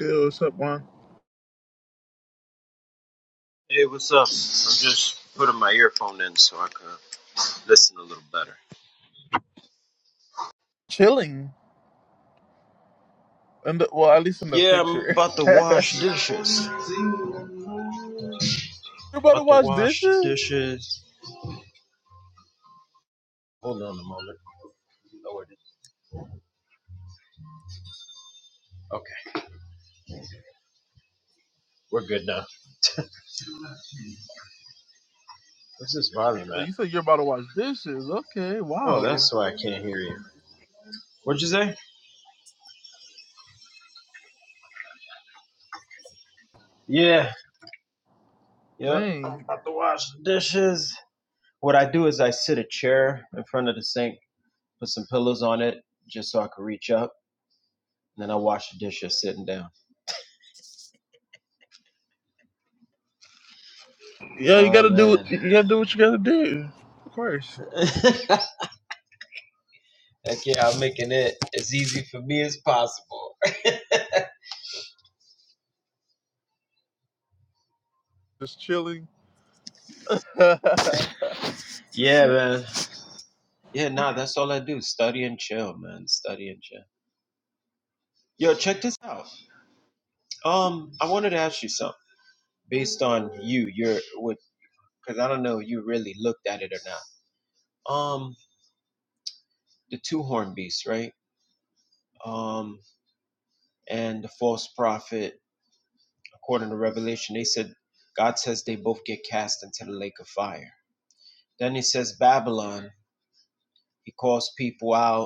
Yo, what's up, man? Hey, what's up? I'm just putting my earphone in so I can listen a little better. Chilling. And well, at least in the Yeah, I'm picture. about to you're wash dishes. about to About to wash wash the dishes? dishes. Hold on a moment. Oh, it is. Okay, we're good now. What's this volume Oh, at? You said you're about to wash dishes. Okay. Oh, Wow. that's why I can't hear you. What'd you say? Yeah, yep. Dang. I'm about to wash the dishes. What I do is I sit a chair in front of the sink, put some pillows on it just so I can reach up, and then I wash the dishes sitting down. Yeah, you Oh, gotta do. man. You gotta do what you gotta do. Of course. Okay, I'm making it as easy for me as possible. Just chilling. Yeah, man. Yeah, nah, that's all I do. Study and chill, man. Study and chill. Yo, check this out. Um, I wanted to ask you something based on you, your what because I don't know if you really looked at it or not. Um, the two horn beasts, right? Um, and the false prophet, according to Revelation, they said God says they both get cast into the lake of fire. Then he says Babylon, he calls people out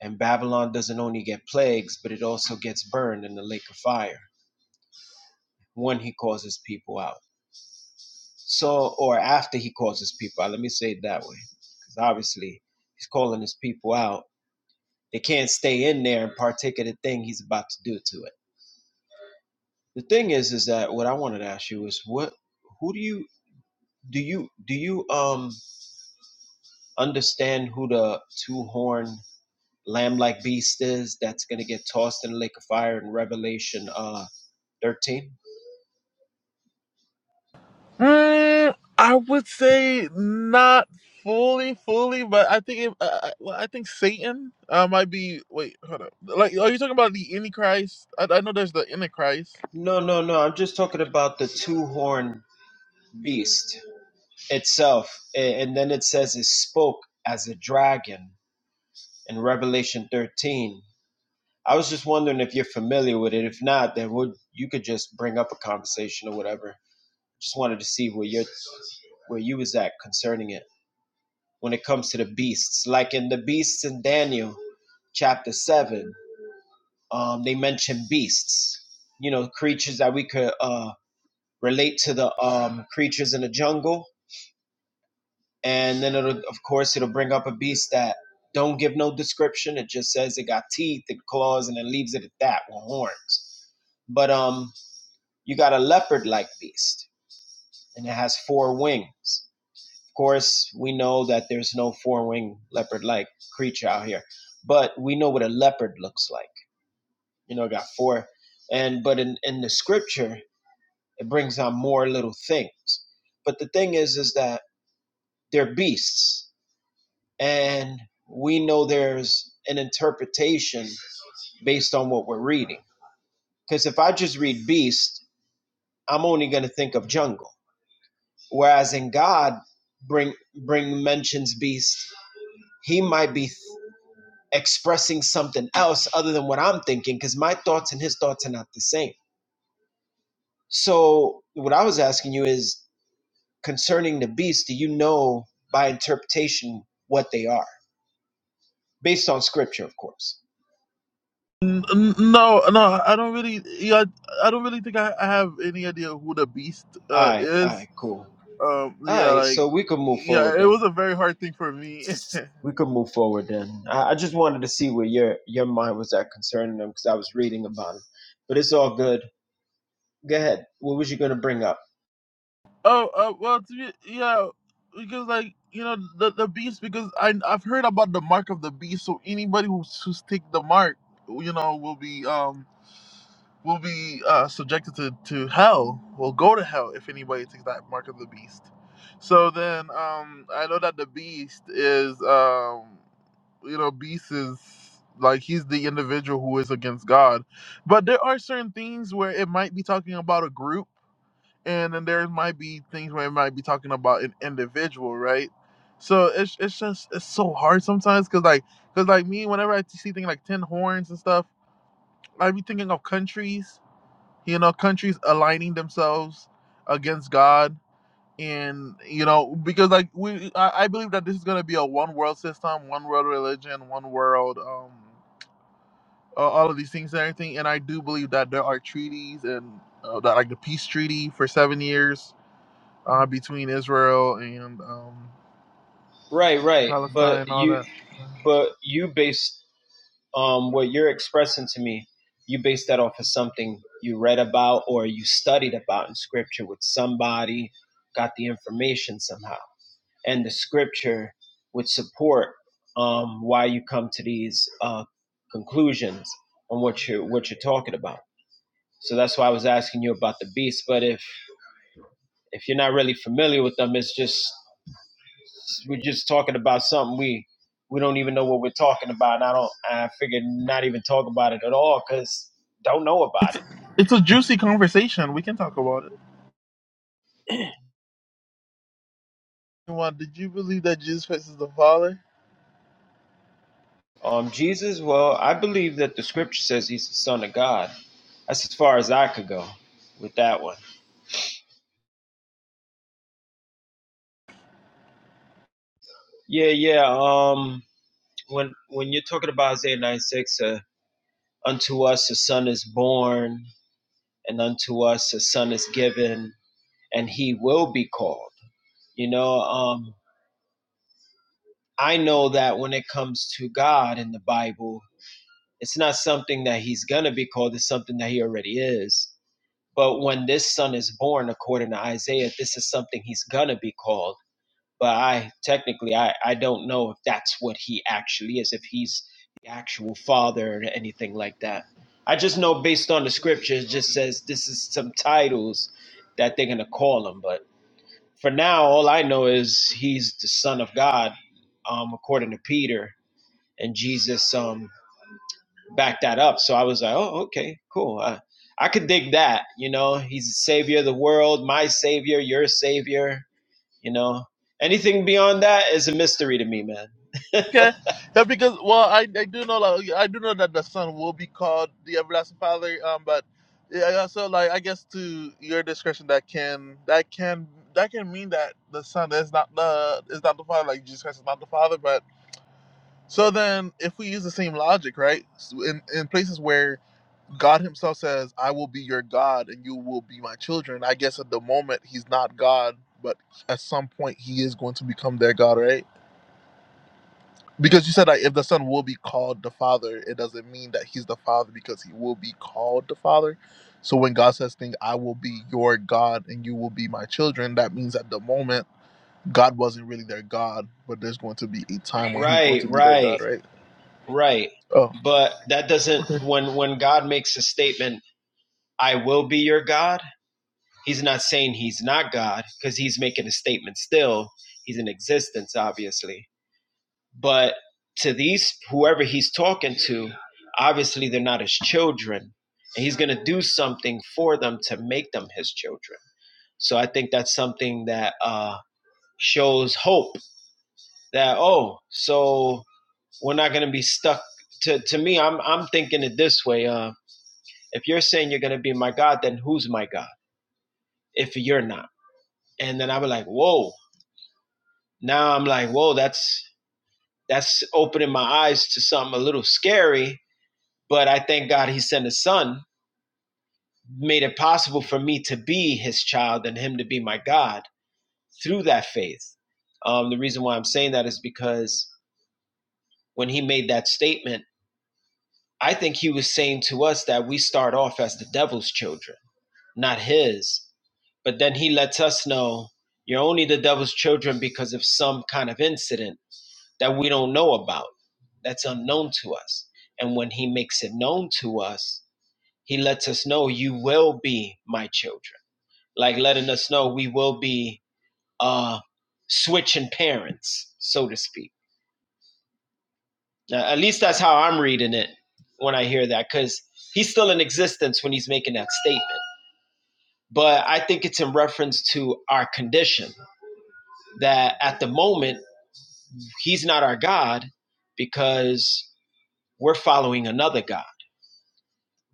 And Babylon doesn't only get plagues, but it also gets burned in the lake of fire when he causes people out. So, or after he causes people out, let me say it that way. Because obviously, he's calling his people out. They can't stay in there and partake of the thing he's about to do to it. The thing is, is that what I wanted to ask you is what, who do you, do you, do you, um, understand who the two horned lamb like beast is that's going to get tossed in the lake of fire in Revelation? uh? 13? Mm, I would say not fully, fully, but I think it, uh, uh, well, I think Satan uh, might be. Wait, hold up. Like, are you talking about the Antichrist? I, I know there's the Antichrist. No, no, no. I'm just talking about the two horned beast itself. A- And then it says it spoke as a dragon in Revelation 13. I was just wondering if you're familiar with it. If not, then would you could just bring up a conversation or whatever. Just wanted to see where your where you was at concerning it when it comes to the beasts. Like in the beasts in Daniel chapter seven, um, they mention beasts. You know, creatures that we could um relate to the um, creatures in the jungle, and then it'll, of course, it'll bring up a beast that don't give no description. It just says it got teeth it claws, and it leaves it at that with horns. But um, you got a leopard-like beast, and it has four wings. Of course, we know that there's no four-winged leopard-like creature out here, but we know what a leopard looks like. You know, it got four, and but in in the scripture, it brings out more little things. But the thing is, is that they're beasts. And we know there's an interpretation based on what we're reading. Because if I just read beast, I'm only going to think of jungle. Whereas in God, bring bring mentions beast, he might be th- expressing something else other than what I'm thinking, because my thoughts and his thoughts are not the same. So what I was asking you is concerning the beast, do you know by interpretation what they are? Based on scripture, of course. N- n- No, no, I don't really. Yeah, I don't really think I, I have any idea who the Beast All uh, right, all is. right, cool. Um, All yeah, right, like, so we could move yeah, forward it then. was a very hard thing for me. We could move forward then. I, I just wanted to see where your your mind was at concerning them because I was reading about it, but it's all good. Go ahead. What was you gonna bring up? oh, uh, well, to be, yeah, because like you know the the Beast because I I've heard about the mark of the Beast, so anybody who's who's take the mark, you know, will be um will be uh, subjected to, to hell, will go to hell if anybody takes that mark of the beast. So then um, I know that the beast is, um, you know, beast is like he's the individual who is against God. But there are certain things where it might be talking about a group, and then there might be things where it might be talking about an individual, right? So it's, it's just it's so hard sometimes because like because like me whenever I see things like ten horns and stuff, I be thinking of countries you know countries aligning themselves against god and you know because like we i, I believe that this is going to be a one world system one world religion one world um a- all of these things and everything and i do believe that there are treaties and uh, that like the peace treaty for seven years uh, between israel and um Right, right. But palestine all you, that but you based um what you're expressing to me. You based that off of something you read about or you studied about in scripture with somebody, got the information somehow. and the scripture would support um, why you come to these uh, conclusions on what you're what you're talking about. So that's why I was asking you about the beasts. But if if you're not really familiar with them, it's just we're just talking about something we we don't even know what we're talking about. And I don't I figured not even talk about it at all because don't know about it's it. it's a juicy conversation we can talk about it Well, did you believe that jesus christ is the father Um, Jesus. Well, I believe that the scripture says he's the son of God. That's as far as I could go with that one. Yeah, yeah. Um, when when you're talking about Isaiah 9 6, uh, unto us a son is born, and unto us a son is given, and he will be called. You know, um, I know that when it comes to God in the Bible, it's not something that he's going to be called, it's something that he already is. But when this son is born, according to Isaiah, this is something he's going to be called but I technically I, I don't know if that's what he actually is, if he's the actual father or anything like that. I just know based on the scripture, it just says this is some titles that they're gonna call him. But for now, all I know is he's the son of God, um, according to Peter, and Jesus um backed that up. So I was like, oh, okay, cool. I, I could dig that, you know. He's the savior of the world, my savior, your savior you know, anything beyond that is a mystery to me, man. Okay, yeah, because well, I, I do know like I do know that the son will be called the everlasting father. Um, but yeah, so like I guess to your discretion, that can that can that can mean that the son is not the is not the father, like Jesus Christ is not the father. But so then, if we use the same logic, right, so in in places where God Himself says, "I will be your God, and you will be my children," I guess at the moment He's not God, but at some point He is going to become their God, right? Because you said that if the son will be called the father, it doesn't mean that he's the father because he will be called the father. So when God says things, I will be your God and you will be my children, that means at the moment God wasn't really their God, but there's going to be a time when he's going Right, to be their God, right, right? right. Oh, But that doesn't okay. when when God makes a statement, I will be your God, he's not saying he's not God cuz he's making a statement still. He's in existence obviously. But to these whoever he's talking to, obviously they're not his children. And he's going to do something for them to make them his children. So I think that's something that uh shows hope that oh so we're not going to be stuck to to me i'm i'm thinking it this way uh if you're saying you're going to be my god then who's my god if you're not and then i was like whoa now i'm like whoa that's that's opening my eyes to something a little scary but i thank god he sent his son made it possible for me to be his child and him to be my god through that faith um the reason why i'm saying that is because when he made that statement I think he was saying to us that we start off as the devil's children, not his. But then he lets us know you're only the devil's children because of some kind of incident that we don't know about, that's unknown to us. And when he makes it known to us, he lets us know you will be my children, like letting us know we will be uh, switching parents, so to speak Uh, at least that's how I'm reading it when I hear that, because he's still in existence when he's making that statement. But I think it's in reference to our condition that at the moment, he's not our God because we're following another God.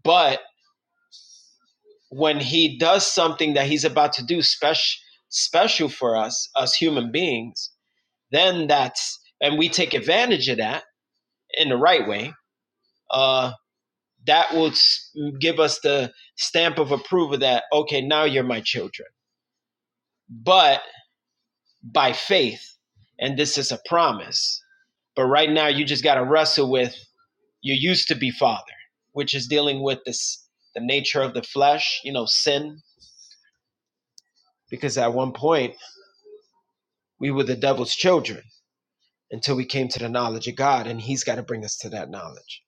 But when he does something that he's about to do special, special for us, us human beings, then that's, and we take advantage of that in the right way. uh, that will give us the stamp of approval that okay now you're my children but by faith and this is a promise but right now you just got to wrestle with you used to be father which is dealing with this the nature of the flesh you know sin because at one point we were the devil's children until we came to the knowledge of god and he's got to bring us to that knowledge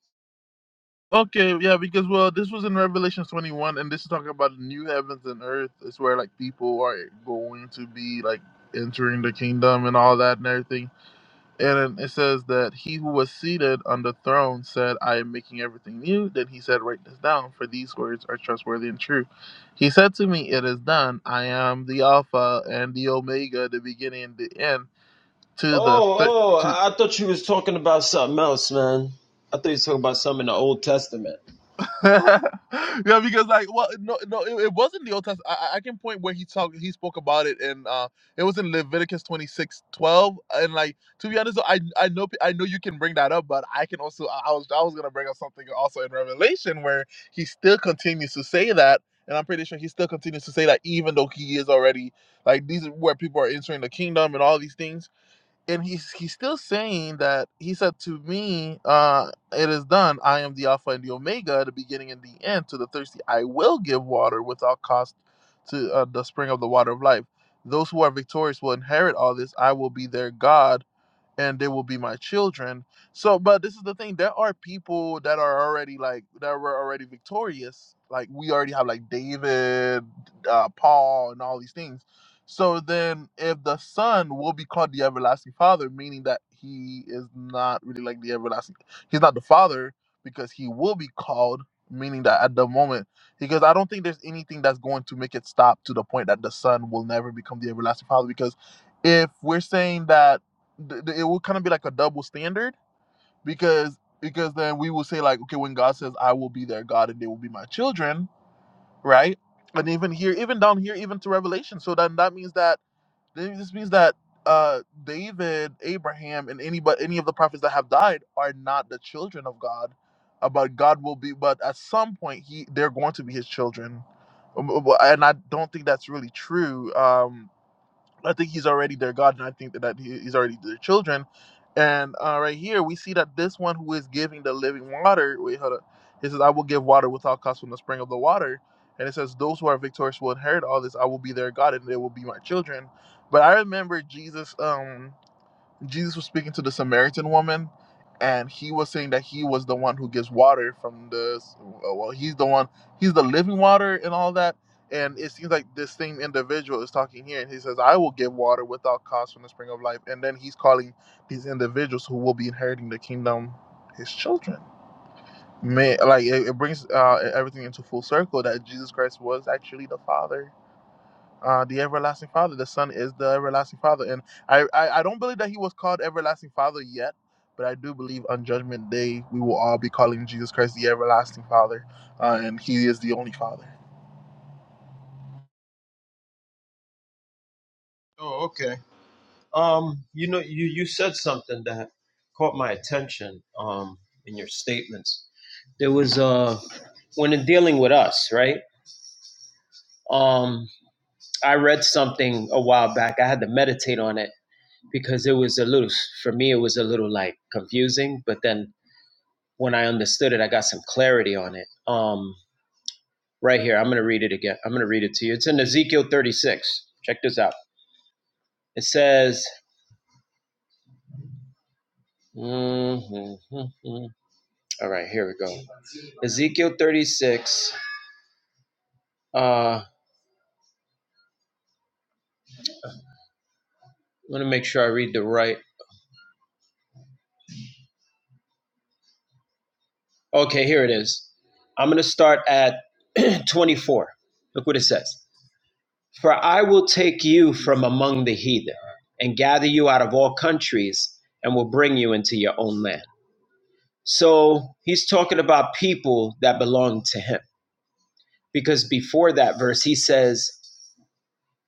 Okay, yeah, because well, this was in Revelation 21 and this is talking about the new heavens and earth. It's where like people are going to be like entering the kingdom and all that and everything And it says that he who was seated on the throne said, I am making everything new. Then he said, Write this down, for these words are trustworthy and true. He said to me, It is done. I am the Alpha and the Omega, the beginning and the end. To the th- oh oh i to." thought you was talking about something else man i thought you was talking about something in the old testament yeah, because like, well, no, no, it, it wasn't the Old Testament. I, I I can point where he talked, he spoke about it, and uh, it was in Leviticus twenty six twelve. And like, to be honest, though, I, I know, pe- I know you can bring that up, but I can also, I I was, I was gonna bring up something also in Revelation where he still continues to say that, and I'm pretty sure he still continues to say that even though he is already like these are where people are entering the kingdom and all these things and he's he's still saying that he said to me, uh, "It is done. I am the Alpha and the Omega, the beginning and the end. To the thirsty, I will give water without cost to uh, the spring of the water of life. Those who are victorious will inherit all this. I will be their God, and they will be my children. So, but this is the thing: there are people that are already like that were already victorious. Like we already have like David, uh, Paul, and all these things. So then, if the Son will be called the everlasting Father, meaning that he is not really like the everlasting, he's not the Father because he will be called, meaning that at the moment, because I don't think there's anything that's going to make it stop to the point that the Son will never become the everlasting Father. Because if we're saying that th- th- it will kind of be like a double standard because because then we will say like okay when god says i will be their god and they will be my children right and even here even down here even to revelation so then that means that this means that uh david abraham and any but any of the prophets that have died are not the children of god uh, but god will be but at some point he they're going to be his children Um, uh, well, and i don't think that's really true um I think he's already their God, and I think that, that he's already their children. And uh, right here, we see that this one who is giving the living water, wait, hold up. He says, I will give water without cost from the spring of the water. And it says, Those who are victorious will inherit all this. I will be their God, and they will be my children. But I remember Jesus. Um, Jesus was speaking to the Samaritan woman, and he was saying that he was the one who gives water from the uh, well, he's the one, he's the living water and all that. And it seems like this same individual is talking here, and he says, "I will give water without cost from the spring of life." And then he's calling these individuals who will be inheriting the kingdom his children. May like it, it brings uh, everything into full circle that Jesus Christ was actually the Father uh, the everlasting father the son is the everlasting father and I, I i don't believe that he was called everlasting father yet but i do believe on judgment day we will all be calling jesus christ the everlasting father uh, and he is the only father Oh, okay. Um, you know, you, you said something that caught my attention um, in your statements. There was uh, when in dealing with us, right? Um, I read something a while back. I had to meditate on it because it was a little, for me, it was a little like confusing. But then when I understood it, I got some clarity on it. Um, right here, I'm going to read it again. I'm going to read it to you. It's in Ezekiel 36. Check this out. It says, mhm, mhm. all right, here we go. Ezekiel 36. Uh, let me make sure I read the right. Okay, here it is. I'm going to start at 24. Look what it says. For I will take you from among the heathen and gather you out of all countries and will bring you into your own land. So he's talking about people that belong to him. Because before that verse, he says,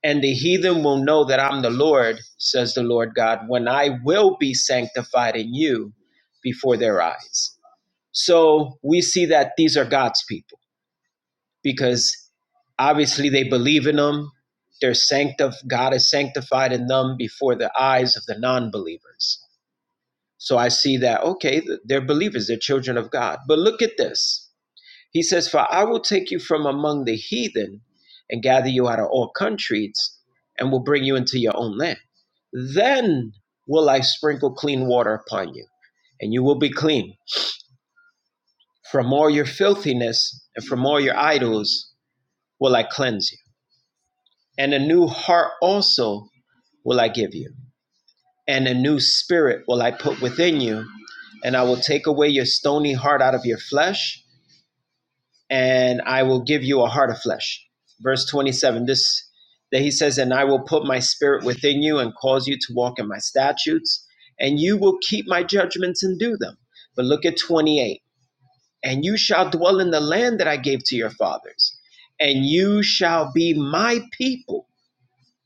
And the heathen will know that I'm the Lord, says the Lord God, when I will be sanctified in you before their eyes. So we see that these are God's people because obviously they believe in them. They're sanctified. God is sanctified in them before the eyes of the non believers. So I see that, okay, they're believers, they're children of God. But look at this. He says, For I will take you from among the heathen and gather you out of all countries and will bring you into your own land. Then will I sprinkle clean water upon you, and you will be clean. From all your filthiness and from all your idols will I cleanse you. And a new heart also will I give you, and a new spirit will I put within you, and I will take away your stony heart out of your flesh and I will give you a heart of flesh. Verse 27, this that he says, And I will put my spirit within you and cause you to walk in my statutes, and you will keep my judgments and do them. But look at 28, and you shall dwell in the land that I gave to your fathers, and you shall be my people,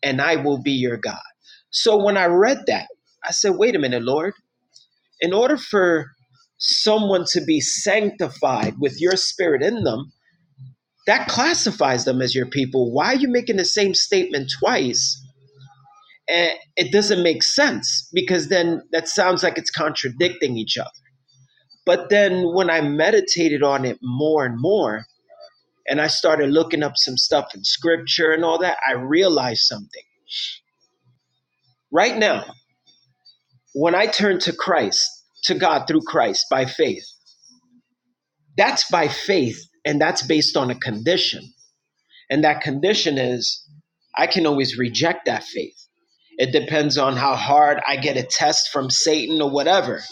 and I will be your God. So when I read that, I said, Wait a minute, Lord, in order for someone to be sanctified with your spirit in them, that classifies them as your people. Why are you making the same statement twice? Eh, It doesn't make sense because then that sounds like it's contradicting each other. But then when I meditated on it more and more, and I started looking up some stuff in scripture and all that, I realized something. Right now, when I turn to Christ, to God through Christ by faith, that's by faith and that's based on a condition. And that condition is I can always reject that faith. It depends on how hard I get a test from Satan or whatever.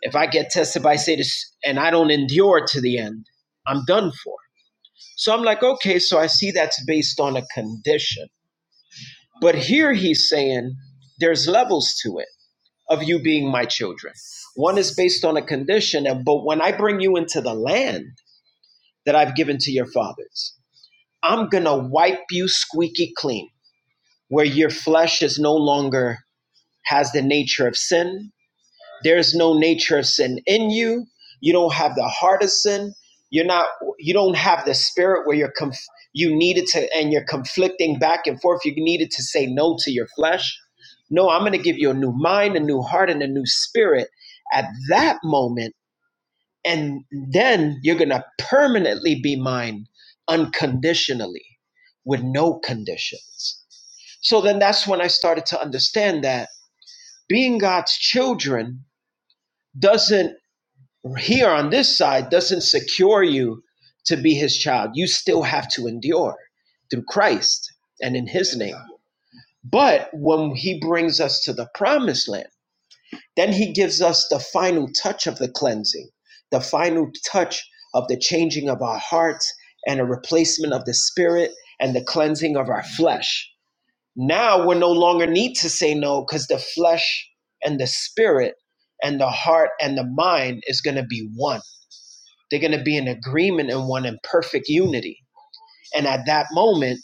If I get tested by Satan and I don't endure to the end, I'm done for. So I'm like, okay, so I see that's based on a condition. But here he's saying there's levels to it of you being my children. One is based on a condition, and but when I bring you into the land that I've given to your fathers, I'm gonna wipe you squeaky clean. where your flesh is no longer has the nature of sin. There's no nature of sin in you. You don't have the heart of sin. You're not. You don't have the spirit where you're. Conf- you needed to, and you're conflicting back and forth. You needed to say no to your flesh. No, I'm going to give you a new mind, a new heart, and a new spirit at that moment, and then you're going to permanently be mine unconditionally, with no conditions so then that's when I started to understand that being God's children doesn't, here on this side, doesn't secure you to be his child. You still have to endure through Christ and in his name. But when he brings us to the promised land, then he gives us the final touch of the cleansing, the final touch of the changing of our hearts and a replacement of the spirit and the cleansing of our flesh Now we're no longer need to say no because the flesh and the spirit and the heart and the mind is going to be one. They're going to be in agreement and one in perfect unity. And at that moment,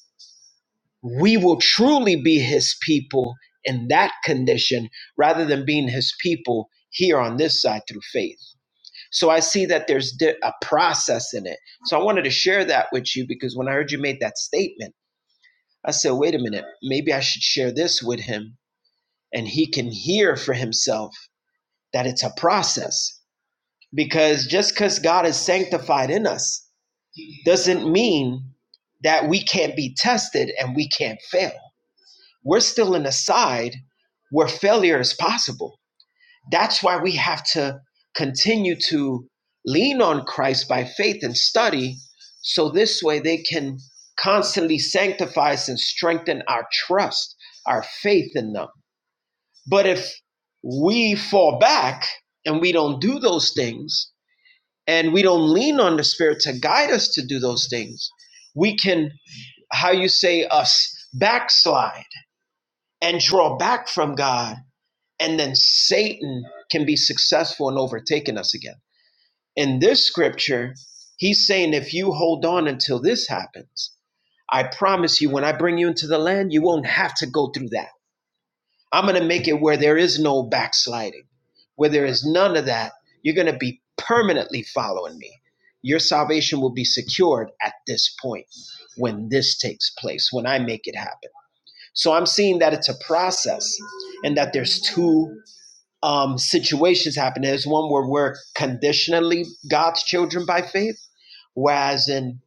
we will truly be his people in that condition rather than being his people here on this side through faith. So I see that there's di- a process in it. So I wanted to share that with you because when I heard you made that statement, I said, wait a minute, maybe I should share this with him and he can hear for himself that it's a process. Because just because God is sanctified in us doesn't mean that we can't be tested and we can't fail. We're still in a side where failure is possible. That's why we have to continue to lean on Christ by faith and study so this way they can constantly sanctify us and strengthen our trust, our faith in them But if we fall back and we don't do those things and we don't lean on the Spirit to guide us to do those things, we can, how you say, us backslide and draw back from God. And then Satan can be successful in overtaking us again. In this scripture, he's saying, if you hold on until this happens, I promise you, when I bring you into the land, you won't have to go through that I'm going to make it where there is no backsliding, where there is none of that. You're going to be permanently following me. Your salvation will be secured at this point when this takes place, when I make it happen. So I'm seeing that it's a process and that there's two um, situations happening. There's one where we're conditionally God's children by faith, whereas in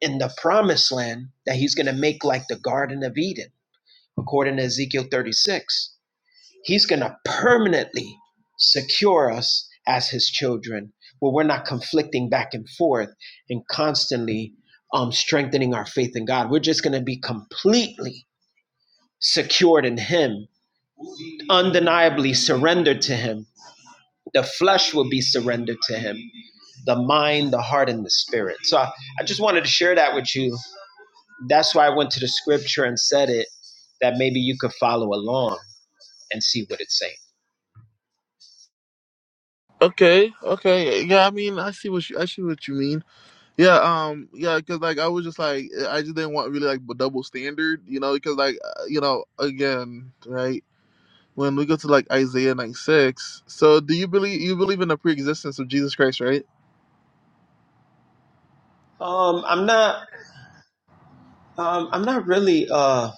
in the promised land that he's going to make like the Garden of Eden, according to Ezekiel 36 He's going to permanently secure us as his children, where we're not conflicting back and forth and constantly um, strengthening our faith in God. We're just going to be completely secured in him, undeniably surrendered to him. The flesh will be surrendered to him, the mind, the heart, and the spirit. So I, I just wanted to share that with you. That's why I went to the scripture and said it, that maybe you could follow along and see what it's saying. okay okay yeah i mean i see what you i see what you mean Yeah, um, yeah, because like I was just like eh, I just didn't want really like a double standard, you know, because like uh, you know again, right? When we go to like Isaiah nine six, so do you believe you believe in the pre-existence of Jesus Christ, right? Um, I'm not Um, I'm not really. Uh,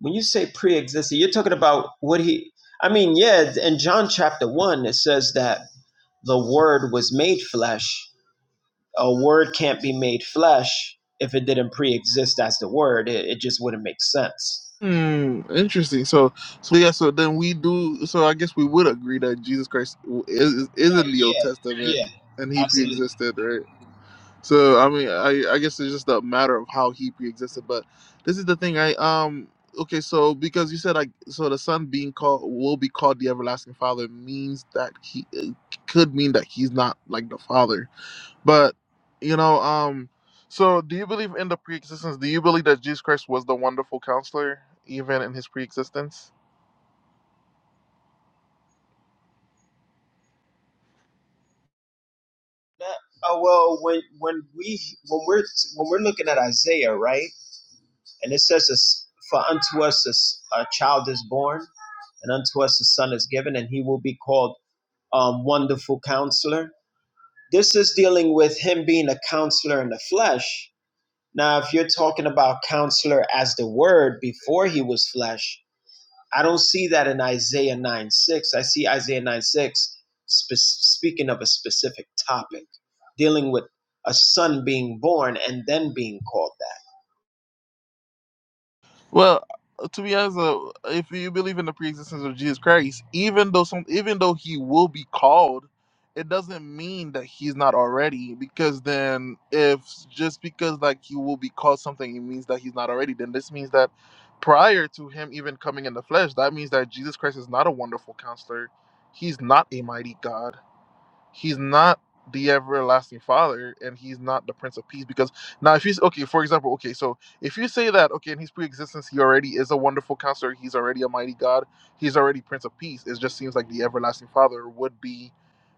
when you say pre-existing, you're talking about what he. I mean, yeah. In John chapter one, it says that the Word was made flesh. A word can't be made flesh if it didn't pre-exist as the Word. It, it just wouldn't make sense. Hmm, interesting. So, so yeah. So then we do. So I guess we would agree that Jesus Christ is is in Right. the Old Yeah. Testament, Yeah. and He Absolutely. preexisted, right? So I mean, I I guess it's just a matter of how He preexisted. But this is the thing. I um. Okay, so because you said like, so the Son being called will be called the everlasting Father means that He it could mean that He's not like the Father but you know, um, so do you believe in the pre-existence? Do you believe that Jesus Christ was the wonderful counselor even in his pre-existence? That- oh well, when when we when we're when we're looking at Isaiah, right, and it says, this, "For unto us a s- a child is born, and unto us a son is given, and he will be called." um, wonderful counselor. This is dealing with him being a counselor in the flesh. Now, if you're talking about counselor as the word before he was flesh, I don't see that in Isaiah 9 6. I see Isaiah 9 6 spe- speaking of a specific topic, dealing with a son being born and then being called that. Well, uh, to be honest, uh, if you believe in the pre-existence of Jesus Christ, even though some, even though he will be called, it doesn't mean that he's not already. Because then, if just because like he will be called something, it means that he's not already. Then this means that prior to him even coming in the flesh, that means that Jesus Christ is not a wonderful counselor. He's not a mighty God he's not the everlasting father and he's not the prince of peace because now if he's okay for example okay so if you say that okay in his pre-existence he already is a wonderful counselor he's already a mighty god he's already prince of peace it just seems like the everlasting father would be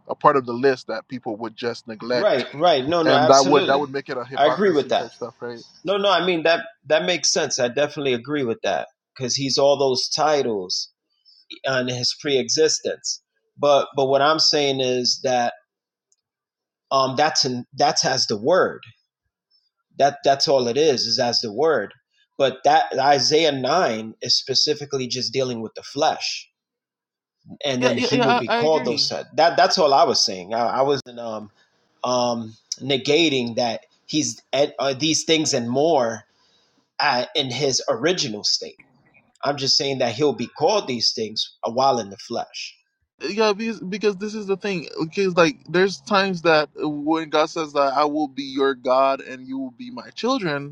a part of the list that people would just neglect Right, right. No, no, and that would that absolutely. would make it a I agree with hypocrisy that. type stuff right No, no, I mean that that makes sense. I definitely agree with that because he's all those titles and his pre-existence. But but what I'm saying is that um that's in that's as the word. That that's all it is, is as the word. But that Isaiah nine is specifically just dealing with the flesh. And yeah then yeah, he will yeah be I, I called those agree That that's all I was saying. I, I wasn't um um negating that he's at uh, these things and more uh, in his original state. I'm just saying that he'll be called these things while in the flesh. yeah because, because this is the thing because like there's times that when god says that i will be your god and you will be my children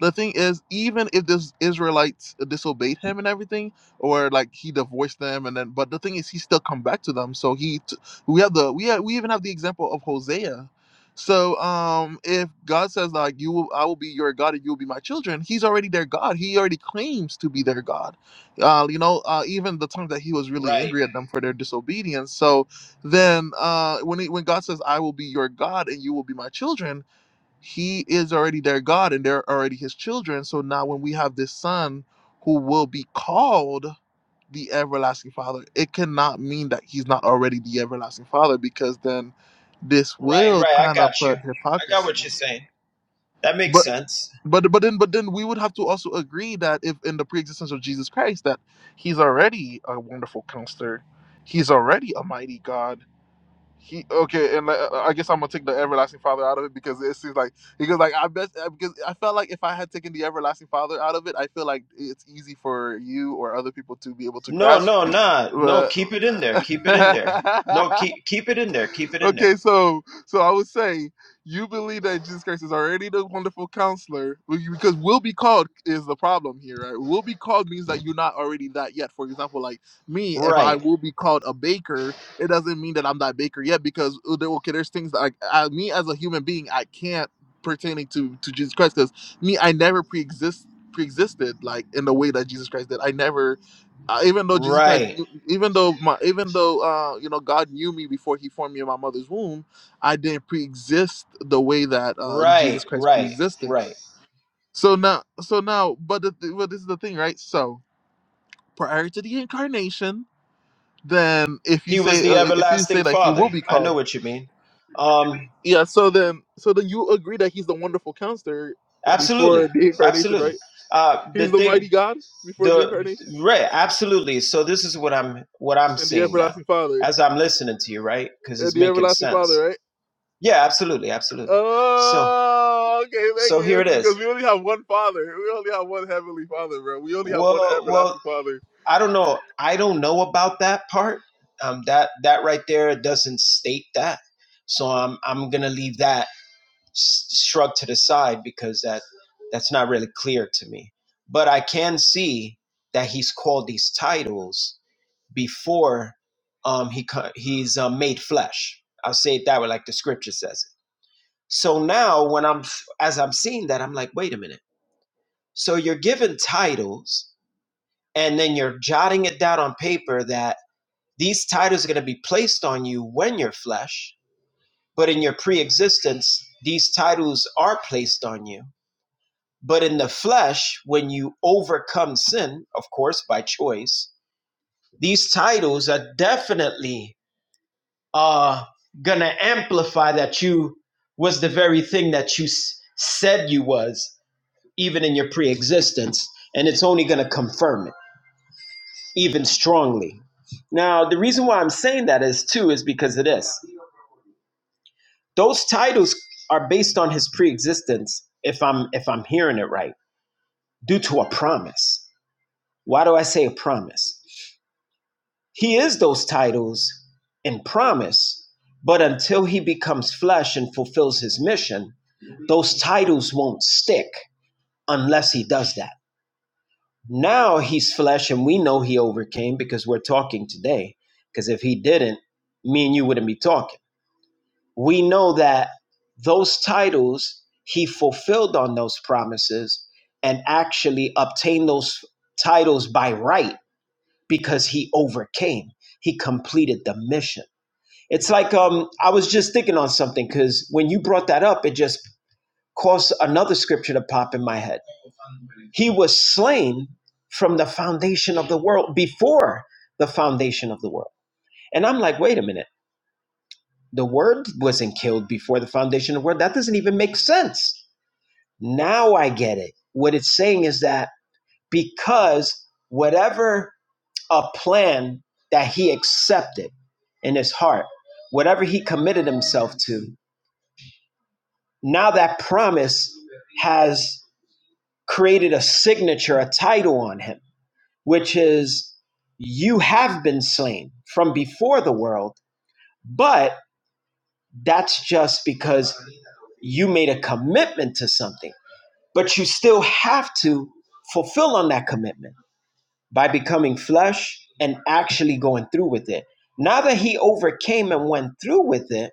the thing is, even if this Israelites disobeyed him and everything, or like he divorced them, and then but the thing is, he still come back to them. So he, t- we have the we have, we even have the example of Hosea. So um, if God says like you will, I will be your God and you will be my children, He's already their God. He already claims to be their God. Uh, you know, uh, even the time that He was really right. angry at them for their disobedience. So then uh, when he, when God says I will be your God and you will be my children he is already their God and they're already his children. So now when we have this son who will be called the everlasting father, it cannot mean that he's not already the everlasting father because then this Right, will right. I kind of got you. put I got hypocrisy. what you're saying. That makes But sense. but but then but then we would have to also agree that if in the pre-existence of Jesus Christ that he's already a wonderful counselor, he's already a mighty God he okay, and uh, I guess I'm gonna take the everlasting father out of it because it seems like because like I bet uh, because I felt like if I had taken the everlasting father out of it, I feel like it's easy for you or other people to be able to No, grasp. no, nah. No, Uh, keep it in there. Keep it in there. No, keep keep it in there. Keep it in there. okay, so so I was saying you believe that Jesus Christ is already the wonderful counselor well, you- because will be called is the problem here, right? Will be called means that you're not already that yet. For example, like me, if I Right. will be called a baker, it doesn't mean that I'm that baker yet because uh, there- okay, there's things that I, I me as a human being I can't pertaining to to Jesus Christ because me I never pre-exist pre-existed like in the way that Jesus Christ did. I never uh, even though Jesus Christ, Right. knew- even though my, even though uh, you know God knew me before He formed me in my mother's womb, I didn't pre-exist the way that uh, Right. Jesus Christ Right. pre-existed. Right. So now, so now, but the, th- but this is the thing, right? So prior to the incarnation, then if you He was say the uh, if you say everlasting that He will father. be I know called, what you mean. Um yeah. So then, so then you agree that He's the wonderful counselor before absolutely. the incarnation, Absolutely. right? Uh the He's the thing mighty God before the the incarnation right, absolutely. So this is what I'm what I'm and the seeing now everlasting Father as I'm listening to you, right? Cuz and it's the making everlasting Father, sense. right? Yeah, absolutely. Absolutely. So Oh, okay, thank So here you. it Because is. we only have one Father. We only have one Heavenly Father, bro. We only have one Well, well, everlasting Father. I don't know. I don't know about that part. Um, that that right there doesn't state that. So I'm I'm gonna leave that s- shrug to the side because that that's not really clear to me. But I can see that he's called these titles before um, he co- he's uh, made flesh. I'll say it that way, like the scripture says it. So now, when I'm as I'm seeing that, I'm like, wait a minute. So you're given titles and then you're jotting it down on paper that these titles are going to be placed on you when you're flesh, but in your pre existence, these titles are placed on you. But in the flesh, when you overcome sin, of course, by choice, these titles are definitely uh, going to amplify that you was the very thing that you s- said you was, even in your pre existence, and it's only going to confirm it. even strongly. Now, the reason why I'm saying that is too is because of this. Those titles are based on his preexistence. if I'm if I'm hearing it right, due to a promise. Why do I say a promise? He is those titles in promise, but until he becomes flesh and fulfills his mission, those titles won't stick unless he does that. Now he's flesh, and we know he overcame because we're talking today. Because if he didn't, me and you wouldn't be talking. We know that those titles he fulfilled on those promises and actually obtained those titles by right because he overcame. He completed the mission. It's like um, I was just thinking on something because when you brought that up, it just caused another scripture to pop in my head he was slain from the foundation of the world before the foundation of the world. And I'm like, wait a minute. The word wasn't killed before the foundation of the world. That doesn't even make sense. Now I get it. What it's saying is that because whatever a plan that he accepted in his heart, whatever he committed himself to, now that promise has created a signature, a title on him which is you have been slain from before the world, but that's just because you made a commitment to something. But you still have to fulfill on that commitment by becoming flesh and actually going through with it. Now that he overcame and went through with it,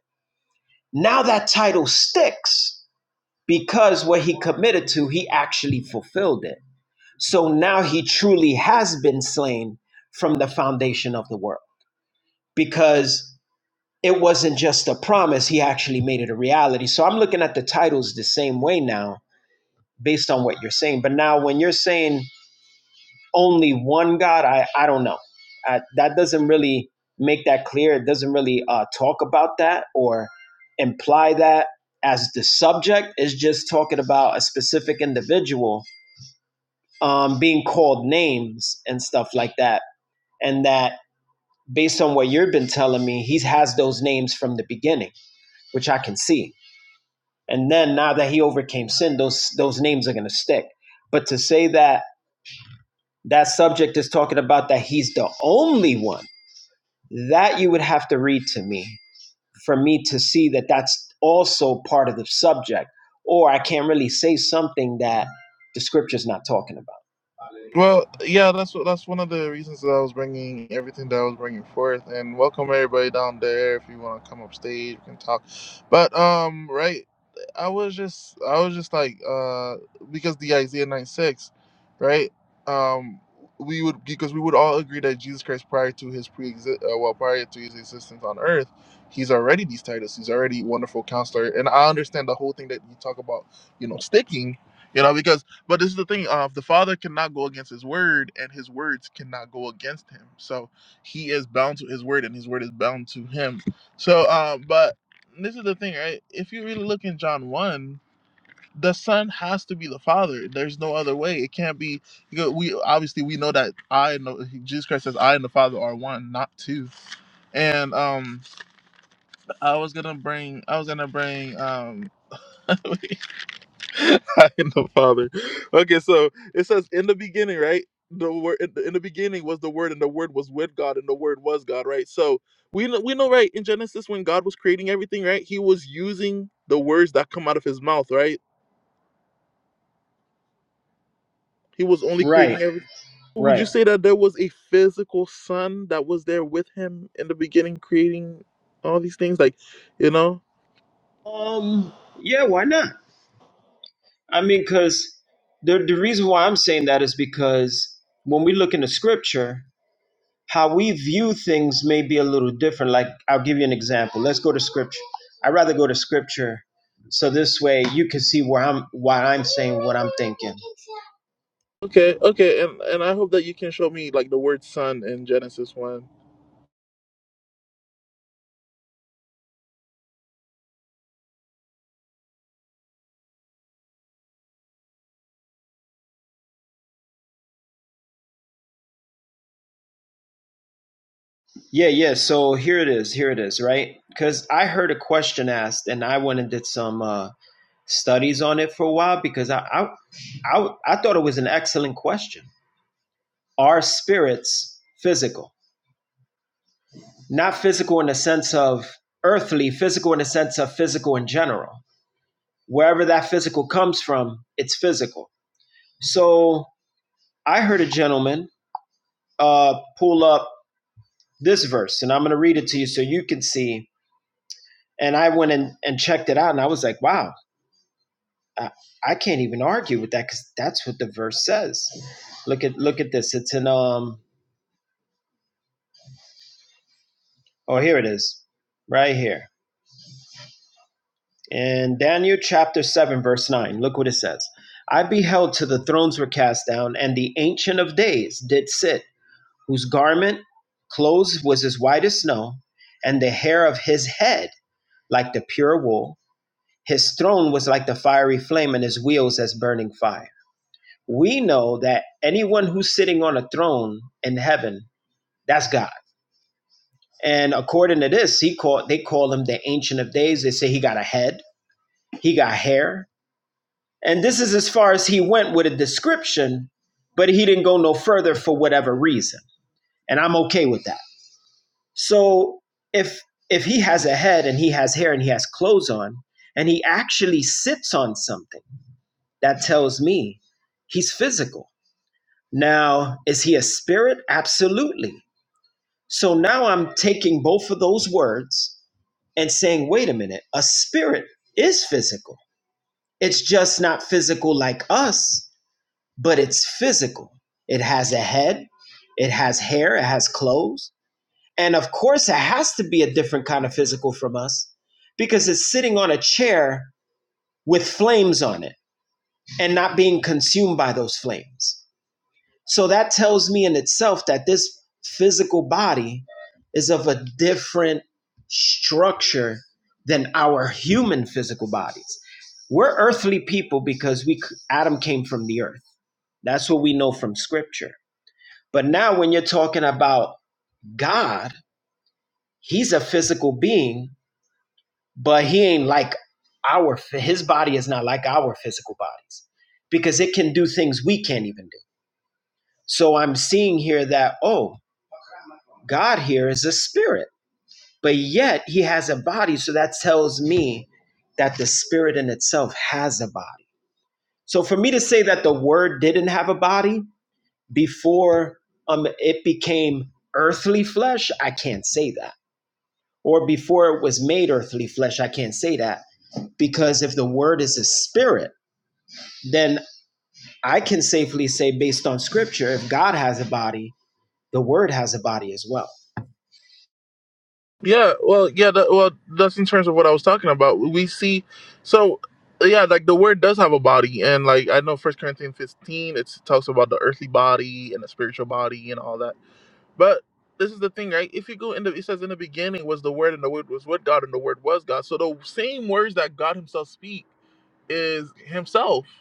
now that title sticks because what he committed to, he actually fulfilled it. So now he truly has been slain from the foundation of the world. because it wasn't just a promise, he actually made it a reality. So I'm looking at the titles the same way now, based on what you're saying. But now, when you're saying only one God, I, I don't know. I, that doesn't really make that clear. It doesn't really uh, talk about that or imply that as the subject. is just talking about a specific individual um, being called names and stuff like that. And that, based on what you've been telling me, he has those names from the beginning which I can see. And then now that he overcame sin, those those names are going to stick. But to say that that subject is talking about that he's the only one, that you would have to read to me for me to see that that's also part of the subject. Or I can't really say something that the scripture's not talking about. Well, yeah, that's what that's one of the reasons that I was bringing everything that I was bringing forth, and welcome everybody down there. If you want to come up stage, we can talk. But um, right, I was just I was just like uh because the Isaiah nine six, right? Um, we would because we would all agree that Jesus Christ prior to his pre uh, well prior to his existence on earth, he's already these titles. He's already wonderful counselor, and I understand the whole thing that you talk about, you know, sticking. You know, because but this is the thing: uh, the Father cannot go against His word, and His words cannot go against Him. So He is bound to His word, and His word is bound to Him. So, uh, but this is the thing, right? If you really look in John one, the Son has to be the Father. There's no other way. It can't be. You know, we obviously we know that I know Jesus Christ says I and the Father are one, not two. And um, I was gonna bring. I was gonna bring. Um, in the Father. Okay, so it says in the beginning, right? The word in the in the beginning was the Word, and the Word was with God, and the Word was God, right? So we know, we know, right? In Genesis, when God was creating everything, right? He was using the words that come out of His mouth, right? He was only Right, creating everything. Would you right. say that there was a physical son that was there with him in the beginning, creating all these things? Like, you know? Um, yeah, why not? I mean, because the the reason why I'm saying that is because when we look in the scripture, how we view things may be a little different. Like, I'll give you an example. Let's go to scripture. I'd rather go to scripture so this way you can see where I'm why I'm saying what I'm thinking. Okay, okay, and and I hope that you can show me like the word son in Genesis one. Yeah, yeah. So here it is. Here it is, right? Because I heard a question asked and I went and did some uh, studies on it for a while because I, I I I thought it was an excellent question. Are spirits physical? Not physical in the sense of earthly, physical in the sense of physical in general wherever that physical comes from, it's physical. So I heard a gentleman uh, pull up this verse, and I'm going to read it to you so you can see. And I went and, and checked it out, and I was like, wow, I, I can't even argue with that because that's what the verse says. Look at look at this. It's in um oh here it is, right here in Daniel chapter seven verse nine. Look what it says. I beheld till the thrones were cast down, and the ancient of days did sit whose garment clothes was as white as snow, and the hair of his head like the pure wool. His throne was like the fiery flame, and his wheels as burning fire. We know that anyone who's sitting on a throne in heaven, that's God. And according to this, he called they call him the Ancient of Days. They say he got a head, he got hair, and this is as far as he went with a description, but he didn't go no further for whatever reason. And I'm okay with that. So if if he has a head and he has hair and he has clothes on and he actually sits on something, that tells me he's physical. Now, is he a spirit? Absolutely. So now I'm taking both of those words and saying, wait a minute, a spirit is physical. It's just not physical like us, but it's physical. It has a head, it has hair, it has clothes And of course, it has to be a different kind of physical from us because it's sitting on a chair with flames on it and not being consumed by those flames. So that tells me in itself that this physical body is of a different structure than our human physical bodies. We're earthly people because we Adam came from the earth. That's what we know from scripture. But now when you're talking about God, he's a physical being but he ain't like our his body is not like our physical bodies because it can do things we can't even do so i'm seeing here that oh god here is a spirit but yet he has a body so that tells me that the spirit in itself has a body so for me to say that the word didn't have a body before um it became earthly flesh i can't say that or before it was made earthly flesh i can't say that because if the word is a spirit then I can safely say, based on scripture, if God has a body, the word has a body as well. Yeah, well, yeah, that, well, that's in terms of what I was talking about. We see, so yeah, like the word does have a body, and like I know First Corinthians fifteen, it talks about the earthly body and the spiritual body and all that. But this is the thing, right? If you go in the, it says in the beginning was the word, and the word was with God, and the word was God. So the same words that God Himself speak is Himself.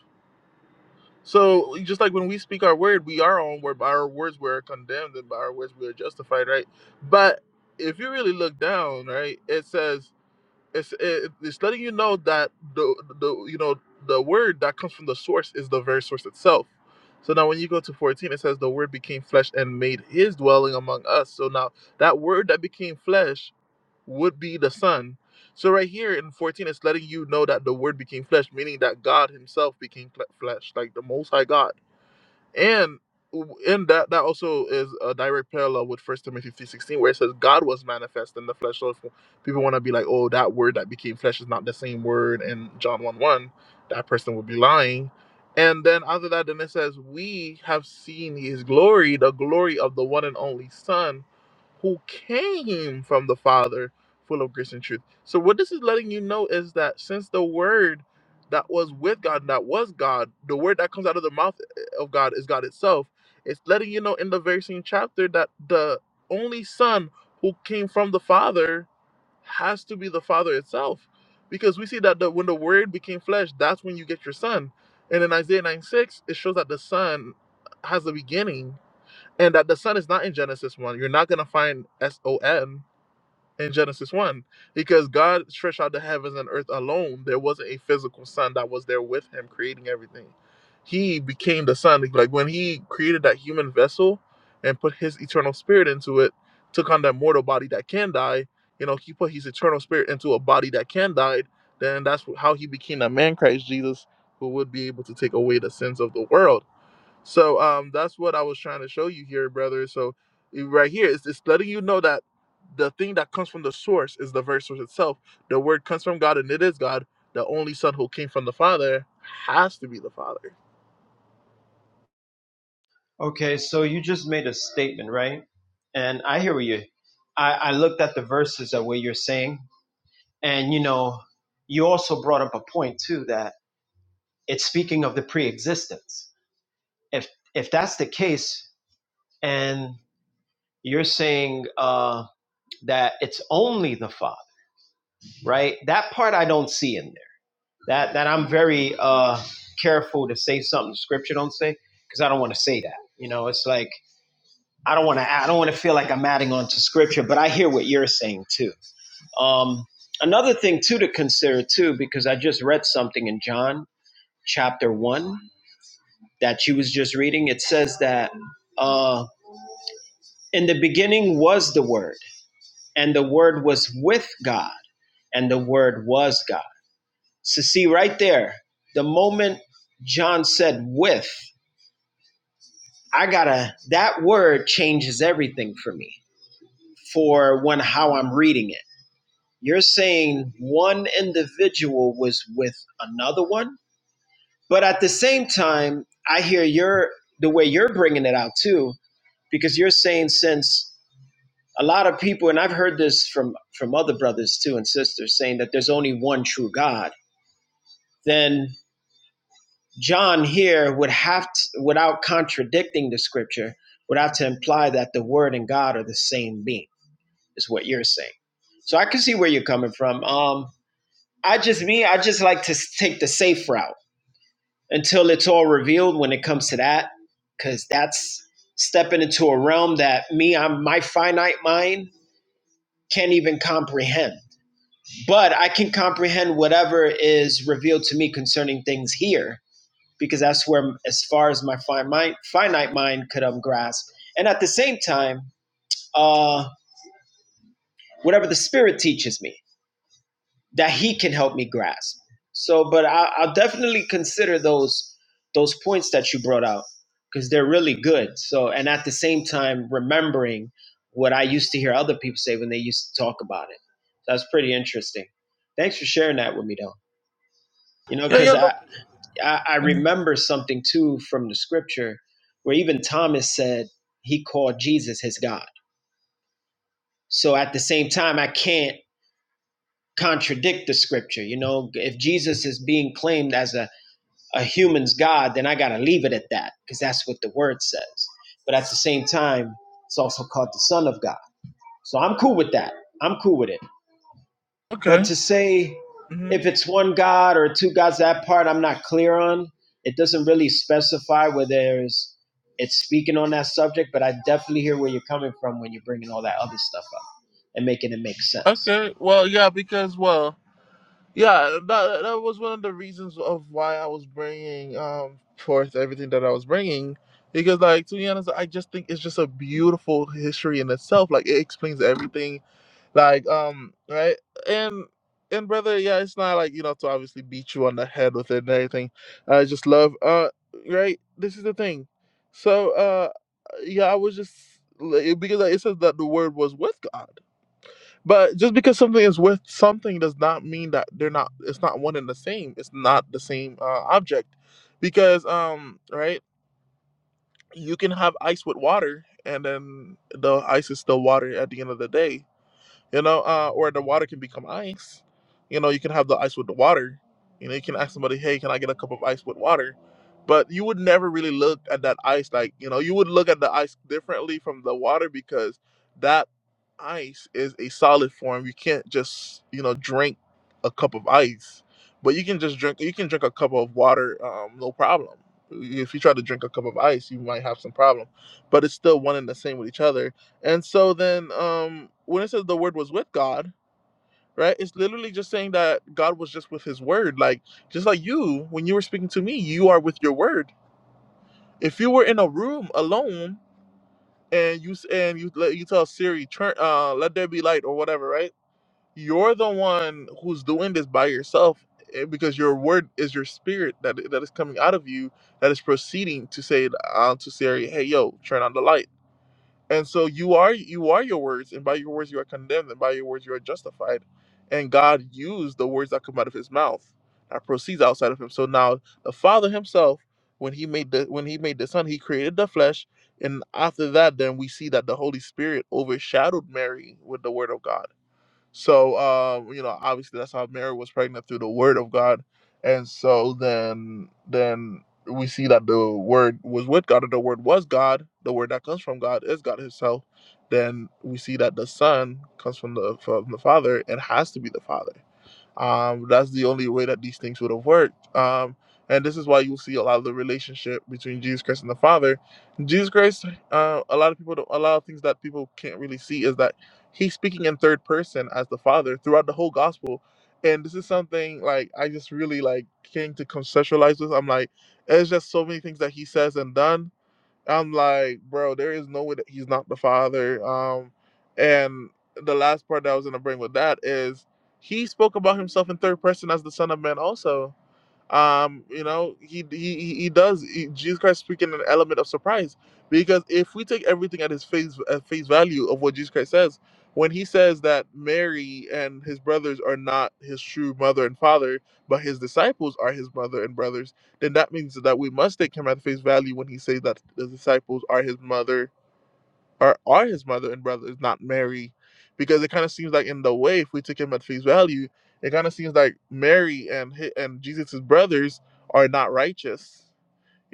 So just like when we speak our word, we are on word. By our words, we're condemned, and by our words, we are justified, right? But if you really look down, right, it says it's it, it's letting you know that the the you know the word that comes from the source is the very source itself. So now when you go to 14, it says the word became flesh and made his dwelling among us. So now that word that became flesh would be the Son. So right here in 14, it's letting you know that the Word became flesh, meaning that God Himself became flesh, like the Most High God. And w- in that, that also is a direct parallel with First Timothy three sixteen, where it says God was manifest in the flesh. So if people want to be like, "Oh, that word that became flesh is not the same word," in John one one, that person would be lying. And then after that, then it says, "We have seen His glory, the glory of the one and only Son, who came from the Father, full of grace and truth." So what this is letting you know is that since the Word that was with God, that was God, the Word that comes out of the mouth of God is God itself. It's letting you know in the very same chapter that the only Son who came from the Father has to be the Father itself. Because we see that the, when the Word became flesh, that's when you get your Son. And in Isaiah 9 6, it shows that the Son has a beginning and that the Son is not in Genesis 1. You're not going to find S O N in Genesis 1 because God stretched out the heavens and earth alone. There wasn't a physical sun that was there with him creating everything. He became the sun, Like when he created that human vessel and put his eternal spirit into it, took on that mortal body that can die, you know, he put his eternal spirit into a body that can die, then that's how he became that man Christ Jesus who would be able to take away the sins of the world. So um, that's what I was trying to show you here, brother. So eh, right here, it's, it's letting you know that the thing that comes from the source is the very source itself. The word comes from God, and it is God. The only Son who came from the Father has to be the Father. Okay, so you just made a statement, right? And I hear you. I, I looked at the verses of what you're saying, and you know, you also brought up a point too that it's speaking of the pre-existence. If if that's the case, and you're saying uh, that it's only the Father, right? That part I don't see in there. that that I'm very uh careful to say something the scripture don't say because I don't want to say that. You know, it's like I don't want to I don't want to feel like I'm adding on to scripture, but I hear what you're saying too. Um another thing too to consider too because I just read something in John chapter 1 that you was just reading. It says that uh in the beginning was the word and the word was with God and the word was God. So see right there, the moment John said with. I gotta, that word changes everything for me for when how I'm reading it. You're saying one individual was with another one, but at the same time, I hear your, the way you're bringing it out too, because you're saying since a lot of people, and I've heard this from, from other brothers too and sisters saying that there's only one true God, then John here would have to, without contradicting the scripture, would have to imply that the word and God are the same being is what you're saying. So I can see where you're coming from. Um, I just me, I just like to take the safe route until it's all revealed when it comes to that, because that's stepping into a realm that me, I'm my finite mind can't even comprehend. But I can comprehend whatever is revealed to me concerning things here, because that's where, as far as my fi- mind, finite mind could um, grasp. And at the same time, uh, whatever the spirit teaches me that he can help me grasp. So, but I, I'll definitely consider those those points that you brought out because they're really good. So, and at the same time, remembering what I used to hear other people say when they used to talk about it. That's pretty interesting. Thanks for sharing that with me, though. You know, Yeah, yeah. because I, Look. I I remember something too from the scripture where even Thomas said he called Jesus his God. So at the same time, I can't contradict the scripture. You know, if Jesus is being claimed as a a human's God, then I got to leave it at that because that's what the word says. But at the same time, it's also called the Son of God. So I'm cool with that. I'm cool with it. Okay. But to say hmm if it's one God or two gods, that part I'm not clear on. It doesn't really specify whether there's it's speaking on that subject, but I definitely hear where you're coming from when you're bringing all that other stuff up and making it make sense. Okay. Well, yeah, because well, yeah, that that was one of the reasons of why I was bringing um forth everything that I was bringing. Because like to be honest, I just think it's just a beautiful history in itself. Like it explains everything like um right and and brother yeah it's not like you know to obviously beat you on the head with it and everything i just love uh right this is the thing so uh yeah i was just like, because like, it says that the word was with god but just because something is with something does not mean that they're not it's not one and the same it's not the same uh, object because um right you can have ice with water and then the ice is still water at the end of the day you know, uh, or the water can become ice. You know, you can have the ice with the water. You know, you can ask somebody, hey, can I get a cup of ice with water? But you would never really look at that ice like, you know, you would look at the ice differently from the water because that ice is a solid form. You can't just, you know, drink a cup of ice, but you can just drink, you can drink a cup of water, um, no problem. If you try to drink a cup of ice, you might have some problem, but it's still one and the same with each other and so then um when it says the word was with God, right? It's literally just saying that God was just with his word. Like just like you when you were speaking to me, you are with your word. If you were in a room alone and you s- and you let you tell Siri turn uh let there be light or whatever, right? You're the one who's doing this by yourself eh, because your word is your spirit that that is coming out of you that is proceeding to say uh, to Siri, "Hey yo, turn on the light." And so you are you are your words, and by your words you are condemned, and by your words you are justified. And God used the words that come out of His mouth that proceeds outside of Him. So now the Father Himself, when He made the when He made the Son, He created the flesh, and after that, then we see that the Holy Spirit overshadowed Mary with the Word of God. So, um, you know, obviously that's how Mary was pregnant through the word of God. And so then then we see that the word was with God, and the word was God, the word that comes from God is God himself. Then we see that the son comes from the from the father and has to be the father. Um, that's the only way that these things would have worked. Um, and this is why you see a lot of the relationship between Jesus Christ and the Father. Jesus Christ, uh, a lot of people, don't, a lot of things that people can't really see is that he's speaking in third person as the Father throughout the whole gospel. And this is something like I just really like came to conceptualize this. I'm like, it's just so many things that he says and done I'm like, bro, there is no way that he's not the father. Um, and the last part that I was gonna bring with that is he spoke about himself in third person as the Son of Man also um you know he he he does he, jesus christ speaking an element of surprise because if we take everything at his face at face value of what jesus christ says when he says that mary and his brothers are not his true mother and father but his disciples are his mother and brothers then that means that we must take him at face value when he says that the disciples are his mother or are his mother and brother is not Mary, because it kind of seems like in the way, if we took him at face value, it kind of seems like Mary and hi- and Jesus's brothers are not righteous,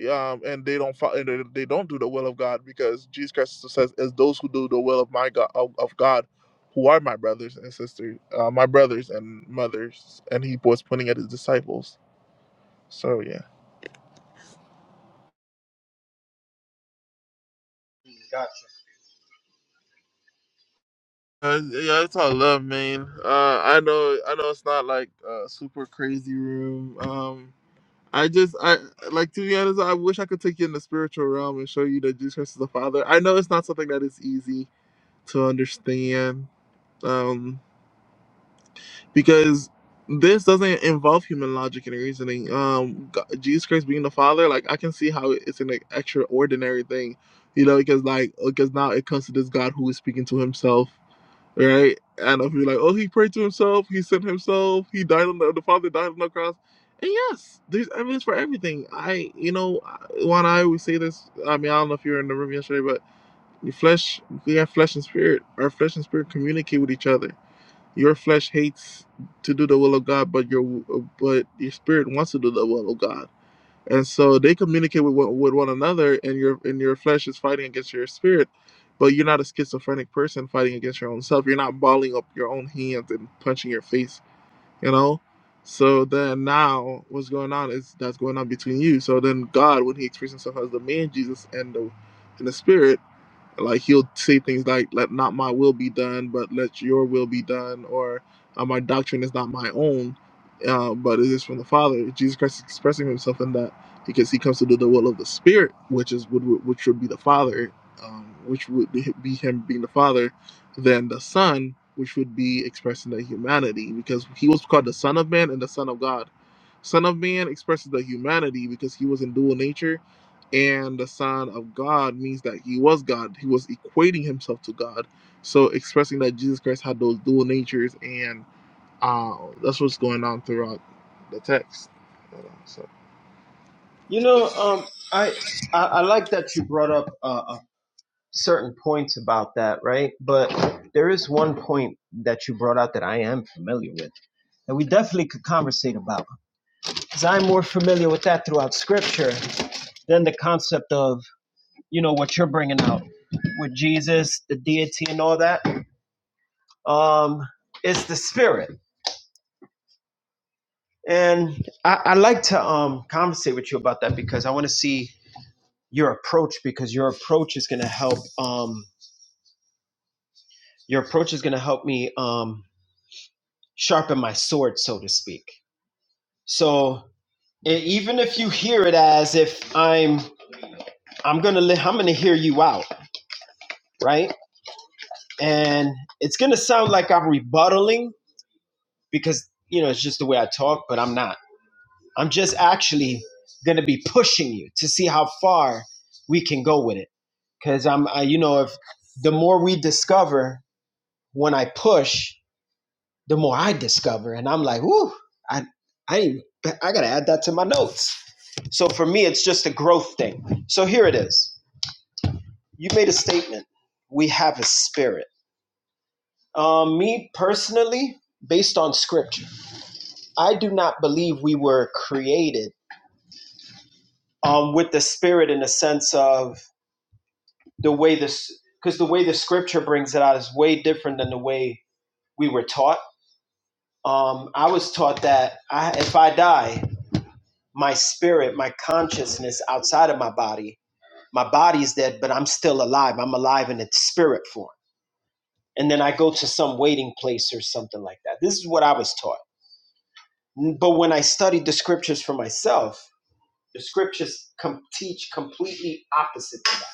um, and they don't fo- and they they don't do the will of God because Jesus Christ says, "As those who do the will of my God of, of God, who are my brothers and sisters, uh, my brothers and mothers," and he was pointing at his disciples. So yeah. Uh, yeah, that's all love, man. Uh, I know, I know, it's not like a super crazy room. Um, I just I like to be honest, I wish I could take you in the spiritual realm and show you that Jesus Christ is the Father. I know it's not something that is easy to understand. Um because this doesn't involve human logic and reasoning. Um Go- Jesus Christ being the Father, like I can see how it's an extraordinary thing. You know, because like because now it comes to this God who is speaking to himself right? And if you're like, oh, he prayed to himself, he sent himself, he died on the, the Father died on the cross. And yes, there's evidence for everything. I, you know, I- Juan, I always say this. I mean, I don't know if you were in the room yesterday, but your flesh, we have flesh and spirit. Our flesh and spirit communicate with each other. Your flesh hates to do the will of God, but your but your spirit wants to do the will of God and so they communicate with, with one another and your and your flesh is fighting against your spirit but you're not a schizophrenic person fighting against your own self you're not balling up your own hands and punching your face you know so then now what's going on is that's going on between you so then god when he expresses himself as the man jesus and the and the spirit like he'll say things like let not my will be done but let your will be done or uh, my doctrine is not my own uh, but it is from the father jesus christ is expressing himself in that because he comes to do the will of the spirit which is would, which would be the father um, which would be him being the father then the son which would be expressing the humanity because he was called the son of man and the son of god son of man expresses the humanity because he was in dual nature and the Son of God means that he was God. He was equating himself to God. So expressing that Jesus Christ had those dual natures, and uh, that's what's going on throughout the text. so- You know, um, I, I I like that you brought up uh, a certain points about that, right? But there is one point that you brought out that I am familiar with that we definitely could conversate about. Because I'm more familiar with that throughout scripture than the concept of, you know, what you're bringing out with Jesus, the deity, and all that. Um, it's the spirit. And I, I like to um, conversate with you about that because I want to see your approach because your approach is going to help um, your approach is going to help me um, sharpen my sword, so to speak. So e- even if you hear it as if I'm I'm gonna li- I'm gonna hear you out, right? And it's gonna sound like I'm rebuttaling because you know it's just the way I talk, but I'm not. I'm just actually gonna be pushing you to see how far we can go with it. Because I'm, I, you know, if the more we discover when I push, the more I discover, and I'm like, whoo, I I I gotta add that to my notes. So for me, it's just a growth thing. So here it is. You made a statement. We have a spirit. Um, me personally, based on scripture, I do not believe we were created um, with the spirit in the sense of the way this, because the way the scripture brings it out is way different than the way we were taught. Um, I was taught that I, if I die, my spirit, my consciousness outside of my body. My body's dead, but I'm still alive. I'm alive in its spirit form. And then I go to some waiting place or something like that. This is what I was taught. But when I studied the scriptures for myself, the scriptures com- teach completely opposite to that.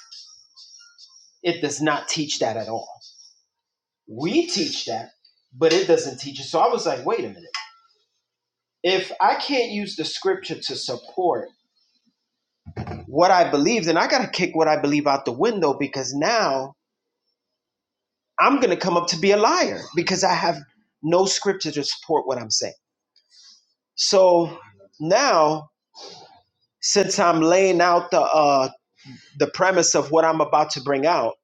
It does not teach that at all. We teach that, but it doesn't teach it. So I was like, wait a minute. If I can't use the scripture to support what I believe, then I got to kick what I believe out the window because now I'm going to come up to be a liar because I have no scripture to support what I'm saying. So now, since I'm laying out the uh, the premise of what I'm about to bring out,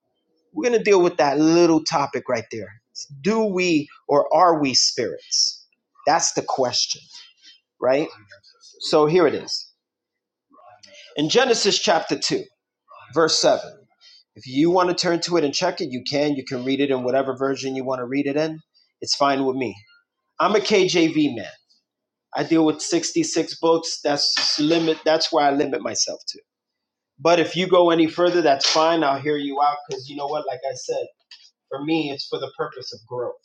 we're going to deal with that little topic right there. Do we or are we spirits? That's the question, right? So here it is in Genesis chapter two, verse seven. If you want to turn to it and check it, you can. You can read it in whatever version you want to read it in. It's fine with me. I'm a KJV man. I deal with 66 books. That's limit. That's where I limit myself to. But if you go any further, that's fine. I'll hear you out because you know what? Like I said, for me, it's for the purpose of growth.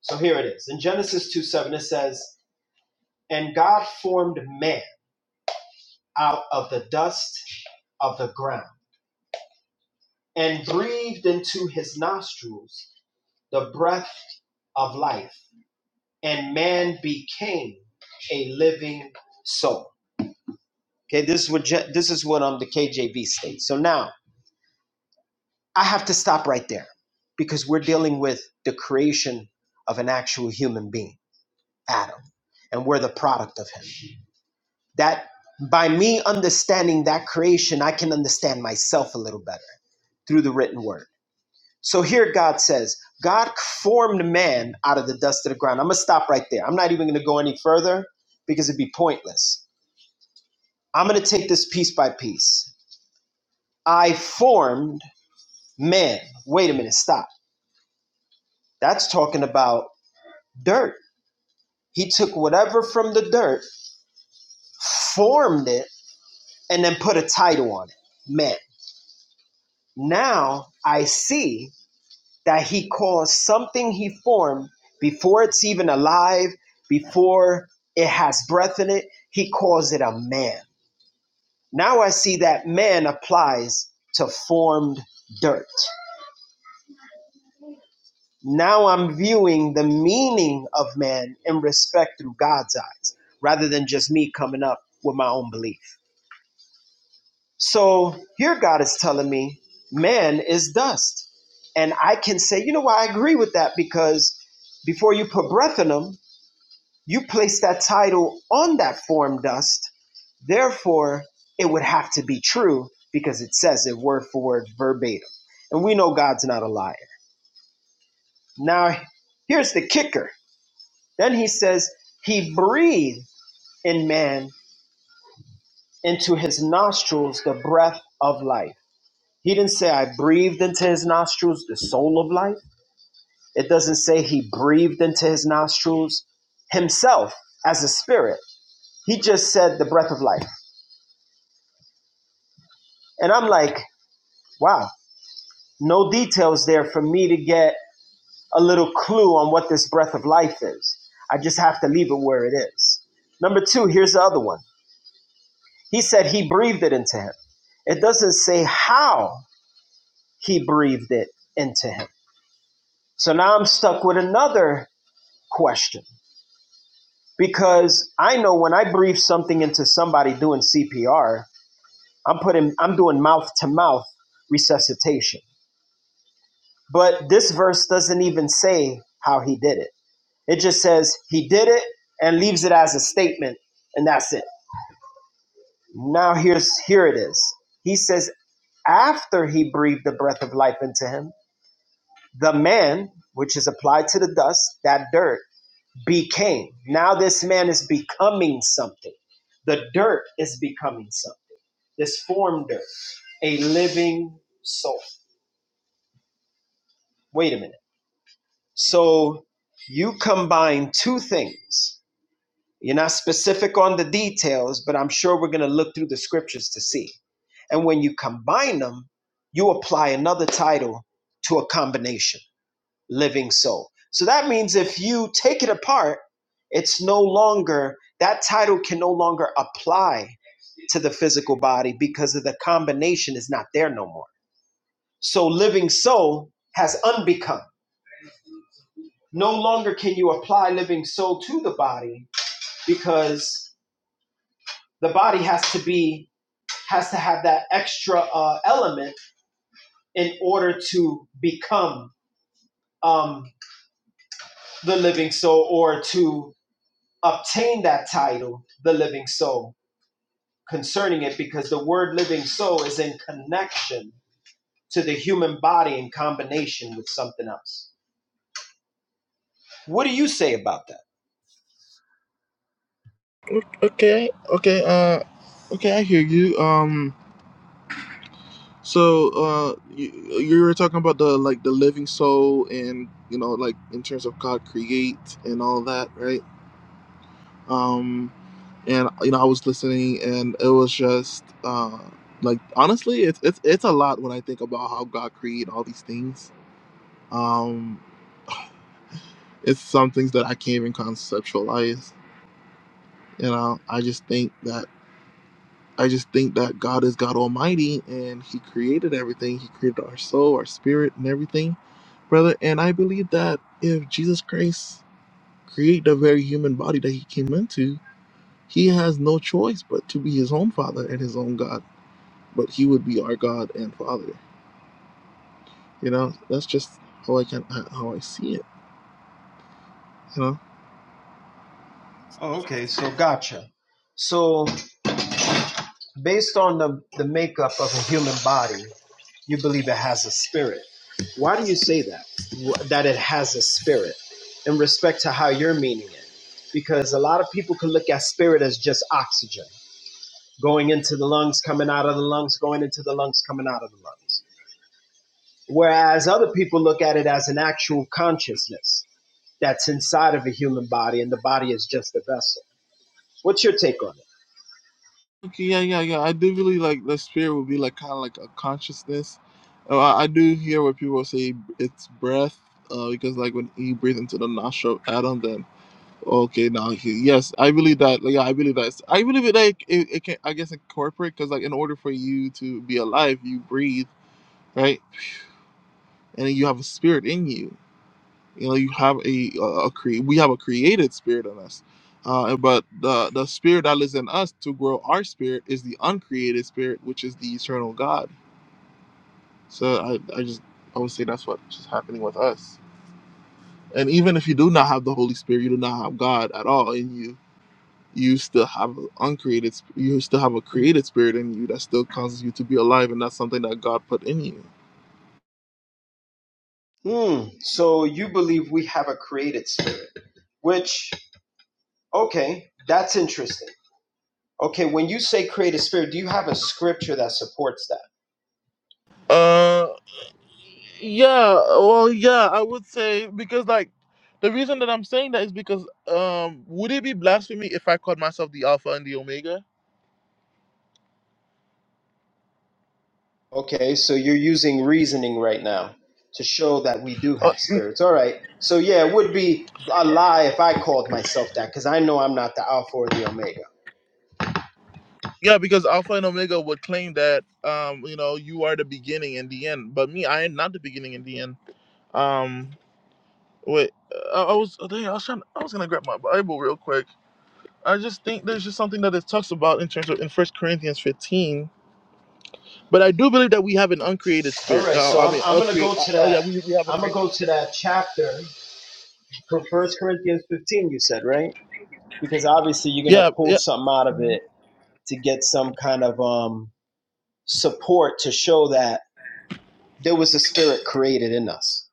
So here it is. In Genesis 2 7, it says, And God formed man out of the dust of the ground and breathed into his nostrils the breath of life, and man became a living soul. Okay, this is what Je- this is what um the KJV states. So now I have to stop right there because we're dealing with the creation of an actual human being, Adam, and we're the product of him. That by me understanding that creation, I can understand myself a little better through the written word. So here God says, God formed man out of the dust of the ground. I'm going to stop right there. I'm not even going to go any further because it'd be pointless. I'm going to take this piece by piece. I formed man. Wait a minute, stop. That's talking about dirt He took whatever from the dirt, formed it, and then put a title on it man. Now I see that he calls something he formed before it's even alive, before it has breath in it, he calls it a man. Now I see that man applies to formed dirt. Now I'm viewing the meaning of man in respect through God's eyes rather than just me coming up with my own belief. So here God is telling me, man is dust. And I can say, you know what, I agree with that because before you put breath in them, you place that title on that form dust. Therefore, it would have to be true because it says it word for word verbatim. And we know God's not a liar. Now, here's the kicker. Then he says, He breathed in man into his nostrils the breath of life. He didn't say, I breathed into his nostrils the soul of life. It doesn't say he breathed into his nostrils himself as a spirit. He just said the breath of life. And I'm like, wow, no details there for me to get a little clue on what this breath of life is. I just have to leave it where it is. Number two, here's the other one. He said he breathed it into him. It doesn't say how he breathed it into him. So now I'm stuck with another question because I know when I breathe something into somebody doing CPR, I'm putting I'm doing mouth to mouth resuscitation. But this verse doesn't even say how he did it. It just says he did it and leaves it as a statement and that's it. Now here's here it is. He says after he breathed the breath of life into him, the man which is applied to the dust, that dirt became. Now this man is becoming something. The dirt is becoming something This formed her a living soul. Wait a minute. So you combine two things. You're not specific on the details, but I'm sure we're going to look through the scriptures to see. And when you combine them, you apply another title to a combination, living soul. So that means if you take it apart, it's no longer, that title can no longer apply to the physical body because of the combination is not there no more. So living soul has unbecome. No longer can you apply living soul to the body because the body has to be has to have that extra uh, element in order to become um, the living soul or to obtain that title, the living soul. Concerning it, because the word living soul is in connection to the human body in combination with something else. What do you say about that? Okay, okay, uh, okay, I hear you. Um, so uh, you, you were talking about the like the living soul, and you know, like in terms of God create and all that, right? Um, and you know I was listening, and it was just uh, like honestly, it's it's it's a lot when I think about how God created all these things. Um, it's some things that I can't even conceptualize. You know, I just think that I just think that God is God Almighty, and He created everything. He created our soul, our spirit, and everything, brother. And I believe that if Jesus Christ created the very human body that He came into, He has no choice but to be his own father and his own God. But he would be our God and Father. You know, that's just how I can how I see it. You know. Oh, okay. So gotcha. So based on the, the makeup of a human body, you believe it has a spirit. Why do you say that? Wh- That it has a spirit in respect to how you're meaning it? Because a lot of people can look at spirit as just oxygen going into the lungs, coming out of the lungs, going into the lungs, coming out of the lungs. Whereas other people look at it as an actual consciousness. that's inside of a human body, and the body is just a vessel. What's your take on Okay, yeah, yeah, yeah. I do believe like the spirit would be like kind of like a consciousness. Uh, I, I do hear what people say it's breath uh, because like when he breathed into the nostril of Adam, then okay, now he yes, I believe that. Like, yeah, I believe that. I believe it. Like it, it can I guess incorporate because like in order for you to be alive, you breathe right, and then you have a spirit in you you know you have a, a, a cre- we have a created spirit in us uh, but the the spirit that lives in us to grow our spirit is the uncreated spirit which is the eternal god so i i just i would say that's what's just happening with us and even if you do not have the holy spirit you do not have god at all in you you still have an uncreated sp- you still have a created spirit in you that still causes you to be alive and that's something that god put in you it? Hmm. So you believe we have a created spirit, which, okay, that's interesting. Okay, when you say created spirit, do you have a scripture that supports that? Uh, Yeah, well, yeah, I would say because like the reason that I'm saying that is because um would it be blasphemy if I called myself the Alpha and the Omega? Okay, so you're using reasoning right now to show that we do Uh, have mm, spirits. All right. So yeah, it would be a lie if I called myself that because I know I'm not the Alpha or the Omega. yeah, because Alpha and Omega would claim that um you know you are the beginning and the end, but me I am not the beginning and the end. Um, wait, I, I was oh, dang, I was trying I was gonna grab my Bible real quick. I just think there's just something that it talks about in terms of in First Corinthians 15. But I do believe that we have an uncreated All spirit. right. Uh, So I I'm mean, I'm gonna uncreate. go Uh, to oh that. yeah, we, we have a I'm gonna created. go to that chapter from First Corinthians 15. You said right because obviously you're gonna Yeah, pull yeah. something out of Mhm. it to get some kind of um support to show that there was a spirit created in us.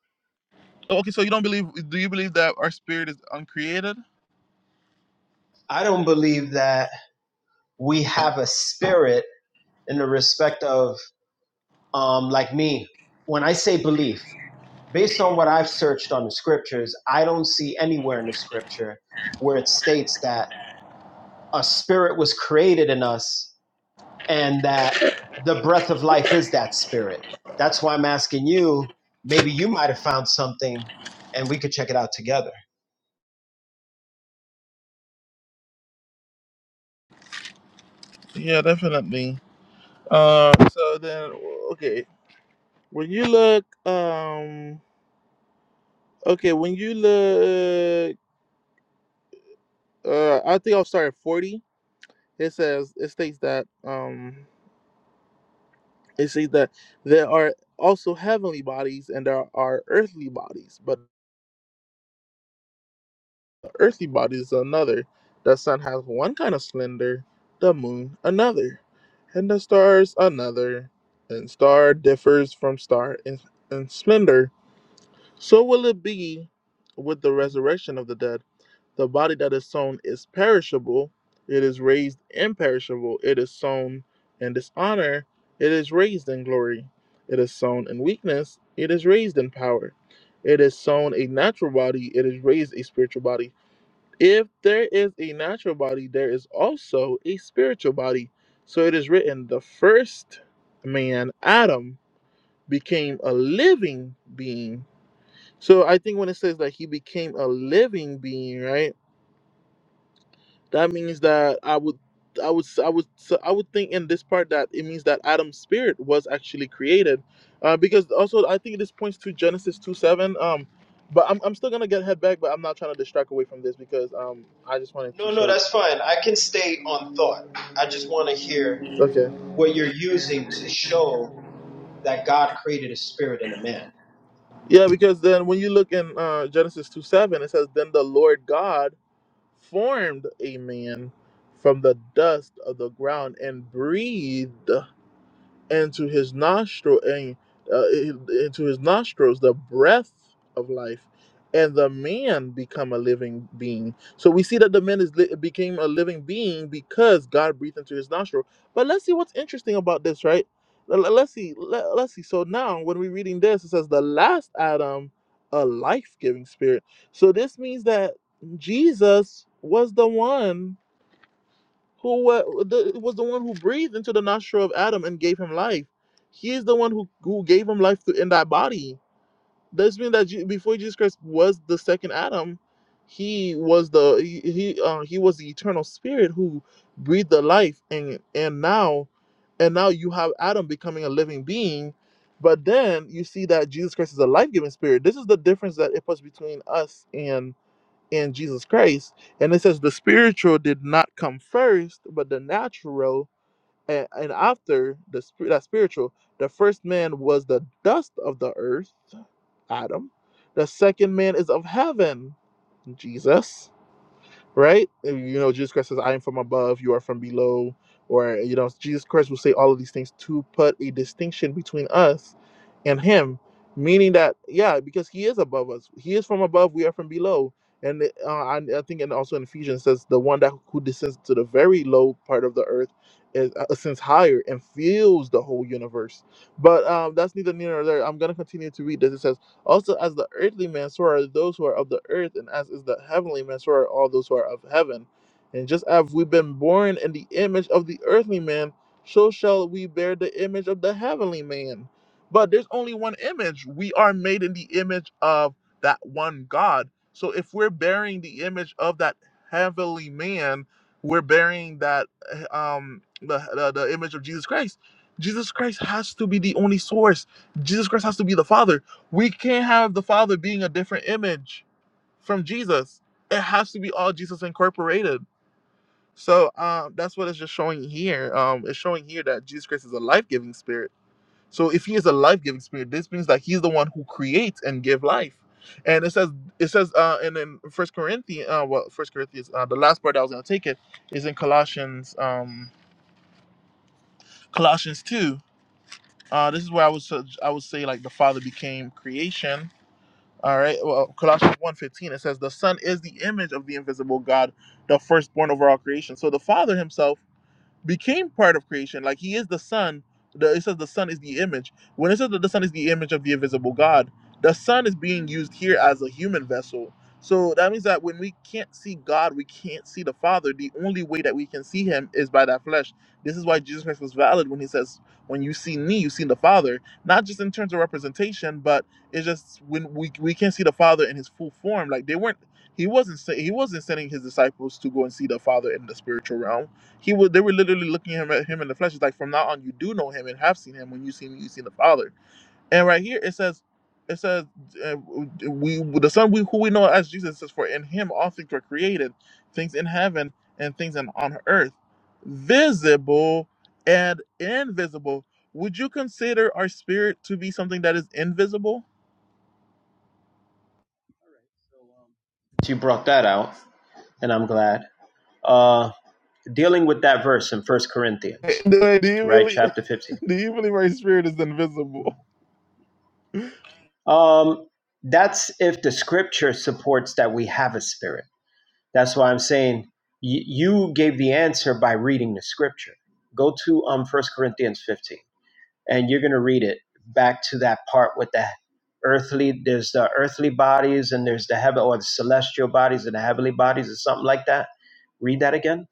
Okay, so you don't believe? Do you believe that our spirit is uncreated? I don't believe that we have a spirit in the respect of um, like me, when I say belief, based on what I've searched on the scriptures, I don't see anywhere in the scripture where it states that a spirit was created in us and that the breath of life is that spirit. That's why I'm asking you, maybe you might have found something and we could check it out together. Yeah, definitely. Um, so then, okay, when you look, um, okay, when you look, uh, I think I'll start at forty. It says it states that, um, it says that there are also heavenly bodies and there are earthly bodies, but earthly bodies another. The sun has one kind of splendor, the moon another, and the stars another. And star differs from star in, in splendor. So will it be with the resurrection of the dead. The body that is sown is perishable, it is raised imperishable. It is sown in dishonor, it is raised in glory. It is sown in weakness, it is raised in power. It is sown a natural body, it is raised a spiritual body if there is a natural body, there is also a spiritual body. So it is written, the first man, Adam, became a living being. So I think when it says that he became a living being, right? That means that I would I would I would so I would think in this part that it means that Adam's spirit was actually created, uh, because also I think this points to Genesis two seven. Um, but I'm, I'm still gonna get head back, but I'm not trying to distract away from this because um I just wanted to No, no, show. that's fine. I can stay on thought. I just want to hear Okay. what you're using to show that God created a spirit in a man. Yeah, because then when you look in uh, Genesis 2 7, it says, Then the Lord God formed a man from the dust of the ground and breathed and to his nostril and uh, into his nostrils the breath of life and the man become a living being so we see that the man is li- became a living being because god breathed into his nostril but let's see what's interesting about this right Let- let- let's see let, let's see so now when we're reading this it says the last adam a life-giving spirit so this means that jesus was the one who were, the, was the one who breathed into the nostril of Adam and gave him life. He is the one who, who gave him life to, in that body. This means that Je- before Jesus Christ was the second Adam, he was the he he, uh, he was the eternal spirit who breathed the life and and now and now you have Adam becoming a living being, but then you see that Jesus Christ is a life giving spirit. This is the difference that it puts between us in Jesus Christ. And it says the spiritual did not come first, but the natural. And, and after the sp- that spiritual, the first man was the dust of the earth, Adam. The second man is of heaven, Jesus right? You know, Jesus Christ says, I am from above, you are from below. Or, you know, Jesus Christ will say all of these things to put a distinction between us and him, meaning that, yeah, because he is above us. He is from above, we are from below. And uh, I, I think, and also in Ephesians says, the one that who descends to the very low part of the earth is uh, ascends higher and fills the whole universe. But um, that's neither near nor there. I'm going to continue to read this. It says, also, as the earthly man, so are those who are of the earth, and as is the heavenly man, so are all those who are of heaven. And just as we've been born in the image of the earthly man, so shall we bear the image of the heavenly man. But there's only one image. We are made in the image of that one God. So if we're bearing the image of that heavenly man, we're bearing that um the, the, the image of Jesus Christ. Jesus Christ has to be the only source. Jesus Christ has to be the Father. We can't have the Father being a different image from Jesus. It has to be all Jesus incorporated. So um, that's what it's just showing here. Um, it's showing here that Jesus Christ is a life giving spirit. So if he is a life giving spirit, this means that he's the one who creates and give life. And it says it says uh, and in First Corinthians, uh, well, First Corinthians, uh, the last part that I was going to take it is in Colossians, um, Colossians two. Uh, this is where I was I would say like the Father became creation All right. Well, Colossians one fifteen it says, The Son is the image of the invisible God, the firstborn over all creation. So the Father himself became part of creation. Like he is the son. The, it says the son is the image. When it says that the son is the image of the invisible God, the son is being used here as a human vessel. So that means that when we can't see God, we can't see the Father. The only way that we can see Him is by that flesh. This is why Jesus Christ was valid when He says, "When you see Me, you see the Father." Not just in terms of representation, but it's just when we we can't see the Father in His full form. Like they weren't. He wasn't. sa- He wasn't sending His disciples to go and see the Father in the spiritual realm he was they were literally looking at him at him in the flesh. It's like from now on you do know him and have seen him. When you see him. you see the Father. And right here it says it says uh, we the Son we who we know as Jesus says for in him all things were created, things in heaven and things in, on earth, visible and invisible. Would you consider our spirit to be something that is invisible? You brought that out, and I'm glad. Uh, dealing with that verse in First Wait, Corinthians, Do do you right, really chapter 15. do you believe our spirit is invisible? Um, that's if the scripture supports that we have a spirit. That's why I'm saying y- you gave the answer by reading the scripture. Go to um, 1 Corinthians 15. and you're going to read it back to that part with the earthly there's the earthly bodies and there's the heaven or the celestial bodies and the heavenly bodies or something like that read that again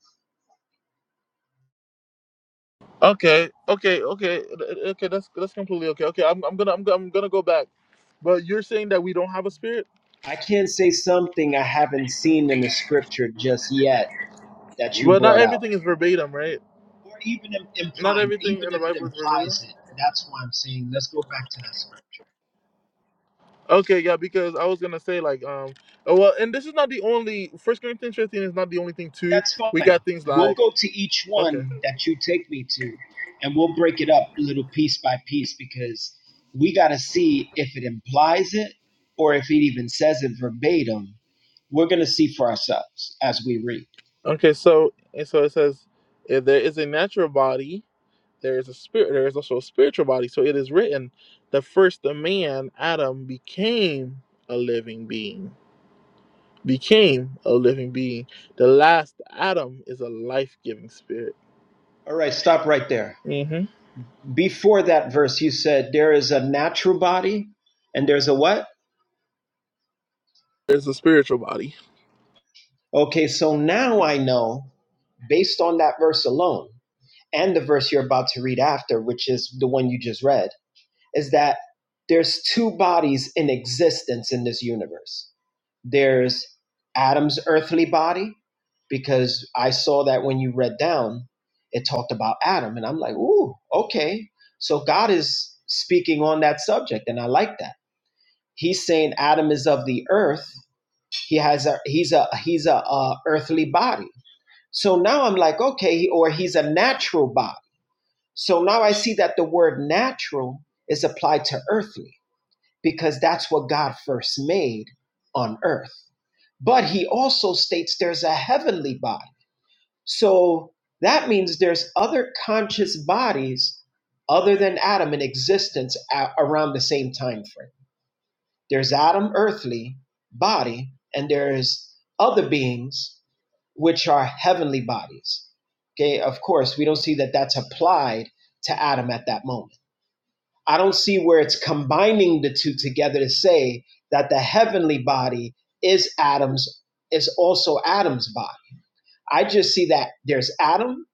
Okay, okay, okay, uh, okay. That's that's completely okay. Okay, I'm, I'm gonna I'm, go- I'm gonna go back. But you're saying that we don't have a spirit. i can't say something i haven't seen in the scripture just yet that you Well, not brought out everything is verbatim, right? or even im- Not implying everything even in the if it Bible is verbatim. implies it that's why i'm saying let's go back to that scripture Okay, yeah, because I was gonna say like um oh, well, and this is not the only First Corinthians 15 is not the only thing too. That's We fine. got things We'll like go to each okay, one that you take me to, and we'll break it up little piece by piece because we got to see if it implies it or if it even says it verbatim. We're going to see for ourselves as we read. okay. So and so it says if there is a natural body, there is a spirit. There is also a spiritual body. So it is written, the first man Adam became a living being. became a living being. The last Adam is a life giving spirit. All right, stop right there. hmm Before that verse, you said there is a natural body and there's a what? There's a spiritual body. Okay, so now I know based on that verse alone and the verse you're about to read after, which is the one you just read is that there's two bodies in existence in this universe. There's Adam's earthly body, because I saw that when you read down, it talked about Adam. And I'm like, ooh, okay. So God is speaking on that subject, and I like that. He's saying Adam is of the earth. He has a he's a he's a, uh earthly body. So now I'm like, okay, he or he's a natural body. So now I see that the word natural is applied to earthly because that's what God first made on earth. But he also states there's a heavenly body. So that means there's other conscious bodies other than Adam in existence a- around the same time frame. There's Adam earthly body and there's other beings which are heavenly bodies. Okay, of course, we don't see that that's applied to Adam at that moment I don't see where it's combining the two together to say that the heavenly body is Adam's is also Adam's body. I just see that there's Adam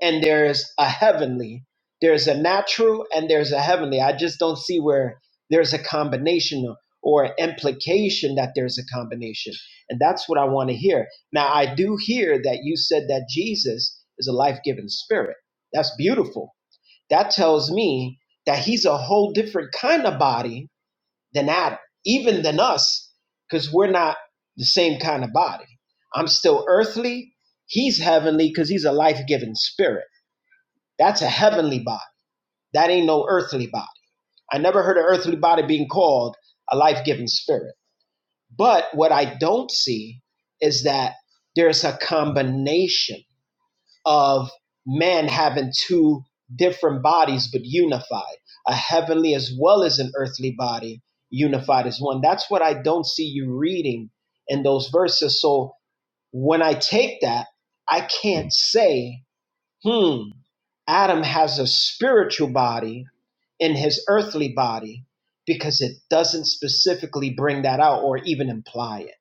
and there's a heavenly, there's a natural and there's a heavenly. I just don't see where there's a combination or implication that there's a combination. And that's what I want to hear. Now I do hear that you said that Jesus is a life-giving spirit. That's beautiful that tells me that he's a whole different kind of body than Adam, even than us, because we're not the same kind of body. I'm still earthly. He's heavenly because he's a life giving spirit. That's a heavenly body. That ain't no earthly body. I never heard an earthly body being called a life giving spirit. But what I don't see is that there's a combination of man having two different bodies but unified, a heavenly as well as an earthly body unified as one. That's what I don't see you reading in those verses. So when I take that, I can't say, hmm, Adam has a spiritual body in his earthly body because it doesn't specifically bring that out or even imply it.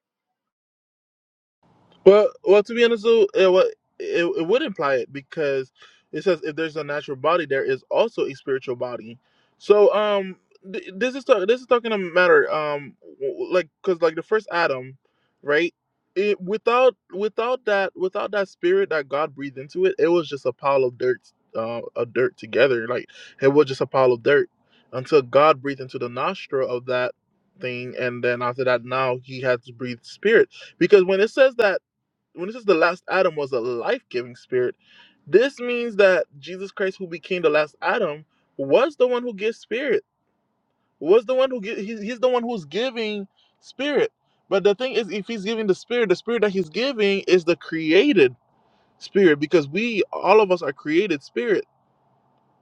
Well, well, to be honest, though, it, wa- it, it would imply it because it says if there's a natural body, there is also a spiritual body. So, um, th- this is ta- this is talking a matter, um, w- like because like the first Adam, right? It without without that without that spirit that God breathed into it, it was just a pile of dirt, uh, of dirt together. Like it was just a pile of dirt until God breathed into the nostril of that thing, and then after that, now He had to breathe spirit because when it says that when it says the last Adam was a life giving spirit, this means that Jesus Christ, who became the last Adam, was the one who gives spirit, was the one who gi- he's, he's the one who's giving spirit. But the thing is, if he's giving the spirit, the spirit that he's giving is the created spirit because we, all of us, are created spirit.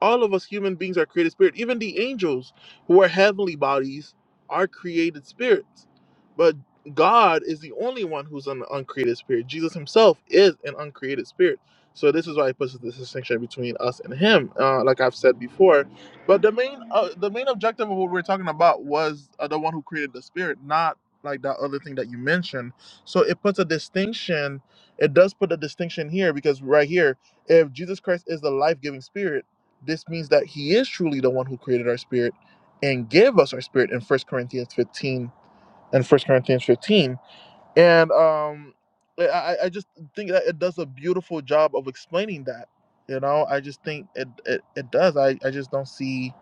All of us human beings are created spirit. Even the angels who are heavenly bodies are created spirits. But God is the only one who's an uncreated spirit. Jesus himself is an uncreated spirit. So this is why he puts this distinction between us and him, uh, like I've said before. But the main uh, the main objective of what we're talking about was uh, the one who created the spirit, not like that other thing that you mentioned. So it puts a distinction. It does put a distinction here because right here, if Jesus Christ is the life giving spirit this means that he is truly the one who created our spirit and gave us our spirit in First corinthians 15 and First corinthians 15 and um i i just think that it does a beautiful job of explaining that you know i just think it it, it does I, I just don't see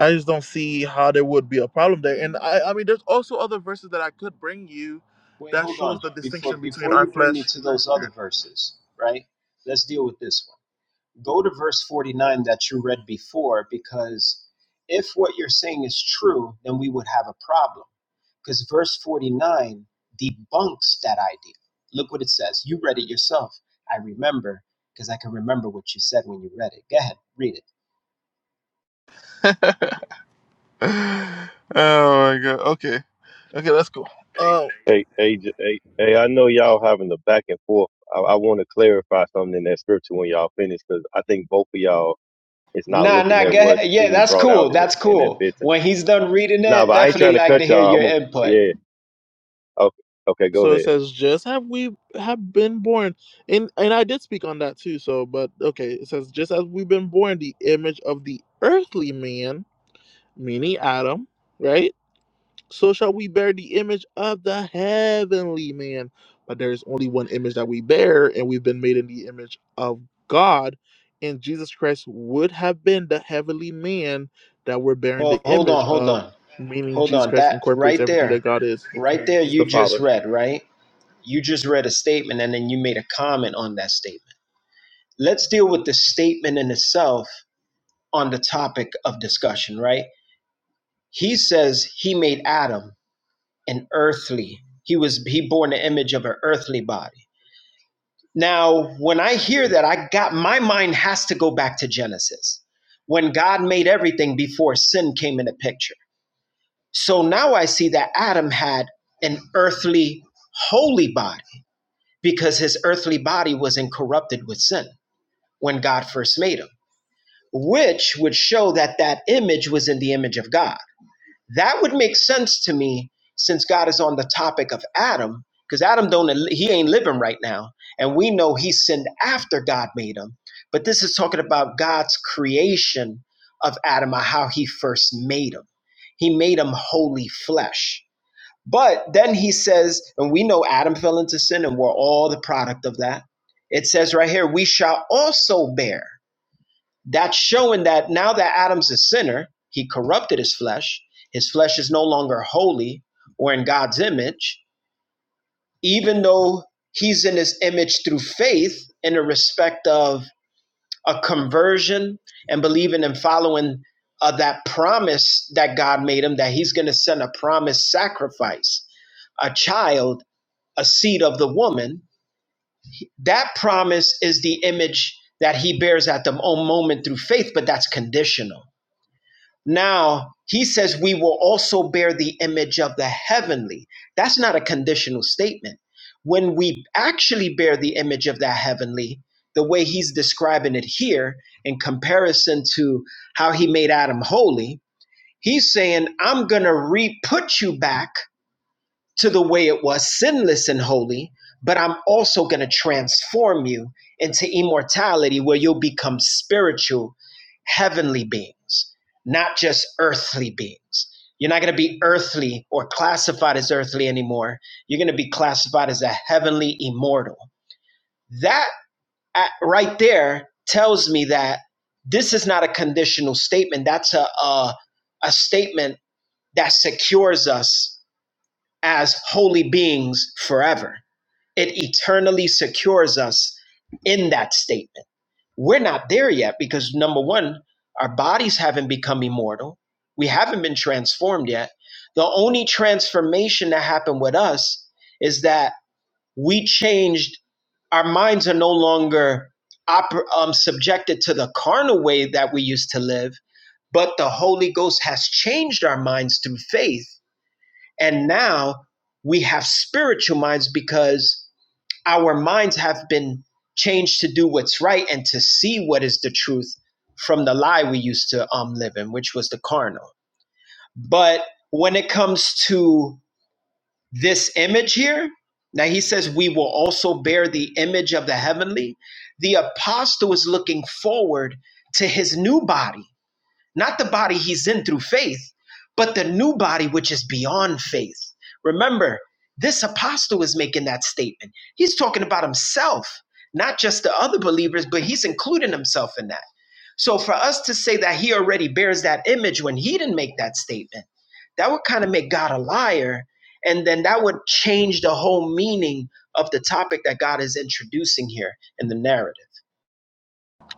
i just don't see how there would be a problem there and i i mean there's also other verses that i could bring you Wait, that hold shows on. the Before distinction between before our you bring me flesh to and our those other spirit verses, right? Let's deal with this one. Go to verse 49 that you read before, because if what you're saying is true, then we would have a problem. Because verse 49 debunks that idea. Look what it says. You read it yourself. I remember, because I can remember what you said when you read it. Go ahead, read it. oh my god okay okay let's go Uh, Hey, hey, j- hey, hey, I know y'all having the back and forth. I, I want to clarify something in that scripture when y'all finish, because I think both of y'all is not Nah, looking nah, at go ahead. what's Yeah, being that's brought cool. out in it That's in that cool. 15. When he's done reading Nah, it, but I ain't definitely trying to like to cut hear y'all. your I'm a, input. yeah. Okay, okay, go So it ahead. says, just have we have been born, and and I did speak on that too. So, but okay, it says, just as we've been born the image of the earthly man, meaning Adam, right? So shall we bear the image of the heavenly man. But there is only one image that we bear, and we've been made in the image of God. And Jesus Christ would have been the heavenly man that we're bearing Hold, the hold on, image hold of, on, meaning hold Jesus on. Christ That incorporates right everything there, that God is, right and there, He's you the just Father. read, right? You just read a statement and then you made a comment on that statement. Let's deal with the statement in itself on the topic of discussion, right? He says he made Adam an earthly. He was he bore in the image of an earthly body. Now, when I hear that, I got my mind has to go back to Genesis. When God made everything before sin came in the picture. So now I see that Adam had an earthly holy body because his earthly body was incorrupted with sin. when God first made him, which would show that that image was in the image of God. That would make sense to me since God is on the topic of Adam, because Adam don't he ain't living right now, and we know he sinned after God made him. But this is talking about God's creation of Adam, or how he first made him. He made him holy flesh. But then he says, and we know Adam fell into sin, and we're all the product of that. It says right here, we shall also bear. That's showing that now that Adam's a sinner, he corrupted his flesh. His flesh is no longer holy or in God's image, even though he's in his image through faith in the respect of a conversion and believing and following uh, that promise that God made him that he's going to send a promised sacrifice, a child, a seed of the woman. That promise is the image that he bears at the moment through faith, but that's conditional Now, he says we will also bear the image of the heavenly. That's not a conditional statement. When we actually bear the image of the heavenly, the way he's describing it here in comparison to how he made Adam holy, he's saying, I'm going to re put you back to the way it was sinless and holy, but I'm also going to transform you into immortality where you'll become spiritual, heavenly beings, not just earthly beings. You're not going to be earthly or classified as earthly anymore. You're going to be classified as a heavenly immortal. That uh, right there tells me that this is not a conditional statement. That's a, a, a statement that secures us as holy beings forever. It eternally secures us in that statement. We're not there yet because number one, our bodies haven't become immortal. We haven't been transformed yet. The only transformation that happened with us is that we changed, our minds are no longer oper- um, subjected to the carnal way that we used to live, but the Holy Ghost has changed our minds through faith and now we have spiritual minds because our minds have been changed to do what's right and to see what is the truth from the lie we used to um, live in, which was the carnal. But when it comes to this image here, now he says, We will also bear the image of the heavenly. The apostle is looking forward to his new body not the body he's in through faith, but the new body which is beyond faith. Remember, this apostle is making that statement. He's talking about himself, not just the other believers, but he's including himself in that. So for us to say that he already bears that image when he didn't make that statement, that would kind of make God a liar. And then that would change the whole meaning of the topic that God is introducing here in the narrative.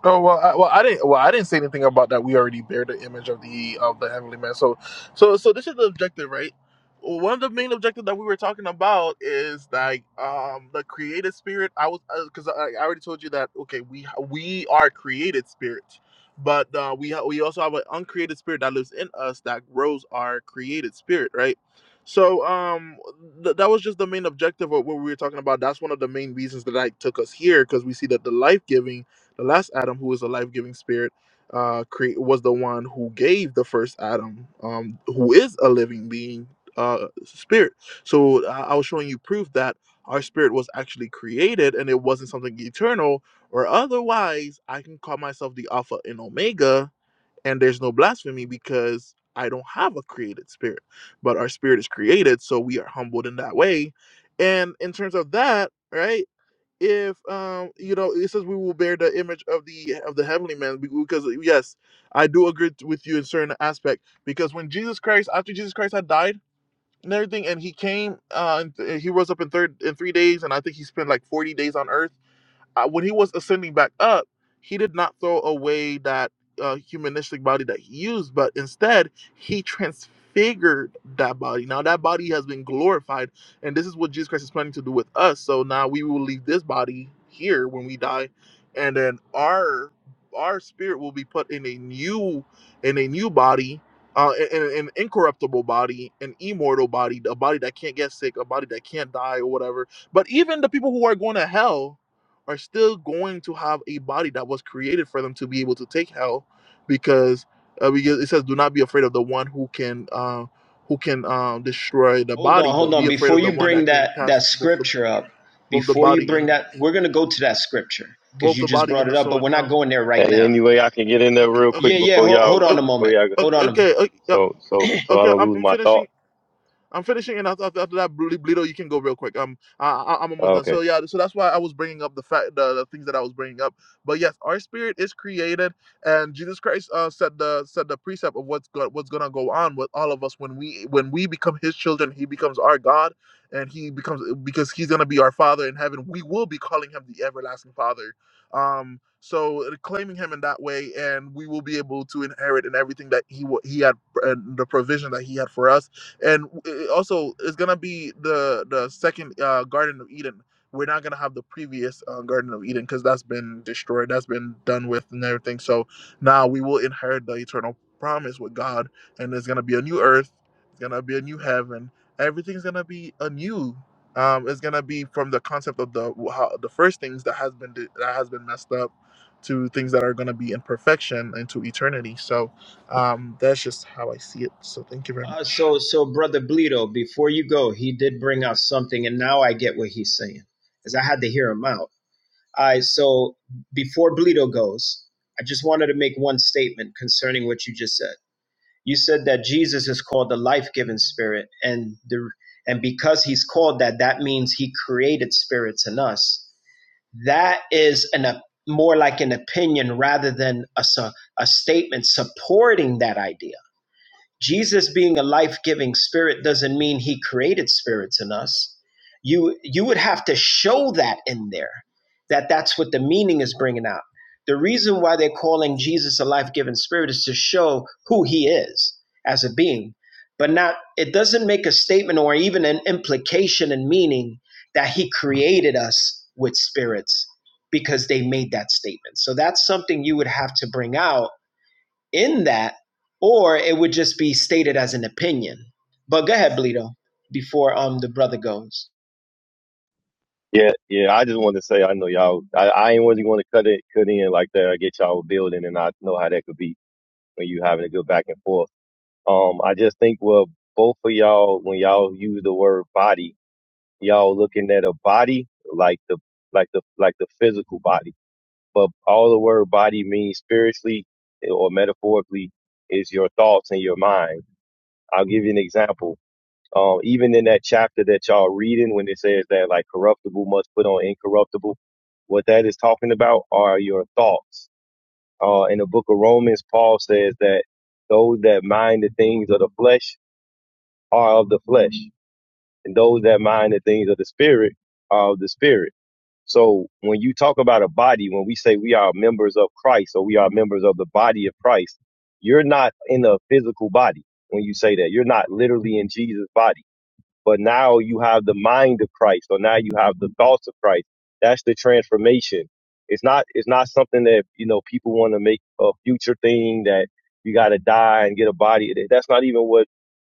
Oh well, I, well I didn't well I didn't say anything about that. We already bear the image of the of the heavenly man. So so so this is the objective, right? One of the main objectives that we were talking about is like um the created spirit. I was because I, I already told you that okay we we are created spirits, but uh, we ha- we also have an uncreated spirit that lives in us that grows our created spirit, right? So um th- that was just the main objective of what we were talking about. That's one of the main reasons that I took us here because we see that the life giving the last Adam, who is a life giving spirit, uh, create, was the one who gave the first Adam, um, who is a living being, uh, spirit. So I, I was showing you proof that our spirit was actually created and it wasn't something eternal, or otherwise, I can call myself the Alpha and Omega, and there's no blasphemy because I don't have a created spirit, but our spirit is created, so we are humbled in that way. And in terms of that, right? if um you know it says we will bear the image of the of the heavenly man be- because yes i do agree t- with you in certain aspect because when jesus christ after jesus christ had died and everything and he came uh and th- he rose up in third in three days and i think he spent like 40 days on earth uh, when he was ascending back up, he did not throw away that uh, humanistic body that he used, but instead he transfigured that body. Now that body has been glorified, and this is what Jesus Christ is planning to do with us. So now we will leave this body here when we die, and then our our spirit will be put in a new in a new body. Uh, in, in an incorruptible body, an immortal body, a body that can't get sick, a body that can't die, or whatever. But even the people who are going to hell, are still going to have a body that was created for them to be able to take hell because uh, because it says do not be afraid of the one who can uh, who can um, destroy the Hold on, body hold but be on. afraid Before of the you one bring that can that that cast both the scripture up, both the before you body bring and that, we're gonna go to that scripture because both you the just body brought and it the up, soul but in we're not hell going there right Hey, now. anyway, I can get in there okay real okay Yeah, quick yeah. before Hold, y'all hold on a before moment. y'all go. okay Hold on. A, okay, okay, So so so I okay don't I'm, lose I'm my finishing thought. I'm finishing, and after, after, after that, Bleedo, you can go real quick. Um, I, I- I'm almost done. Okay. So yeah, so that's why I was bringing up the fact, the, the things that I was bringing up. But yes, our spirit is created, and Jesus Christ uh, said the said the precept of what's go- what's gonna go on with all of us when we when we become His children. He becomes our God, and He becomes because He's gonna be our Father in heaven. We will be calling Him the everlasting Father. Um, so claiming Him in that way, and we will be able to inherit in everything that He wa- He had and the provision that He had for us and it also it's gonna be the the second uh, Garden of Eden. We're not gonna have the previous uh, Garden of Eden because that's been destroyed, that's been done with, and everything. So now we will inherit the eternal promise with God, and there's gonna be a new earth, it's gonna be a new heaven. Everything's gonna be anew. Um, it's gonna be from the concept of the how, the first things that has been that has been messed up to things that are gonna be in perfection into eternity. So um, that's just how I see it. So thank you very uh, much. so, so brother Bleedo, before you go, he did bring out something, and now I get what he's saying, because I had to hear him out. All right. So before Bleedo goes, I just wanted to make one statement concerning what you just said. you said that Jesus is called the life-giving spirit and the and because he's called that that means he created spirits in us that is an op- more like an opinion rather than a, su- a statement supporting that idea Jesus being a life-giving spirit doesn't mean he created spirits in us. You you would have to show that in there that that's what the meaning is bringing out. The reason why they're calling Jesus a life-giving spirit is to show who he is as a being, but not it doesn't make a statement or even an implication and meaning that he created us with spirits because they made that statement. So that's something you would have to bring out in that, or it would just be stated as an opinion. But go ahead, Bleedo, before um the brother goes. Yeah, yeah. I just wanted to say I know y'all. I, I ain't really want to cut it cut in like that. I get y'all building, and I know how that could be when you having a good back and forth. Um, I just think well, both of y'all, when y'all use the word body, y'all looking at a body like the like the like the physical body. But all the word body means spiritually eh, or metaphorically is your thoughts and your mind. I'll give you an example. Um, even in that chapter that y'all reading, when it says that like corruptible must put on incorruptible, what that is talking about are your thoughts. Uh, in the book of Romans, Paul says that those that mind the things of the flesh are of the flesh, and those that mind the things of the spirit are of the spirit. So when you talk about a body, when we say we are members of Christ or we are members of the body of Christ, you're not in a physical body when you say that. You're not literally in Jesus' body but now you have the mind of Christ, or now you have the thoughts of Christ. That's the transformation. It's not it's not something that you know people want to make a future thing that you got to die and get a body. That's not even what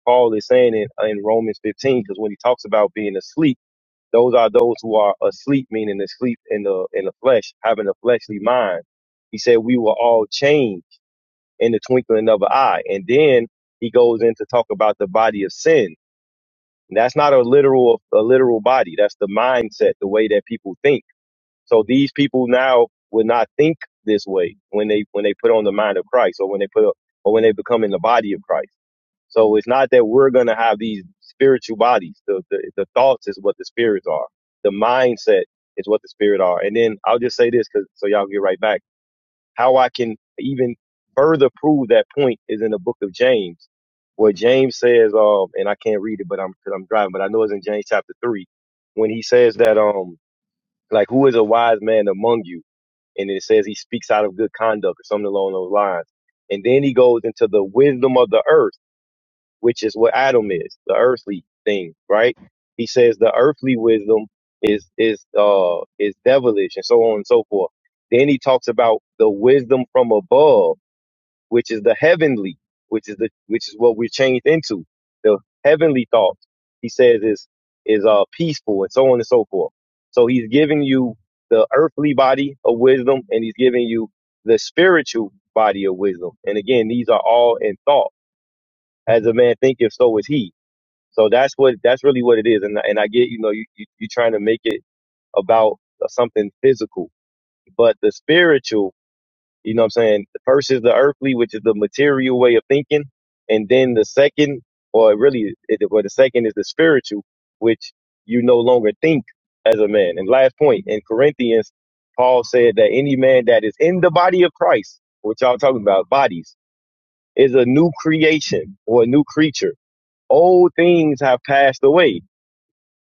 Paul is saying in, uh, in Romans 15, because when he talks about being asleep, those are those who are asleep, meaning asleep in the in the flesh, having a fleshly mind. He said we will all change in the twinkling of an eye, and then he goes in to talk about the body of sin and That's not a literal a literal body. That's the mindset, the way that people think. So these people now would not think this way when they when they put on the mind of Christ or when they put up, or when they become in the body of Christ. So it's not that we're gonna have these spiritual bodies. The the, the thoughts is what the spirits are. The mindset is what the spirit are. And then I'll just say this, cause so y'all get right back how I can even further prove that point is in the book of James, where James says, um, and I can't read it, but I'm because I'm driving, but I know it's in James chapter three, when he says that, um, like who is a wise man among you, and it says he speaks out of good conduct or something along those lines, and then he goes into the wisdom of the earth which is what Adam is, the earthly thing, right? He says the earthly wisdom is is uh is devilish and so on and so forth. Then he talks about the wisdom from above, which is the heavenly, which is the which is what we're changed into. The heavenly thoughts, he says, is is uh peaceful and so on and so forth. So he's giving you the earthly body of wisdom and he's giving you the spiritual body of wisdom. And again, these are all in thought. As a man thinketh, so is he so that's what that's really what it is. And and I get you know you you you're trying to make it about uh, something physical, but the spiritual, you know, what I'm saying versus the earthly, which is the material way of thinking, and then the second, or really, it, or the second is the spiritual, which you no longer think as a man. And last point in Corinthians, Paul said that any man that is in the body of Christ, which y'all talking about bodies, is a new creation or a new creature. Old things have passed away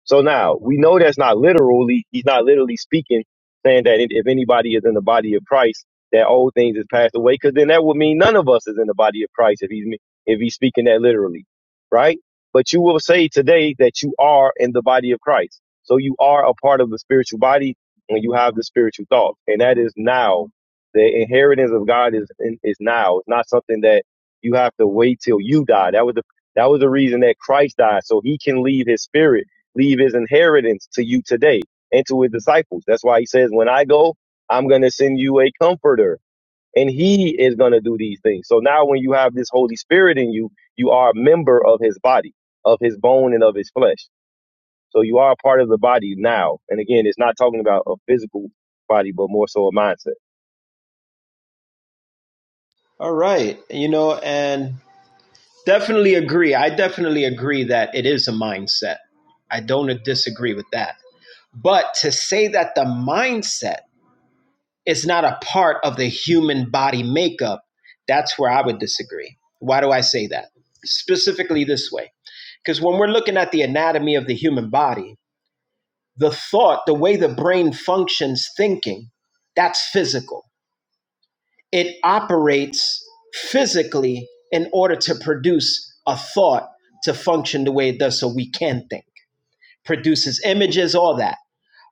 so now we know that's not literally, he's not literally speaking, saying that if anybody is in the body of Christ, that old things is passed away, because then that would mean none of us is in the body of Christ if he's if he's speaking that literally, right? But you will say today that you are in the body of Christ, so you are a part of the spiritual body, and you have the spiritual thought, and that is now the inheritance of God is is now. It's not something that you have to wait till you die. That was the that was the reason that Christ died, so he can leave his spirit leave his inheritance to you today and to his disciples. That's why he says, When I go, I'm going to send you a comforter, and he is going to do these things. So now, when you have this Holy Spirit in you, you are a member of his body, of his bone, and of his flesh. So you are a part of the body now. And again, it's not talking about a physical body, but more so a mindset. All right, you know, and definitely agree. I definitely agree that it is a mindset. I don't disagree with that. But to say that the mindset is not a part of the human body makeup, that's where I would disagree. Why do I say that? Specifically this way. Because when we're looking at the anatomy of the human body, the thought, the way the brain functions thinking, that's physical. It operates physically in order to produce a thought to function the way it does so we can think, produces images, all that.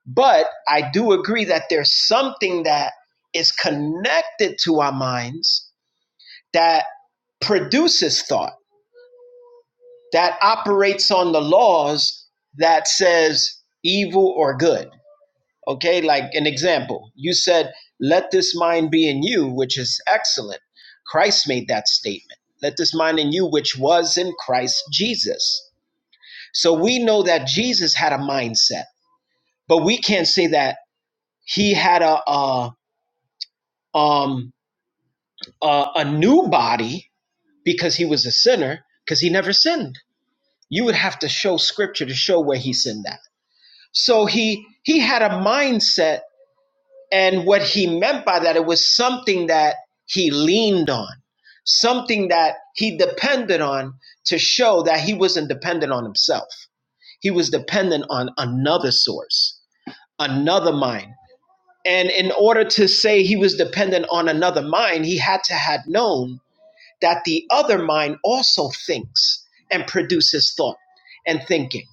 But I do agree that there's something that is connected to our minds that produces thought, that operates on the laws that says evil or good Okay, like an example, you said, Let this mind be in you, which is excellent. Christ made that statement. Let this mind in you, which was in Christ Jesus. So we know that Jesus had a mindset, but we can't say that he had a, a um a, a new body because he was a sinner because he never sinned. You would have to show scripture to show where he sinned that. So he he had a mindset And what he meant by that, it was something that he leaned on, something that he depended on to show that he wasn't dependent on himself. He was dependent on another source, another mind. And in order to say he was dependent on another mind, he had to have known that the other mind also thinks and produces thought and thinking.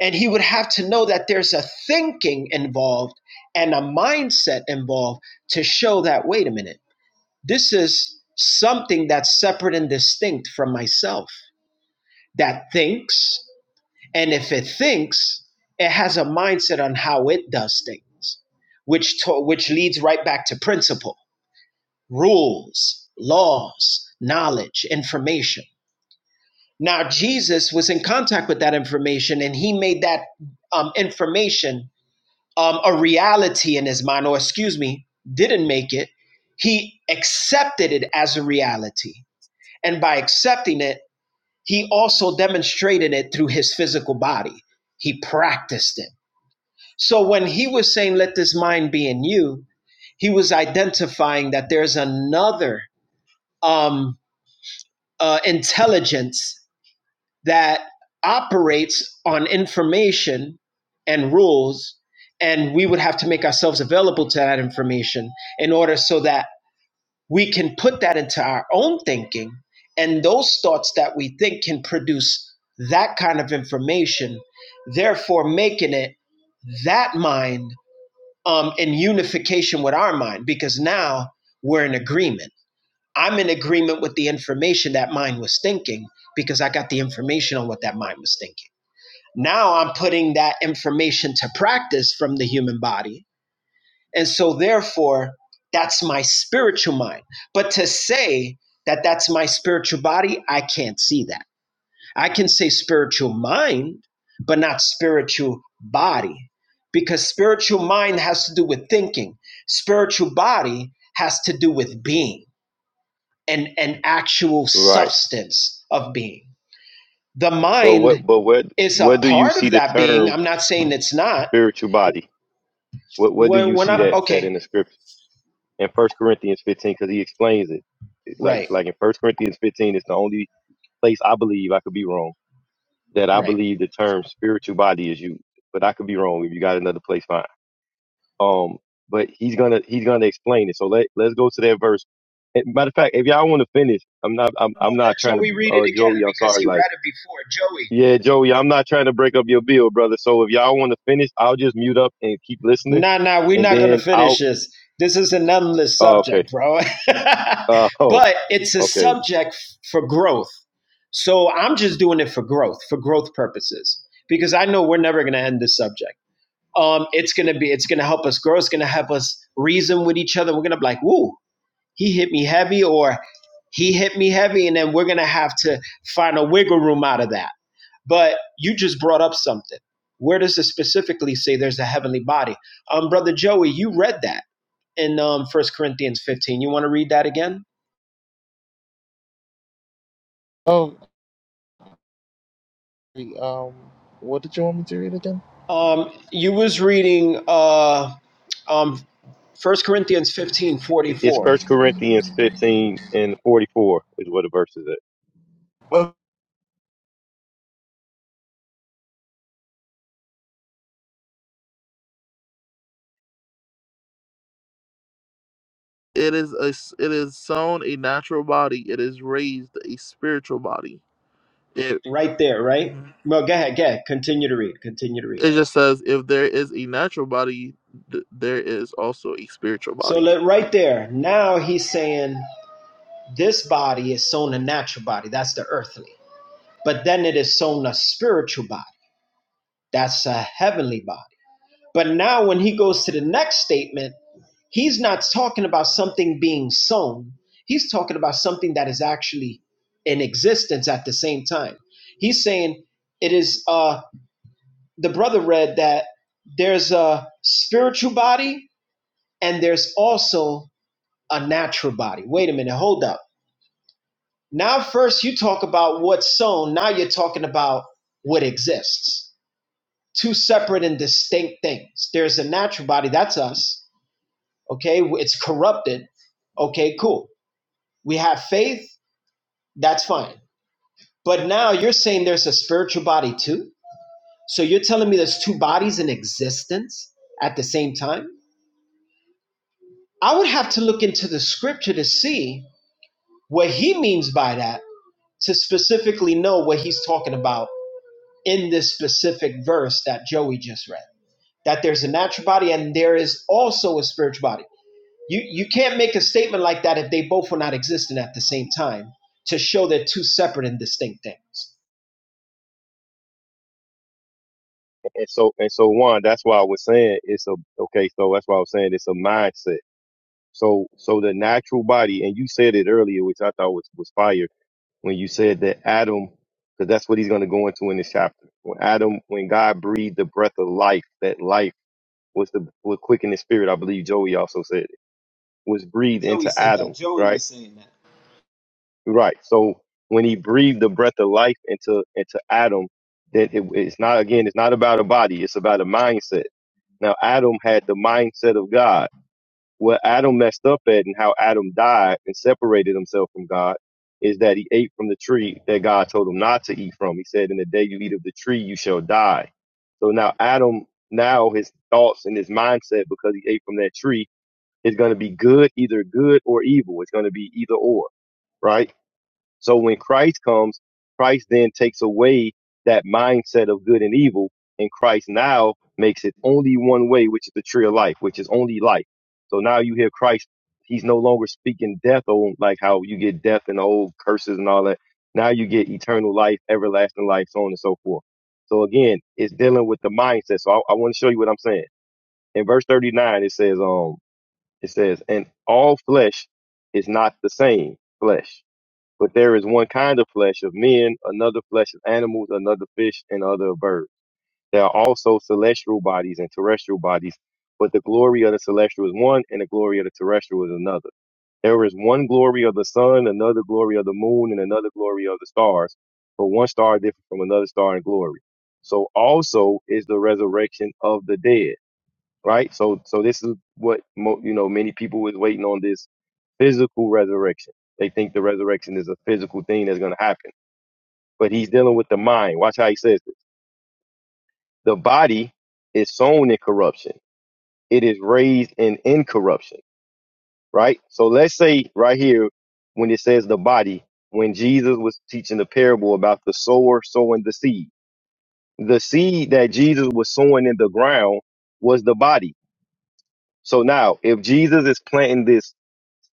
And he would have to know that there's a thinking involved and a mindset involved to show that, wait a minute, this is something that's separate and distinct from myself that thinks. And if it thinks, it has a mindset on how it does things, which, to- which leads right back to principle, rules, laws, knowledge, information. Now, Jesus was in contact with that information and he made that um, information um, a reality in his mind, or excuse me, didn't make it. He accepted it as a reality. And by accepting it, he also demonstrated it through his physical body. He practiced it. So when he was saying, Let this mind be in you, he was identifying that there's another um, uh, intelligence that operates on information and rules, and we would have to make ourselves available to that information in order so that we can put that into our own thinking. And those thoughts that we think can produce that kind of information, therefore making it that mind um, in unification with our mind, because now we're in agreement. I'm in agreement with the information that mind was thinking because I got the information on what that mind was thinking. Now I'm putting that information to practice from the human body. And so, therefore, that's my spiritual mind. But to say that that's my spiritual body, I can't see that. I can say spiritual mind, but not spiritual body, because spiritual mind has to do with thinking, spiritual body has to do with being and an actual Right. substance of being. The But what mind but what is where a do you part see of the that being. term I'm not saying it's not spiritual body? What where do When, you when see I'm that that okay, in the scripture? in First Corinthians 15 because he explains it. Like right, like in First Corinthians 15, it's the only place I believe I could be wrong that I right. believe the term spiritual body is used, but I could be wrong. If you got another place, fine. Um, but he's gonna he's gonna explain it. So let let's go to that verse. And Matter of fact, if y'all want to finish, I'm not I'm No, I'm let not trying to Joey read it uh, again Joey. I'm because sorry. he Like read it before. Joey, yeah, Joey, I'm not trying to break up your bill, brother. So if y'all want to finish, I'll just mute up and keep listening, nah, nah, we're and not gonna then finish I'll. this. This is an endless Uh, subject, okay. bro. Uh, oh. but it's a Okay. subject for growth. So I'm just doing it for growth, for growth purposes, because I know we're never gonna end this subject. Um, it's gonna be, it's gonna help us grow. It's gonna help us reason with each other. We're gonna be like, woo, he hit me heavy or he hit me heavy and then we're going to have to find a wiggle room out of that but you just brought up something where does it specifically say there's a heavenly body um brother joey you read that in um first corinthians 15 you want to read that again Oh, um, what did you want me to read again? um you was reading uh um first corinthians 15:44, It's First Corinthians fifteen and forty four is what the verse is at. Well, it is a s- it is sown a natural body. It is raised a spiritual body. It right there right Mhm. well go ahead go ahead continue to read continue to read it just says if there is a natural body, th- there is also a spiritual so body. let right there now he's saying This body is sown a natural body, that's the earthly. But then it is sown a spiritual body, that's a heavenly body. But now when he goes to the next statement, he's not talking about something being sown, he's talking about something that is actually in existence at the same time. He's saying it is uh the brother read that there's a spiritual body and there's also a natural body. Wait a minute, hold up Now, first you talk about what's sown. Now you're talking about what exists. Two separate and distinct things. There's a natural body, that's us. Okay, it's corrupted. Okay, cool. We have faith, that's fine. But now you're saying there's a spiritual body too. So you're telling me there's two bodies in existence at the same time? I would have to look into the scripture to see what he means by that to specifically know what he's talking about in this specific verse that Joey just read. That there's a natural body and there is also a spiritual body. You you can't make a statement like that if they both were not existing at the same time to show they're two separate and distinct things. And so and so one, that's why I was saying it's a okay, so that's why I was saying it's a mindset. So so the natural body, and you said it earlier, which I thought was, was fire, when you said that Adam because that's what he's gonna go into in this chapter. When Adam when God breathed the breath of life, that life was the was quick in the spirit, I believe Joey also said it, was breathed Joey into said that. Adam, Joey right? was saying that. Right. So when he breathed the breath of life into into Adam, then it, it's not again. It's not about a body. It's about a mindset. Now Adam had the mindset of God. What Adam messed up at and how Adam died and separated himself from God is that he ate from the tree that God told him not to eat from. He said, "In the day you eat of the tree, you shall die." So now Adam, now his thoughts and his mindset because he ate from that tree is going to be good, either good or evil. It's going to be either or right? So when Christ comes, Christ then takes away that mindset of good and evil, and Christ now makes it only one way, which is the tree of life, which is only life. So now you hear Christ, he's no longer speaking death or like how you get death and the old curses and all that. Now you get eternal life, everlasting life, so on and so forth. So again, it's dealing with the mindset. So I, I want to show you what I'm saying. In verse 39, it says, um, it says, and all flesh is not the same flesh but there is one kind of flesh of men, another flesh of animals, another fish, and other of birds. There are also celestial bodies and terrestrial bodies, but the glory of the celestial is one, and the glory of the terrestrial is another. There is one glory of the sun, another glory of the moon, and another glory of the stars, but one star different from another star in glory. So also is the resurrection of the dead right? So, so this is what mo- you know. Many people is waiting on this physical resurrection. They think the resurrection is a physical thing that's going to happen, but he's dealing with the mind. Watch how he says this: the body is sown in corruption; it is raised in incorruption. Right. So let's say right here when it says the body, when Jesus was teaching the parable about the sower sowing the seed, the seed that Jesus was sowing in the ground was the body. So now, if Jesus is planting this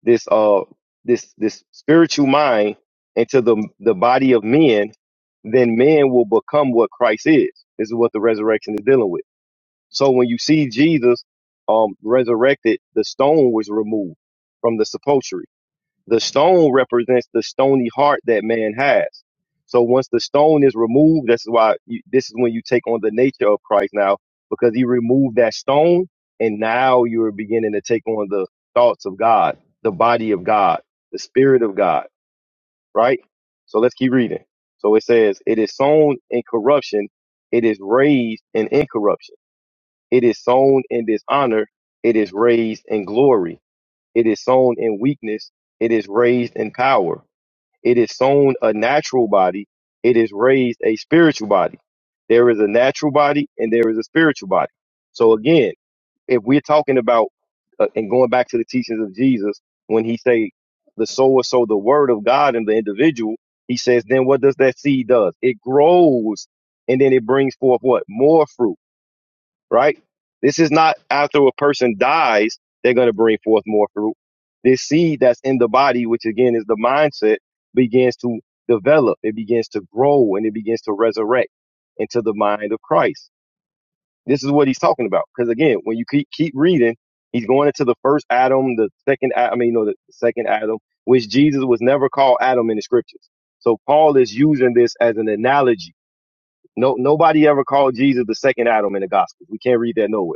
this uh this this spiritual mind into the the body of men, then men will become what Christ is. This is what the resurrection is dealing with. So when you see Jesus um resurrected, the stone was removed from the sepulchre. The stone represents the stony heart that man has. So once the stone is removed, that's why you, this is when you take on the nature of Christ now, because he removed that stone, and now you are beginning to take on the thoughts of God, the body of God, the spirit of God, right? So let's keep reading. So it says, "It is sown in corruption; it is raised in incorruption. It is sown in dishonor; it is raised in glory. It is sown in weakness; it is raised in power. It is sown a natural body. It is raised a spiritual body. There is a natural body and there is a spiritual body. So again, if we're talking about uh, and going back to the teachings of Jesus, when he say the sower sow the word of God in the individual, he says, then what does that seed does? It grows and then it brings forth what? More fruit right? This is not after a person dies, they're going to bring forth more fruit. This seed that's in the body, which again is the mindset, begins to develop. It begins to grow and it begins to resurrect into the mind of Christ. This is what he's talking about. Because again, when you keep, keep reading, he's going into the first Adam, the second, A- I mean, no, the second Adam, which Jesus was never called Adam in the scriptures. So Paul is using this as an analogy. No, nobody ever called Jesus the second Adam in the Gospels. We can't read that nowhere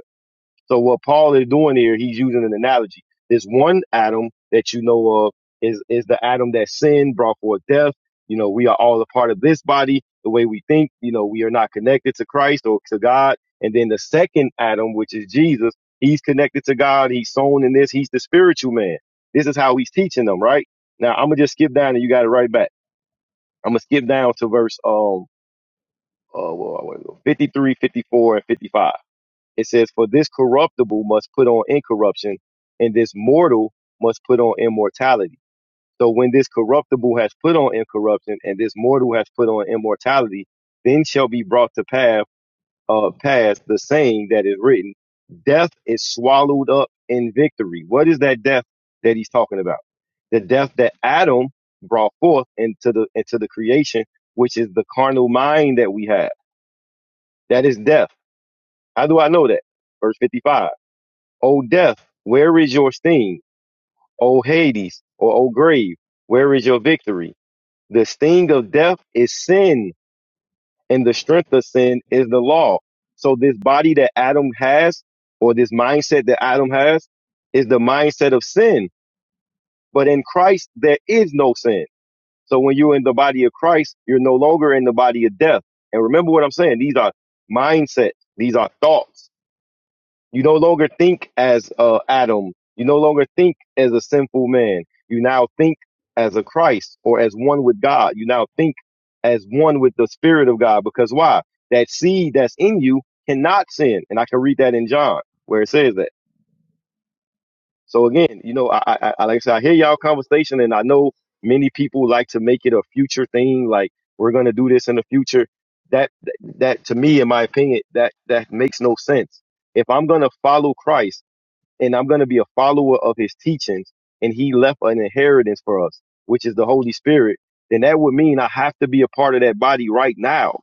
so what Paul is doing here, he's using an analogy. This one Adam that you know of is is the Adam that sin brought forth death. You know, we are all a part of this body. The way we think, you know, we are not connected to Christ or to God. And then the second Adam, which is Jesus, he's connected to God. He's sown in this. He's the spiritual man. This is how he's teaching them, right? Now I'm gonna just skip down and you got it right back. I'm gonna skip down to verse um uh well, 53, 54, and 55 it says, For this corruptible must put on incorruption, and this mortal must put on immortality. So when this corruptible has put on incorruption, and this mortal has put on immortality, then shall be brought to pass, uh, pass the saying that is written, Death is swallowed up in victory. What is that death that he's talking about? The death that Adam brought forth into the into the creation, which is the carnal mind that we have. That is death. How do I know that? Verse 55. O death, where is your sting? O Hades, or O grave, where is your victory? The sting of death is sin, and the strength of sin is the law. So this body that Adam has, or this mindset that Adam has, is the mindset of sin. But in Christ, there is no sin. So when you're in the body of Christ, you're no longer in the body of death. And remember what I'm saying. These are mindsets. These are thoughts. You no longer think as uh, Adam. You no longer think as a sinful man. You now think as a Christ or as one with God. You now think as one with the Spirit of God. Because why? That seed that's in you cannot sin. And I can read that in John where it says that. So again, you know, I, I, I I- like I said, I hear y'all conversation, and I know many people like to make it a future thing. Like we're gonna do this in the future. That that to me, in my opinion, that that makes no sense. If I'm gonna follow Christ and I'm going to be a follower of his teachings, and he left an inheritance for us, which is the Holy Spirit, then that would mean I have to be a part of that body right now.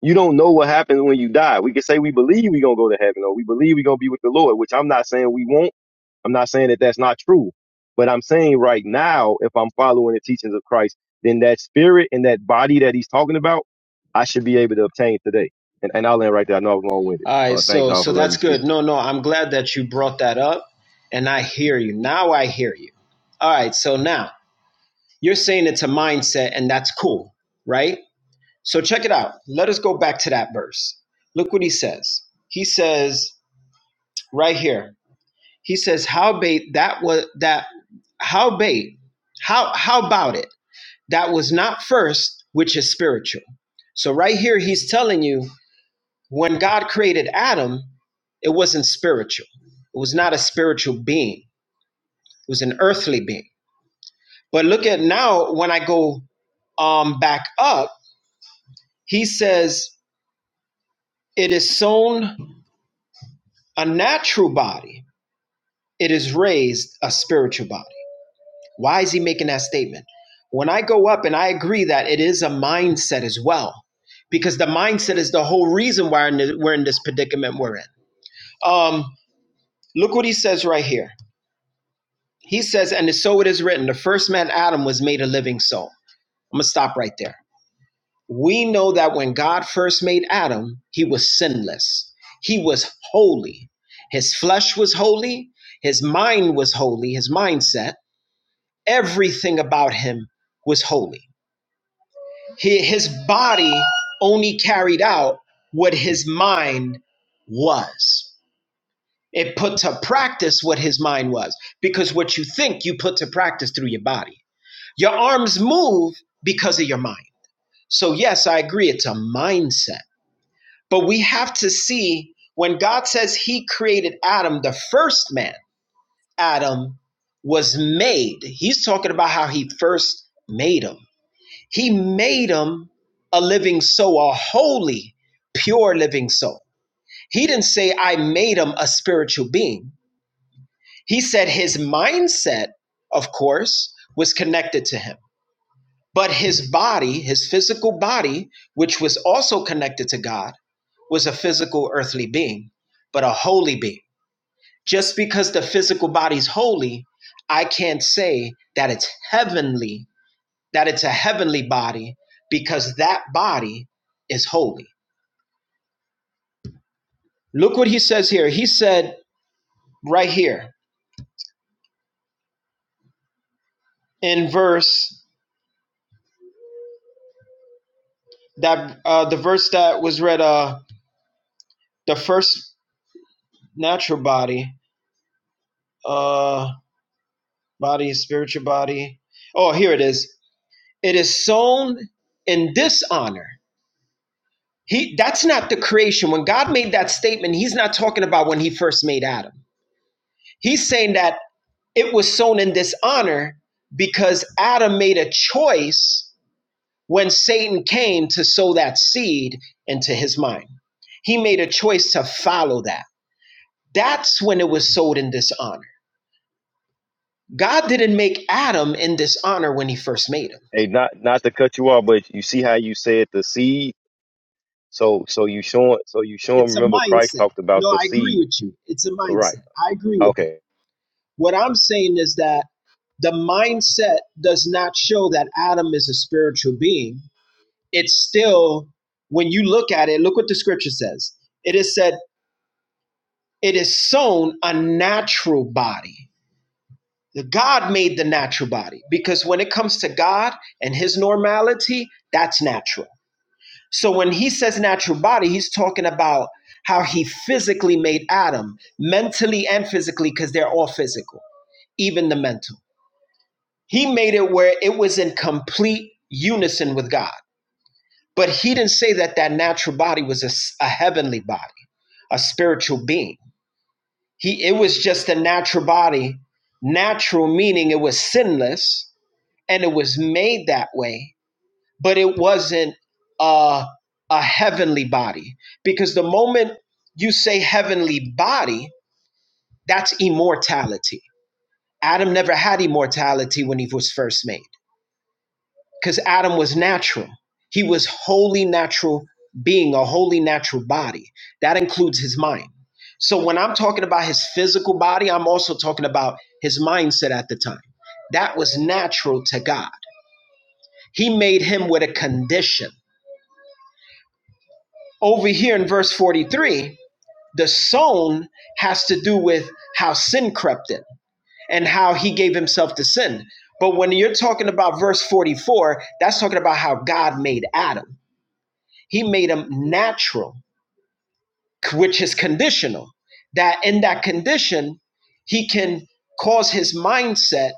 You don't know what happens when you die. We can say we believe we're going to go to heaven or we believe we're going to be with the Lord, which I'm not saying we won't. I'm not saying that that's not true. But I'm saying right now, if I'm following the teachings of Christ, then that spirit and that body that he's talking about, I should be able to obtain today. And, and I'll end right there. I know I was long winded. All right, Uh, thanks, so y'all, for so letting me that's speak. good. No, no, I'm glad that you brought that up, and I hear you now. I hear you. All right, so now You're saying it's a mindset, and that's cool, right? So check it out. Let us go back to that verse. Look what he says. He says right here. He says, "Howbeit that was that howbeit how how about it that was not first, which is spiritual." So right here, he's telling you when God created Adam, it wasn't spiritual. It was not a spiritual being. It was an earthly being. But look at now when I go um, back up He says, It is sown a natural body, it is raised a spiritual body. Why is he making that statement? When I go up, and I agree that it is a mindset as well, because the mindset is the whole reason why in the- we're in this predicament we're in. Um, look what he says right here. He says, And so it is written, the first man, Adam, was made a living soul. I'm going to stop right there we know that when God first made Adam, he was sinless. He was holy. His flesh was holy. His mind was holy. His mindset, everything about him was holy. He, his body only carried out what his mind was. It put to practice what his mind was because what you think, you put to practice through your body. Your arms move because of your mind. So, yes, I agree, it's a mindset But we have to see when God says he created Adam, the first man, Adam was made. He's talking about how he first made him. He made him a living soul, a holy, pure living soul. He didn't say, I made him a spiritual being. He said his mindset, of course, was connected to him but his body, his physical body, which was also connected to God, was a physical earthly being, but a holy being. Just because the physical body's holy, I can't say that it's heavenly, that it's a heavenly body, because that body is holy. Look what he says here. He said right here in verse that uh, the verse that was read, uh, the first natural body. Uh, Body is spiritual body. Oh, here it is. It is sown in dishonor. He that's not the creation. When God made that statement, he's not talking about when he first made Adam. He's saying that it was sown in dishonor because Adam made a choice when Satan came to sow that seed into his mind. He made a choice to follow that. That's when it was sown in dishonor. God didn't make Adam in dishonor when he first made him. Hey, not not to cut you off, but you see how you said the seed. So so you showing so you showing. It's a Remember, Christ mindset. talked about No, the I agree seed, with you. It's a right? mindset. I agree with that. Okay. What I'm saying is that the mindset does not show that Adam is a spiritual being. It's still, when you look at it, look what the scripture says. It is said, it is sown a natural body. The God made the natural body because when it comes to God and his normality, that's natural So when he says natural body, he's talking about how he physically made Adam, mentally and physically, because they're all physical, even the mental. He made it where it was in complete unison with God. But he didn't say that that natural body was a a heavenly body, a spiritual being. He it was just a natural body, natural meaning it was sinless and it was made that way but it wasn't a a heavenly body because the moment you say heavenly body that's immortality adam never had immortality when he was first made because adam was natural he was wholly natural being a wholly natural body that includes his mind so when i'm talking about his physical body i'm also talking about his mindset at the time that was natural to god he made him with a condition over here in verse So, 43 The sown has to do with how sin crept in and how he gave himself to sin. But when you're talking about verse 44, that's talking about how God made Adam. He made him natural, which is conditional. That in that condition, he can cause his mindset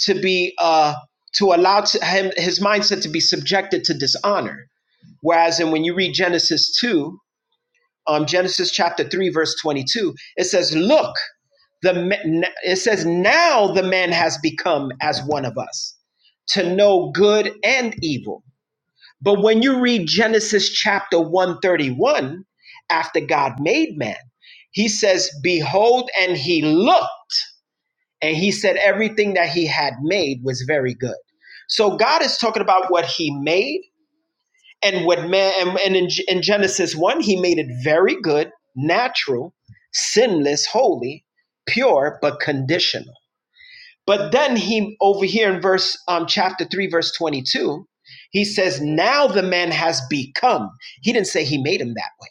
to be uh to allow to him his mindset to be subjected to dishonor. Whereas and when you read Genesis 2, um Genesis chapter 3 verse 22, it says, "Look, the it says now the man has become as one of us to know good and evil but when you read genesis chapter 131 after god made man he says behold and he looked and he said everything that he had made was very good so god is talking about what he made and what man and, and in, in genesis 1 he made it very good natural sinless holy pure but conditional but then he over here in verse um, chapter three, verse twenty-two, he says, "Now the man has become." He didn't say he made him that way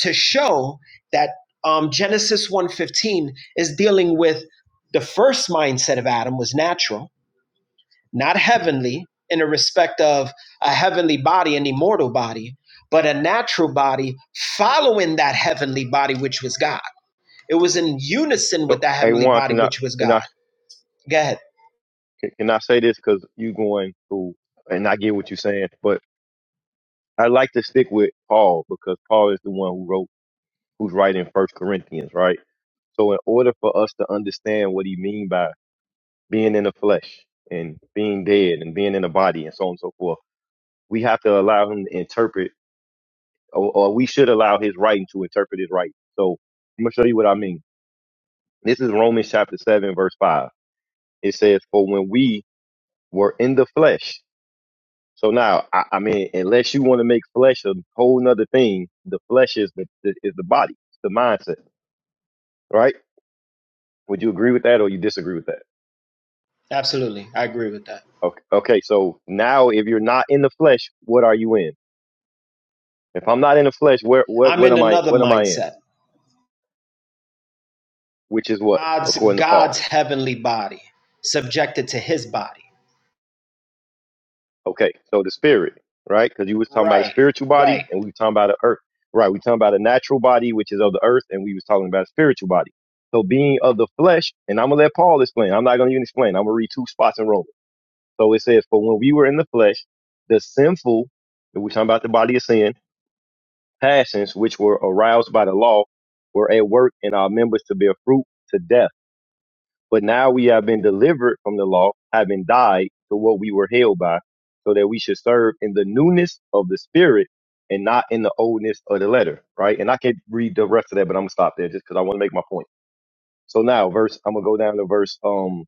to show that um, Genesis one fifteen is dealing with the first mindset of Adam was natural, not heavenly, in the respect of a heavenly body, an immortal body, but a natural body following that heavenly body, which was God. It was in unison with so that hey, heavenly Juan, body, can I which was can God. I Go ahead. can I say this because you going through, and I get what you're saying, but I like to stick with Paul because Paul is the one who wrote who's writing First Corinthians, right? So in order for us to understand what he mean by being in the flesh and being dead and being in the body and so on and so forth, we have to allow him to interpret or, or we should allow his writing to interpret his writing. So I'm gonna show you what I mean. This is Romans chapter seven, verse five. It says, "For when we were in the flesh." So now, I, I mean, unless you want to make flesh a whole nother thing, the flesh is the, the is the body, it's the mindset, right? Would you agree with that, or you disagree with that? Absolutely, I agree with that. Okay. Okay. So now, if you're not in the flesh, what are you in? If I'm not in the flesh, where what I'm what in am I another what am I in? mindset. Which is what God's according to Paul. God's heavenly body, subjected to his body. Okay, so the spirit, right? Because you was talking about a Right, spiritual body, right. and we were talking about the earth, right? We talking about a natural body, which is of the earth, and we was talking about a spiritual body. So being of the flesh, and I'm gonna let Paul explain. I'm not gonna even explain. I'm gonna read two spots in Romans. So it says, "For when we were in the flesh, the sinful, and we're talking about the body of sin, passions which were aroused by the law, were at work in our members to bear fruit to death." But now we have been delivered from the law, having died to what we were held by, so that we should serve in the newness of the spirit and not in the oldness of the letter, right? And I can read the rest of that, but I'm gonna stop there just because I want to make my point. So now, verse, I'm gonna go down to verse, um,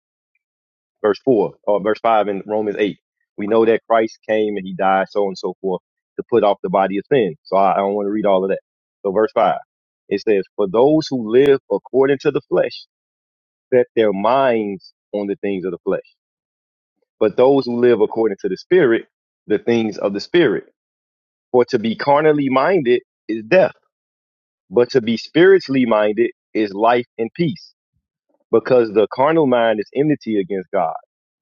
verse four or verse five in Romans eight. We know that Christ came and he died, so on and so forth, to put off the body of sin. So I, I don't want to read all of that. So verse five, it says, "For those who live according to the flesh." set their minds on the things of the flesh. But those who live according to the Spirit, the things of the Spirit. For to be carnally minded is death, but to be spiritually minded is life and peace. Because the carnal mind is enmity against God,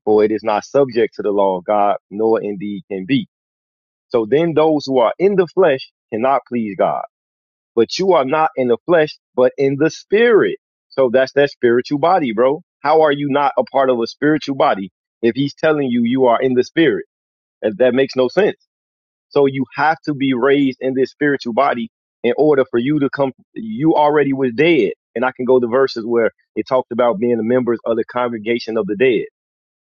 for it is not subject to the law of God, nor indeed can be. So then those who are in the flesh cannot please God. but you are not in the flesh, but in the spirit. So that's that spiritual body, bro. How are you not a part of a spiritual body if he's telling you you are in the spirit? That, that makes no sense. So you have to be raised in this spiritual body in order for you to come. You already was dead. And I can go to verses where it talked about being the members of the congregation of the dead.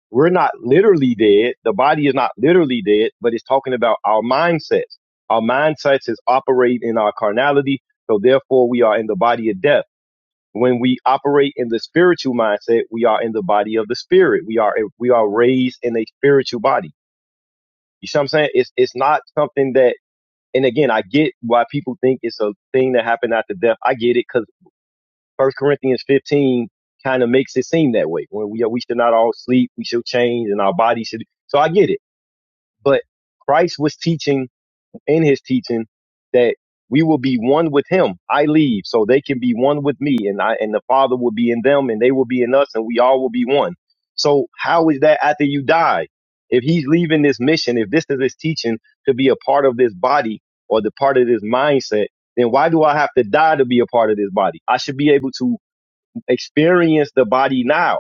We're not literally dead. The body is not literally dead, but it's talking about our mindsets. Our mindsets is operate in our carnality, so therefore we are in the body of death. When we operate in the spiritual mindset, we are in the body of the spirit. We are we are raised in a spiritual body. You see what I'm saying? It's it's not something that and again, I get why people think it's a thing that happened after death. I get it because First Corinthians 15 kind of makes it seem that way. When we we should not all sleep, we should change, and our body should. So I get it. But Christ was teaching in his teaching that we will be one with him. I leave so they can be one with me and I and the Father will be in them and they will be in us and we all will be one. So how is that after you die? If he's leaving this mission, if this is his teaching to be a part of this body or the part of this mindset, then why do I have to die to be a part of this body? I should be able to experience the body now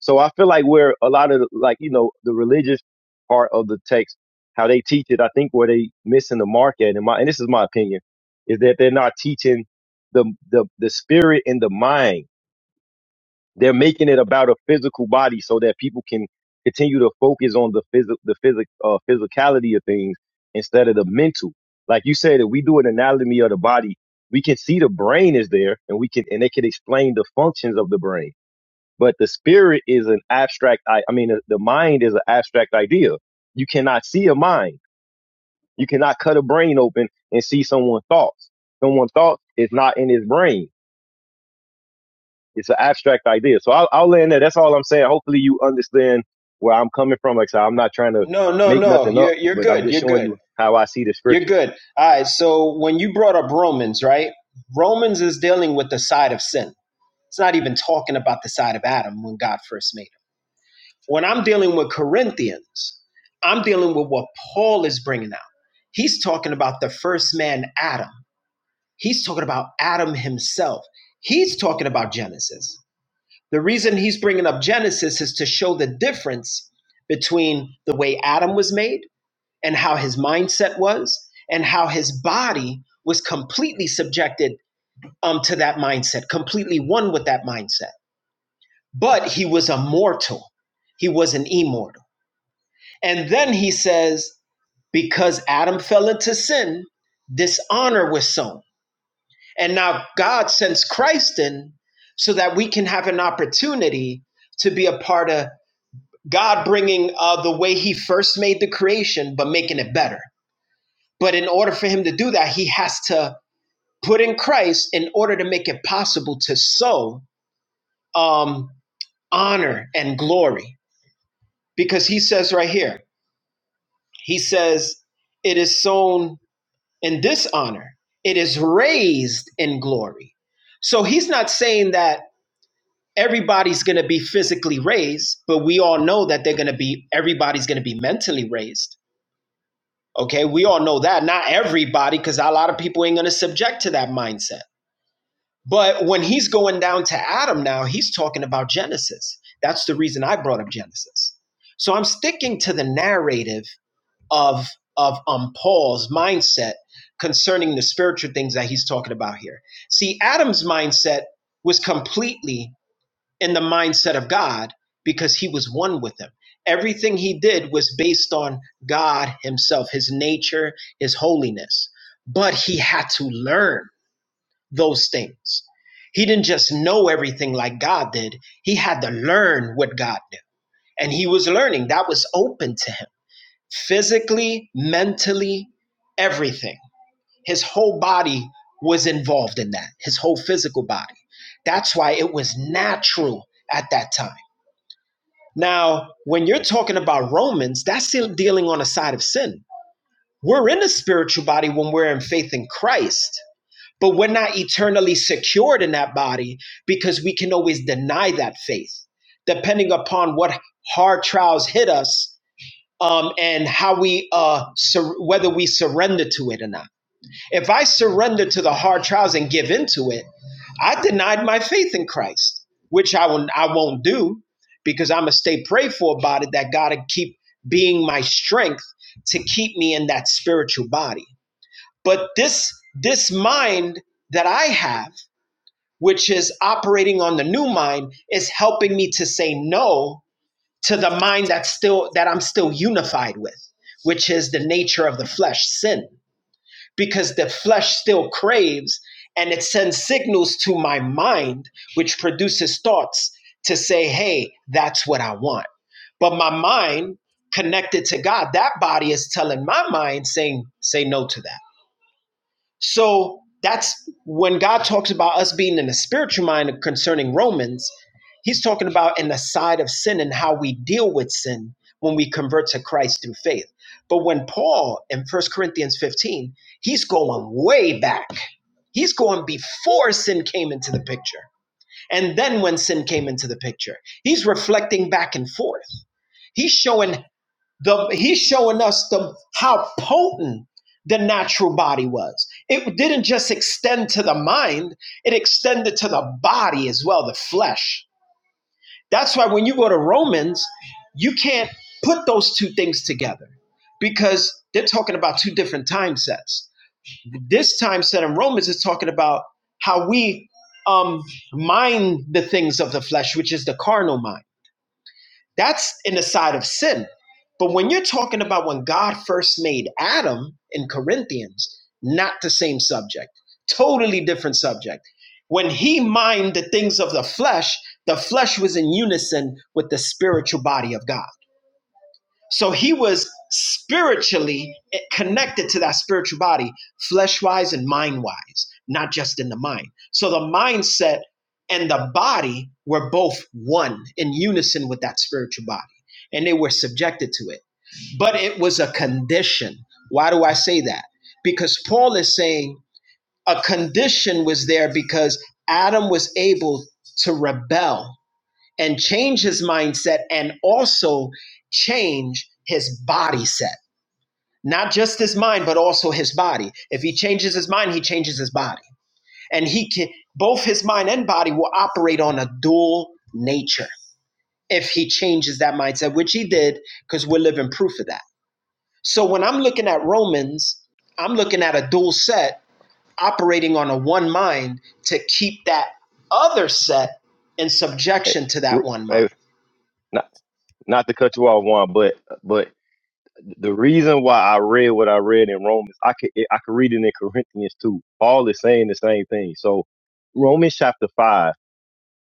so I feel like where a lot of the- like you know the religious part of the text, how they teach it, I think where they missing the mark at, and my and this is my opinion, is that they're not teaching the the the spirit and the mind. They're making it about a physical body so that people can continue to focus on the phys the physic uh, physicality of things instead of the mental. Like you said, if we do an anatomy of the body, we can see the brain is there, and we can and they can explain the functions of the brain but the spirit is an abstract. I, I mean, the, the mind is an abstract idea. You cannot see a mind. You cannot cut a brain open and see someone's thoughts. Someone's thoughts is not in his brain. It's an abstract idea. So I'll, I'll land there. That's all I'm saying. Hopefully you understand where I'm coming from. Like I said, I'm not trying to No, no, make no. nothing up, You're you're but I'm good. just You're showing good. you how I see the You're scripture. good. All right. So when you brought up Romans, right? Romans is dealing with the side of sin. It's not even talking about the side of Adam when God first made him. When I'm dealing with Corinthians, I'm dealing with what Paul is bringing out. He's talking about the first man, Adam. He's talking about Adam himself. He's talking about Genesis. The reason he's bringing up Genesis is to show the difference between the way Adam was made and how his mindset was, and how his body was completely subjected um, to that mindset, completely one with that mindset. But he was a mortal, he was an immortal. And then he says, because Adam fell into sin, dishonor was sown. And now God sends Christ in so that we can have an opportunity to be a part of God bringing uh, the way He first made the creation, but making it better. But in order for Him to do that, He has to put in Christ in order to make it possible to sow um, honor and glory. Because He says right here, He says, it is sown in dishonor, it is raised in glory. So He's not saying that everybody's going to be physically raised, but we all know that they're going to be, everybody's going to be mentally raised Okay, we all know that. Not everybody, because a lot of people ain't going to subject to that mindset. But when he's going down to Adam now, he's talking about Genesis. That's the reason I brought up Genesis. So I'm sticking to the narrative of of um Paul's mindset concerning the spiritual things that he's talking about here. See, Adam's mindset was completely in the mindset of God because he was one with him. Everything he did was based on God himself, his nature, his holiness. But he had to learn those things. He didn't just know everything like God did, he had to learn what God knew. And he was learning, that was open to him physically, mentally, everything. His whole body was involved in that, his whole physical body. That's why it was natural at that time now, when you're talking about Romans, that's dealing on the side of sin. We're in a spiritual body when we're in faith in Christ, but we're not eternally secured in that body because we can always deny that faith, depending upon what hard trials hit us um, and how we uh, sur- whether we surrender to it or not. If I surrender to the hard trials and give into it, I denied my faith in Christ, which I will I won't do because I'm gonna stay prayed for about it. That God to keep being my strength to keep me in that spiritual body. But this this mind that I have, which is operating on the new mind, is helping me to say no to the mind that's still that I'm still unified with, which is the nature of the flesh, sin because the flesh still craves and it sends signals to my mind, which produces thoughts to say, hey, that's what I want. But my mind connected to God, that body is telling my mind, saying, say no to that so that's when God talks about us being in the spiritual mind concerning Romans, he's talking about in the side of sin and how we deal with sin when we convert to Christ through faith. But when Paul in First Corinthians 15, he's going way back. He's going before sin came into the picture. And then when sin came into the picture, he's reflecting back and forth. He's showing the he's showing us the how potent the natural body was it didn't just extend to the mind it extended to the body as well the flesh that's why when you go to romans you can't put those two things together because they're talking about two different time sets this time set in romans is talking about how we um mind the things of the flesh which is the carnal mind that's in the side of sin. But when you're talking about when God first made Adam in Corinthians, not the same subject, totally different subject. When he mined the things of the flesh, the flesh was in unison with the spiritual body of God. So he was spiritually connected to that spiritual body, flesh wise and mind wise, not just in the mind. So the mindset and the body were both one in unison with that spiritual body, and they were subjected to it. But it was a condition. Why do I say that? Because Paul is saying a condition was there because Adam was able to rebel and change his mindset and also change his body set. Not just his mind, but also his body. If he changes his mind, he changes his body. And he can, both his mind and body will operate on a dual nature if he changes that mindset, which he did, because we're living proof of that. So when I'm looking at Romans, I'm looking at a dual set operating on a one mind to keep that other set in Hey, subjection to that one mind. hey, not not to cut you off, Juan, but but the reason why I read what I read in Romans, I could I could read it in Corinthians too. Paul is saying the same thing. So Romans chapter five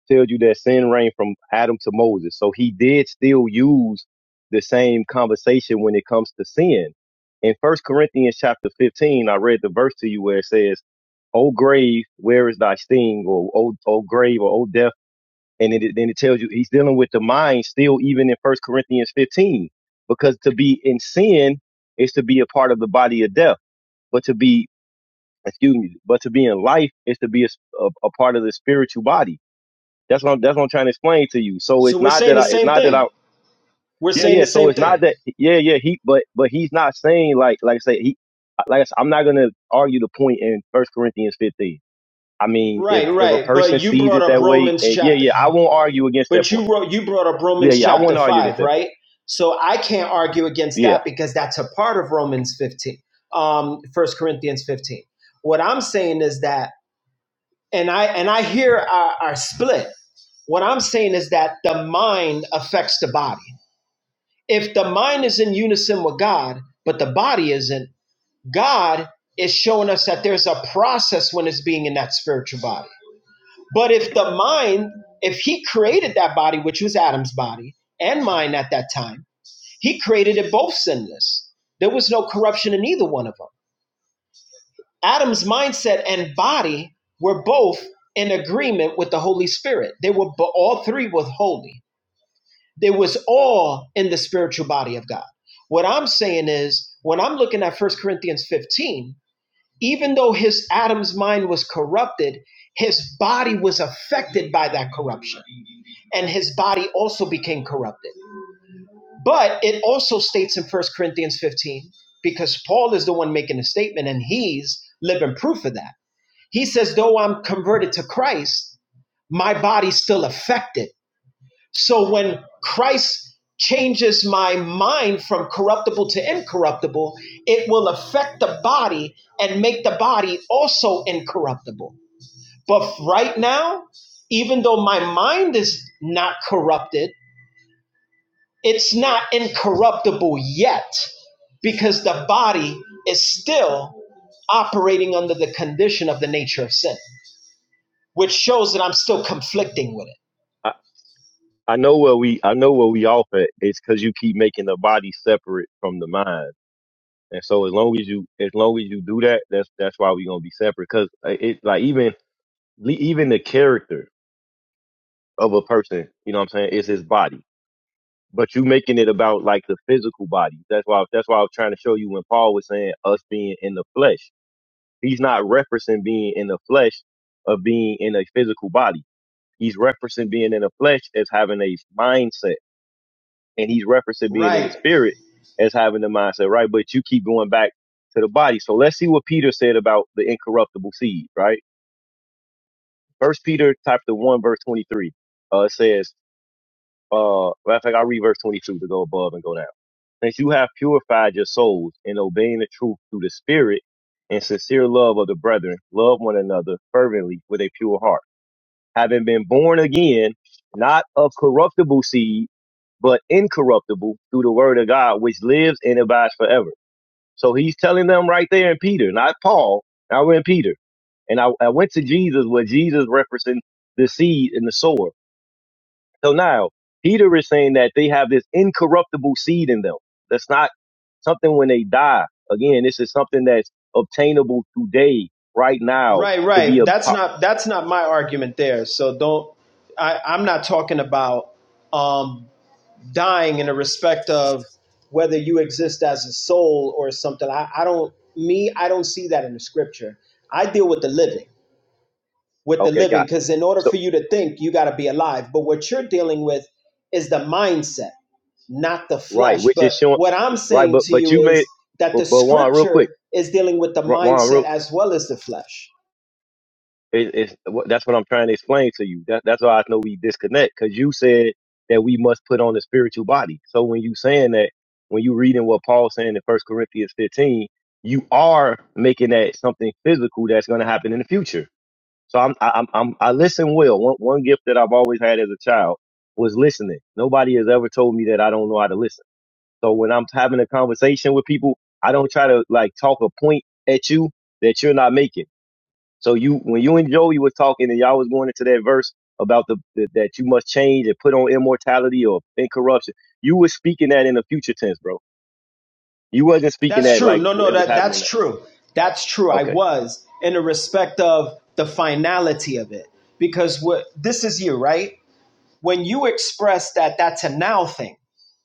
tells you that sin reigned from Adam to Moses. So he did still use the same conversation when it comes to sin. In First Corinthians chapter fifteen, I read the verse to you where it says, "O grave, where is thy sting?" or "O, o grave," or "O death." and then it, then it tells you he's dealing with the mind still even in first corinthians 15 because to be in sin is to be a part of the body of death but to be excuse me but to be in life is to be a a, a part of the spiritual body that's what I'm, that's what I'm trying to explain to you so So it's we're not saying that the i it's same not that i thing We're yeah saying the yeah so same it's thing. not that yeah yeah he but but he's not saying like like i say he like I said, i'm not gonna argue the point in first corinthians 15 i mean if Right, if a right. But person you sees brought it up that way Romans and yeah chapter yeah i won't argue against that but point you wrote you brought up Yeah, Romans yeah, I chapter wouldn't argue against 5, that right? point. So I can't argue against Yeah, that because that's a part of Romans 15. Um First Corinthians 15. What I'm saying is that and I and I hear our, our split. What I'm saying is that the mind affects the body. If the mind is in unison with God, but the body isn't, God is showing us that there's a process when it's being in that spiritual body But if the mind, if he created that body, which was Adam's body and mine at that time, he created it both sinless. There was no corruption in either one of them. Adam's mindset and body were both in agreement with the Holy Spirit. They were bo- all three were holy. They was all in the spiritual body of God. What I'm saying is, when I'm looking at First Corinthians 15, even though his Adam's mind was corrupted, his body was affected by that corruption and his body also became corrupted. But it also states in First Corinthians 15, because Paul is the one making the statement and he's living proof of that. He says, Though I'm converted to Christ, my body's still affected. So when Christ changes my mind from corruptible to incorruptible, it will affect the body and make the body also incorruptible. But right now, even though my mind is not corrupted, It's not incorruptible yet because the body is still operating under the condition of the nature of sin, which shows that I'm still conflicting with it. I, I know where we I know where we off at. It's because you keep making the body separate from the mind, and so as long as you as long as you do that, that's that's why we're gonna be separate. Because it like even le- even the character of a person, you know what I'm saying, is his body. But you making it about like the physical body. That's why that's why I was trying to show you when Paul was saying us being in the flesh. He's not referencing being in the flesh of being in a physical body He's referencing being in the flesh as having a mindset, and he's referencing being in the Right, spirit as having the mindset, right? But you keep going back to the body. So let's see what Peter said about the incorruptible seed, right? First Peter chapter one verse twenty three uh, it says, uh, matter of fact, I'll read verse twenty two to go above and go down. Since you have purified your souls in obeying the truth through the Spirit and sincere love of the brethren, love one another fervently with a pure heart having been born again, not of corruptible seed, but incorruptible through the word of God, which lives and abides forever. So he's telling them right there in Peter, not Paul. Now we're in Peter. And I, I went to Jesus where Jesus referencing the seed and the sower. So now Peter is saying that they have this incorruptible seed in them. That's not something when they die. Again, this is something that's obtainable today, right now, right, to be right. a That's po- not that's not my argument there. So don't. I, I'm not talking about um, dying in the respect of whether you exist as a soul or something. I, I don't. Me, I don't see that in the scripture. I deal with the living. with the okay, living gotcha. because in order So for you to think you got to be alive but what you're dealing with is the mindset not the Right, flesh which is but showing. what i'm Right, saying but to but you you is made that but the but Juan, real quick, scripture is dealing with the Ru- Juan, mindset real as well as the flesh it, it's what- that's what I'm trying to explain to you. That, that's why I know we disconnect because you said that we must put on the spiritual body. So when you saying that, when you reading what Paul's saying in First Corinthians 15, you are making that something physical that's going to happen in the future. So I'm I, I'm I'm- I listen well. One one gift that I've always had as a child was listening. Nobody has ever told me that I don't know how to listen. So when I'm having a conversation with people, I don't try to like talk a point at you that you're not making. So you, when you and Joey was talking and y'all was going into that verse about the, the that you must change and put on immortality or incorruption, you were speaking that in the future tense, bro. You wasn't speaking that's that true like no no it was that happening. that's That. true that's true i Okay. was in the respect of the finality of it because what this is you right when you express that that's a now thing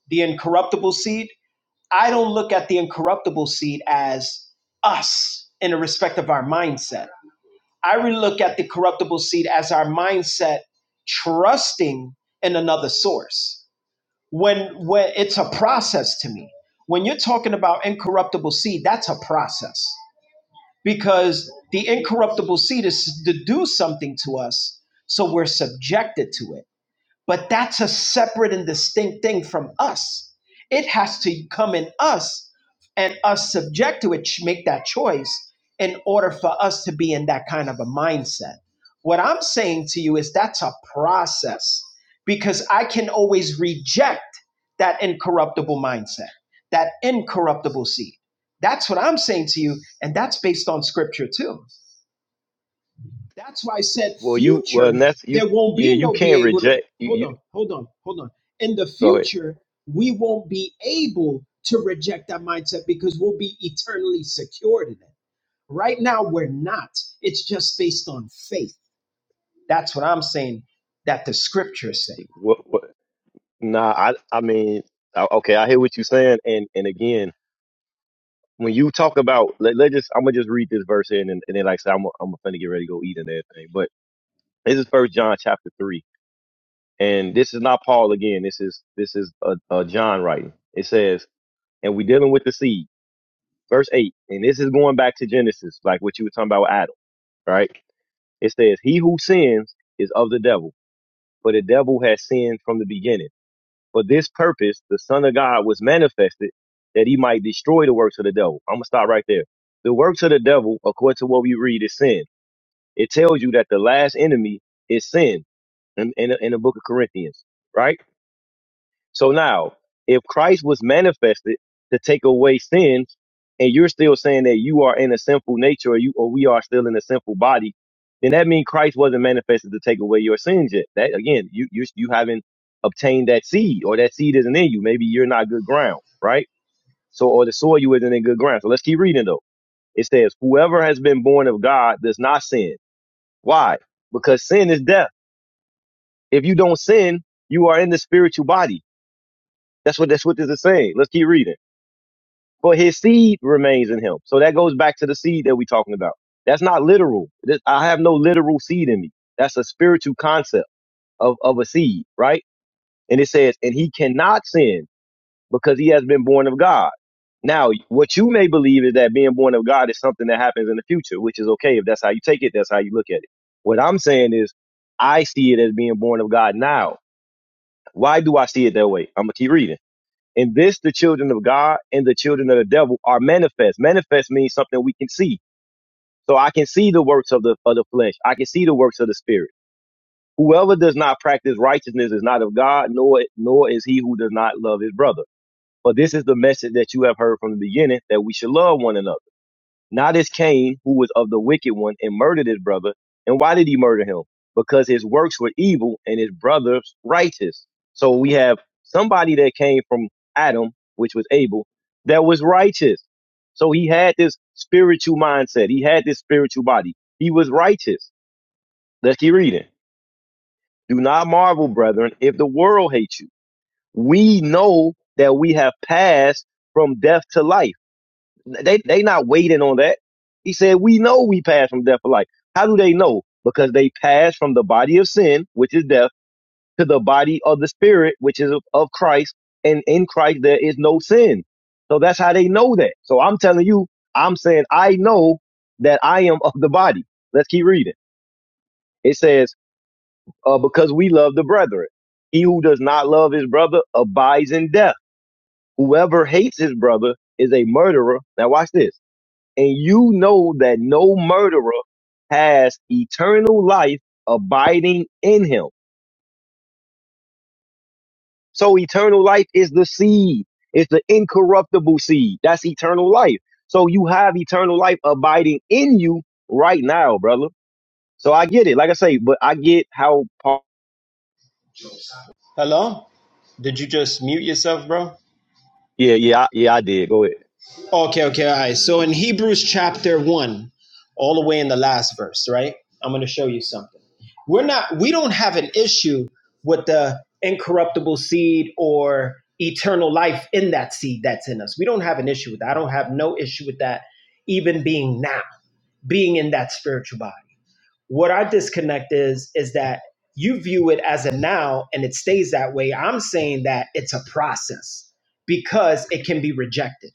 the incorruptible seed I don't look at the incorruptible seed as us in the respect of our mindset. I really look at the corruptible seed as our mindset trusting in another source. When when it's a process to me. When you're talking about incorruptible seed, that's a process because the incorruptible seed is to do something to us, so we're subjected to it but that's a separate and distinct thing from us. It has to come in us and us subject to it, ch- make that choice in order for us to be in that kind of a mindset. What I'm saying to you is that's a process because I can always reject that incorruptible mindset, that incorruptible seed. That's what I'm saying to you. And that's based on scripture too. That's why I said Well, you well future, and that's you. there won't Yeah, be you no be can't able to. reject. You, Hold you on, hold on, hold on. In the go ahead. future, we won't be able to reject that mindset because we'll be eternally secured in it. Right now, we're not. It's just based on faith. That's what I'm saying that the scriptures say. What, what, nah, I I mean, I- okay, I hear what you're saying, and and again, when you talk about let, let us just I'm gonna just read this verse here and then, and then like I said, I'm I'm gonna get ready to go eat and everything. But this is First John chapter three, and this is not Paul again. This is this is uh, uh, John writing. It says, and we dealing with the seed, verse eight, and this is going back to Genesis, like what you were talking about with Adam, right? It says, he who sins is of the devil, for the devil has sinned from the beginning. For this purpose, the Son of God was manifested that he might destroy the works of the devil. I'm going to stop right there. The works of the devil, according to what we read, is sin. It tells you that the last enemy is sin in, in, in the book of Corinthians, right? So now, if Christ was manifested to take away sins, and you're still saying that you are in a sinful nature, or you or we are still in a sinful body, then that means Christ wasn't manifested to take away your sins yet. That again, you you you haven't obtained that seed, or that seed isn't in you. Maybe you're not good ground, right? So, or the soil you isn't in good ground. So let's keep reading though. It says, "Whoever has been born of God does not sin." Why? Because sin is death. If you don't sin, you are in the spiritual body. That's what that's what this is saying. Let's keep reading. but his seed remains in him. So that goes back to the seed that we're talking about. That's not literal. This- I have no literal seed in me. That's a spiritual concept of, of a seed, right? And it says, and he cannot sin because he has been born of God. Now, what you may believe is that being born of God is something that happens in the future, which is okay. If that's how you take it, that's how you look at it. What I'm saying is, I see it as being born of God now. Why do I see it that way? I'm going to keep reading. In this, the children of God and the children of the devil are manifest. Manifest means something we can see. So I can see the works of the of the flesh. I can see the works of the spirit. Whoever does not practice righteousness is not of God, nor nor is he who does not love his brother. But this is the message that you have heard from the beginning that we should love one another. Not as Cain, who was of the wicked one and murdered his brother. And why did he murder him? Because his works were evil and his brother's righteous. So we have somebody that came from Adam, which was Abel, that was righteous. So he had this spiritual mindset. He had this spiritual body. He was righteous. Let's keep reading. Do not marvel, brethren, if the world hates you. We know that we have passed from death to life they they not waiting on that. He said, "We know we pass from death to life." How do they know? Because they pass from the body of sin, which is death, to the body of the spirit, which is of, of Christ, and in Christ there is no sin. So that's how they know that. So I'm telling you, I'm saying I know that I am of the body. Let's keep reading. It says, uh, "Because we love the brethren. He who does not love his brother abides in death. Whoever hates his brother is a murderer." Now watch this and you know that no murderer has eternal life abiding in him. So eternal life is the seed. It's the incorruptible seed. That's eternal life. So you have eternal life abiding in you right now, brother. So I get it. Like I say, but I get how Paul. Hello? Did you just mute yourself, bro? Yeah, yeah, I- yeah. I did. Go ahead. Okay, okay, all right. So in Hebrews chapter 1, all the way in the last verse, right? I'm going to show you something. We're not, we don't have an issue with the incorruptible seed or eternal life in that seed that's in us. We don't have an issue with that. I don't have no issue with that, even being now, being in that spiritual body. What our disconnect is, is that you view it as a now and it stays that way. I'm saying that it's a process because it can be rejected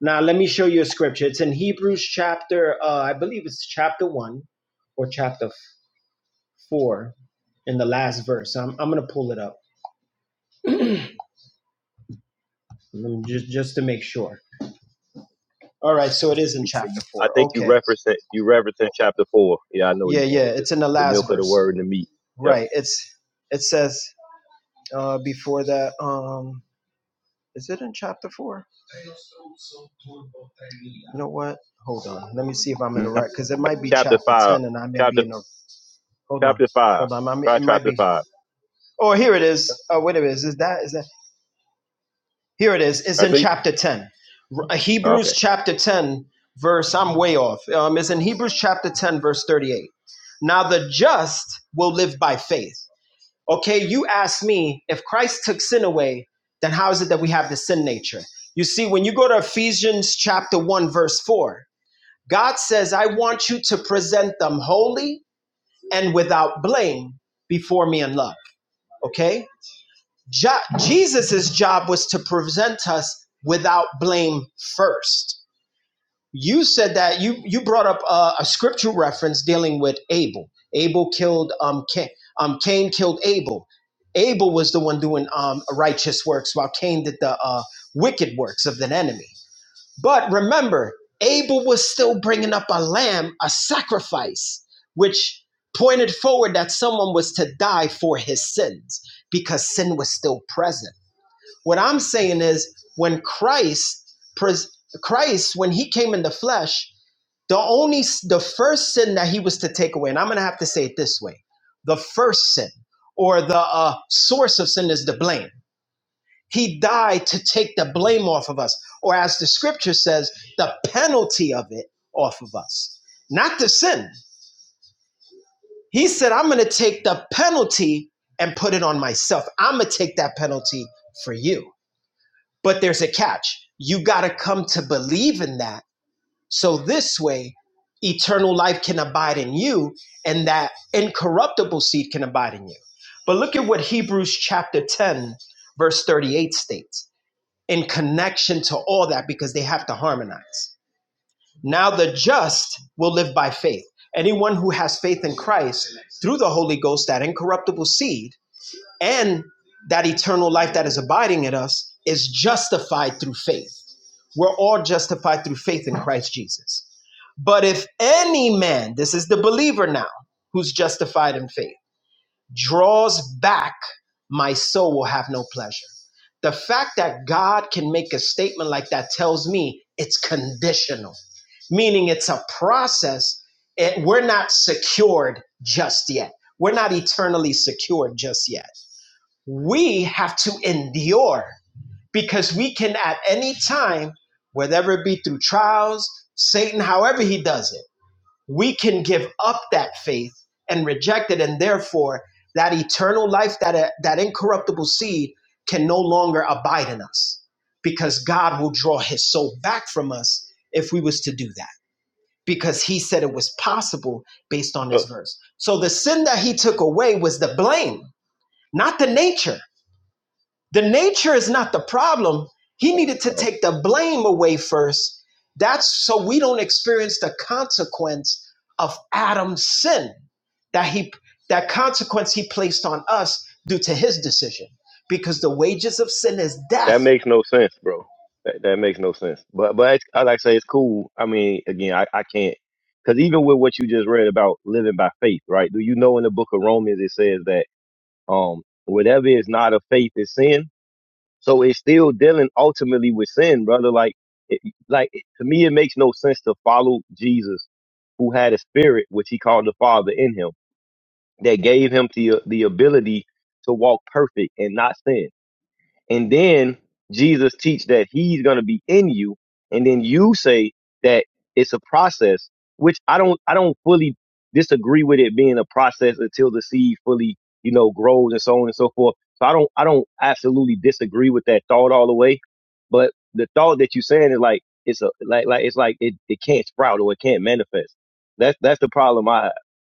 now, let me show you a scripture. It's in Hebrews chapter, uh, I believe it's chapter 1 or chapter 4 in the last verse. I'm, I'm going to pull it up mm, just, just to make sure. All right, so it is in You, chapter you- I 4. think you Okay. referenced it- you referenced chapter four. Yeah, I know where Yeah, you're going yeah, with it's this. in the The last milk of the verse. word and the meat. Yeah. Right. It's It says uh, before that, um, is it in chapter 4? You know what? Hold on. Let me see if I'm in the No, right, because it might be Chapter chapter five. 10 and I may be in the, hold on. chapter five. Hold on. i mean, Try it might chapter be. five. Oh, here it is. Uh, wait a minute, is that is that here it is? It's I in think chapter ten, R- uh, Hebrews okay. chapter ten, verse. I'm way off. Um, it's in Hebrews chapter ten, verse thirty-eight. Now the just will live by faith. Okay, you ask me if Christ took sin away, then how is it that we have the sin nature? You see, when you go to Ephesians chapter one, verse four, God says, "I want you to present them holy and without blame before me in love." Okay Jo- Jesus's job was to present us without blame first. You said that you you brought up a, a scriptural reference dealing with Abel. Abel killed um Cain. Um, Cain killed Abel. Abel was the one doing um righteous works, while Cain did the uh, wicked works of the enemy. But remember, Abel was still bringing up a lamb, a sacrifice, which pointed forward that someone was to die for his sins because sin was still present what I'm saying is when Christ Christ when he came in the flesh, the only the first sin that he was to take away, and I'm going to have to say it this way. The first sin or the uh, source of sin is the blame. He died to take the blame off of us, or as the scripture says, the penalty of it off of us. Not the sin. He said, I'm going to take the penalty and put it on myself. I'm going to take that penalty for you. But there's a catch. You got to come to believe in that. So this way, eternal life can abide in you and that incorruptible seed can abide in you. But look at what Hebrews chapter 10, verse 38 states in connection to all that because they have to harmonize. Now the just will live by faith. Anyone who has faith in Christ through the Holy Ghost, that incorruptible seed, and that eternal life that is abiding in us is justified through faith. We're all justified through faith in Christ Jesus. But if any man, this is the believer now, who's justified in faith, draws back, my soul will have no pleasure. The fact that God can make a statement like that tells me it's conditional, meaning it's a process. It, we're not secured just yet. We're not eternally secured just yet we have to endure because we can at any time, whether it be through trials, Satan, however he does it, we can give up that faith and reject it. And therefore, that eternal life, that, uh, that incorruptible seed can no longer abide in us because God will draw his soul back from us if we was to do that because he said it was possible based on this So verse. So the sin that he took away was the blame, not the nature the nature is not the problem. He needed to Oh, take the blame away first. That's so we don't experience the consequence of Adam's sin that he that consequence he placed on us due to his decision. Because the wages of sin is that death. makes no sense, bro. That that makes no sense. But but it's, I like to say it's cool. I mean, again, I, I can't because even with what you just read about living by faith, right? Do you know in the book of Romans it says that um whatever is not of faith is sin. So it's still dealing ultimately with sin, brother. Like it, like it- to me, it makes no sense to follow Jesus, who had a spirit which he called the Father in him that gave him the the ability to walk perfect and not sin and then Jesus teach that he's going to be in you and then you say that it's a process which I don't I don't fully disagree with it being a process until the seed fully you know grows and so on and so forth so I don't I don't absolutely disagree with that thought all the way but the thought that you're saying is like it's a like like it's like it, it can't sprout or it can't manifest that's that's the problem I have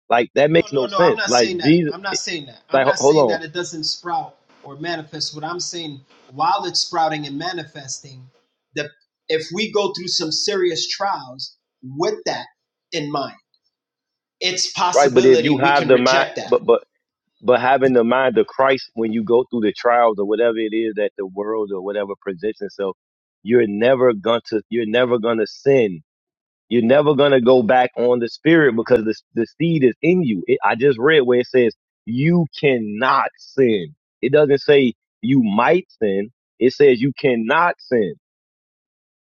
like that No, makes no, no no. I'm sense not like saying that. Jesus I'm not saying that. I'm like ho- not hold saying on that it doesn't sprout or manifest. What I'm saying, while it's sprouting and manifesting, the if we go through some serious trials with that in mind, it's right but if you possibility we have can the mind reject that. but but But having the mind of Christ when you go through the trials or whatever it is that the world or whatever presents itself, you're never going to you're never going to sin. You're never going to go back on the spirit because the the seed is in you. It, I just read where it says you cannot sin. It doesn't say you might sin. It says you cannot sin.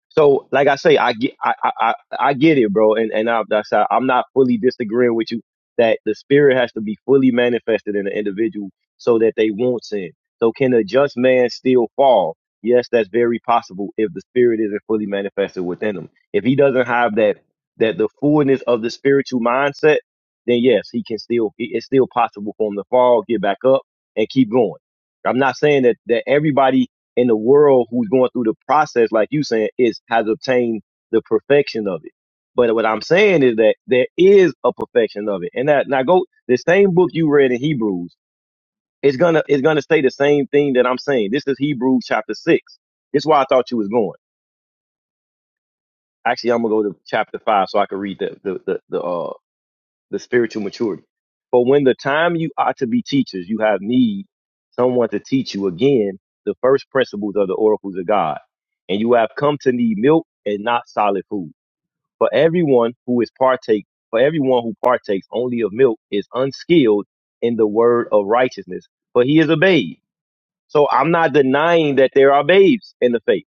So, like I say, I get, I, I, I I get it, bro, and and I, that's how- I'm not fully disagreeing with you that the spirit has to be fully manifested in the individual so that they won't sin. So, can a just man still fall? Yes, that's very possible if the spirit isn't fully manifested within him. If he doesn't have that that the fullness of the spiritual mindset, then yes, he can still. it- It's still possible for him to fall, get back up, and keep going. I'm not saying that that everybody in the world who's going through the process, like you saying, is has obtained the perfection of it. But what I'm saying is that there is a perfection of it. And that now go the same book you read in Hebrews, it's gonna it's gonna say the same thing that I'm saying. This is Hebrews chapter six. This is why I thought you was going. Actually, I'm gonna go to chapter five so I can read the the the, the uh the spiritual maturity. For when the time you ought to be teachers, you have need someone to teach you again the first principles of the oracles of God. And you have come to need milk and not solid food. For everyone who is partake, for everyone who partakes only of milk is unskilled in the word of righteousness, for he is a babe. So I'm not denying that there are babes in the faith,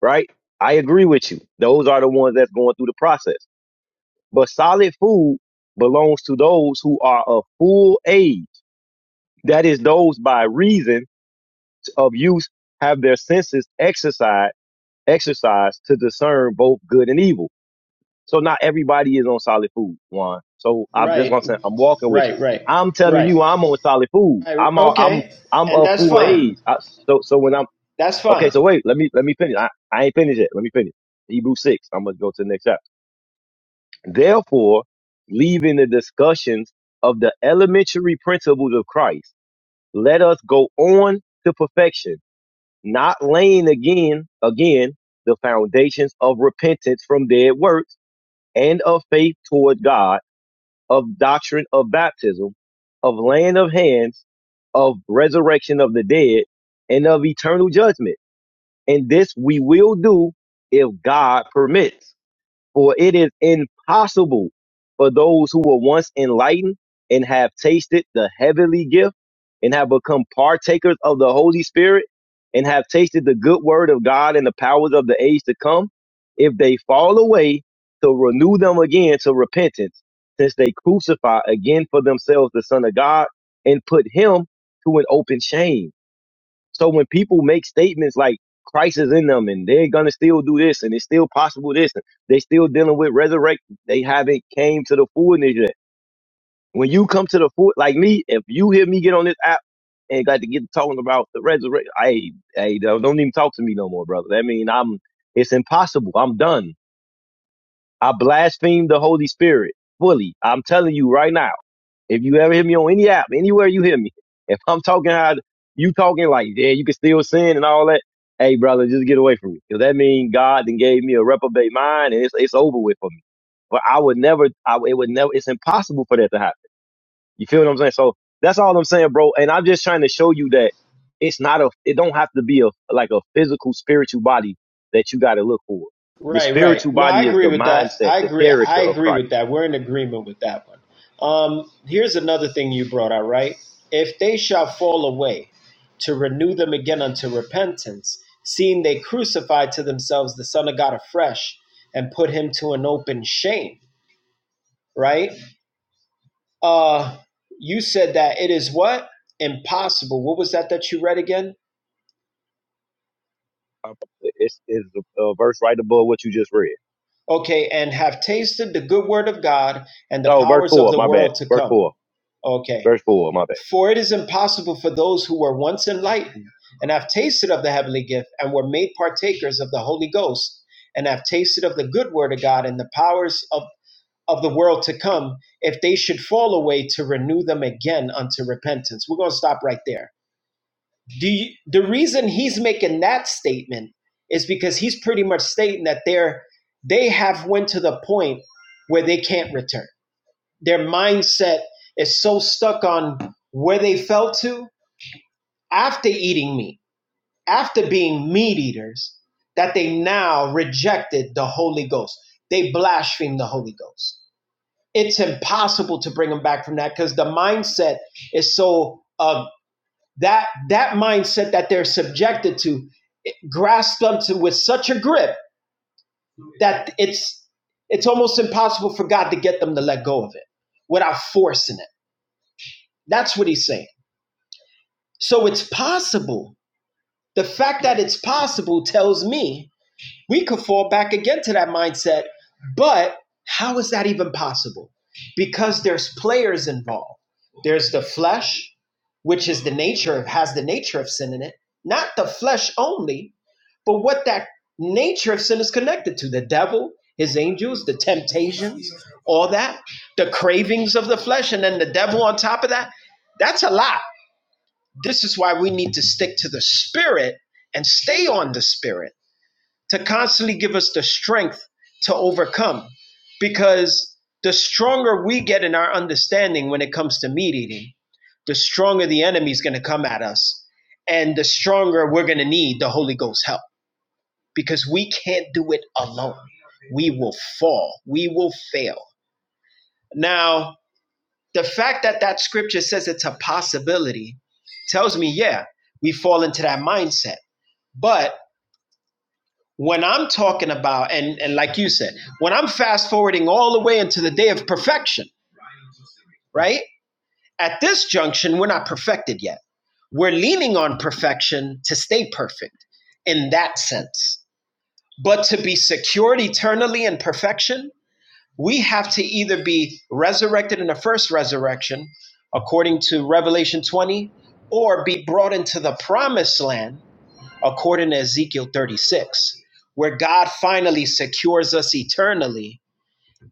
right? I agree with you. Those are the ones that's going through the process. But solid food belongs to those who are of full age. That is those by reason of use have their senses exercised exercised to discern both good and evil. So not everybody is on solid food, one. So I'm that's Right, what I'm saying. I'm walking with right, right, you. I'm telling right. you I'm on solid food. right. I'm all, I'm Okay, I'm and of that's full fine. age. I, so so when I'm That's fine. okay, so wait, let me let me finish. I, I ain't finished yet. Let me finish. Hebrew six. I'm gonna go to the next chapter. Therefore, leaving the discussions of the elementary principles of Christ, let us go on to perfection, not laying again, again, the foundations of repentance from dead works and of faith toward God, of doctrine of baptism, of laying of hands, of resurrection of the dead, and of eternal judgment. And this we will do if God permits. For it is impossible for those who were once enlightened and have tasted the heavenly gift and have become partakers of the Holy Spirit and have tasted the good word of God and the powers of the age to come, if they fall away, to renew them again to repentance, since they crucify again for themselves the Son of God and put him to an open shame so when people make statements like Christ is in them and they're gonna still do this and it's still possible this and they still dealing with resurrection they haven't came to the fullness yet. When you come to the full, like me, if you hear me get on this app and got to get talking about the resurrection, I, I don't don't even talk to me no more, brother. I mean, I'm it's impossible. I'm done. I blaspheme the Holy Spirit fully. I'm telling you right now. If you ever hear me on any app, anywhere you hear me, if I'm talking how you talking like, yeah, you can still sin and all that. Hey, brother, just get away from me. Cause that means God then gave me a reprobate mind and it's, it's over with for me. But I would never, I, it would never, it's impossible for that to happen. You feel what I'm saying? So that's all I'm saying, bro. And I'm just trying to show you that it's not a, it don't have to be a, like a physical spiritual body that you got to look for. The Right, right. spiritual No, I body is agree the with that. mindset, I the agree. character I of agree Christ. with that. We're in agreement with that one. Um, here's another thing you brought out, right? If they shall fall away, to renew them again unto repentance, seeing they crucified to themselves the Son of God afresh and put him to an open shame, right? Uh, you said that it is what? Impossible. What was that that you read again? It's, it's a, a verse right above what you just read. Okay, and have tasted the good word of God and the Oh, verse powers of four. the My bad. world to Verse come. four. Okay Verse four. My bad. For it is impossible for those who were once enlightened and have tasted of the heavenly gift and were made partakers of the Holy Ghost and have tasted of the good word of God and the powers of, of the world to come, if they should fall away, to renew them again unto repentance. We're going to stop right there. The, the reason he's making that statement is because he's pretty much stating that they're, they have went to the point where they can't return. Their mindset is so stuck on where they fell to after eating meat, after being meat eaters, that they now rejected the Holy Ghost. They blasphemed the Holy Ghost. It's impossible to bring them back from that because the mindset is so uh, that that mindset that they're subjected to it grasps them to with such a grip that it's it's almost impossible for God to get them to let go of it without forcing it. That's what he's saying. So it's possible. The fact that it's possible tells me we could fall back again to that mindset. But how is that even possible? Because there's players involved. There's the flesh, which is the nature of has the nature of sin in it, not the flesh only, but what that nature of sin is connected to the devil, his angels, the temptations, all that, the cravings of the flesh, and then the devil on top of that. That's a lot. This is why we need to stick to the spirit and stay on the spirit to constantly give us the strength to overcome because the stronger we get in our understanding when it comes to meat eating, the stronger the enemy is going to come at us and the stronger we're going to need the Holy Ghost help because we can't do it alone. We will fall, we will fail. Now, the fact that that scripture says it's a possibility tells me, yeah, we fall into that mindset. But when I'm talking about, and, and like you said, when I'm fast forwarding all the way into the day of perfection, right? At this junction, we're not perfected yet. We're leaning on perfection to stay perfect in that sense. But to be secured eternally in perfection, we have to either be resurrected in the first resurrection, according to Revelation 20, or be brought into the promised land according to Ezekiel 36, where God finally secures us eternally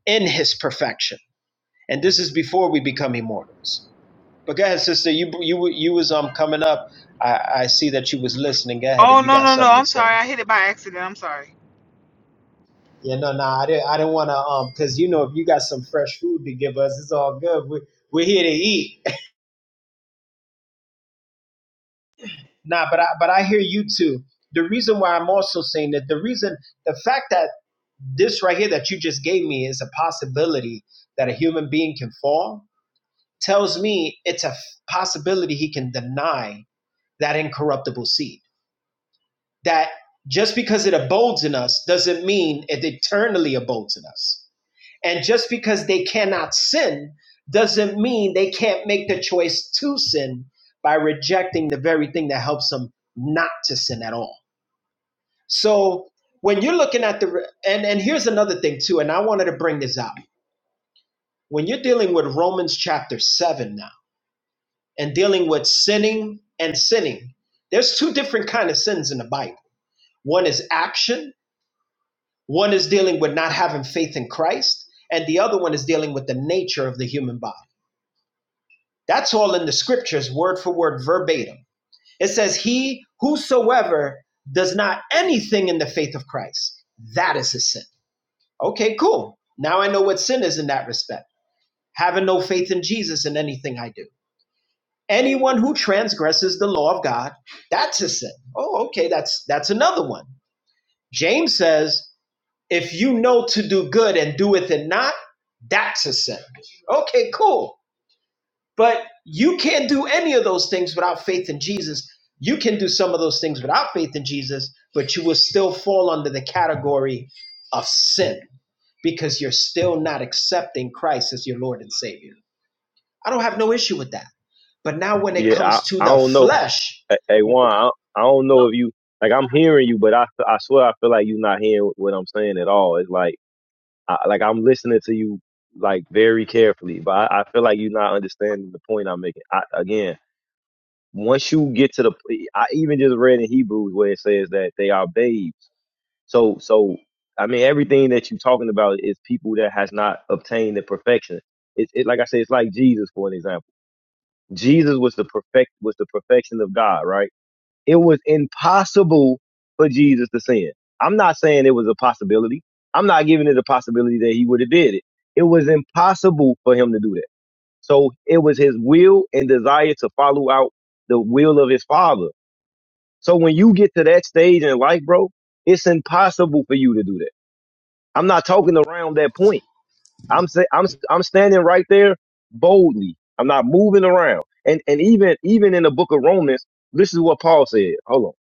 in his perfection. And this is before we become immortals. But go ahead, sister. You you you was um coming up. I, I see that you was listening. Go ahead if Oh you no got no no! something to I'm sorry. say. I hit it by accident. I'm sorry. Yeah, no, no, I didn't. I didn't want to um because you know if you got some fresh food to give us, it's all good. We we're here to eat. Nah, but I but I hear you too. The reason why I'm also saying that the reason the fact that this right here that you just gave me is a possibility that a human being can fall tells me it's a possibility he can deny that incorruptible seed that just because it abodes in us doesn't mean it eternally abodes in us and just because they cannot sin doesn't mean they can't make the choice to sin by rejecting the very thing that helps them not to sin at all so when you're looking at the and and here's another thing too and i wanted to bring this out When you're dealing with Romans chapter 7 now and dealing with sinning and sinning, there's two different kind of sins in the Bible. One is action, one is dealing with not having faith in Christ, and the other one is dealing with the nature of the human body. That's all in the scriptures, word for word, verbatim. It says, He whosoever does not anything in the faith of Christ, that is a sin. Okay, cool. Now I know what sin is in that respect. Having no faith in Jesus in anything I do. Anyone who transgresses the law of God, that's a sin. Oh, okay, that's that's another one. James says, if you know to do good and doeth it not, that's a sin. Okay, cool. But you can't do any of those things without faith in Jesus. You can do some of those things without faith in Jesus, but you will still fall under the category of sin because you're still not accepting Christ as your Lord and Savior. I don't have no issue with that. But now when it Yeah, I, comes to I the don't know. flesh, Hey, Juan, I, I don't know if you like. I'm hearing you, but I, I swear I feel like you're not hearing what I'm saying at all. It's like I, like I'm listening to you like very carefully, but I, I feel like you're not understanding the point I'm making. I, again, once you get to the, I even just read in Hebrews where it says that they are babes. So so I mean everything that you're talking about is people that has not obtained the perfection it's it, like I said, it's like Jesus for an example. Jesus was the perfect was the perfection of God, right? It was impossible for Jesus to sin. I'm not saying it was a possibility. I'm not giving it a possibility that he would have did it. It was impossible for him to do that. So it was his will and desire to follow out the will of his father. So when you get to that stage in life, bro, it's impossible for you to do that. I'm not talking around that point. I'm say, I'm I'm standing right there boldly. I'm not moving around. And and even even in the book of Romans, this is what Paul said. Hold on,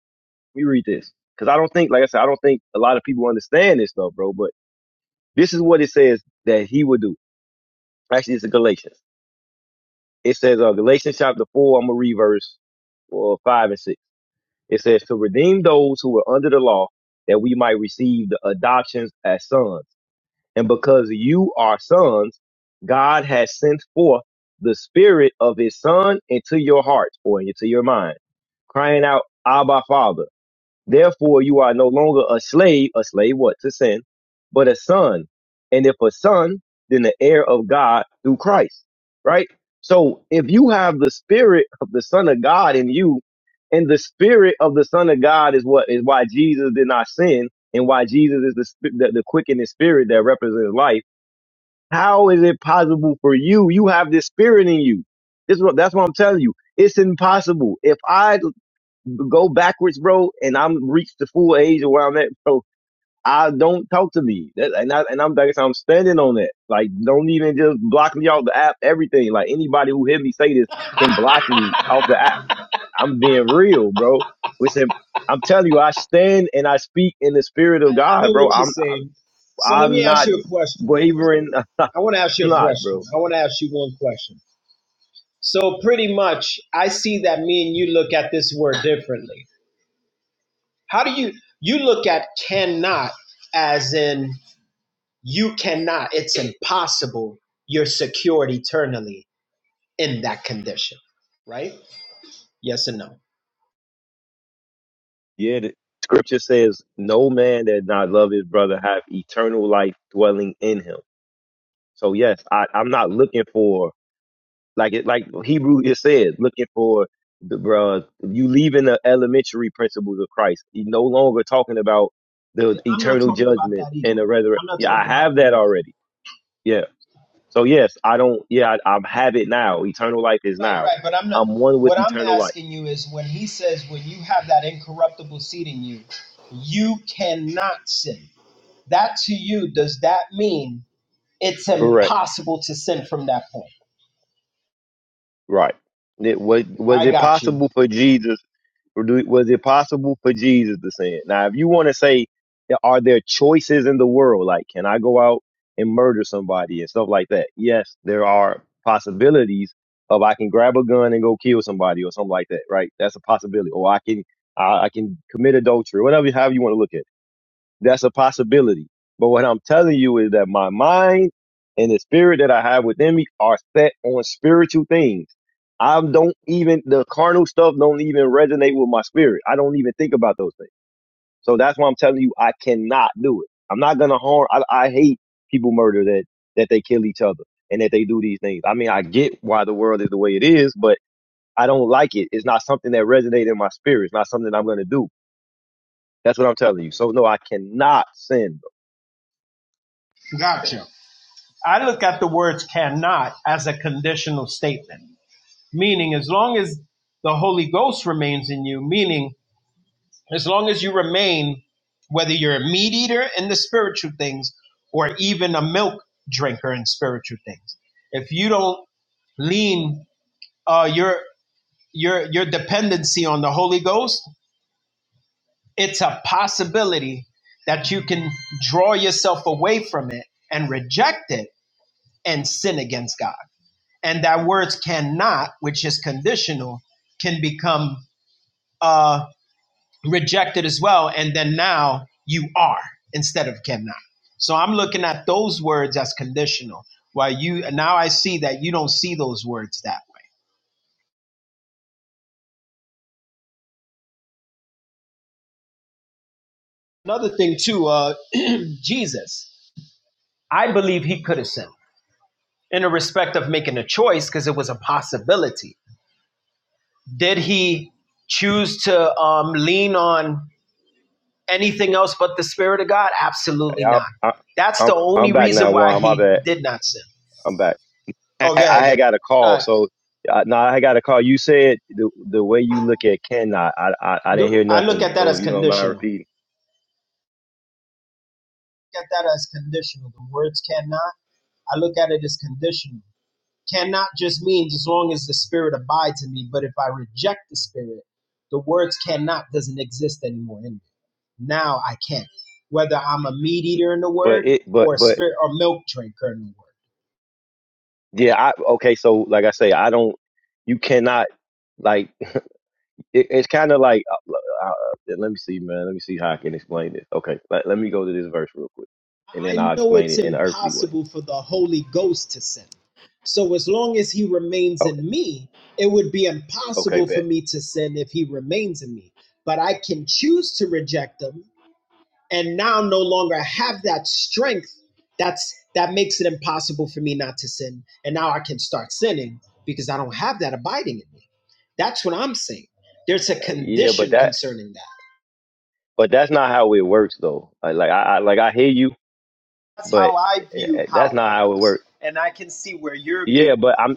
let me read this because I don't think, like I said, I don't think a lot of people understand this stuff, bro. But this is what it says that he would do. Actually, it's in Galatians. It says uh, Galatians chapter four. I'm gonna read verse well, five and six. It says to redeem those who were under the law, that we might receive the adoptions as sons. And because you are sons, God has sent forth the spirit of his son into your hearts or into your mind, crying out, Abba Father. Therefore, you are no longer a slave, a slave what? To sin, but a son. And if a son, then the heir of God through Christ, right? So if you have the spirit of the son of God in you, and the spirit of the son of God is what is why Jesus did not sin and why Jesus is the, sp- the, the quickening spirit that represents life. How is it possible for you? You have this spirit in you. This is what, that's what I'm telling you. It's impossible. If I go backwards, bro, and I'm reached the full age of where I'm at, bro. I don't talk to me, that, and I and I'm like I am standing on that. Like, don't even just block me off the app. Everything, like anybody who hear me say this I, can block me off the app. I I'm being real, bro. Listen, I'm telling you, I stand and I speak in the spirit of know God, what bro. you're I'm saying. So let I'm me ask not you a question. wavering. I'm I want to ask you a not, question. bro. I want to ask you one question. So pretty much, I see that me and you look at this word differently. How do you you look at cannot as in you cannot? It's impossible. You're secured eternally in that condition, right? Yes and no. Yeah, the scripture says, "No man that not love his brother have eternal life dwelling in him." So yes, I, I'm not looking for like it like Hebrew just said, looking for the bruh, you leaving the elementary principles of Christ. You no longer talking about Hey, the I'm not eternal talking about judgment that either. and the resurrection. I'm not Yeah, I talking about have that that either. already. Yeah. So yes, I don't yeah, I, I have it now. Eternal life is Right, now. right. But I'm not. I'm one with What I'm eternal life. asking you is when he says, when you have that incorruptible seed in you, you cannot sin. That to you, does that mean it's Correct. impossible to sin from that point? Right. It, was was I it got you. possible for Jesus Or do, was it possible for Jesus to sin? Now, if you want to say, are there choices in the world? Like, can I go out and murder somebody and stuff like that? Yes, there are possibilities of I can grab a gun and go kill somebody or something like that, right? That's a possibility. Or I can, I, I can commit adultery, whatever, however you want to look at. it. That's a possibility. But what I'm telling you is that my mind and the spirit that I have within me are set on spiritual things. I don't even the carnal stuff don't even resonate with my spirit. I don't even think about those things. So that's why I'm telling you I cannot do it. I'm not gonna harm. I, I hate people murder that that they kill each other and that they do these things. I mean I get why the world is the way it is, but I don't like it. It's not something that resonates in my spirit. It's not something I'm gonna do. That's what I'm telling you. So no, I cannot sin Gotcha. I look at the words cannot as a conditional statement, meaning as long as the Holy Ghost remains in you, meaning as long as you remain, whether you're a meat eater in the spiritual things or even a milk drinker in spiritual things, if you don't lean uh, your your your dependency on the Holy Ghost, it's a possibility that you can draw yourself away from it and reject it and sin against God. And that words cannot, which is conditional, can become uh, rejected as well. And then now you are instead of cannot. So I'm looking at those words as conditional. While you now I see that you don't see those words that way. Another thing too, uh, Jesus, I believe he could have sinned in the respect of making a choice because it was a possibility. Did he choose to um, lean on anything else but the Spirit of God? Hey, Absolutely I, not. I, That's the I'm only I'm back reason now, why Juan. My he bad. did not sin. I'm back. I, Oh, yeah, I had got a call, yeah. so uh, no, I had got a call. You said the the way you look at Ken, I, I I I didn't Do- hear I look nothing. at that So as if you don't mind conditional. repeating, Look at that as conditional. The words cannot. I look at it as conditional. Cannot just means as long as the spirit abides in me. But if I reject the spirit, the words cannot doesn't exist anymore in me. Now I can't. Whether I'm a meat eater in the but word it, or but a but spirit or milk drinker in the word. yeah, I okay. So like I say, I don't. You cannot like it, it's kind of like uh, uh, uh, let me see, man. Let me see how I can explain this. Okay, let, let me go to this verse real quick, and then I I'll know explain it's it in an earthly way. impossible for the Holy Ghost to sin. So as long as he remains Okay, in me, it would be okay, impossible for bet. me to sin if he remains in me. But I can choose to reject him and now no longer have that strength that's that makes it impossible for me not to sin. And now I can start sinning because I don't have that abiding in me. That's what I'm saying. There's a Uh, yeah, but condition that. concerning that. but that's not how it works though. Like, like I, I like I hear you, That's but how I eh, eh, view eh, that's how it not how it works. works. And I can see where you're Yeah, viewing but it. I'm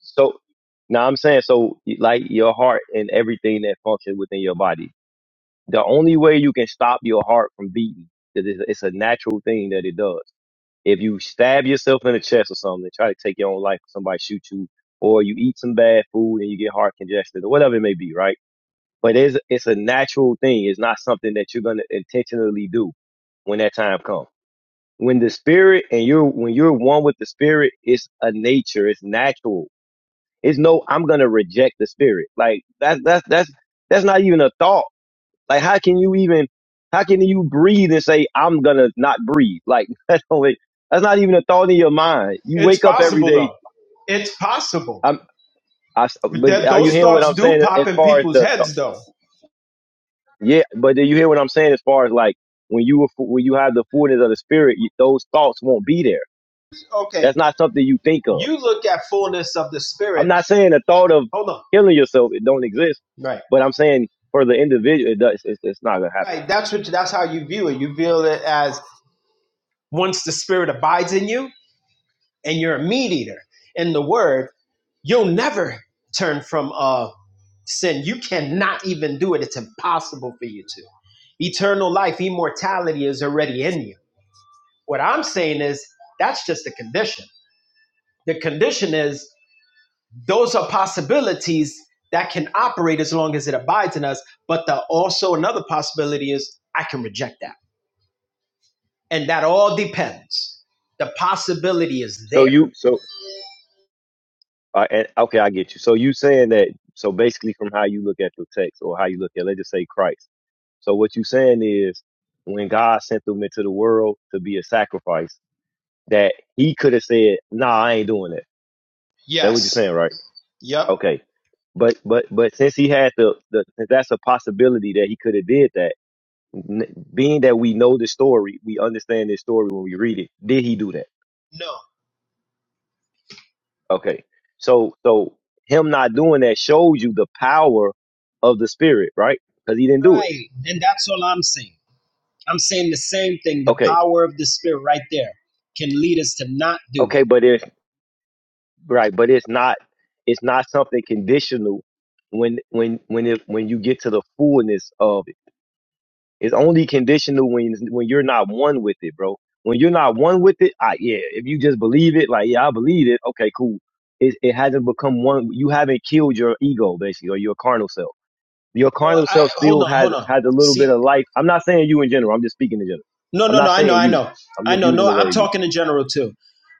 so now I'm saying so like your heart and everything that functions within your body. The only way you can stop your heart from beating is it's it's a natural thing that it does. If you stab yourself in the chest or something, and try to take your own life, somebody shoot you, or you eat some bad food and you get heart congested or whatever it may be, right? But it's it's a natural thing. It's not something that you're gonna intentionally do when that time comes. when the spirit and you're when you're one with the spirit it's a nature it's natural it's no i'm gonna reject the spirit like that's that's that's that's not even a thought like how can you even how can you breathe and say i'm gonna not breathe like that's only that's not even a thought in your mind you It's wake up every possible day though. It's possible. i'm I, s- But but that are you those hearing what thoughts i'm do saying pop as in far as people's the thought? heads though. yeah but do you hear what i'm saying as far as like when you were fu- when you have the fullness of the spirit you, those thoughts won't be there Okay. that's not something you think of You look at fullness of the I'm spirit. not saying the thought of Hold on. killing yourself it don't exist, Right. but I'm saying for the individual it does. It's, it's not gonna happen. Right. That's what that's how you view it. You view it as once the spirit abides in you and you're a meat eater in the word, you'll never turn from uh sin. You cannot even do it. It's impossible for you to. Eternal life, immortality is already in you. What I'm saying is that's just a condition The condition is those are possibilities that can operate as long as it abides in us. But the also another possibility is I can reject that. And that all depends. The possibility is So there. you so uh, and, okay, I get you. So you saying that so basically from how you look at the text or how you look at let's just say Christ. So what you saying is when God sent them into the world to be a sacrifice, that He could have said, "Nah, I ain't doing that." That what you're Yes. saying, right? Yep. Okay, but but but since He had the, the since that's a possibility that He could have did that N- being that we know the story, we understand this story when we read it. Did he do that? No. Okay. So so him not doing that shows you the power of the spirit, right? Because he didn't do it. Right. And that's all I'm saying. I'm saying the same thing. The Okay. power of the spirit right there can lead us to not do Okay, it. but it's right, but it's not it's not something conditional when when when it when you get to the fullness of it. It's only conditional when when you're not one with it, bro. When you're not one with it, ah, yeah. If you just believe it, like yeah, I believe it. Okay, cool. It it hasn't become one. You haven't killed your ego, basically, or your carnal self. Your Well, carnal I self hold still on, has hold on. has a little See, bit of life. I'm not saying you in general. I'm just speaking in general. no, I'm no, no. not I know, saying I you. know, I'm I just know. using No, the I'm word you. talking in general too.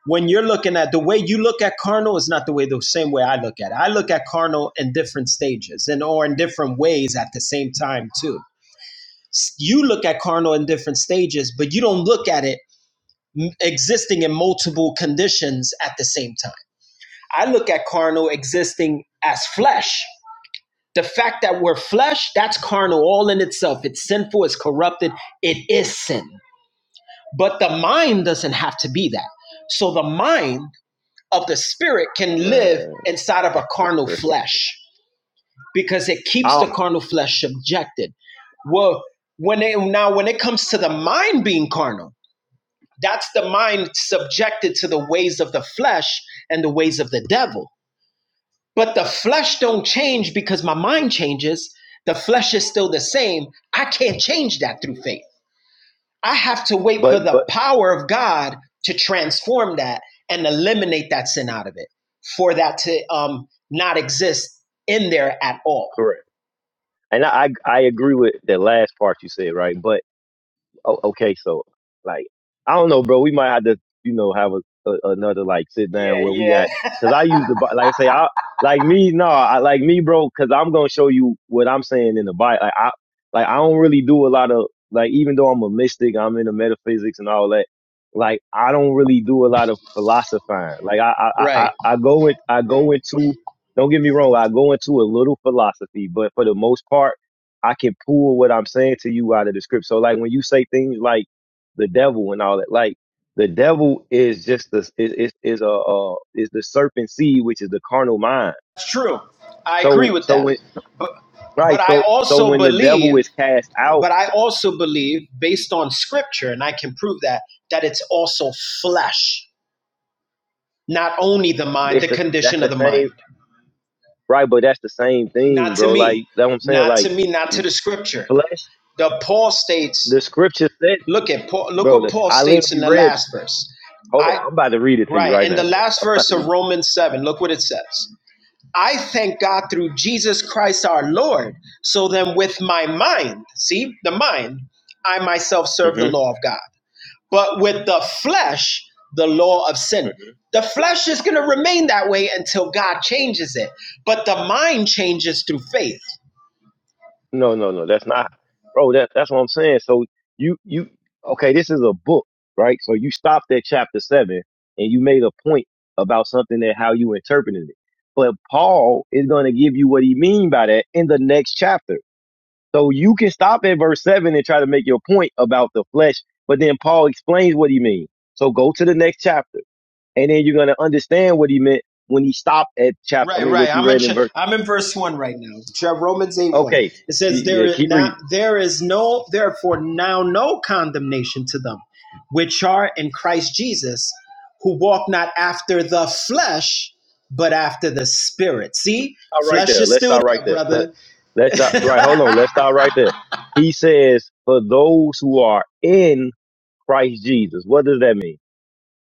When you're looking at the way you look at carnal is not the way the same way I look at it. I look at carnal in different stages and or in different ways at the same time too. You look at carnal in different stages, but you don't look at it existing in multiple conditions at the same time. I look at carnal existing as flesh The fact that we're flesh, that's carnal all in itself. It's sinful, it's corrupted, it is sin. But the mind doesn't have to be that. So the mind of the spirit can live Man, inside of a just carnal correct. flesh because it I keeps the don't- carnal flesh subjected. Well, when it, now when it comes to the mind being carnal, that's the mind subjected to the ways of the flesh and the ways of the devil. But the flesh don't change because my mind changes. The flesh is still the same. I can't change that through faith. I have to wait for but the but power of God to transform that and eliminate that sin out of it for that to um, not exist in there at all. correct. And I I I agree with the last part you said, right? But. Oh, okay, so like I don't know, bro. We might have to, you know, have a, a another like sit Yeah, down where we yeah. got because I use the Bi- like I say I like me no I like me bro because I'm gonna show you what I'm saying in the Bible. Like I like I don't really do a lot of like even though I'm a mystic, I'm into metaphysics and all that. Like I don't really do a lot of philosophizing. Like I I I, I Right. I go in I go into don't get me wrong, I go into a little philosophy, but for the most part. I can pull what I'm saying to you out of the script. So like when you say things like the devil and all that, like the devil is just the is is, is a uh, is the serpent seed, which is the carnal mind. It's true. I agree So with so that. when But but right I so so also when the devil believe, is cast out, but I also believe based on scripture and I can prove that that it's also flesh. Not only the mind, it's the the that's condition of the the same mind. right, but that's the same thing, Not to bro. Like me. that what I'm saying, Not to like me, not to the scripture. flesh. The Paul states, The scripture said, look at Paul, look bro. what This, Paul I states in literally the read. last verse. Hold I on, I'm about to read it to you right, right in now, the bro. last I'm about verse to of read. Romans 7, look what it says. I thank God through Jesus Christ our Lord. So then with my mind, see the mind, I myself serve the Mm-hmm. law of God But with the flesh, the law of sin. mm-hmm. The flesh is going to remain that way until God changes it. But the mind changes through faith. No, no, no. That's not, bro. That that's what I'm saying. So you you okay? This is a book, right? So you stopped at chapter seven, and you made a point about something that how you interpreted it. But Paul is going to give you what he mean by that in the next chapter. So you can stop at verse seven and try to make your point about the flesh, but then Paul explains what he means. So go to the next chapter, and then you're going to understand what he meant when he stopped at chapter. I Right, mean, right. what you I'm in, read in ch- verse. I'm in verse 1 right now. Romans 8 1. Okay, It y- says, there yeah. is, Keep now, reading. there is no, therefore, now no condemnation to them which are in Christ Jesus, who walk not after the flesh, but after the spirit. See, stop right flesh there. is Let's still stop right there, there. Let, brother. let's stop. Right. Hold on. Let's stop right there. He says, for those who are in Christ Jesus. What does that mean?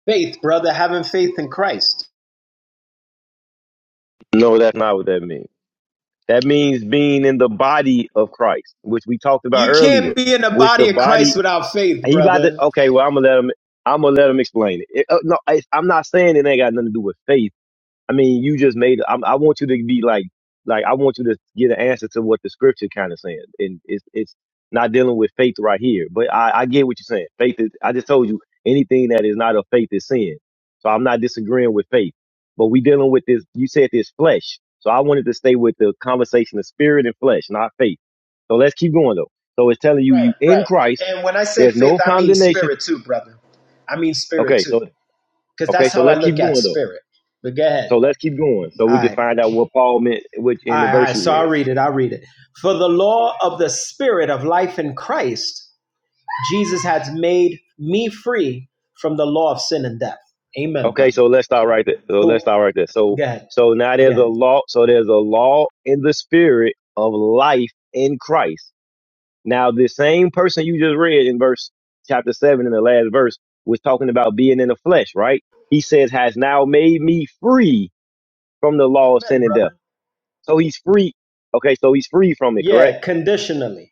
Faith, brother, having faith in Christ. No, that's not what that means. That means being in the body of Christ, which we talked about You earlier, can't be in the which the body of body, Christ without faith, he about to, brother. okay, well, I'm going to let him, I'm going to let him explain it. It- uh, no, I, I'm not saying it ain't got nothing to do with faith I mean, you just made. I, I want you to be like, like I want you to get an answer to what the scripture kind of saying, and it's it's not dealing with faith right here. But I, I get what you're saying. Faith is. I just told you anything that is not of faith is sin. So I'm not disagreeing with faith, but we dealing with this. You said this flesh, so I wanted to stay with the conversation of spirit and flesh, not faith. So let's keep going though. So it's telling you Right, you in right. Christ. And when I say There's faith, no I mean condemnation. spirit too, brother. I mean spirit Okay, too, so because okay, that's so how I let's look keep at going though. spirit. But go ahead. So let's keep going so All we can right. find out what Paul meant which All in the right, all right. verse you So I'll read. read it. I'll read it. For the law of the spirit of life in Christ, Jesus has made me free from the law of sin and death. Amen, Okay, brother. so let's start right there. So let's So, start right there. So go ahead. so now Go there's a ahead. law so there's a law in the spirit of life in Christ. Now the same person you just read in verse chapter seven in the last verse was talking about being in the flesh, right? He says has now made me free from the law of Amen, sin and death. brother. So he's free. Okay, so he's free from it, correct? Yeah, conditionally.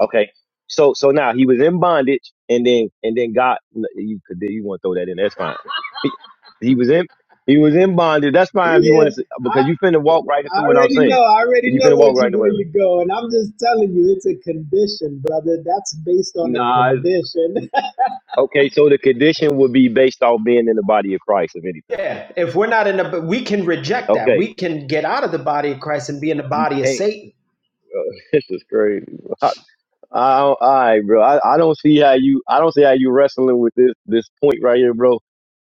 Okay. So so now he was in bondage, and then and then God, you could you want to throw that in? That's fine. He, he was in he was in bondage. That's fine if you Yeah. want to because you finna walk right I into what I'm already saying. know. I already You know finna what walk you, right into where it. you're going. I'm just telling you, it's a condition, brother. That's based on a Nah. condition. Okay. So the condition would be based off being in the body of Christ, if anything. Yeah, if we're not in the, we can reject that. Okay. We can get out of the body of Christ and be in the You body of can't. Satan. this is crazy. I, all right, bro. I, I don't see how you. I don't see how you wrestling with this this point right here, bro.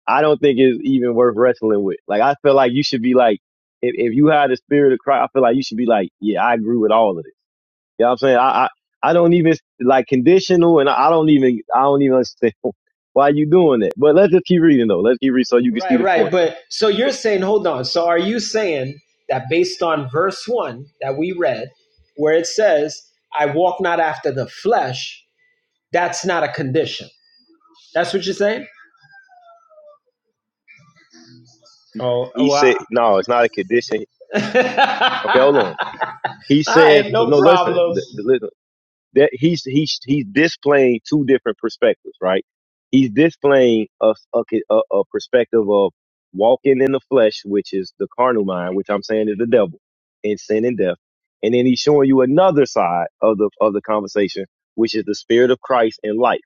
I don't think it's even worth wrestling with. Like, I feel like you should be like, if, if you had the spirit of Christ, I feel like you should be like, yeah, I agree with all of this. You know what I'm saying? I I, I don't even like conditional, and I don't even I don't even understand why you doing that. But let's just keep reading though. Let's keep reading so you can see Right, the right. point though. But so you're saying, hold on. So are you saying that based on verse one that we read, where it says, I walk not after the flesh, that's not a condition? That's what you're saying? Oh, He wow. said, no, it's not a condition. Okay, hold on. He All says, right, no no, listen. problem. th- th- that he's he's he's displaying two different perspectives, right? He's displaying a a, a perspective of walking in the flesh, which is the carnal mind, which I'm saying is the devil, and sin and death, and then he's showing you another side of the of the conversation, which is the spirit of Christ and life.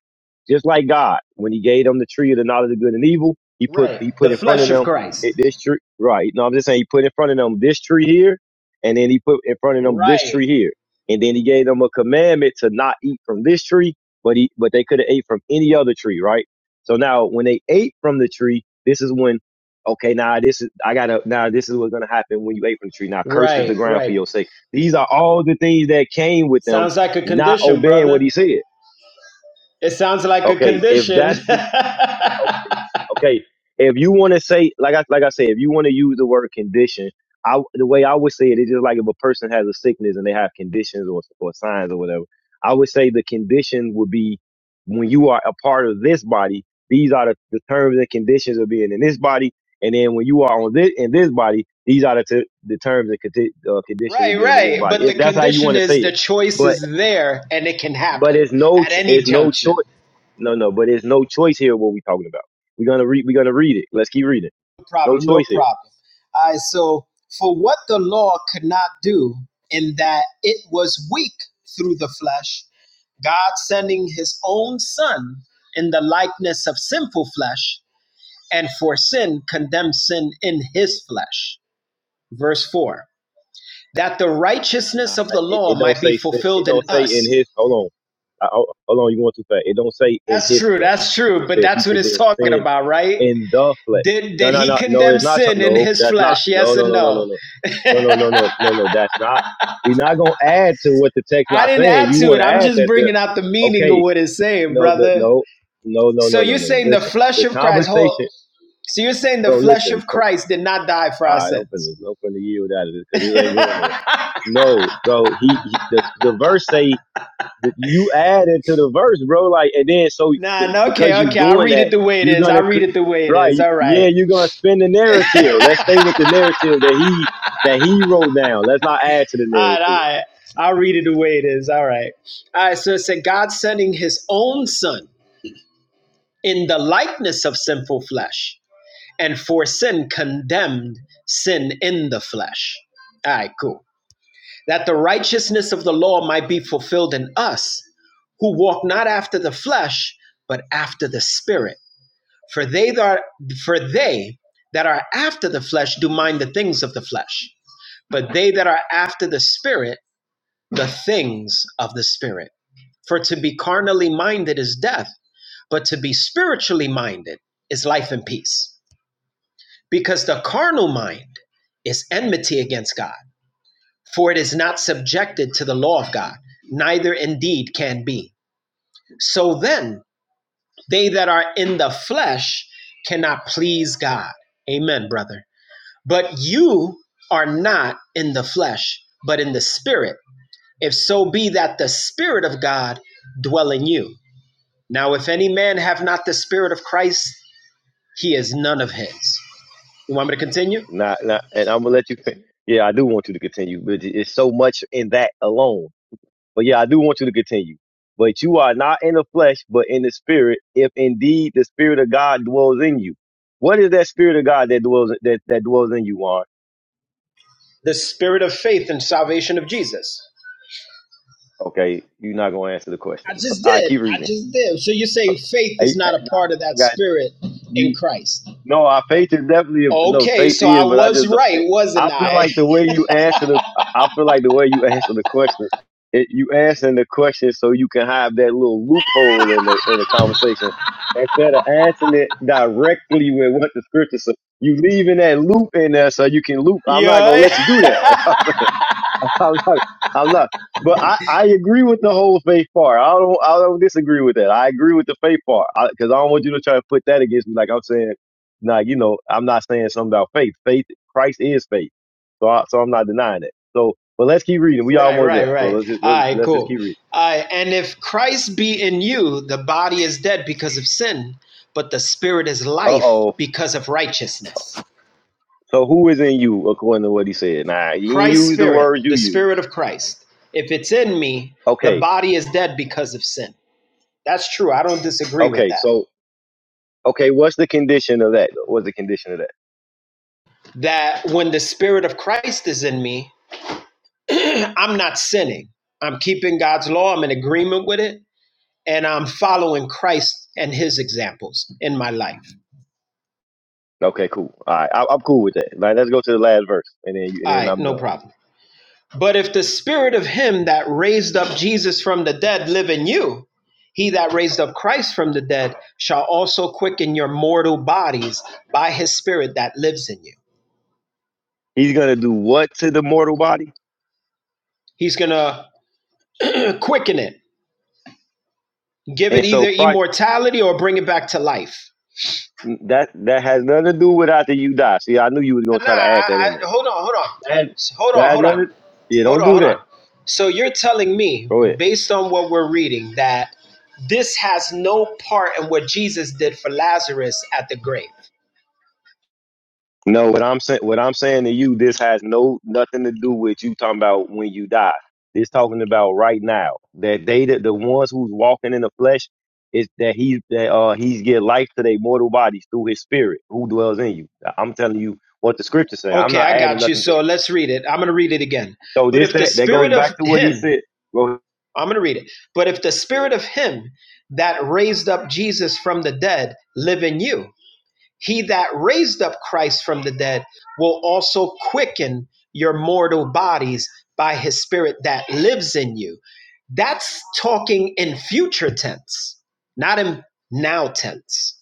Just like God, when He gave them the tree of the knowledge of good and evil, He put He Right. The put in front of flesh of them it, Christ. this tree, right? No, I'm just saying He put in front of them this tree here, and then He put in front of them this Right. tree here and then he gave them a commandment to not eat from this tree, but he but they could have ate from any other tree, right? So now when they ate from the tree, this is when okay, now this is I gotta now this is what's gonna happen when you ate from the tree. Now cursed is Right. the ground for Right. your sake. These are all the things that came with them Sounds like a not condition, obeying what brother. he said. It sounds like a Okay, if condition. that's what Okay. right, Okay. If you want to say, like I like I said, if you want to use the word condition, I the way I would say it is just like if a person has a sickness and they have conditions or or signs or whatever. I would say the condition would be when you are a part of this body. These are the, the terms and conditions of being in this body, and then when you are on this in this body, these are the t- the terms and condi- uh, conditions of being in this right. body. But If the that's how you condition want to say is the it, choice but is there and it can but happen it's no at ch- any it's no choice. junction. No, no, but there's no choice here. What we talking about? We're gonna read. We're gonna read it. Let's keep reading. No No problem, no choice here. problem. All right, so for what the law could not do, in that it was weak through the flesh, God sending his own son in the likeness of sinful flesh and for sin condemned sin in his flesh. Verse 4 that the I, righteousness of I- the it, law it don't might be say. si- It fulfilled in don't say in us. his. Hold on. I, I- hold on. You going too fast? It don't say in That's his true, flesh. that's true, It but says he that's what it's condemned talking sin about, right? in the flesh. Did No, did no, he no, no. condemn It's not. some- sin in No, his that's not. flesh? No, Yes no, and no, no, no, no. no, no, no, no, no, no, no. That's not. We're not gonna add to what the text I not didn't saying. add You to want it. to I'm add just that the bringing out the meaning of okay. what it's saying, No, the, brother. no, no, no, So no, you're no, no, no. saying the Listen, flesh the of Christ, hold. conversation, So you're saying the bro. flesh Listen. of Christ did not die for All our right, open this, sins. open the yield out of this because this ain't going nowhere. No, bro. He, he the, the verse say that you added to the verse, bro. Like, and then so Nah, th- no, okay, because you okay. I'll doing read that, it the way it you're is. I'll gonna cr- read it the way it right, is. All right. yeah, you're gonna spin the narrative. Let's stay with the narrative that he that he wrote down. Let's not add to the all right, all narrative. right. I'll read it the way it is. All right. All right. So it said, God sending his own son in the likeness of sinful flesh, and for sin condemned sin in the flesh. All right, cool. That the righteousness of the law might be fulfilled in us who walk not after the flesh, but after the spirit. For they that are, for they that are after the flesh do mind the things of the flesh, but they that are after the spirit the things of the Spirit. For to be carnally minded is death, but to be spiritually minded is life and peace. Because the carnal mind is enmity against God, for it is not subjected to the law of God, neither indeed can be. So then, they that are in the flesh cannot please God. Amen, brother. But you are not in the flesh, but in the Spirit if so be that the Spirit of God dwell in you. Now, if any man have not the Spirit of Christ, he is none of his. You want me to continue? Not, not, and I'm gonna let you. Fin- yeah, I do want you to continue, but it's so much in that alone. But yeah, I do want you to continue. But you are not in the flesh, but in the spirit, if indeed the spirit of God dwells in you. What is that spirit of God that dwells that, that dwells in you, Juan? The Spirit of faith and salvation of Jesus. Okay, you're not gonna answer the I question. just I did. keep I reading. just did. So you're saying faith I, I, is not a part of I that got Spirit you. in Christ. No, our faith is definitely no Okay, faith so I is, but I was just don't. right, I wasn't feel I? like the way you answer the, I feel like the way you answer the question, it, you answering the question so you can have that little loophole in the in the conversation instead of answering it directly with what the scripture says. You leaving that loop in there so you can loop. I'm not gonna let you do that. Yeah. I'm not. I'm not. But I, I agree with the whole faith part. I don't I don't disagree with that. I agree with the faith part because I, 'cause I don't want you to try to put that against me. Like I'm saying, nah, you know, I'm not saying something about faith. Faith, Christ is faith. So I, so I'm not denying that. So, but let's keep reading. We Right, almost there. right, So right. let's just, All let's, right, let's just cool. keep reading. All right, and if Christ be in you, the body is dead because of sin, but the spirit is Uh life oh. because of righteousness. So who is in you according to what he said? Nah, you didn't Christ's use the spirit, words you the spirit use. of Christ. If it's in me, the Okay. body is dead because of sin. That's true. I don't disagree with Okay. that. So okay, what's the condition of that? What's the condition of that? That when the spirit of Christ is in me, I'm not sinning. I'm keeping God's law, I'm in agreement with it, and I'm following Christ and his examples in my life. Okay, cool. All right, I, I'm cool with that. Like, let's go to the last verse, and then you, All and then right, I'm no done. problem. But if the spirit of him that raised up Jesus from the dead live in you, he that raised up Christ from the dead shall also quicken your mortal bodies by his spirit that lives in you. He's gonna do what to the mortal body? He's going to quicken it, give it And so either Christ, immortality or bring it back to life. that that has nothing to do with after you die. See, I knew you was Nah, gonna try to add that I, in there. I, hold on, hold on. That Hold that on, had hold on. nothing. Yeah, Hold don't on, do hold on. that. So you're telling me, Go ahead. based on what we're reading, that this has no part in what Jesus did for Lazarus at the grave. No, what I'm saying, what I'm saying to you, this has no nothing to do with you talking about when you die. This talking about right now. That they, that the ones who's walking in the flesh, is that he that uh he's get life to their mortal bodies through his spirit who dwells in you. I'm telling you what the scriptures say. I'm Okay, not I adding got you. nothing. To, So let's read it. I'm going to read it again. so But this if the that that goes spirit of back to what he him, said. Bro, I'm going to read it. But if the spirit of him that raised up Jesus from the dead live in you, He that raised up Christ from the dead will also quicken your mortal bodies by his spirit that lives in you. That's talking in future tense, not in now tense.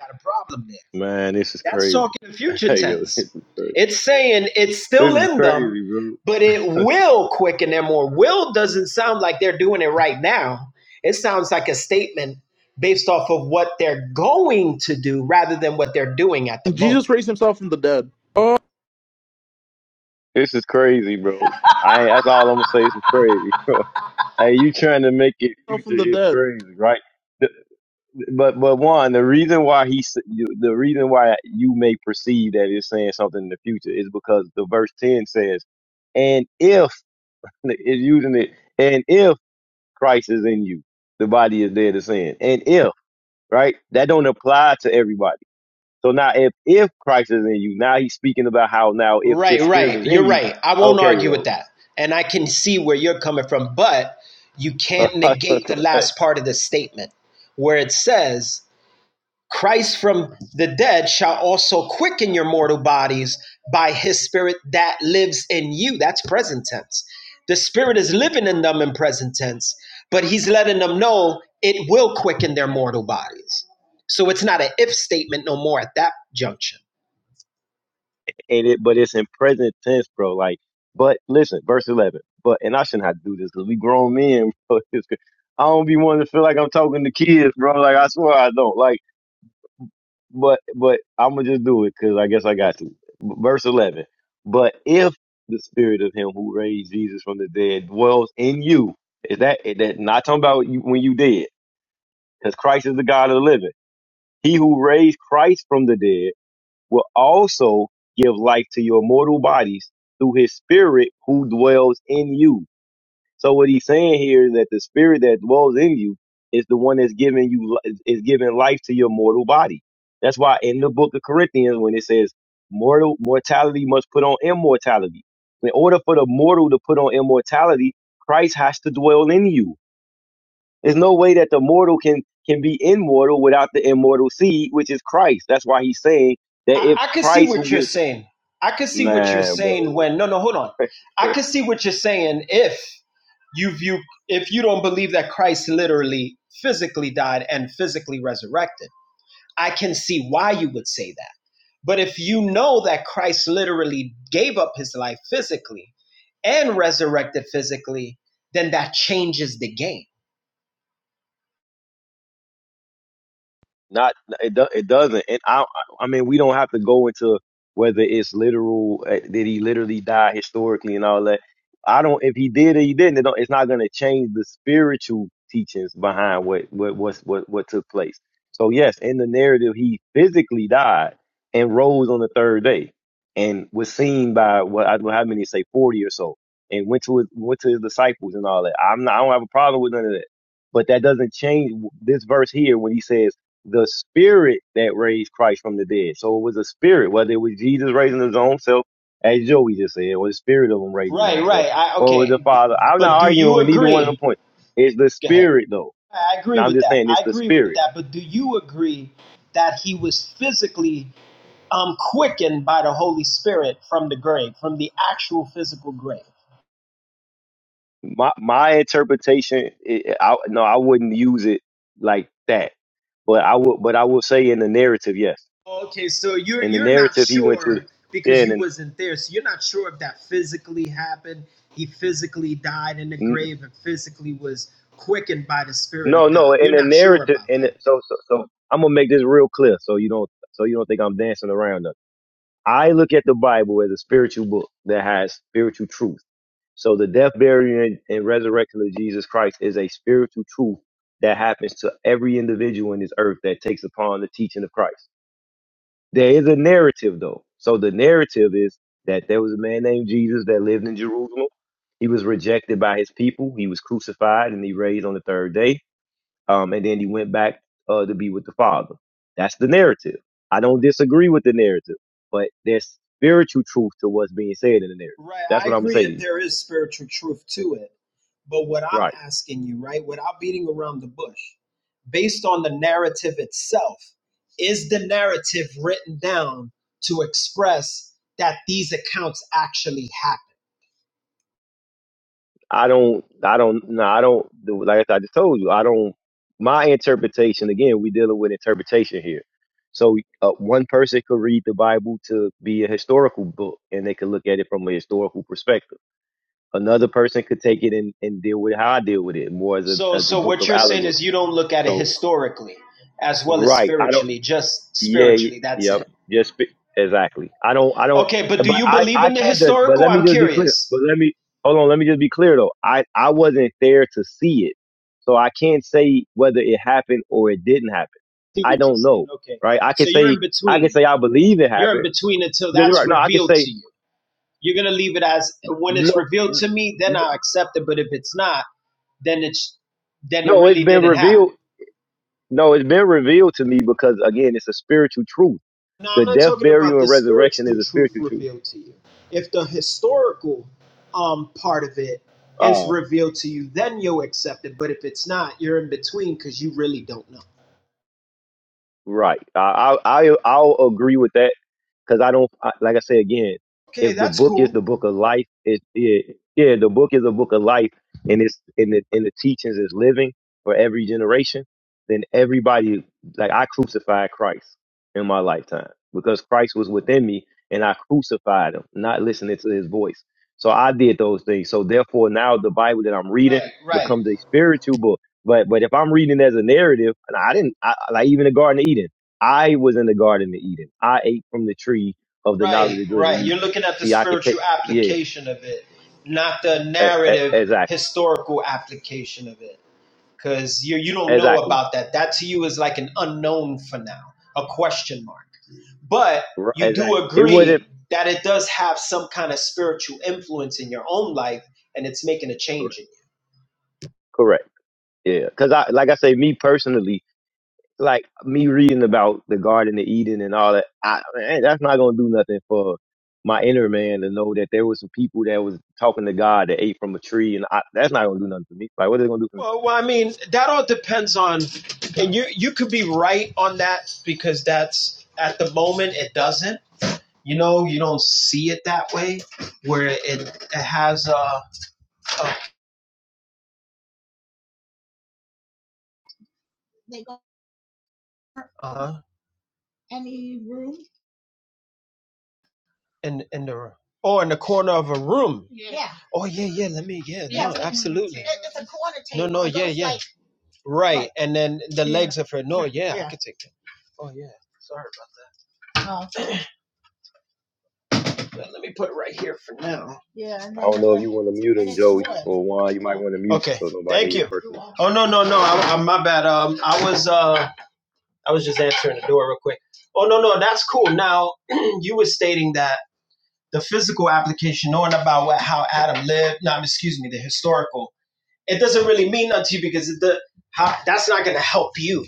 Got a problem there. man, this is That's crazy. talking future Hey, yo, tense. It's saying it's this still is in them, crazy, bro. but it will quicken them, or will doesn't sound like they're doing it right now. It sounds like a statement based off of what they're going to do rather than what they're doing at the Jesus moment. raised himself from the dead. Oh, This is crazy, bro. I ain't, that's all I'm gonna say. This is crazy, bro. Hey, you trying to make it future from the is dead. crazy, right? The- But but one, the reason why he s- you- the reason why you may perceive that it's saying something in the future is because the verse ten says, "And if is using it, and if Christ is in you, the body is dead to sin. And if right, that don't apply to everybody. So now, if if Christ is in you, now he's speaking about how now if Right, this spirit right. is You're in you, right. I won't okay, argue with bro. that. And I can see where you're coming from, but you can't negate the last part of the statement where it says, Christ from the dead shall also quicken your mortal bodies by his spirit that lives in you. That's present tense. The spirit is living in them in present tense, but he's letting them know it will quicken their mortal bodies. So it's not an if statement no more at that junction. and it but it's in present tense, bro. Like, but listen, verse eleven. But and I shouldn't have to do this because we grown men. Bro. It's I don't be wanting to feel like I'm talking to kids, bro. Like I swear I don't. Like, but but I'm gonna just do it because I guess I got to. Verse eleven. But if the spirit of him who raised Jesus from the dead dwells in you, is that that not talking about you, when you dead? Because Christ is the God of the living. He who raised Christ from the dead will also give life to your mortal bodies through his spirit who dwells in you. So what he's saying here is that the spirit that dwells in you is the one that's giving you is giving life to your mortal body. That's why in the book of Corinthians when it says mortal mortality must put on immortality. In order for the mortal to put on immortality, Christ has to dwell in you. There's no way that the mortal can can be immortal without the immortal seed, which is Christ. That's why he's saying I, that if I can see Christ, who what you're gives saying. I can see what you're Man, bro. saying when, no, no, hold on. I can see what you're saying if you view, if you don't believe that Christ literally physically died and physically resurrected I can see why you would say that. But if you know that Christ literally gave up his life physically and resurrected physically, then that changes the game. Not it. Do, it doesn't. And I. I mean, we don't have to go into whether it's literal. uh, Did he literally die historically and all that? I don't. If he did or he didn't, it don't, it's not going to change the spiritual teachings behind what what what what what took place. So yes, in the narrative, he physically died and rose on the third day, and was seen by what I don't know how many say forty or so, and went to his, went to his disciples and all that. I'm not. I don't have a problem with none of that. But that doesn't change this verse here when he says the spirit that raised Christ from the dead. So it was a spirit, whether it was Jesus raising his own self, as Joey just said, or the spirit of him raising his Right, own right. self, I or it was the okay. Father. I'm not But do arguing you with either one of them agree? points. It's the Go ahead. spirit, though. I And agree I'm with just that. saying it's I the agree with spirit. that. But do you agree that he was physically um, quickened by the Holy Spirit from the grave, from the actual physical grave? My my interpretation, it, I, no, I wouldn't use it like that. But I would, but I will say in the narrative, yes, Okay, so you're in the you're not narrative he went to, sure yeah, because you and wasn't there, so you're not sure if that physically happened. He physically died in the grave and physically was quickened by the Spirit No, of no, God. in You're the not sure narrative, about in that. the, so, so, so I'm gonna make this real clear, so you don't, so you don't think I'm dancing around nothing. I look at the Bible as a spiritual book that has spiritual truth. So the death, burial, and, and resurrection of Jesus Christ is a spiritual truth that happens to every individual in this earth that takes upon the teaching of Christ. There is a narrative though. So the narrative is that there was a man named Jesus that lived in Jerusalem. He was rejected by his people. He was crucified and he raised on the third day um, and then he went back uh, to be with the Father. That's the narrative. I don't disagree with the narrative, but there's spiritual truth to what's being said in the narrative. Right. That's I what I'm gonna agree say to that you. there is spiritual truth to it. But what I'm Right. asking you, right, without beating around the bush, based on the narrative itself, is the narrative written down to express that these accounts actually happened? I don't. I don't. No. I don't. do- Like I just told you, I don't. My interpretation. Again, we dealing with interpretation here. So uh, one person could read the Bible to be a historical book, and they could look at it from a historical perspective. Another person could take it and, and deal with it how I deal with it, more as a So as a so book what of you're saying allegory. is you don't look at it So historically as well as Right. I don't. spiritually, just Yeah. y- spiritually, that's Yep. it. Just be- exactly. I don't. I don't. Okay, but do But you I. believe I in the can't. do- But historical? let me I'm just be clear. curious. But let me. Hold on. Let me just be clear though. I. I wasn't there to see it, so I can't say whether it happened or it didn't happen. See I what you're don't saying. know. Okay. Right. I can So you're say. in I can between. say I believe it You're in happened. between until You're that's Right. No. I can revealed say to you. You're gonna leave it as when it's no. revealed to n- me, then n- I accept it. But if it's not, then it's then it No. It's really been didn't happen. revealed. No. It's been revealed to me because again, it's a spiritual truth. Now I'm The not death, talking about burial, and the resurrection is spiritual a truth spiritual truth. revealed to you. If the historical um part of it is Uh, revealed to you, then you'll accept it. But if it's not, you're in between because you really don't know. Right. I I I- I'll agree with that because I don't I, like I say again. Okay, If the that's book is cool. the book of life, it, it yeah, the book is a book of life, and it's and the and the teachings is living for every generation. Then everybody like I crucified Christ in my lifetime because Christ was within me, and I crucified him, not listening to his voice. So I did those things. So therefore, now the Bible that I'm reading Right, right. becomes a spiritual book. But but if I'm reading as a narrative, and I didn't I, like even the Garden of Eden. I was in the Garden of Eden. I ate from the tree of the Right, knowledge of good and right. You're evil. looking at the See, I could take, spiritual yeah, application of it, not the e- e- narrative exactly, historical application of it. Because you you don't know exactly, about that. That to you is like an unknown for now, a question mark. But R- you do exactly. It wouldn't, agree that it does have some kind of spiritual influence in your own life, and it's making a change correct, in you. correct, yeah. Because I, like I say, me personally, like me reading about the Garden of Eden and all that, I, man, that's not gonna do nothing for my inner man to know that there was some people that was talking to God that ate from a tree, and I, that's not gonna do nothing for me. Like, what is it gonna do for me? Well, well, I mean, that all depends on, and you you could be right on that because that's at the moment it doesn't You know, you don't see it that way, where it, it has a, a uh in in the or oh, in the corner of a room. Yeah. Oh yeah, yeah. Let me yeah, absolutely right. And then the legs of her. No, yeah, can take that. Oh yeah. Sorry about that. Let me put it right here for now. I don't know if you want to mute him, Joey, or Juan. You might want to mute Okay. so nobody hear Thank your you. personal. Oh no no no. I, I, my bad. Um, I was uh I was just answering the door real quick. Oh no no. That's cool. Now you were stating that the physical application, knowing about what, how Adam lived, no, excuse me, the historical, it doesn't really mean nothing to you because it, the, how, that's not going to help you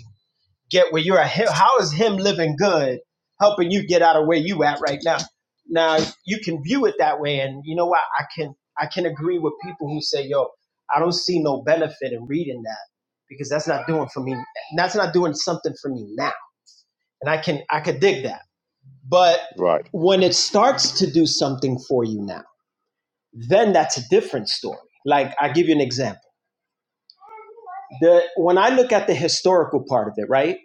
get where you're at. How is him living good helping you get out of where you at right now? Now you can view it that way, and you know what? I can I can agree with people who say, "Yo, I don't see no benefit in reading that because that's not doing for me. That's not doing something for me now." And I can I could dig that, but Right. when it starts to do something for you now then that's a different story. Like I give you an example. The when I look at the historical part of it, right,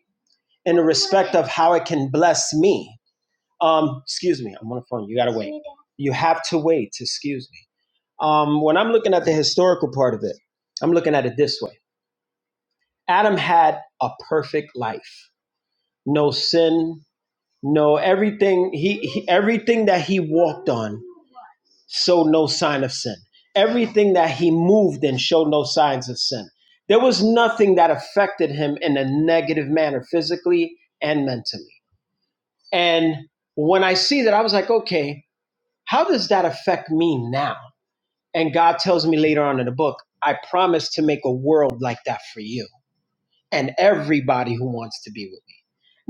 and the risk of how it can bless me. Um, excuse me, I'm on the phone. You got you have to wait. Excuse me. Um, when I'm looking at the historical part of it, I'm looking at it this way. Adam had a perfect life, no sin, no everything. He, he everything that he walked on showed no sign of sin. Everything that he moved in showed no signs of sin. There was nothing that affected him in a negative manner, physically and mentally. And when I see that, I was like, okay, how does that affect me now? And God tells me later on in the book, I promise to make a world like that for you and everybody who wants to be with me.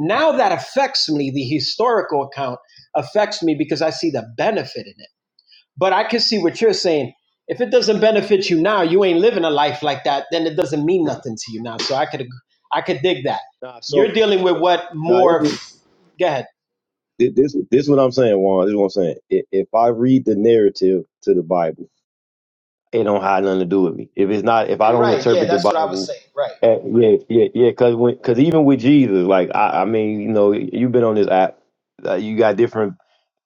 Now that affects me, the historical account affects me because I see the benefit in it but I can see what you're saying. If it doesn't benefit you now, you ain't living a life like that, then it doesn't mean nothing to you now. So I could ag- I could dig that. Nah, so You're dealing with what nah, this more what go ahead. thi- this this what I'm saying, Juan. This is what I'm saying. If, if I read the narrative to the Bible, it don't have nothing to do with me. If it's not, if I don't Right. Yeah, interpret the that's what I was Bible, saying. Right. eh, yeah, yeah, yeah. Cause when, cause even with Jesus, like I, I mean, you know, you've been on this app, uh, you got different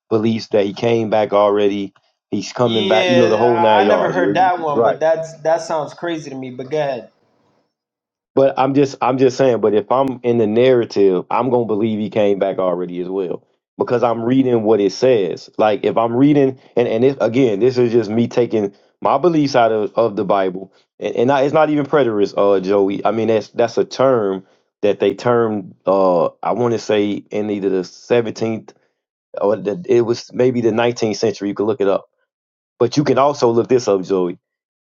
beliefs that he came back already. He's coming back. You know, the Yeah, whole I nine I never yards. heard that one, Right. but that's that sounds crazy to me. But go ahead. But I'm just I'm just saying, but if I'm in the narrative, I'm gonna believe he came back already as well. Because I'm reading what it says. Like if I'm reading and, and this again, this is just me taking my beliefs out of, of the Bible. And, and I, it's not even preterist, uh Joey. I mean that's that's a term that they termed uh I wanna say in either the seventeenth or the, it was maybe the nineteenth century, you can look it up. But you can also look this up, Joey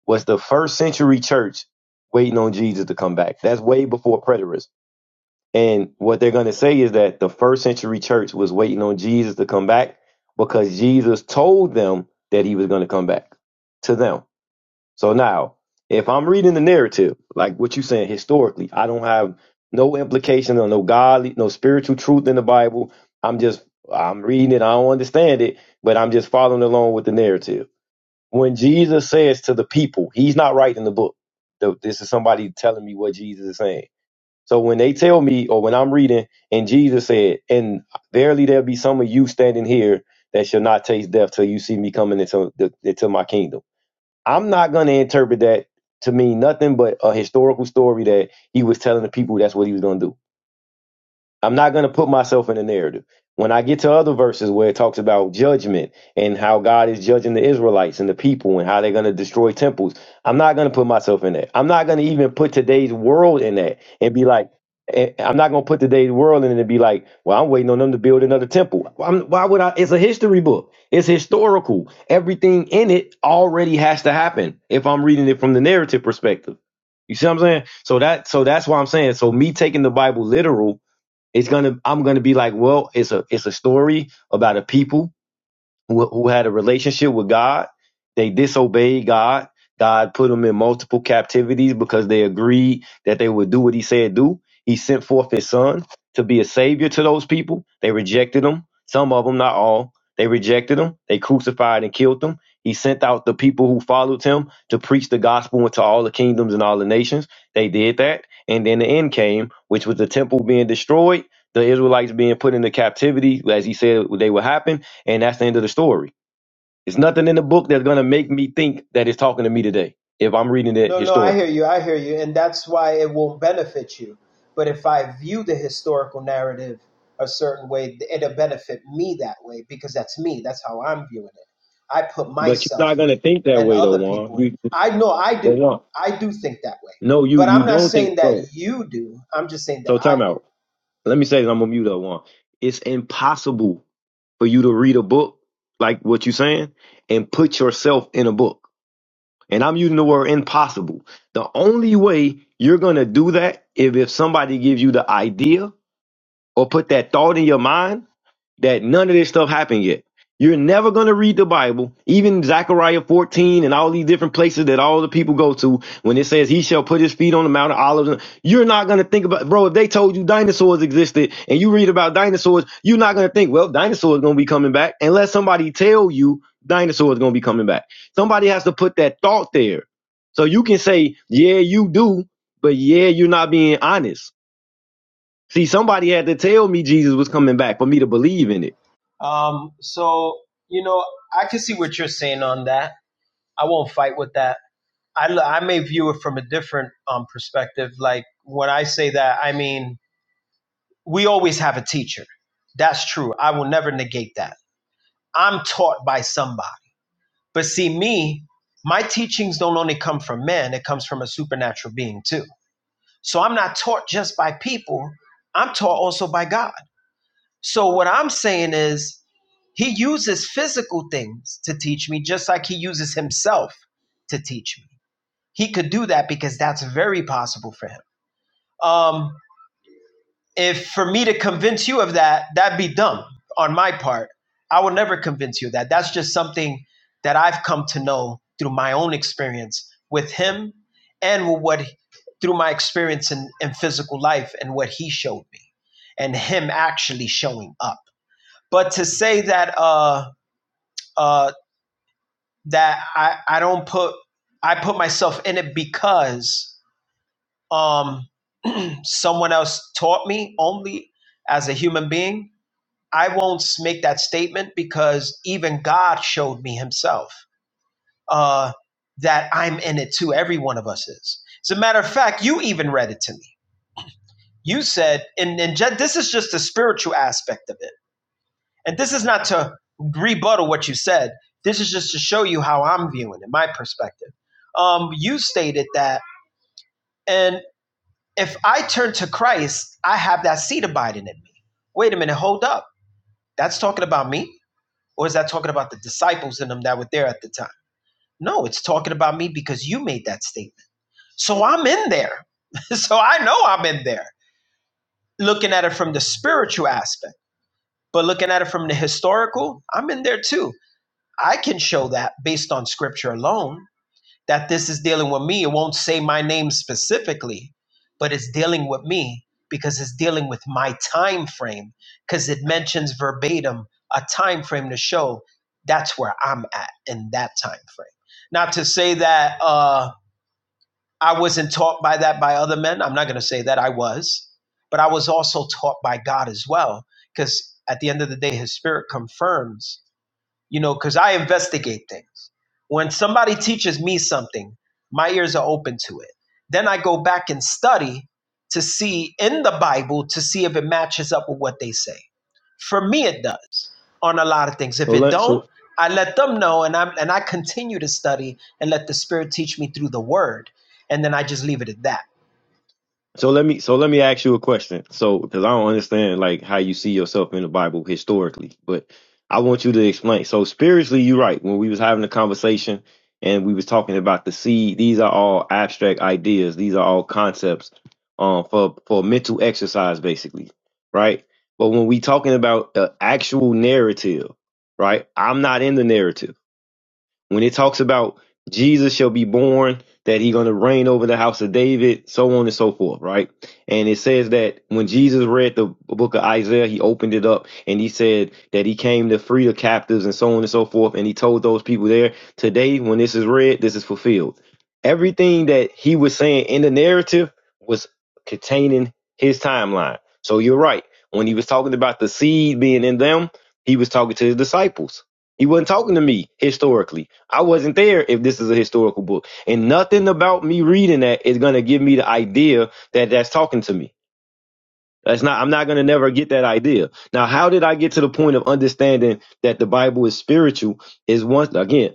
was the first century church waiting on Jesus to come back. That's way before preterism. And what they're going to say is that the first century church was waiting on Jesus to come back because Jesus told them that he was going to come back to them. So now, if I'm reading the narrative, like what you're saying historically, I don't have no implication or no godly, no spiritual truth in the Bible. I'm just, I'm reading it. I don't understand it, but I'm just following along with the narrative when Jesus says to the people, he's not writing the book. Th- This is somebody telling me what Jesus is saying. So when they tell me, or when I'm reading, and Jesus said, "And verily there'll be some of you standing here that shall not taste death till you see me coming into the, into my kingdom," I'm not going to interpret that to mean nothing but a historical story that he was telling the people that's what he was going to do. I'm not going to put myself in the narrative. When I get to other verses where it talks about judgment and how God is judging the Israelites and the people and how they're going to destroy temples, I'm not going to put myself in that. I'm not going to even put today's world in that and be like, eh, I'm not going to put today's world in it and be like, well, I'm waiting on them to build another temple. Why why would I? It's a history book, it's historical. Everything in it already has to happen if I'm reading it from the narrative perspective. You see what I'm saying? So that so that's why I'm saying. So me taking the Bible literal it's gonna I'm gonna be like, well, it's a it's a story about a people who, who had a relationship with God. They disobeyed God. God put them in multiple captivities because they agreed that they would do what he said do. He sent forth his son to be a savior to those people. They rejected him. Some of them, not all. They rejected him. They crucified and killed him. He sent out the people who followed him to preach the gospel into all the kingdoms and all the nations. They did that. And then the end came, which was the temple being destroyed, the Israelites being put into captivity, as he said they would happen and that's the end of the story. It's nothing in the book that's going to make me think that it's talking to me today if I'm reading it No, no, I hear historically. you. I hear you. And that's why it won't benefit you. But if I view the historical narrative a certain way, it'll benefit me that way because that's me. That's how I'm viewing it. I put But you're myself not in going to think it that and way, though, other Juan. people in it. You, I know I but do. Juan, I do think that way. no, you But you I'm not don't saying think that so. you do. I'm just saying that So I time out. do. Let me say this. I'm going to mute up, Juan. It's impossible for you to read a book like what you're saying and put yourself in a book. And I'm using the word impossible. The only way you're going to do that is if somebody gives you the idea or put that thought in your mind that none of this stuff happened yet. You're never going to read the Bible, even Zechariah 14 and all these different places that all the people go to when it says he shall put his feet on the Mount of Olives. You're not going to think about, bro, if they told you dinosaurs existed and you read about dinosaurs, you're not going to think, well, dinosaurs going to be coming back unless somebody tell you dinosaurs going to be coming back. Somebody has to put that thought there. So you can say, yeah, you do, but yeah, you're not being honest. See, somebody had to tell me Jesus was coming back for me to believe in it. Um, so, you know, I can see what you're saying on that. I won't fight with that. I I may view it from a different um, perspective. Like when I say that, I mean, we always have a teacher. That's true. I will never negate that. I'm taught by somebody. But see, me, my teachings don't only come from man, it comes from a supernatural being too. So I'm not taught just by people, I'm taught also by God. So what I'm saying is, he uses physical things to teach me, just like he uses himself to teach me. He could do that because that's very possible for him um, if for me to convince you of that, that'd be dumb on my part. I will never convince you of that. That's just something that I've come to know through my own experience with him and with what through my experience in, in physical life and what he showed me and him actually showing up. But to say that uh uh that I, I don't put I put myself in it because um someone else taught me only as a human being I won't make that statement because even God showed me Himself uh, that I'm in it too. Every one of us is. As a matter of fact, you even read it to me. You said, and, and Je- this is just the spiritual aspect of it. And this is not to rebuttal what you said. This is just to show you how I'm viewing it, my perspective. Um, you stated that, and if I turn to Christ, I have that seed abiding in me. Wait a minute, hold up. That's talking about me Or is that talking about the disciples and them that were there at the time? No, it's talking about me because you made that statement. So I'm in there. so I know I'm in there. Looking at it from the spiritual aspect, but looking at it from the historical, I'm in there too. I can show that based on scripture alone that this is dealing with me. It won't say my name specifically, but it's dealing with me because it's dealing with my time frame because it mentions verbatim a time frame to show that's where I'm at in that time frame. Not to say that uh, I wasn't taught by that by other men. I'm not going to say that I was, but I was also taught by God as well because at the end of the day, His Spirit confirms you know, because I investigate things. When somebody teaches me something, my ears are open to it. Then I go back and study to see in the Bible to see if it matches up with what they say. For me, it does on a lot of things. So If it let don't, so I let them know, and I and I continue to study and let the Spirit teach me through the Word and then I just leave it at that. so let me so let me ask you a question. So because I don't understand like how you see yourself in the Bible historically, but I want you to explain. So spiritually, you're right. When we was having a conversation and we was talking about the seed, these are all abstract ideas. These are all concepts um, for for mental exercise, basically, right? But when we talking about the actual narrative, right? I'm not in the narrative. When it talks about Jesus shall be born, that he's going to reign over the house of David, so on and so forth, right? And it says that when Jesus read the book of Isaiah, he opened it up and he said that he came to free the captives and so on and so forth. And he told those people there, today, when this is read, this is fulfilled. Everything that he was saying in the narrative was containing his timeline. So you're right. When he was talking about the seed being in them, he was talking to his disciples. He wasn't talking to me historically. I wasn't there if this is a historical book. And nothing about me reading that is going to give me the idea that that's talking to me. That's not, I'm not going to never get that idea. Now, how did I get to the point of understanding that the Bible is spiritual is once again,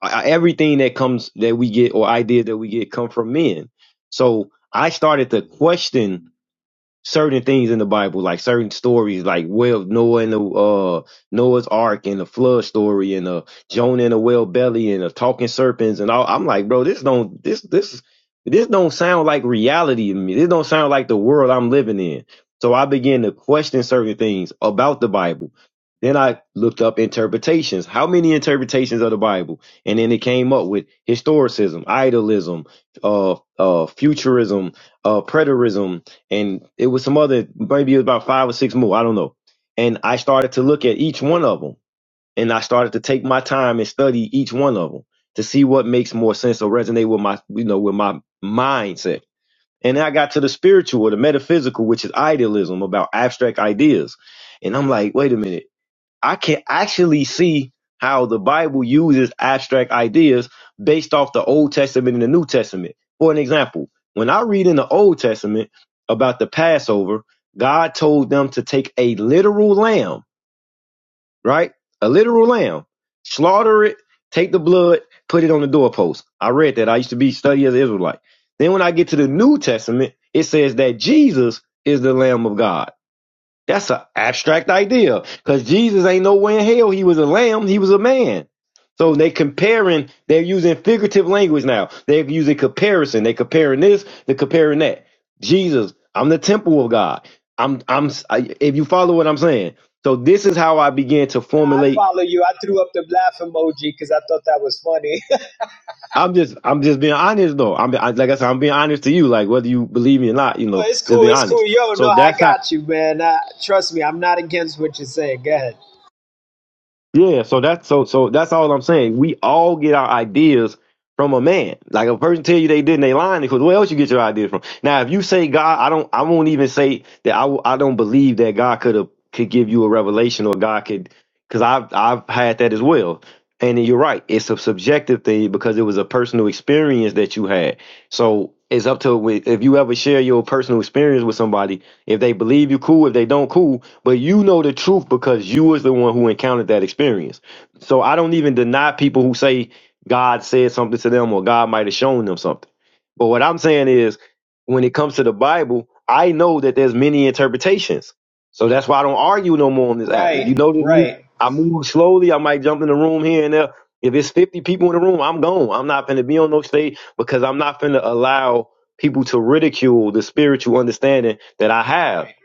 I- everything that comes that we get or ideas that we get come from men. So I started to question certain things in the Bible, like certain stories, like well Noah and the uh Noah's Ark and the flood story and the Jonah and the whale belly and the talking serpents and all. I'm like, bro, this don't this this this don't sound like reality to me. This don't sound like the world I'm living in. So I began to question certain things about the Bible. Then I looked up interpretations. How many interpretations of the Bible? And then it came up with historicism, idolism, uh, uh, futurism, uh, preterism, and it was some other maybe it was about five or six more i don't know and i started to look at each one of them and i started to take my time and study each one of them to see what makes more sense or resonate with my you know with my mindset and then i got to the spiritual the metaphysical which is idealism about abstract ideas and i'm like wait a minute I can actually see how the Bible uses abstract ideas based off the Old Testament and the New Testament. For an example, when I read in the Old Testament about the Passover, God told them to take a literal lamb, right? A literal lamb, slaughter it, take the blood, put it on the doorpost. I read that. I used to be study as an Israelite. Then when I get to the New Testament, it says that Jesus is the Lamb of God that's an abstract idea because Jesus ain't nowhere in hell. He was a lamb. He was a man. So they comparing. They're using figurative language now. They're using comparison. They comparing this. They're comparing that. Jesus, I'm the temple of God. I'm. I'm. I, if you follow what I'm saying, so this is how I began to Nah, I formulate. follow you. I threw up the laugh emoji because I thought that was funny. I'm just. I'm just being honest though. I'm I, like I said. I'm being honest to you. Like whether you believe me or not, you Oh, know, it's just cool. being It's cool. honest. Yo, So no, I that's how. got you, man. Uh, trust me, I'm not against what you're saying. Go ahead. Yeah, so that's so so that's all I'm saying. We all get our ideas from a man. Like if a person tell you they did and they lying because where else you get your ideas from? Now if you say God, I don't I won't even say that I w- I don't believe that God could have could give you a revelation or God could because I've I've had that as well. And then you're right, it's a subjective thing because it was a personal experience that you had. So it's up to if you ever share your personal experience with somebody if they believe you, cool. If they don't, cool. But you know the truth because you was the one who encountered that experience. So I don't even deny people who say God said something to them or God might have shown them something. But what I'm saying is, when it comes to the Bible, I know that there's many interpretations. So that's why I don't argue no more on this app. If you Right, notice me, right, I move slowly. I might jump in the room here and there. If it's 50 people in the room, I'm gone. I'm not finna be on no stage because I'm not finna allow people to ridicule the spiritual understanding that I have right.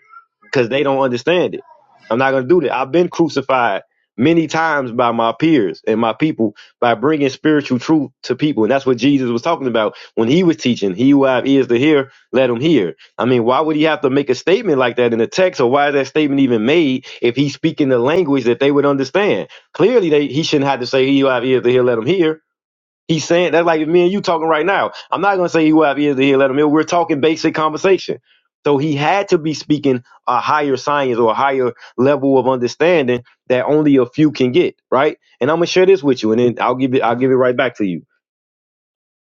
because they don't understand it. I'm not going to do that. I've been crucified many times by my peers and my people by bringing spiritual truth to people. And that's what Jesus was talking about when he was teaching. He who have ears to hear, let him hear. I mean, why would he have to make a statement like that in the text or why is that statement even made if he's speaking the language that they would understand? Clearly, they, he shouldn't have to say he who have ears to hear, let him hear He's saying that's like me and you talking right now. I'm not gonna say he will have ears to hear, let him hear. We're talking basic conversation. So he had to be speaking a higher science or a higher level of understanding that only a few can get, right? And I'm gonna share this with you, and then I'll give it I'll give it right back to you.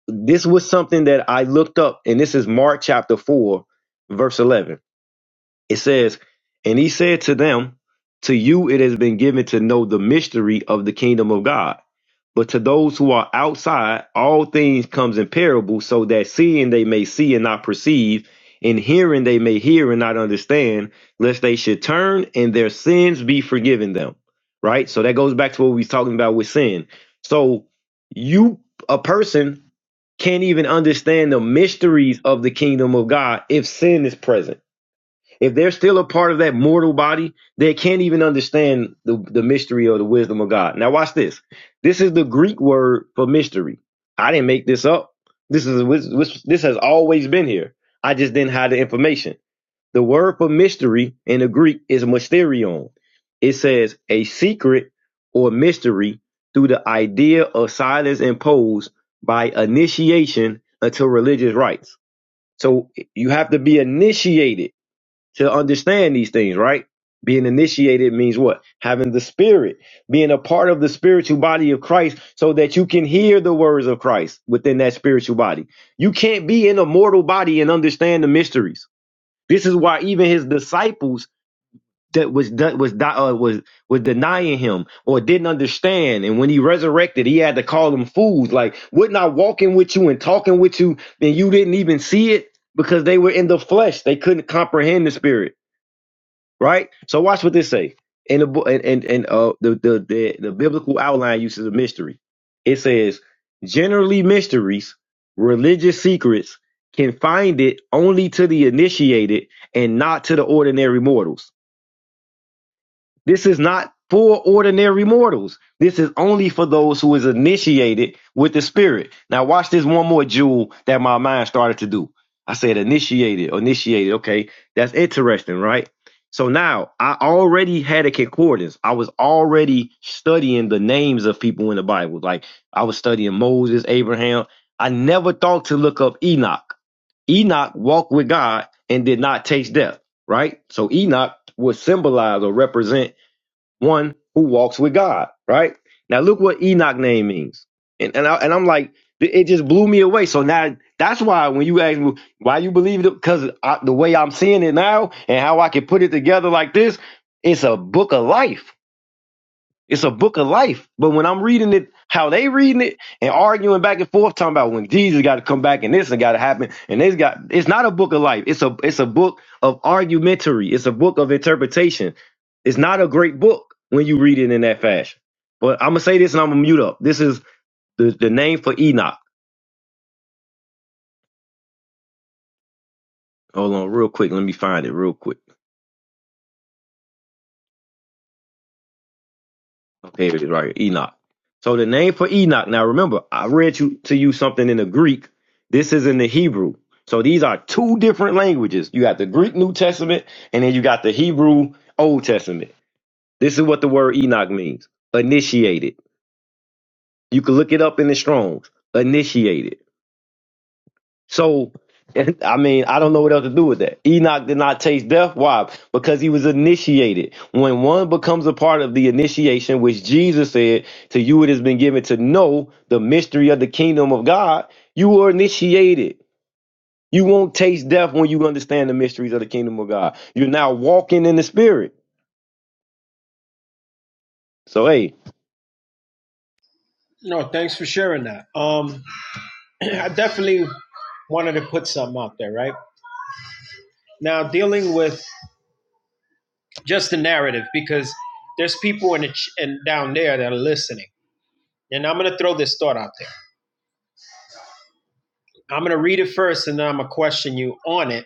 This was something that I looked up, and this is Mark chapter four, verse eleven. It says, And he said to them, To you it has been given to know the mystery of the kingdom of God. But to those who are outside, all things comes in parable, so that seeing they may see and not perceive, and hearing they may hear and not understand, lest they should turn and their sins be forgiven them. Right? So that goes back to what we was talking about with sin. So you a person can't even understand the mysteries of the kingdom of God if sin is present if they're still a part of that mortal body, they can't even understand the, the mystery or the wisdom of God. Now, watch this. This is the Greek word for mystery. I didn't make this up. This is this this has always been here. I just didn't hide the information. The word for mystery in the Greek is mysterion. It says a secret or mystery through the idea of silence imposed by initiation until religious rites. So you have to be initiated to understand these things, right? Being initiated means what? Having the spirit, being a part of the spiritual body of Christ so that you can hear the words of Christ within that spiritual body. You can't be in a mortal body and understand the mysteries. This is why even his disciples that was that was di- uh, was was denying him or didn't understand and when he resurrected he had to call them fools like wouldn't I walking with you and talking with you and you didn't even see it because they were in the flesh they couldn't comprehend the spirit right? So watch what this say in the book and and, and uh the, the the the biblical outline uses a mystery. It says generally mysteries, religious secrets can find it only to the initiated and not to the ordinary mortals. This is not for ordinary mortals. This is only for those who is initiated with the spirit. Now watch this one more jewel that my mind started to do. I said initiated, initiated. Okay. That's interesting, right? So now I already had a concordance. I was already studying the names of people in the Bible. Like I was studying Moses, Abraham. I never thought to look up Enoch. Enoch walked with God and did not taste death, right? So Enoch would symbolize or represent one who walks with God, right? Now look what Enoch name means. And and, I, and I'm like, it it just blew me away. So now that's why when you ask me why you believe it, because the way I'm seeing it now and how I can put it together like this, it's a book of life. It's a book of life. But when I'm reading it, how they reading it and arguing back and forth, talking about when Jesus got to come back and this and got to happen and this got it's not a book of life. It's a it's a book of argumentary. It's a book of interpretation. It's not a great book when you read it in that fashion. But I'm gonna say this and I'm gonna mute up. This is the, the name for Enoch. Hold on, real quick. Let me find it real quick. Okay, right here, Enoch. So the name for Enoch. Now remember, I read you to you something in the Greek. This is in the Hebrew. So these are two different languages. You got the Greek New Testament, and then you got the Hebrew Old Testament. This is what the word Enoch means. Initiated. You can look it up in the Strong's. Initiated. So, I mean, I don't know what else to do with that. Enoch did not taste death. Why? Because he was initiated. When one becomes a part of the initiation, which Jesus said, to you it has been given to know the mystery of the kingdom of God, you are initiated. You won't taste death when you understand the mysteries of the kingdom of God. You're now walking in the spirit. So, hey, No, thanks for sharing that. Um, I definitely. wanted to put something out there, right? Now, dealing with just the narrative, because there's people in the ch- and down there that are listening, and I'm going to throw this thought out there. I'm going to read it first, and then I'm going to question you on it,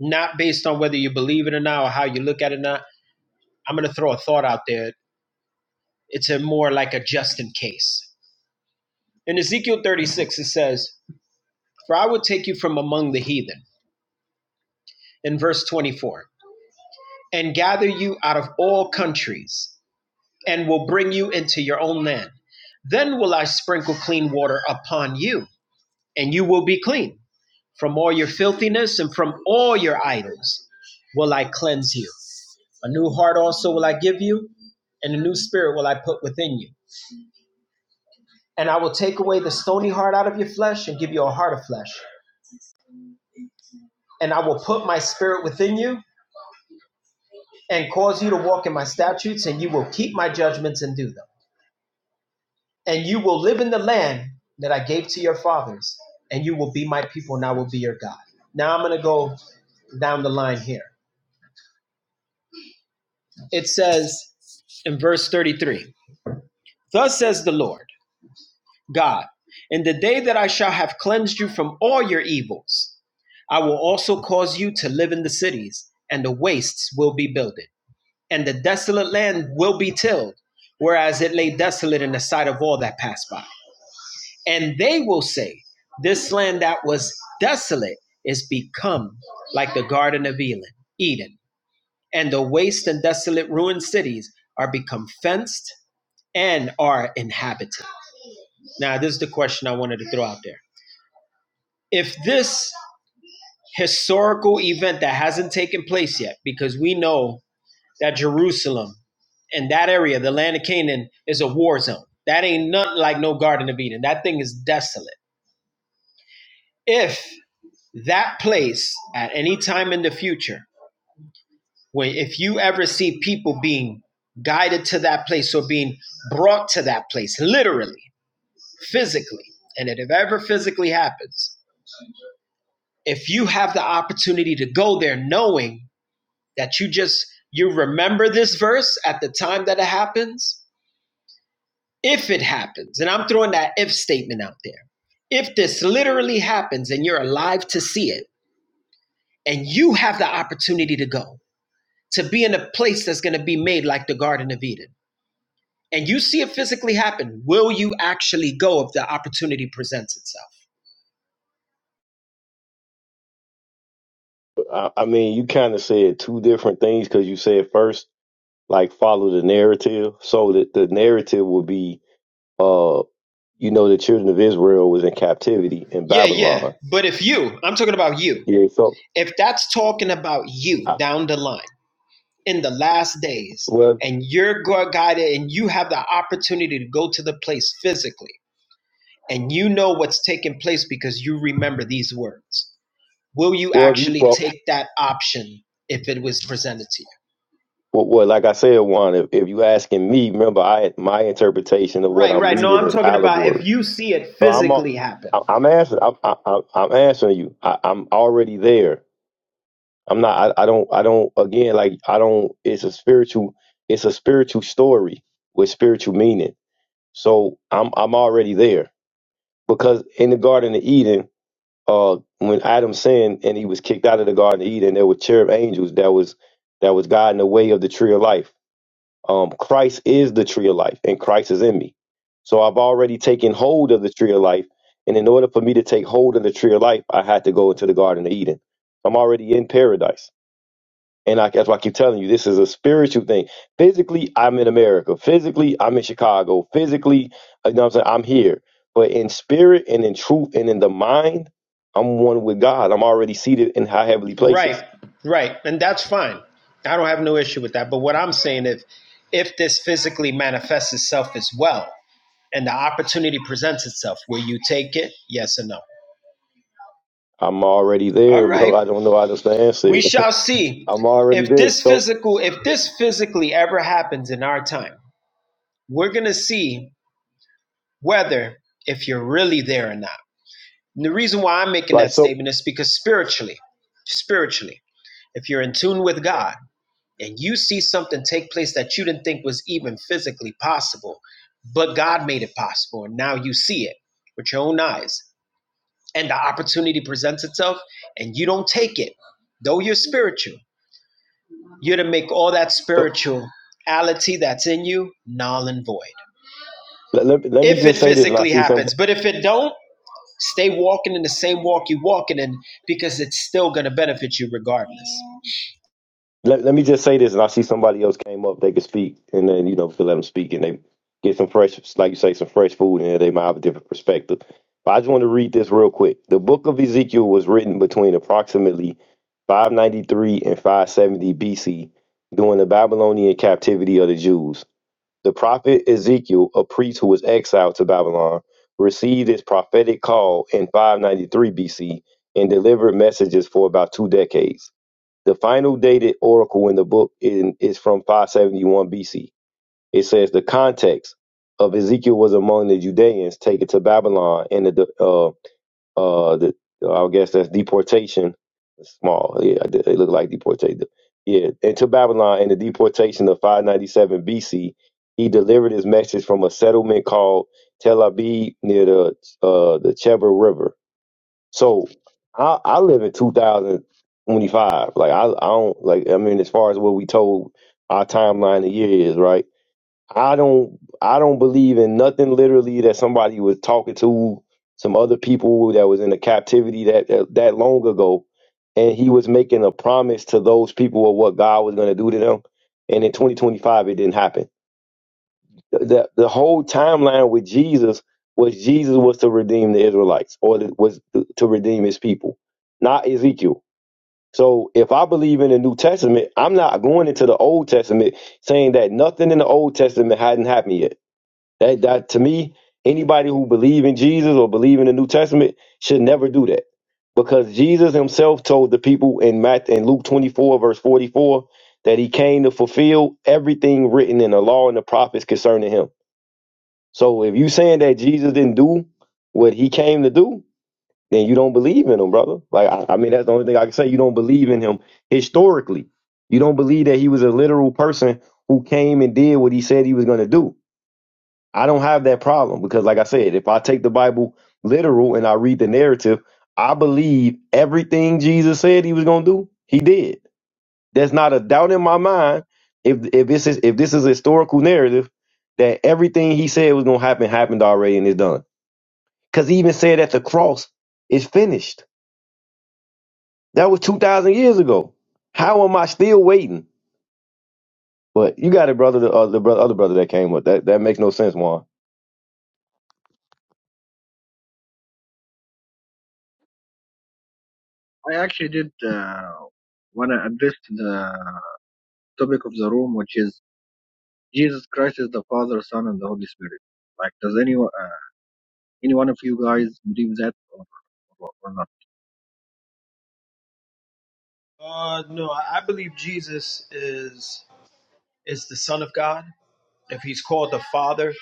not based on whether you believe it or not, or how you look at it or not. I'm going to throw a thought out there. It's a more like a just in case. In Ezekiel 36, it says, "For I will take you from among the heathen." In verse 24, and gather you out of all countries and will bring you into your own land. Then will I sprinkle clean water upon you, and you will be clean. From all your filthiness and from all your idols will I cleanse you. A new heart also will I give you, and a new spirit will I put within you. And I will take away the stony heart out of your flesh and give you a heart of flesh. And I will put my spirit within you and cause you to walk in my statutes, and you will keep my judgments and do them. and you will live in the land that I gave to your fathers, and you will be my people, and I will be your God. Now I'm going to go down the line here. It says in verse 33 Thus says the Lord God, in the day that I shall have cleansed you from all your evils, I will also cause you to live in the cities, and the wastes will be builded, and the desolate land will be tilled, whereas it lay desolate in the sight of all that passed by. And they will say, This land that was desolate is become like the Garden of Eden. Eden. And the waste and desolate ruined cities are become fenced and are inhabited. Now, this is the question I wanted to throw out there. If this historical event that hasn't taken place yet, because we know that Jerusalem and that area, the land of Canaan, is a war zone. That ain't nothing like no Garden of Eden. That thing is desolate. If that place at any time in the future when if you ever see people being guided to that place or being brought to that place literally physically and it ever physically happens if you have the opportunity to go there knowing that you just you remember this verse at the time that it happens if it happens and i'm throwing that if statement out there if this literally happens and you're alive to see it and you have the opportunity to go to be in a place that's going to be made like the Garden of Eden. And you see it physically happen. Will you actually go if the opportunity presents itself? I, I mean, you kind of said two different things because you said first, like follow the narrative. So that the narrative will be uh. You know, the children of Israel was in captivity in Yeah, yeah. Babylon. But if you, I'm talking about you, Yeah, so if that's talking about you I, down the line in the last days, well, and you're gu- guided and you have the opportunity to go to the place physically, and you know what's taking place because you remember these words. will you well, if you actually well, take that option if it was presented to you? well, well, like I said, Juan, if, if you asking me, remember, I my interpretation of what Right, I'm right. No, reading I'm is talking about if allegory. you see it So I'm a- physically happen. I- I'm answering I'm I, I- I'm answering you. I, I'm already there. I'm not. I, I don't. I don't. Again, like I don't. It's a spiritual. It's a spiritual story with spiritual meaning. So I'm I'm already there because in the Garden of Eden uh, when Adam sinned and he was kicked out of the Garden of Eden, there were cherub angels that was that was guiding the way of the tree of life. Um, Christ is the tree of life, and Christ is in me. So I've already taken hold of the tree of life, and in order for me to take hold of the tree of life, I had to go into the Garden of Eden. I'm already in paradise. And I, that's why I keep telling you, this is a spiritual thing. Physically, I'm in America. Physically, I'm in Chicago. Physically, you know what I'm saying? I'm here. But in spirit and in truth and in the mind, I'm one with God. I'm already seated in high heavenly Right, places. right. And that's fine. I don't have no issue with that. But what I'm saying is if if this physically manifests itself as well and the opportunity presents itself, will you take it? Yes or no? I'm already All there, bro. I right. don't know how else to answer We it. shall see. I'm already If there. this So, physical if this physically ever happens in our time, we're gonna see whether if you're really there or not. And the reason why I'm making right. that So, statement is because spiritually, spiritually, if you're in tune with God and you see something take place that you didn't think was even physically possible, but God made it possible, and now you see it with your own eyes, and the opportunity presents itself, and you don't take it, though you're spiritual, you're to make all that so spirituality that's in you null and void. let, let, let me If it just say this, and I physically see some. happens, but if it don't, Stay walking in the same walk you're walking in because it's still going to benefit you regardless. Let, let me just say this, and I see somebody else came up, they could speak, and then you know, if you let them speak, and they get some fresh, like you say, some fresh food, and they might have a different perspective. But I just want to read this real quick. The book of Ezekiel was written between approximately 593 and 570 BC during the Babylonian captivity of the Jews. The prophet Ezekiel, a priest who was exiled to Babylon, received his prophetic call in 593 BC and delivered messages for about two decades. The final dated oracle in the book in, is from 571 BC. It says the context of Ezekiel was among the Judeans taken to Babylon and the uh uh the I guess that's deportation. Small, yeah, it it looked like deportation. Yeah, and to Babylon and the deportation of 597 BC, he delivered his message from a settlement called Tel Aviv near the uh the Chebar River so I I live in 2025. Like I I don't like I mean as far as what we told our timeline the year is, right? I don't I don't believe in nothing literally that somebody was talking to some other people that was in a captivity that that, that long ago and he was making a promise to those people of what God was going to do to them and in 2025 it didn't happen. The, the, the whole timeline with Jesus was Jesus was to redeem the Israelites or the, was to redeem his people, not Ezekiel. So if I believe in the New Testament, I'm not going into the Old Testament saying that nothing in the Old Testament hadn't happened yet. That, that to me, anybody who believe in Jesus or believe in the New Testament should never do that because Jesus himself told the people in Matt in Luke 24 verse 44 that he came to fulfill everything written in the law and the prophets concerning him. So if you saying that Jesus didn't do what he came to do, then you don't believe in him, brother. Like I, I mean, that's the only thing I can say. You don't believe in him historically. You don't believe that he was a literal person who came and did what he said he was going to do. I don't have that problem because, like I said, if I take the Bible literal and I read the narrative, I believe everything Jesus said he was going to do, he did. There's not a doubt in my mind if if this is if this is a historical narrative that everything he said was gonna happen happened already and it's done. Cause he even said at the cross is finished. That was two thousand years ago. How am I still waiting? But you got it, brother. The, uh, the brother, other brother that came up. That that makes no sense, Juan. I actually did uh, want to address the topic of the room, which is Jesus Christ is the Father, Son, and the Holy Spirit. Like, does any uh, any one of you guys believe that or, or, or not? Uh, no, I believe Jesus is is the Son of God. If he's called the Father,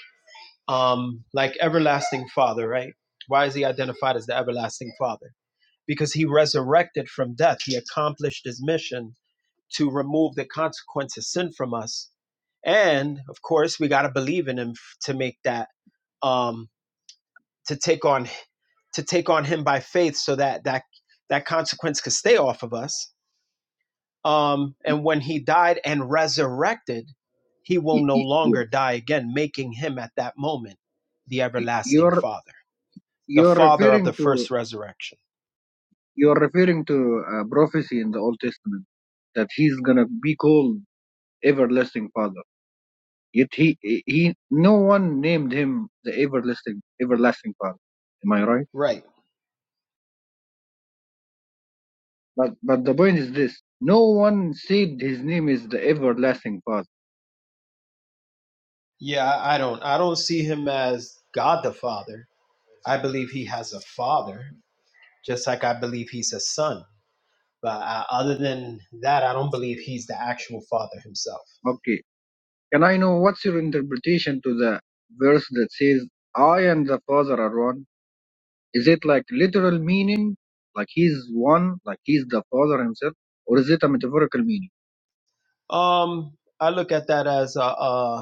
um, like everlasting Father, right? Why is he identified as the everlasting Father? Because he resurrected from death. He accomplished his mission to remove the consequence of sin from us. And of course, we got to believe in him f- to make that um, to take on to take on him by faith so that that that consequence could stay off of us um and when he died and resurrected he will Y- no y- longer y- die again making him at that moment the everlasting You're father the you're father of the referring to first resurrection you're referring to a prophecy in the Old Testament that he's gonna be called everlasting Father. Yet he he no one named him the everlasting everlasting Father. Am I right? right But but the point is this: no one said his name is the everlasting Father. yeah i don't i don't see him as god the father i believe he has a father just like i believe he's a son but uh, other than that i don't believe he's the actual father himself Okay, can I know what's your interpretation to the verse that says, "I and the Father are one"? Is it like literal meaning, like he's one, like he's the Father himself, or is it a metaphorical meaning? um I look at that as a, a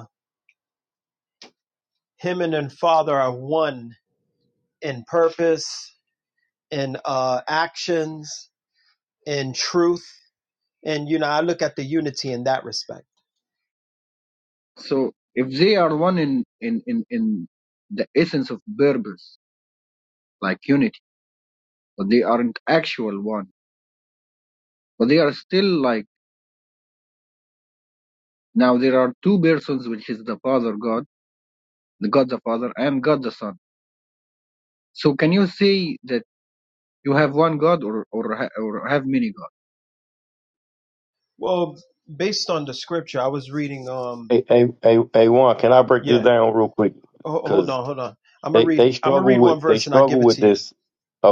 him and then Father are one in purpose, in uh, actions, in truth. And, you know, I look at the unity in that respect. So if they are one in in in in the essence of purpose, like unity, but they aren't actual one, but they are still like now there are two persons, which is the Father God the God the Father and God the Son. So can you say that you have one God or or ha- or have many gods? Well, based on the scripture, I was reading, um, Hey, hey, hey, hey, Juan. Can I break this yeah, down real quick? Ho- hold Cause on, hold on. I'm going to they they read, I'm going to struggle read one with they verse and I'll give struggle it with to you. this.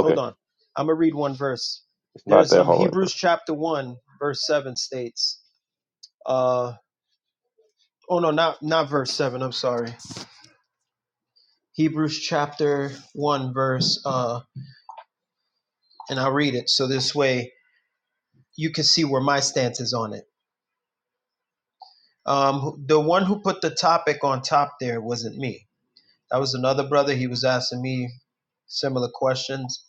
Hold on. I'm gonna read one verse. it's not There's that um hard, Hebrews bro. chapter one, verse seven states. Uh oh no, not not verse seven. I'm sorry. Hebrews chapter one, verse uh, and I'll read it so this way you can see where my stance is on it. Um, the one who put the topic on top there wasn't me. That was another brother. He was asking me similar questions.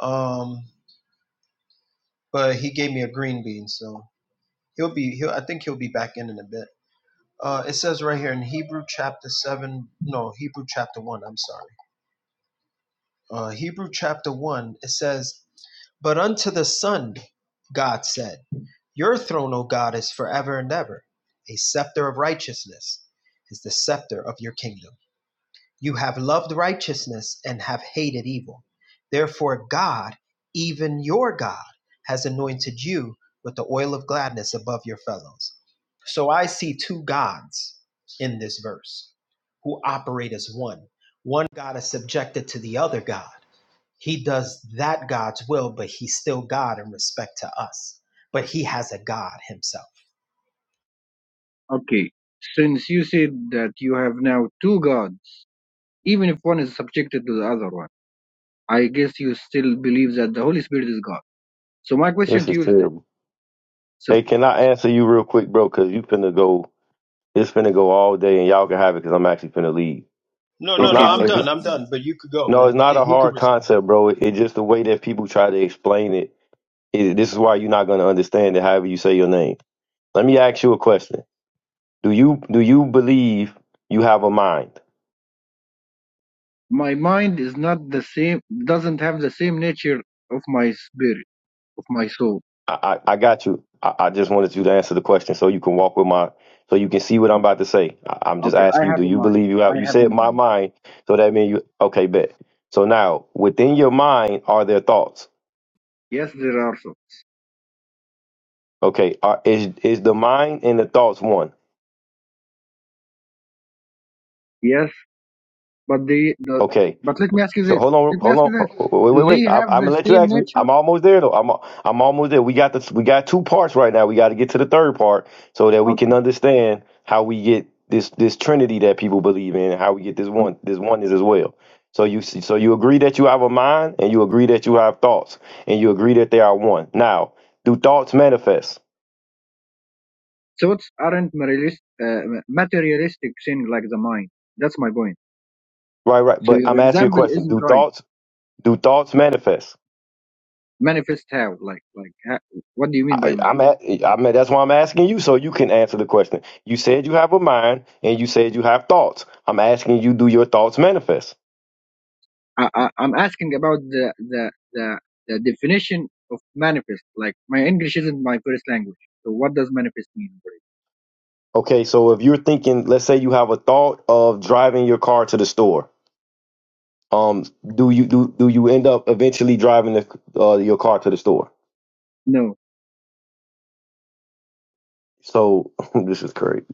Um, but he gave me a green bean, so he'll be. He'll, I think he'll be back in in a bit. Uh, it says right here in Hebrew chapter 7, no, Hebrew chapter 1, I'm sorry. Uh, Hebrew chapter 1, it says, But unto the Son, God said, Your throne, O God, is forever and ever. A scepter of righteousness is the scepter of your kingdom. You have loved righteousness and have hated evil. Therefore, God, even your God, has anointed you with the oil of gladness above your fellows. So I see two gods in this verse who operate as one. One God is subjected to the other God. He does that God's will, but he's still God in respect to us. But he has a God himself. Okay. Since you said that you have now two gods, even if one is subjected to the other one, I guess you still believe that the Holy Spirit is God. So my question This to is you is this. terrible. So Hey, can I answer you real quick, bro? Because you finna go. It's finna go all day, and y'all can have it. Because I'm actually finna leave. No, It's no, no, okay, not. go I'm It's n- ahead. done. I'm Go ahead. done. But you could go, no. It's man. not He a he could hard respond. concept, bro. It- It's just the way that people try to explain it. it. This is why you're not gonna understand it. However you say your name. Let me ask you a question. Do you do you believe you have a mind? My mind is not the same doesn't have the same nature of my spirit, of my soul. I, I I got you. I, I just wanted you to answer the question so you can walk with my, so you can Okay. see what I'm Okay. about to say. I, I'm just Okay. I asking you, have do a you mind. believe you I have, you have a said my mind. mind, so that means you, okay, bet. So now, within your mind are there thoughts? Yes, there are so. Okay, are, is, is the mind and the thoughts one? Yes, But they, the, Okay, but let me ask you So this. hold on, Let me hold ask you on, this. uh, wait, Do wait, they wait. I, have I'm the gonna let you same ask me. nature? I'm almost there though. I'm I'm almost there. We got this. We got two parts right now. We got to get to the third part so that we can Okay. understand how we get this this Trinity that people believe in, and how we get this okay. one this oneness as well. So you see, so you agree that you have a mind, and you agree that you have thoughts, and you agree that they are one. Now, do thoughts manifest? Thoughts aren't materialist, uh, materialistic thing like the mind. That's my point. Right, right. So But your I'm asking you a example question. isn't Do right. thoughts do thoughts manifest? Manifest how? Like, like, ha, what do you mean by I, manifest? I'm at, I mean, that's why I'm asking you so you can answer the question. You said you have a mind and you said you have thoughts. I'm asking you, do your thoughts manifest? I, I, I'm asking about the, the, the, the definition of manifest. Like, my English isn't my first language. So what does manifest mean? Okay, so if you're thinking, let's say you have a thought of driving your car to the store, um, do you do do you end up eventually driving the, uh, your car to the store? No. So this is crazy.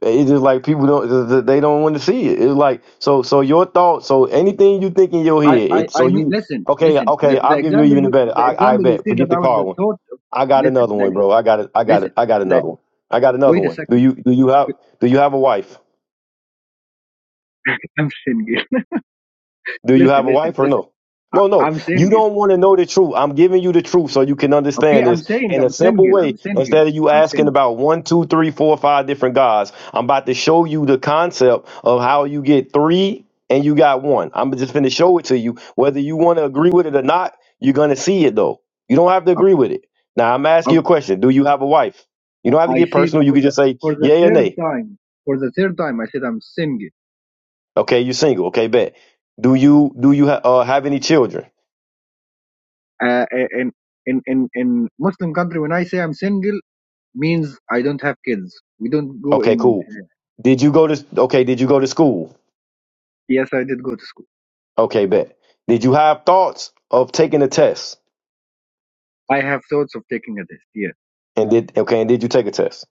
It's just like people don't they don't want to see it. It's like so so your thoughts. So anything you think in your I, head, I, it so I mean, you listen, okay listen. okay. The, the I'll give you example even a you, better. the I I example you bet. said Forget the about car the one thought. Of, I got listen, another the, one, bro. ex- I got it. I got it. listen. I got The, another one. I got another wait a one. Do second. you do you have do you have a wife? I'm single. Do you have listen, a listen, wife or listen. no? I, No, no. I'm You single. don't want to know the truth. I'm giving you the truth so you can Okay, understand I'm this saying in a I'm simple single. way. I'm single. Instead of you I'm asking single. about one, two, three, four, five different gods, I'm about to show you the concept of how you get three and you got one. I'm just going to show it to you. Whether you want to agree with it or not, you're going to see it though. You don't have to Okay. agree with it. Now, I'm asking okay. you um, a question. Do you have a wife? You don't have to I get said personal. You can for the just say for the yay or third nay. time. For the third time, I said I'm single. Okay, you're single. Okay, bet. Do you do you ha- uh, have any children? Uh, in in in in Muslim country, when I say I'm single, means I don't have kids. We don't go Okay, in. cool. Uh, Did you go to okay, did you go to school? yes, I did go to school. Okay, bet. Did you have thoughts of taking a test? I have thoughts of taking a test. Yes And did okay, and did you take a test?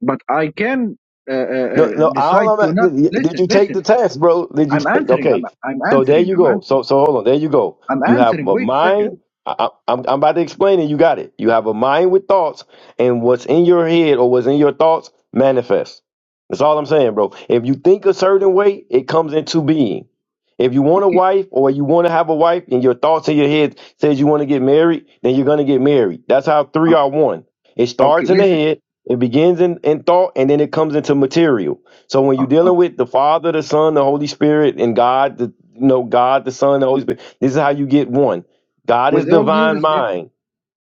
but I can uh, uh, uh, No, no. All decide I'm to at, not did listen. you take the Listen, test, bro? Did you? I'm Take, answering. I'm okay. I'm So there answering. you I'm go. answering. So so hold on. There you go. I'm You have answering. a Wait a mind. second. I, I- I'm I'm about to explain it. You got it. You have a mind with thoughts, and what's in your head or what's in your thoughts manifests. That's all I'm saying, bro. If you think a certain way, it comes into being. If you want a Okay. wife or you want to have a wife, and your thoughts in your head says you want to get married, then you're gonna get married. That's how three are o- one. It Okay. starts in the Listen. head. It begins in, in thought and then it comes into material. So when Uh, you're dealing with the Father, the Son, the Holy Spirit, and God, the you know, God, the Son, the okay. Holy Spirit, this is how you get one. God is With all due divine respect. mind.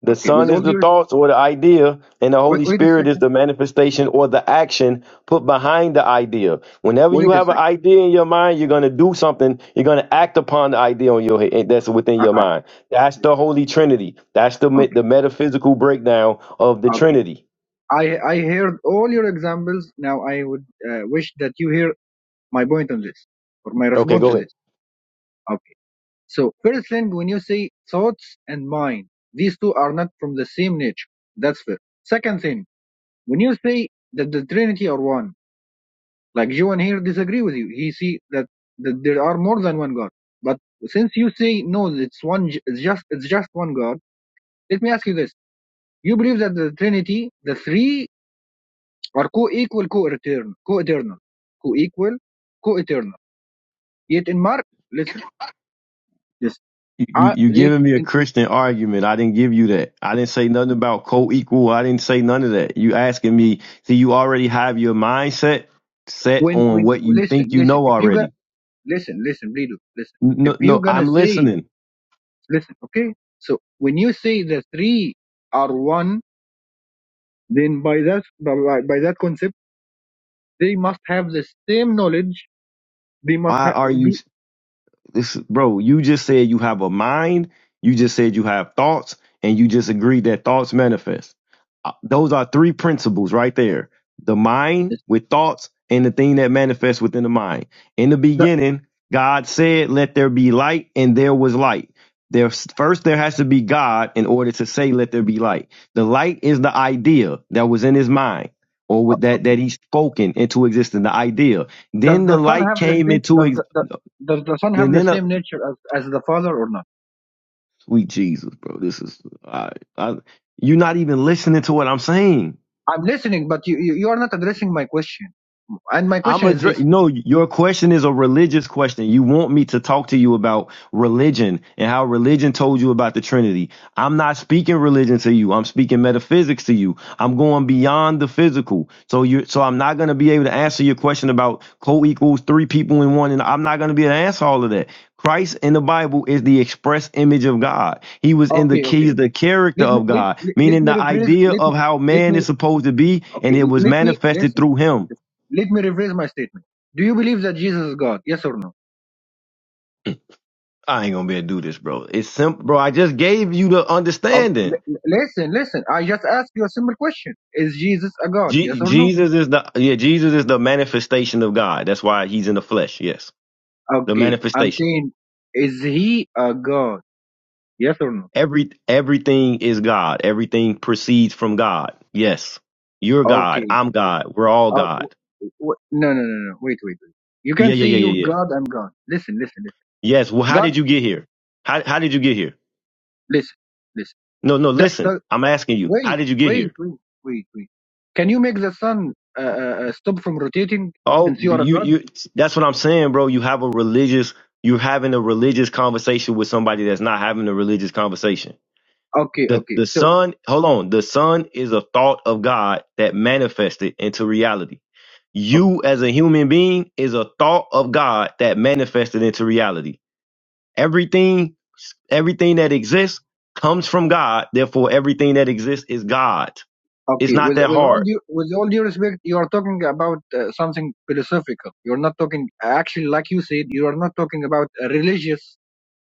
The Okay. Son With is all the due respect. thoughts or the idea, and the Wait, Holy wait a Spirit is second. the manifestation or the action put behind the idea. Whenever you Wait a have an second. idea in your mind, you're gonna do something. You're gonna act upon the idea on your head that's within Uh, your uh, mind. That's yes, the Holy Trinity. That's the me- the okay. metaphysical breakdown of the Okay. Trinity. I I heard all your examples. Now I would uh, wish that you hear my point on this or my Okay, response go to ahead. this. Okay. So first thing, when you say thoughts and mind, these two are not from the same nature. That's fair. Second thing, when you say that the Trinity are one, like Joan here disagree with you. He see that, that there are more than one God. But since you say no, it's one, it's just it's just one God. Let me ask you this: You believe that the Trinity, the three, are co-equal, co-eternal, co-eternal, co-equal, co-eternal. Yet in Mark, listen, listen. You, you I, you yet giving me a in, Christian argument. I didn't give you that. I didn't say nothing about co-equal. I didn't say none of that. You asking me, see, you already have your mindset set when on when what you think listen, you listen. know If you guys already. Listen, listen, read listen. If No, you're no, gonna I'm say, listening. listen, okay. So when you say the three are one, then by that by, by by that concept, they must have the same knowledge. They must Why ha- are you be. This, bro, you just said you have a mind. You just said you have thoughts, and you just agreed that thoughts manifest. Uh, Those are three principles right there: the mind yes, with thoughts, and the thing that manifests within the mind. In the The, beginning, God said, "Let there be light," and there was light. There's first there has to be God in order to say, "Let there be light." The light is the idea that was in His mind, or uh, with that okay. that He spoken into existence. The idea. Does Then the the son light have the came same? into Does ex- the, the does the son then have the then same nature as, as the father or not? Sweet Jesus, bro. This is I, I you're not even listening to what I'm saying. I'm listening, but you, you you are not addressing my question. And my I'm question is address. this. No, your question is a religious question. You want me to talk to you about religion and how religion told you about the Trinity. I'm not speaking religion to you. I'm speaking metaphysics to you. I'm going beyond the physical. So you, so I'm not going to be able to answer your question about co-equals three people in one. And I'm not going to be able to answer all of that. Christ in the Bible is the express image of God. He was in the Okay, okay, keys, the okay. character Let me of let God, let, let meaning me the rephrase. idea Let me- of how let me man is supposed to be, and Okay, it l- was let me manifested listen. through him. Let me rephrase my statement. Do you believe that Jesus is God? Yes or no? I ain't gonna be able to do this, bro. It's simple, bro. I just gave you the Um, understanding. l- l- listen, listen. I just asked you a simple question. Is Jesus a God? Yes Je- or no? Jesus is the yeah. Jesus is the manifestation of God. That's why he's in the flesh. Yes, the Okay, I'm manifestation. saying, is he a God? Yes or no? Every everything is God. Everything proceeds from God. Yes, you're God. Okay. I'm God. We're all Uh, God. w- w- no, no, no, no. Wait, wait, wait. You Yeah, can yeah, say yeah, you yeah, yeah. God I'm God. Listen, listen, listen. Yes. Well, how God, did you get here? How how did you get here? listen, listen. No, no. The, Listen, the, I'm asking you. How wait, did you get wait, here? wait, wait, wait. Can you make the sun uh, uh, uh, stop from rotating Oh, since you are a you God? you that's what I'm saying, bro. You have a religious you're having a religious conversation with somebody that's not having a religious conversation. Okay, The okay. the So, son, hold on, the son is a thought of God that manifested into reality. o- You as a human being is a thought of God that manifested into reality. Everything everything that exists comes from God, therefore everything that exists is God. It's okay, not with that with all hard. due with all due respect, you are talking about uh, something philosophical. You're not talking actually, like you said, you are not talking about a religious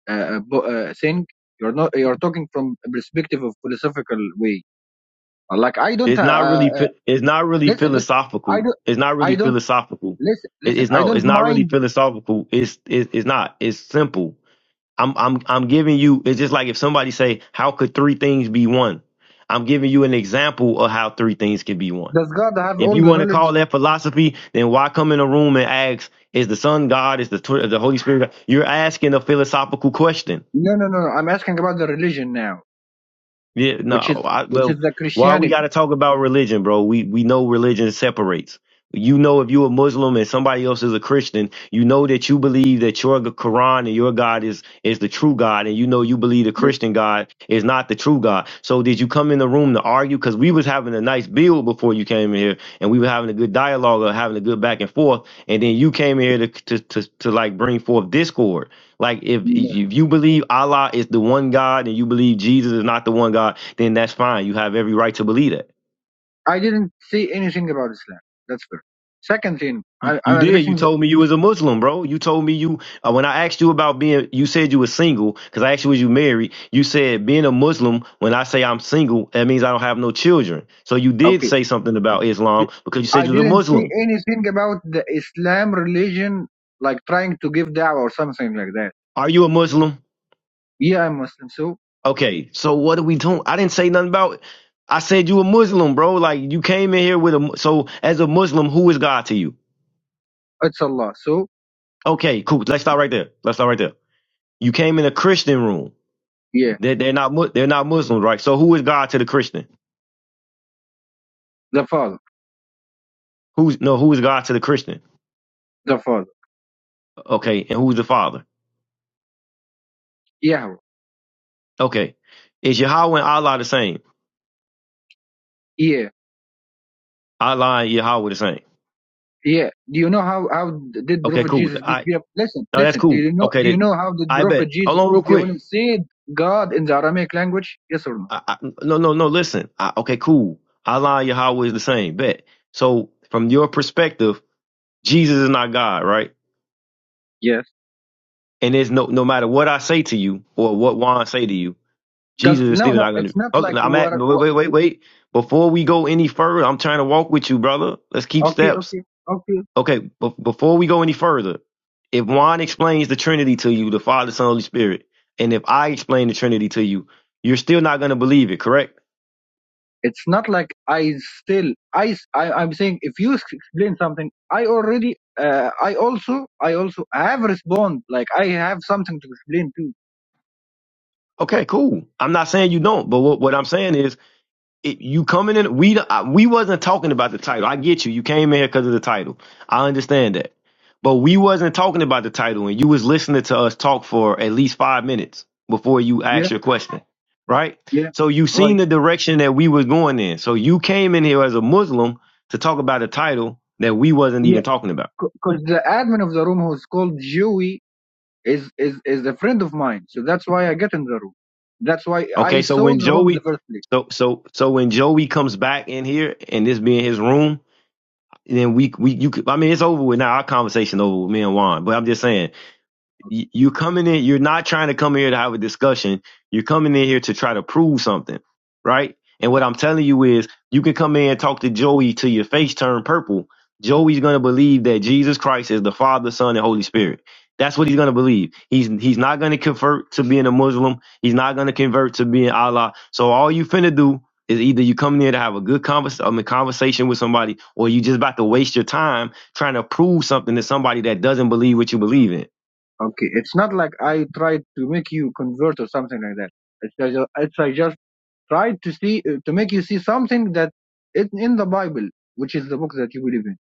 uh, uh, bo- uh, thing. You're not. You're talking from a perspective of philosophical way. Uh, Like I don't. It's Uh, not really. uh, phi- It's not really listen, listen. I philosophical. don't. It's not really I don't philosophical. listen. It- Listen. it's I no. It's don't not really mind. philosophical. It's it, it's not. It's simple. I'm I'm I'm giving you. It's just like if somebody say, "How could three things be one?" I'm giving you an example of how three things can be one. Does God have If all you the want to knowledge? call that philosophy, then why come in a room and ask, "Is the Son God? Is the tw- the Holy Spirit?" God? You're asking a philosophical question. No, no, no. no. I'm asking about the religion now, Yeah, no. which is I, which is well, the why we got Christianity. to talk about religion, bro? We we know religion separates. You know, if you a Muslim and somebody else is a Christian, you know that you believe that your Quran and your God is is the true God, and you know you believe the Christian God is not the true God. So did you come in the room to argue? Because we was having a nice build before you came in here, and we were having a good dialogue or having a good back and forth, and then you came in here to to to, to like bring forth discord. Like if if you believe Allah is the one God and you believe Jesus is not the one God, then that's fine. You have every right to believe that. I didn't say anything about Islam. That's first. Second thing, You, I, you I'm did. You addressing the, told me you was a Muslim, bro. You told me you uh, when I asked you about being. You said you were single because I asked you was you married. You said being a Muslim. When I say I'm single, that means I don't have no children. So you did okay. say something about Islam th- because you said I you was a didn't say Muslim. anything about the Islam religion, like trying to give da'wah or something like that. Are you a Muslim? Yeah, I'm Muslim, so Okay. So what are we doing? I didn't say nothing about. it. I said you a Muslim, bro. Like you came in here with a. So as a Muslim, who is God to you? it's Allah. So Okay, cool. Let's stop right there. Let's stop right there. You came in a Christian room. yeah, They're, they're not Mu- they're not Muslims, right? So who is God to the Christian? the Father, Who's no? Who is God to the Christian? the Father, Okay, and who's the Father? Yahweh, Okay, is Yahweh and Allah the same? yeah, Allah and Yahweh the same? yeah. Do you know how how did Okay, Prophet cool. Jesus peace I be upon listen, no, that's listen? Do cool. you know Okay, do you that, know how did I Prophet bet. Hold Jesus on, real peace be upon quick. him said God in the Aramaic language? Yes or no? I, I, no, no, no. Listen. I, okay, cool. Allah and Yahweh is the same. Bet. So from your perspective, Jesus is not God, right? Yes. And there's no no matter what I say to you or what Juan say to you Does Jesus is no still no? not going to. It's not Oh, like no, I'm at. what Wait, wait, wait, wait. Before we go any further, I'm trying to walk with you, brother. Let's keep Okay, steps. okay, okay. Okay. Be- before we go any further, if Juan explains the Trinity to you, the Father, Son, Holy Spirit, and if I explain the Trinity to you, you're still not going to believe it, correct? It's not like I still I s- I am saying if you s- explain something, I already uh, I also I also have respond like I have something to explain too. Okay, cool. I'm not saying you don't, but what, what I'm saying is it, you coming in we I, we wasn't talking about the title i get you you came in here because of the title i understand that but we wasn't talking about the title and you was listening to us talk for at least five minutes before you asked Yeah, your question right yeah, so you seen right. the direction that we was going in so you came in here as a muslim to talk about a title that we wasn't Yeah, even talking about because the admin of the room who's called Joey is is is a friend of mine, so that's why I get in the room. That's why okay I so saw when the room in the joey first place. so so so when joey comes back in here and this being his room then we we you could I mean it's over with now. Our conversation over with me and Juan. But I'm just saying y- you coming in you're not trying to come here to have a discussion you're coming in here to try to prove something right and what i'm telling you is you can come in and talk to joey till your face turn purple joey's going to believe that jesus christ is the father son and holy spirit that's what he's going to believe he's he's not going to convert to being a muslim he's not going to convert to being allah so all you finna do is either you come here to have a good convers- I mean, conversation with somebody or you just about to waste your time trying to prove something to somebody that doesn't believe what you believe in Okay, it's not like I tried to make you convert or something like that. It's just, it's I just Try to see uh, to make you see something that is in the Bible, which is the book that you believe in.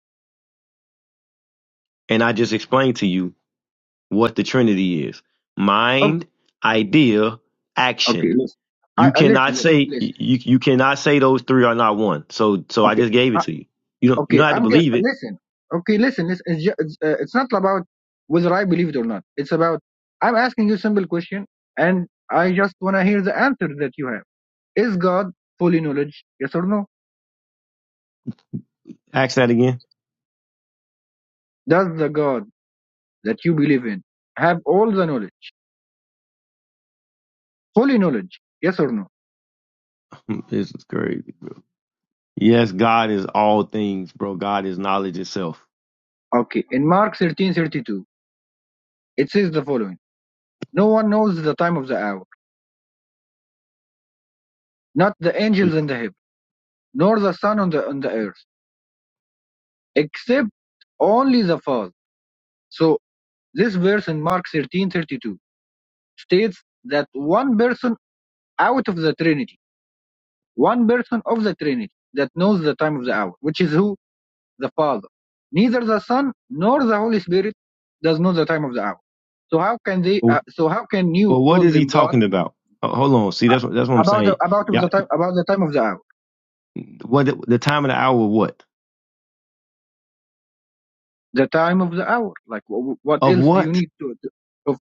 and I just explained to you what the Trinity is mind, Okay, idea, okay, action. listen. I, You I listen, cannot listen, say listen. you, you cannot say those three are not one. So so I Okay, just gave it I, to you. You don't you okay, don't have to I'm get believe it. listen. Okay, listen. It's it's, ju- it's, uh, it's not about whether I believe it or not. It's about I'm asking you a simple question, and I just want to hear the answer that you have. Is God fully knowledge? Yes or no? Ask that again. Does the God that you believe in have all the knowledge, fully knowledge? Yes or no? This is crazy. Yes, God is all things, bro. God is knowledge itself. Okay. In Mark 13:32, it says the following. No one knows the time of the hour, not the angels in the heaven, nor the Son on the on the earth, except only the Father. So this verse in Mark thirteen thirty two states that one person out of the Trinity, one person of the Trinity that knows the time of the hour, which is who? The Father. Neither the Son nor the Holy Spirit does know the time of the hour. So how can they? But Uh, so how can but you what call is he them God talking about? Oh, Hold on. See, uh, that's what that's what I'm about saying. about of the Yeah. time about the time of the hour? What the time of the hour? of What the time of the hour. Like, wh- wh- what of else do you what? need to, to- of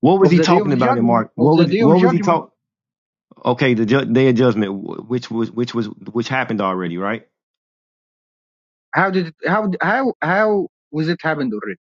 What was of he the day of talking about in judgment? Mark? Of What the was day of what was he judgment, talk? Okay, the ju- day of judgment, wh- which was which was which happened already, right? how did it, how how how was it happened already?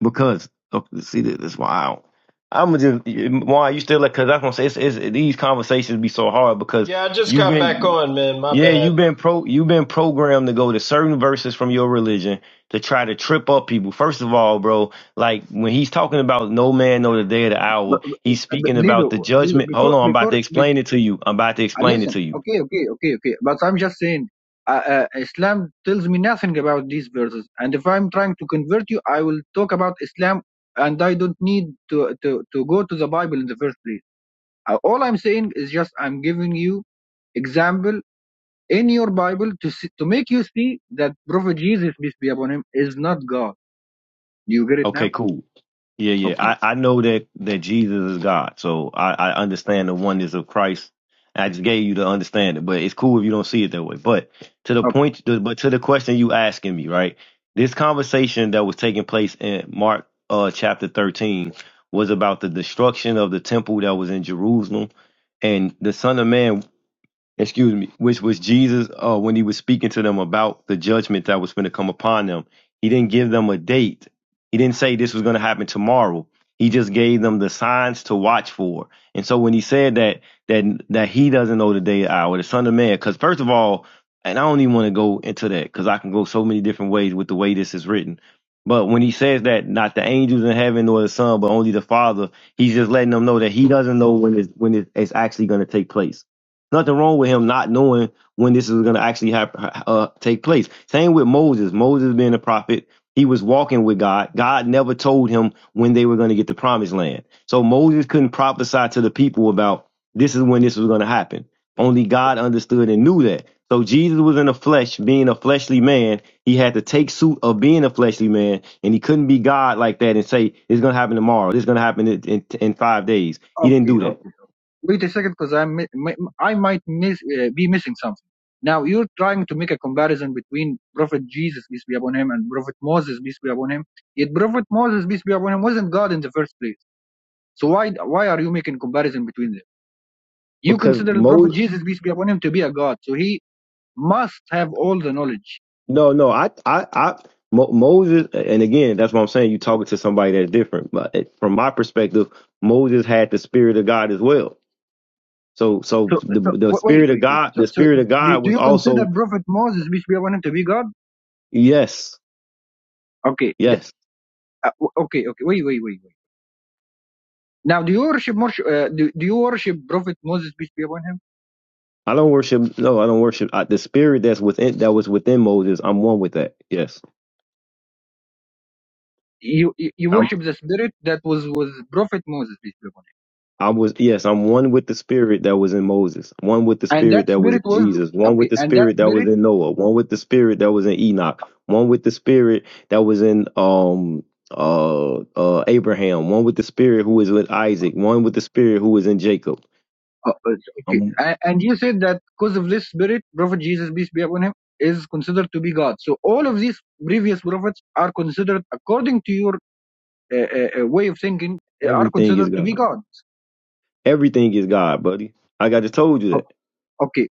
Because oh, see, this is why I don't. I'm just why you still like because that's what I'm saying. It's, it's, these conversations be so hard because Yeah, I just you've got back been. on, man. My Yeah, bad. you've been pro you've been programmed to go to certain verses from your religion to try to trip up people. First of all, bro, like when he's talking about no man know the day or the hour, But, but, he's but speaking about Lido, the Lido, judgment. Hold before on, I'm about to before, be explain it to you. I'm about to uh, explain it listen, to you. okay, okay, okay, okay. But I'm just saying, uh, uh, Islam tells me nothing about these verses. And if I'm trying to convert you, I will talk about Islam, and I don't need to to to go to the Bible in the first place. Uh, all I'm saying is just I'm giving you example in your Bible to see, to make you see that Prophet Jesus, peace be upon him, is not God. Do you get it Okay, now? cool. Yeah, yeah. Okay, I, I know that that Jesus is God, so I, I understand the oneness of Christ. I just gave you to understand it, but it's cool if you don't see it that way. But to the okay, point, but to the question you asking me, right? This conversation that was taking place in Mark uh, chapter thirteen was about the destruction of the temple that was in Jerusalem, and the Son of Man excuse me, which was Jesus uh, when he was speaking to them about the judgment that was going to come upon them. He didn't give them a date. He didn't say this was going to happen tomorrow. He just gave them the signs to watch for. And so when he said that that that he doesn't know the day or hour, the Son of Man, because first of all, and I don't even want to go into that because I can go so many different ways with the way this is written. But when he says that not the angels in heaven nor the Son, but only the Father, he's just letting them know that he doesn't know when it's when it- it's actually going to take place Nothing wrong with him not knowing when this is going to actually hap- uh, take place. Same with Moses. Moses being a prophet, he was walking with God. God never told him when they were going to get the promised land. So Moses couldn't prophesy to the people about this is when this was going to happen. Only God understood and knew that. So Jesus was in the flesh, being a fleshly man. He had to take suit of being a fleshly man, and he couldn't be God like that and say it's going to happen tomorrow. It's going to happen in, in, in five days. He didn't okay, okay. do that okay. Wait a second, because I mi- mi- I might miss uh, be missing something. Now you're trying to make a comparison between Prophet Jesus, peace be upon him, and Prophet Moses, peace be upon him. Yet Prophet Moses, peace be upon him, wasn't God in the first place. So why why are you making comparison between them? You because consider Prophet Moses. Jesus, peace be upon him, to be a God, so he must have all the knowledge No, no, I, I, I, Mo, Moses, and again, that's what I'm saying. You talking to somebody that's different, but it- from my perspective, Moses had the spirit of God as well. So, so So, the so the wait, spirit of wait, wait. God, So, the so spirit of do, God do was you consider also Prophet Moses, peace be upon him, to be God? yes, Okay, the- yes. uh, okay, okay. Wait, wait, wait, wait. Now, do you worship Moshe, uh, do, do you worship Prophet Moses, peace be upon him? I don't worship. No, I don't worship I, the spirit that's within that was within Moses. I'm one with that. Yes, You, you you worship the spirit that was was Prophet Moses, peace be upon I was yes, I'm one with the spirit that was in Moses, one with the him, and spirit that that was in spirit was Jesus, one with okay, the and that spirit that was spirit. in Noah, one with the spirit that was in Enoch, one with the spirit that was in um uh uh Abraham, one with the spirit who is with Isaac, one with the spirit who is in Jacob. Uh, uh, okay, Um and, and you said that because of this spirit, Prophet Jesus, peace be upon him, is considered to be God. So all of these previous prophets are considered, according to your uh, uh, way of thinking eh, are everything is considered to be God. gods. Everything is God, buddy. Like I just told you O- that. Okay,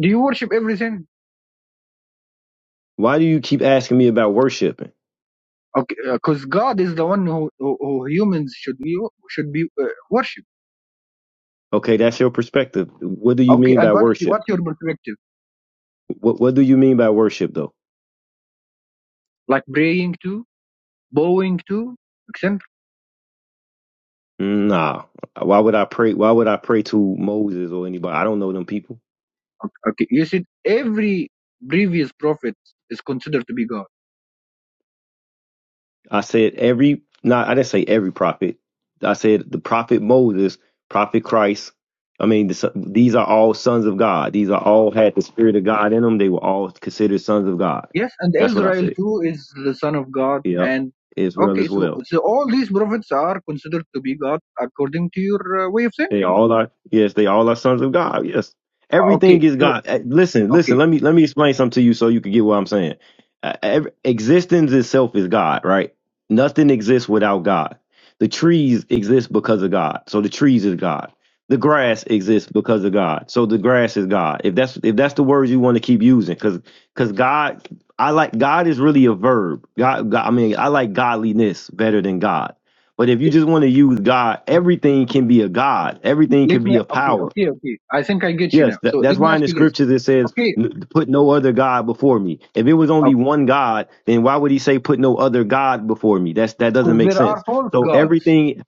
do you worship everything? Why do you keep asking me about worshiping? Okay, because God is the one who, who, who humans should be should be uh, worship. Okay, that's your perspective. What do you Okay, mean and by what's your, worship? what's your perspective? What what do you mean by worship though? Like praying to, bowing to, etc. Nah. Why would I pray? Why would I pray to Moses or anybody? I don't know them people. Okay, okay, you said every previous prophet is considered to be God. I said every. Nah, I didn't say every prophet. I said the prophet Moses, prophet Christ. I mean, the, son- these are all sons of God. These are all had the spirit of God in them. They were all considered sons of God. Yes, and That's what I Israel said. too is the son of God. Yep. And Israel okay, as so well. so all these prophets are considered to be God according to your uh, way of They thinking. all are yes, they all are sons of God. Yes. Everything Okay, is so God. Eh, Listen, okay listen, let me let me explain something to you so you can get what I'm saying. Uh, ev existence itself is God, right? Nothing exists without God. The trees exist because of God. So the trees is God. The grass Okay. exists because of God. So the grass is God. If that's if that's the words you want to keep using cuz cuz God I like God is really a verb. God, God I mean, I like godliness better than God but if you D- just want to use God, everything can be a God. Everything can Let be me, a okay, power. okay, okay. I think I get you Yes, now. that, So that's let me why in ask the you this. scriptures it says, Okay, "N- "Put no other god before me." If it was only one God, then why would he say, "Put no other god before me"? That's that doesn't because make there sense. are false So gods. everything,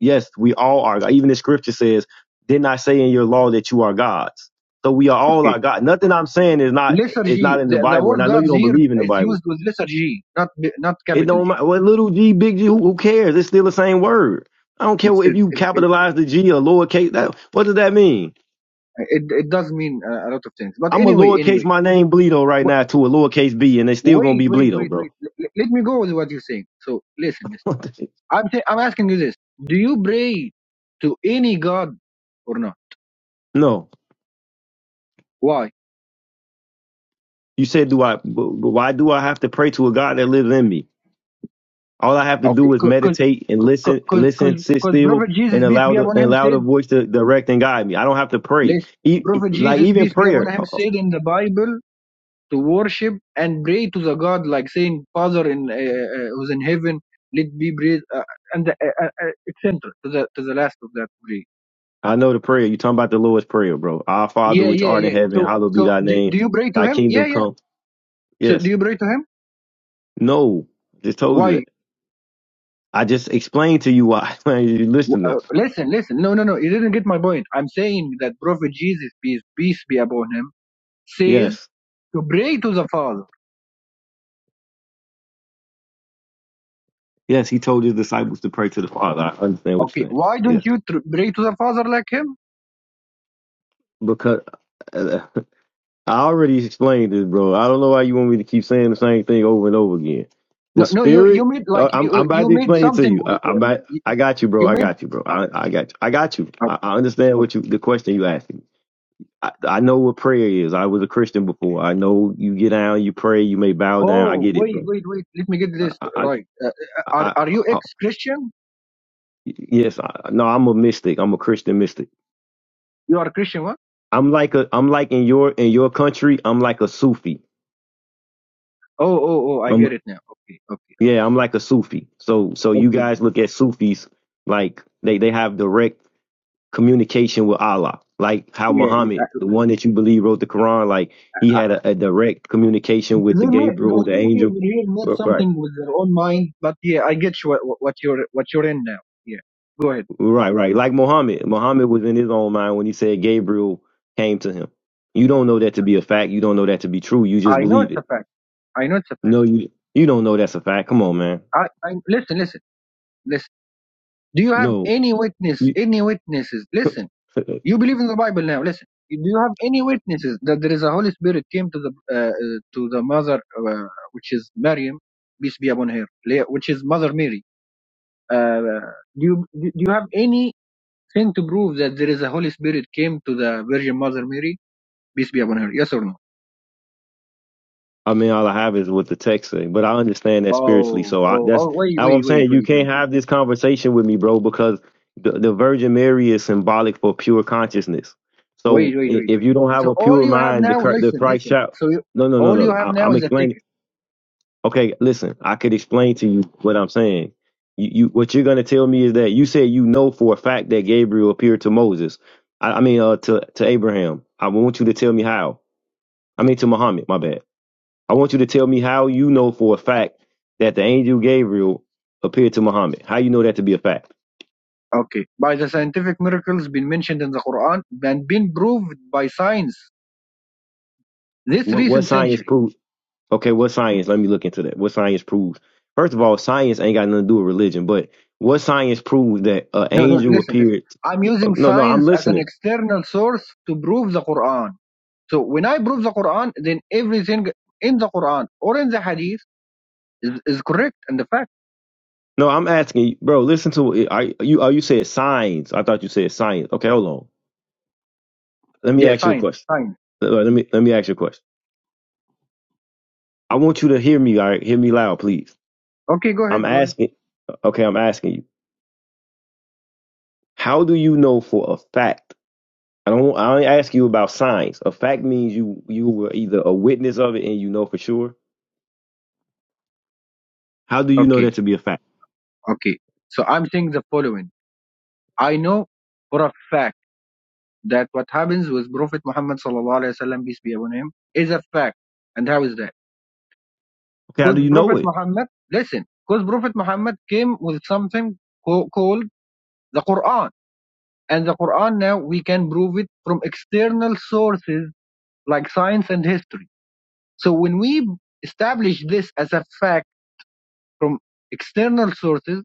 yes, we all are. God. Even the scripture says, "Didn't I say in your law that you are gods?" So we are all our Okay. God. Nothing I'm saying is not is not Liturgy, in the the, the Bible, and word I know you gods don't here believe in the is Bible. used with lesser G, not b- not It capital don't G. matter. What little g, big g, who, who cares? It's still the same word. I don't care It's, what, if it, you it, it, capitalize the G or lowercase. That, what does that mean? it, it does mean uh, a lot of things. But I'm a anyway, lowercase anyway, my name Bleedo right w- now to a lowercase B, and they still gonna wait, be wait, Bleedo, wait, wait. bro. L- l- let me go with what you're saying. So listen, listen. What the shit? I'm, i I'm asking you this. Do you pray to any god or not? no, Why? you said, do I? Why do I have to pray to a God that lives in me? All I have to Okay, do is because meditate and listen, listen, sit still, Prophet Jesus, and peace allow be the upon and him, allow the said, voice to direct and guide me. I don't have to pray. let E- Prophet like Jesus, even peace be upon prayer. him, said in the Bible to worship and pray to the God, like saying, Father in uh, uh, who's in heaven, let be praised, uh, and the, uh, uh, uh, etc. to the to the last of that prayer. I know the prayer. You talking about the Lord's prayer, bro? Our Father Yeah, which yeah, art in yeah. heaven, So, hallowed be so thy do, name. do you pray to Thy him? kingdom Yeah, yeah. come. So do Yes. you pray to him? No. Just told you Why? that. I just explained to you why you W- listening. Uh, listen, listen. No, no, no. You didn't get my point. I'm saying that Prophet Jesus, peace peace be upon him says Yes. to pray to the Father. Yes. He told his disciples to pray to the Father. I understand what Okay, you're saying. why don't Yes. you tr- pray to the Father like him? Because uh, I already explained this, bro. I don't know why you want me to keep saying the same thing over and over again. The No, no, you you Spirit. made Uh, like I'm, I'm you about you to made explain it to something you. I, with, I'm with about, you, I got you, bro. you I made. got you, bro. I, I got you. I got you. I, Okay, I understand okay. what you the question you asking. I, I know what prayer is. I was a Christian before. I know you get down, you pray, you may bow down. I Oh get it, wait, bro. wait, wait. Let me get this I, I, right. Uh, uh, I, are I, are you I ex Christian? yes, I, no, I'm a mystic. I'm a Christian mystic. You are Christian, what? I'm like a, I'm like in your in your country. I'm like a Sufi. Oh, oh, oh! I I'm get it now. Okay, okay, yeah, I'm like a Sufi. So so you okay. guys look at Sufis like they they have direct communication with Allah, like how Yeah, yeah. Muhammad, I- the one that you believe wrote the Quran, like he had a, a direct communication with they the made. they Gabriel, the think they angel. will really make Right. something with their own mind, but yeah, I get you what, what you're what you're in now. Yeah, go ahead. Right, right. Like Muhammad. Muhammad was in his own mind when he said Gabriel came to him. You don't know that to be a fact. You don't know that to be true. You just I know believe it's it. a fact. I know it's a fact. No, you you don't know that's a fact. Come on, man. I, I listen, listen, listen. Do you have No, any witness, you. any witnesses? Listen, you believe in the Bible now. Listen, do you have any witnesses that there is a Holy Spirit came to the uh, uh, to the mother, uh, which is Maryam, peace be upon her, la- which is Mother Mary? Uh, do you do you have anything to prove that there is a Holy Spirit came to the Virgin Mother Mary, peace be upon her? Yes or no? I mean, all I have is what the text say, but I understand that spiritually. Oh, So I, oh, that's oh! Wait, how wait, I'm wait, saying you wait, can't wait. have this conversation with me, bro, because the, the Virgin Mary is symbolic for pure consciousness. So Wait, wait, i- wait, if wait. you wait. don't have So a all pure you have mind, the now, Chri- the listen, Christ listen. child. So you, No, no, no, all you no. I, have now I'm is a explaining. ticket. Okay, listen, I could explain to you what I'm saying. You, you what you're gonna tell me is that you said you know for a fact that Gabriel appeared to Moses. I, I mean, uh, to to Abraham. I want you to tell me how. I mean, to Muhammad. My bad. I want you to tell me how you know for a fact that the angel Gabriel appeared to Muhammad. How you know that to be a fact? Okay. By the scientific miracles been mentioned in the Quran and been proved by science this What what recent science century. proves? Okay, what science? Let me look into that. What science proves? First of all, science ain't got nothing to do with religion, but what science proves that an No, no, angel listen, listen. appeared? I'm using No, no, I'm science as listening. an external source to prove the Quran. So when I prove the Quran, then everything in the Quran or in the Hadith is, is correct and the fact. No, I'm asking, bro. Listen to it. I you. Oh, you said signs. I thought you said science. Okay, hold on. Let me Yeah, ask you a science, question. science. Uh, Let me let me ask you a question. I want you to hear me. All right, hear me loud, please. Okay, go I'm ahead, go ahead. asking. Okay, I'm asking you. How do you know for a fact? I don't. I don't ask you about signs. A fact means you you were either a witness of it and you know for sure. How do you know Okay, that to be a fact? okay. So I'm saying the following. I know for a fact that what happens with Prophet Muhammad sallallahu alaihi wasallam peace be upon him is a fact. And how is that? Okay, how do Because you know Prophet it? Muhammad, listen, because Prophet Muhammad came with something co- called the Quran, and the Quran now we can prove it from external sources like science and history. So when we establish this as a fact from external sources,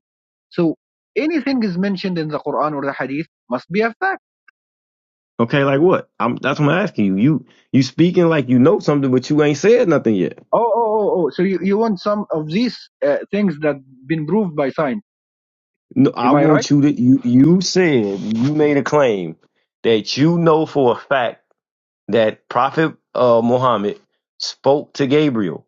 so anything is mentioned in the Quran or the Hadith must be a fact. Okay, like what? I'm that's what I'm asking you. You you speaking like you know something, but you ain't said nothing yet. Oh, oh, oh, oh. So you, you want some of these uh, things that have been proved by science. No, I Am I right? want you to you you said you made a claim that you know for a fact that Prophet uh, Muhammad spoke to Gabriel.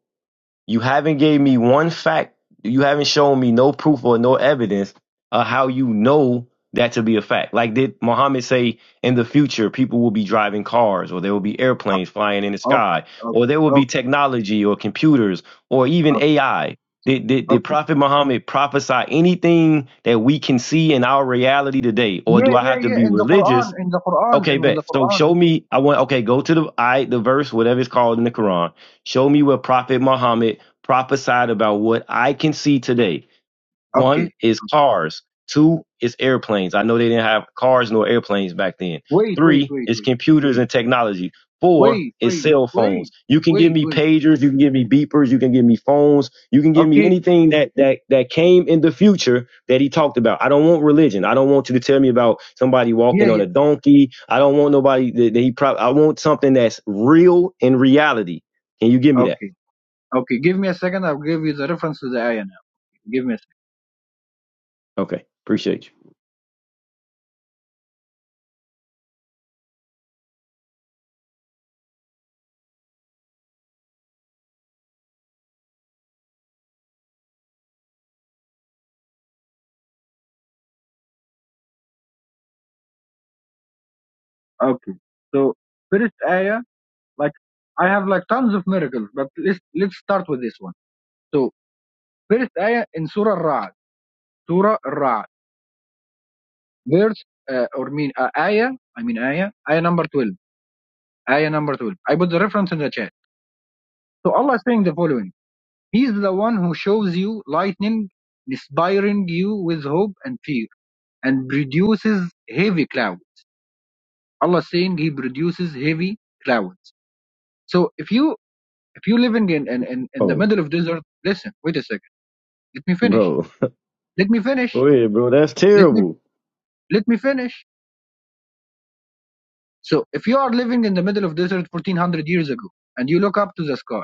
You haven't gave me one fact. You haven't shown me no proof or no evidence of how you know that to be a fact. Like did Muhammad say in the future people will be driving cars or there will be Ah, airplanes flying in the Okay, sky or okay, there will be okay, technology or computers or even okay, AI. Did, did, did okay. Prophet Muhammad prophesy anything that we can see in our reality today? Or do Yeah, I yeah, have to yeah. be In the religious Quran, in the Quran, Okay, in the bet. So Quran. show me. I want. Okay, go to the I the verse, whatever it's called in the Quran. Show me where Prophet Muhammad prophesied about what I can see today. Okay. One is cars. Two is airplanes. I know they didn't have cars nor airplanes back then. Wait, wait, Three wait, is wait, wait, computers wait, and technology. Four wait, is wait, cell phones. wait, You can give wait, me wait. pagers, you can give me beepers, you can give me phones, you can give me Okay. anything that that that came in the future that he talked about. I don't want religion. I don't want you to tell me about somebody walking Yeah, on a yeah. donkey. I don't want nobody that, that he probably I want something that's real in reality. Can you give me that? Okay, okay. Give me a second. I'll give you the reference to the ayah now. Give me a Okay. Appreciate you. second. Okay. So first ayah, like I have like tons of miracles, but let's let's start with this one. So first ayah in Surah Ra'd, Surah Ra'd, verse uh, or mean uh, ayah. I mean ayah, ayah number twelve. Ayah number 12. I put the reference in the chat. So Allah is saying the following. He is the one who shows you lightning, inspiring you with hope and fear, and produces heavy clouds. Allah is saying he produces heavy clouds. So if you if you living in, in, in, in the Oh, middle of desert, listen, wait a second. Let me finish. bro. Let me finish. Go ahead, bro. That's Let me terrible. let me finish. So if you are living in the middle of desert 1400 years ago and you look up to the sky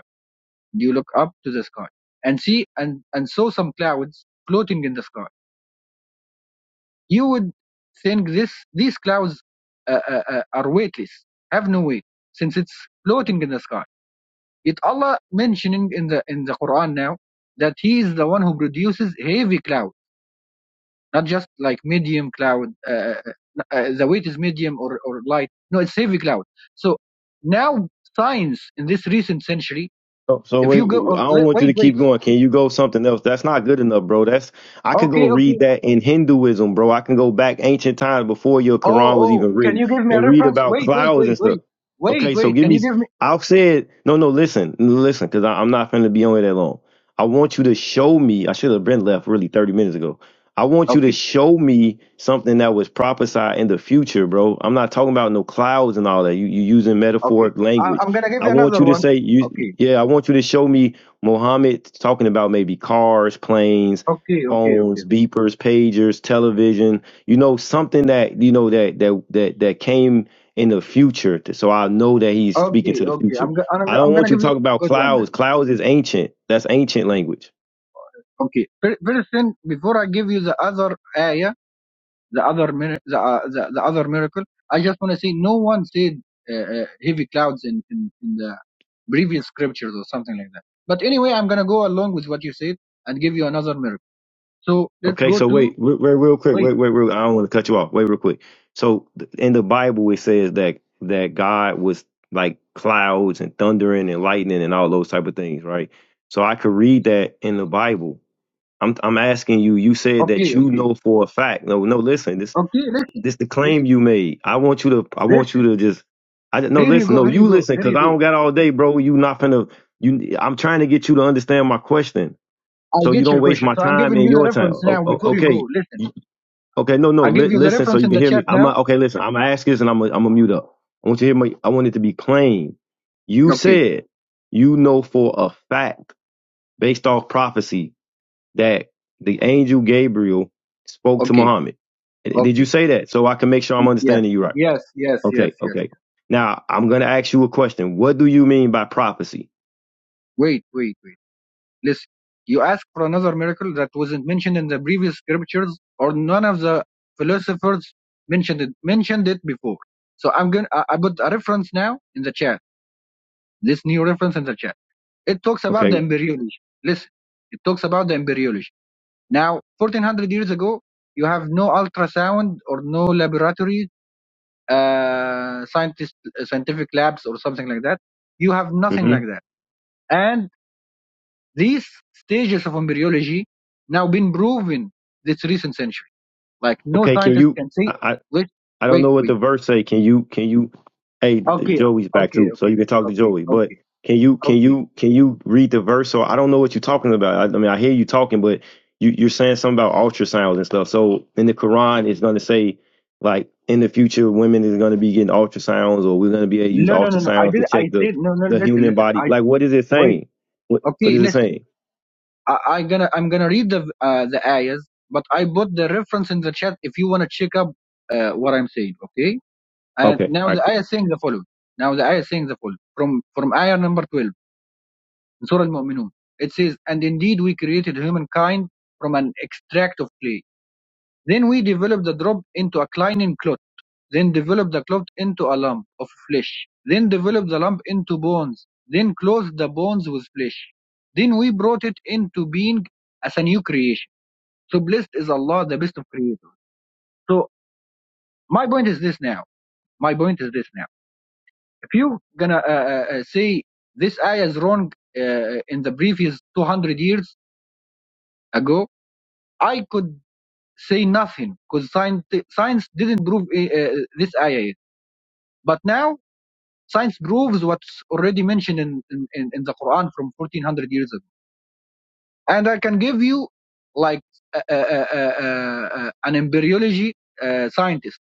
You look up to the sky and see and, and saw some clouds floating in the sky. You would think this these clouds uh, uh, uh, are weightless, have no weight, since it's floating in the sky. Yet Allah mentioning in the in the Quran now that He is the one who produces heavy cloud, not just like medium cloud. Uh, uh, uh, the weight is medium or, or light. No, it's heavy cloud. So now science in this recent century, Oh, so if wait, you go, I oh, don't want you wait, to keep wait. going. Can you go something else? That's not good enough, bro. That's I could go okay, okay, read that in Hinduism, bro. I can go back ancient times before your Oh, Quran was oh, even can written you give me a and read reference? about Wait, wait, clouds and wait, stuff. wait, wait, Okay, so wait. give Can me. you give me? I've said no, no. Listen, listen, because I'm not finna be on here that long. I want you to show me. I should have been left really 30 minutes ago. I want you to Okay, show me something that was prophesied in the future, bro. I'm not talking about no clouds and all that. You you using okay. metaphoric I, language. I'm gonna give I you want another you to one. say you Okay, yeah, I want you to show me Mohammed talking about maybe cars, planes, okay, okay, phones, okay, beepers, pagers, television, you know, something that you know that that that that came in the future. So I know that he's speaking okay, to the okay. future. I'm gonna I'm, I gonna- don't I'm want gonna you to give talk you a about good one clouds. now. Clouds is ancient. That's ancient language. Okay, Fir- first thing before I give you the other ayah, the other mir- the, uh, the the other miracle, I just wanna say no one said uh, uh, heavy clouds in, in in the previous scriptures or something like that. But anyway, I'm gonna go along with what you said and give you another miracle. So let's Okay, go so to wait, wait, wait real quick. wait. Wait, wait, real, I don't want to cut you off. Wait, real quick. So th- in the Bible, it says that that God was like clouds and thundering and lightning and all those type of things, right? So I could read that in the Bible. I'm I'm asking you. You said that Okay, you okay. know for a fact. No, no. Listen, this Okay, listen, this the claim listen, you made. I want you to. I want you listen. to just. I don't- no. Here you Listen, go, no. here You you go, listen, here cause you I go. don't got all day, bro. You not finna. You. I'm trying to get you to understand my question I so you get don't your waste question. my So I'm time giving and you the your time. reference O- now o- before you okay, go. Listen, You- okay, no, no, I li- give you the listen, so reference you in can the hear me. chat I'm not, now. okay. Listen, I'm gonna ask this, and I'm gonna, I'm gonna mute up. I want you to hear me. I want it to be plain. You Okay, said you know for a fact, based off prophecy, that the angel Gabriel spoke to okay, Muhammad. Eh, Did you okay. say that? So I can make sure I'm Yes, understanding you right. yes, yes, yes, yes. Okay, yes. okay. Now I'm gonna ask you a question. What do you mean by prophecy? Wait, wait, wait. Listen, you asked for another miracle that wasn't mentioned in the previous scriptures or none of the philosophers mentioned it, mentioned it before. So I'm going to, I I put a reference now in the chat. This new reference in the chat. It talks about the Okay. embryology. Listen, it talks about the embryology. Now, 1400 years ago, you have no ultrasound or no laboratory, uh, scientist, uh, scientific labs or something like that. You have nothing hmm like that. And these stages of embryology now been proven this recent century. Like no Okay. Can scientist you? can say, I, wait, I don't wait, know what the wait. verse say. Can you can you hey Okay, Joey's back okay, too, so okay, you can talk to okay, Joey. But okay, can you can okay. you can you read the verse? Or I don't know what you're talking about. I, I mean I hear you talking, but you, you're saying something about ultrasounds and stuff. So in the Quran it's gonna say like in the future women is gonna be getting ultrasounds or we're gonna be able to use No, no, no, no. I ultrasounds to did. check I the, said no, no. the Listen, human listen. body. I Like what is it wait. saying? What what Okay, is it listen. saying? I, I gonna I'm gonna read the uh, the ayahs, but I put the reference in the chat if you wanna check up uh, what I'm saying. Okay. And Okay. now all right. the ayah is saying the following. Now the ayah is saying the following from from ayah number twelve in Surah Al-Mu'minun. It says, and indeed we created humankind from an extract of clay. Then we developed the drop into a clinging clot. Then developed the clot into a lump of flesh. Then developed the lump into bones. Then clothed the bones with flesh. Then we brought it into being as a new creation so blessed is Allah, the best of creators. So my point is this now. My point is this now. If you're gonna uh, uh, uh, say this ayah is wrong uh, in the previous 200 years ago, I could say nothing because science, science didn't prove uh, uh, this ayah. But now science proves what's already mentioned in, in, in the Quran from 1400 years ago. And I can give you like uh, uh, uh, uh, uh, an embryology uh, scientist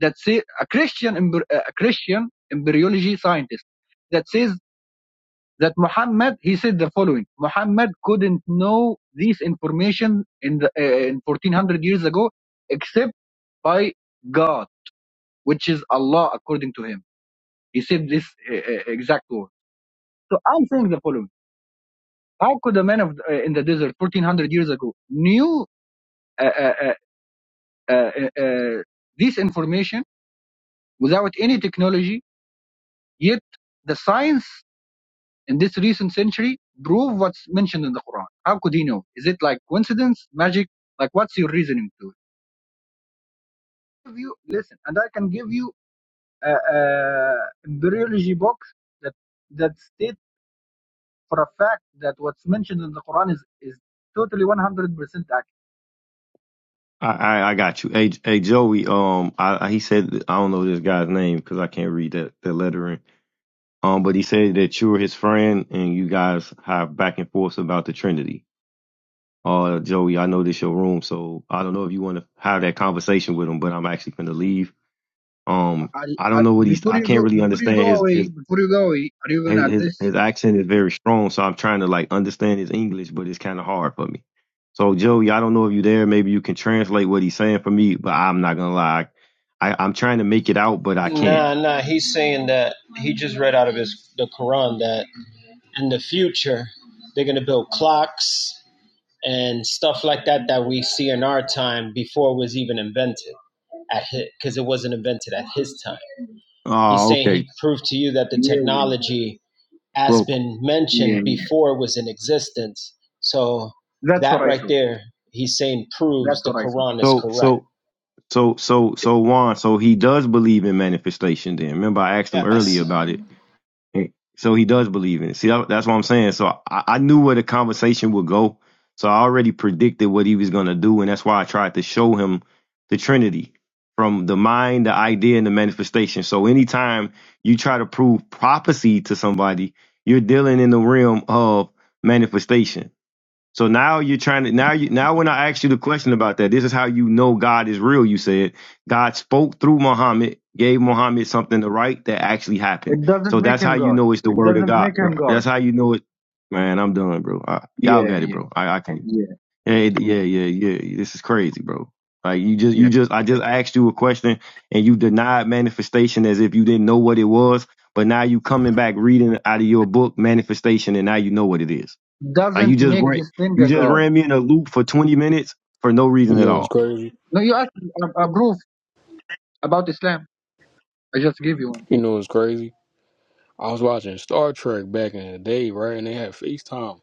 that say a Christian a Christian embryology scientist that says that Muhammad he said the following: Muhammad couldn't know this information in the uh, in 1400 years ago except by God, which is Allah according to him. He said this uh, uh, exact word. So I'm saying the following: How could a man of uh, in the desert 1400 years ago knew uh, uh, uh, uh, uh, this information without any technology, yet the science in this recent century prove what's mentioned in the Quran. How could he know? Is it like coincidence, magic? Like, what's your reasoning to it? Give you listen, and I can give you a, a embryology box that that states for a fact that what's mentioned in the Quran is is totally 100 percent accurate. I, I, I got you. Hey, hey, Joey. Um, I, I he said that- I don't know this guy's name because I can't read that that lettering. Um, but he said that you were his friend and you guys have back and forth about the Trinity. Uh, Joey, I know this your room, so I don't know if you want to have that conversation with him, but I'm actually going to leave. Um, I Are- don't are- know what he's. before I you can't go, really before you understand go his his away, before you go away, are you gonna his add his this? his accent is very strong, so I'm trying to like understand his English, but it's kind of hard for me. So Joey, I don't know if you there. Maybe you can translate what he's saying for me, but I'm not gonna lie, I, I'm trying to make it out, but I can't. Nah, nah. He's saying that he just read out of his the Quran that in the future they're gonna build clocks and stuff like that that we see in our time before it was even invented at his because it wasn't invented at his time. He's Oh, saying okay. he proved to you that the Yeah, yeah, technology has Well, been yeah, mentioned yeah. before it was in existence. So That's what that I right thought. there, he's saying proves That's the what I thought. Quran is so correct. so so so so Juan, so he does believe in manifestation. Then remember, I asked him earlier Yes, about it. And So he does believe in it. See, that, that's what I'm saying. So I, I knew where the conversation would go. So I already predicted what he was going to do. And that's why I tried to show him the Trinity from the mind, the idea, and the manifestation. So anytime you try to prove prophecy to somebody, you're dealing in the realm of manifestation so now you're trying to now you now when I asked you the question about that, this is how you know God is real. You said God spoke through Muhammad, gave Muhammad something to write that actually happened. It doesn't So make that's how him you God. know it's the It word of doesn't God. make him right? That's God. how you know it. Man, I'm done, bro. I, y'all Yeah, got it, yeah, bro. I, I can't. yeah. Yeah, it- yeah, yeah, yeah. This is crazy, bro. Like you just Yeah. you just I just asked you a question and you denied manifestation as if you didn't know what it was. But now you coming back reading out of your book manifestation and now you know what it is. Like you doesn't just make ran, this thing you a just god. ran me in a loop for 20 minutes for no You reason at know it's all. crazy. No, you asked me a, a proof about Islam. I just give you one. You know it's crazy. I was watching Star Trek back in the day, right? And they had FaceTime,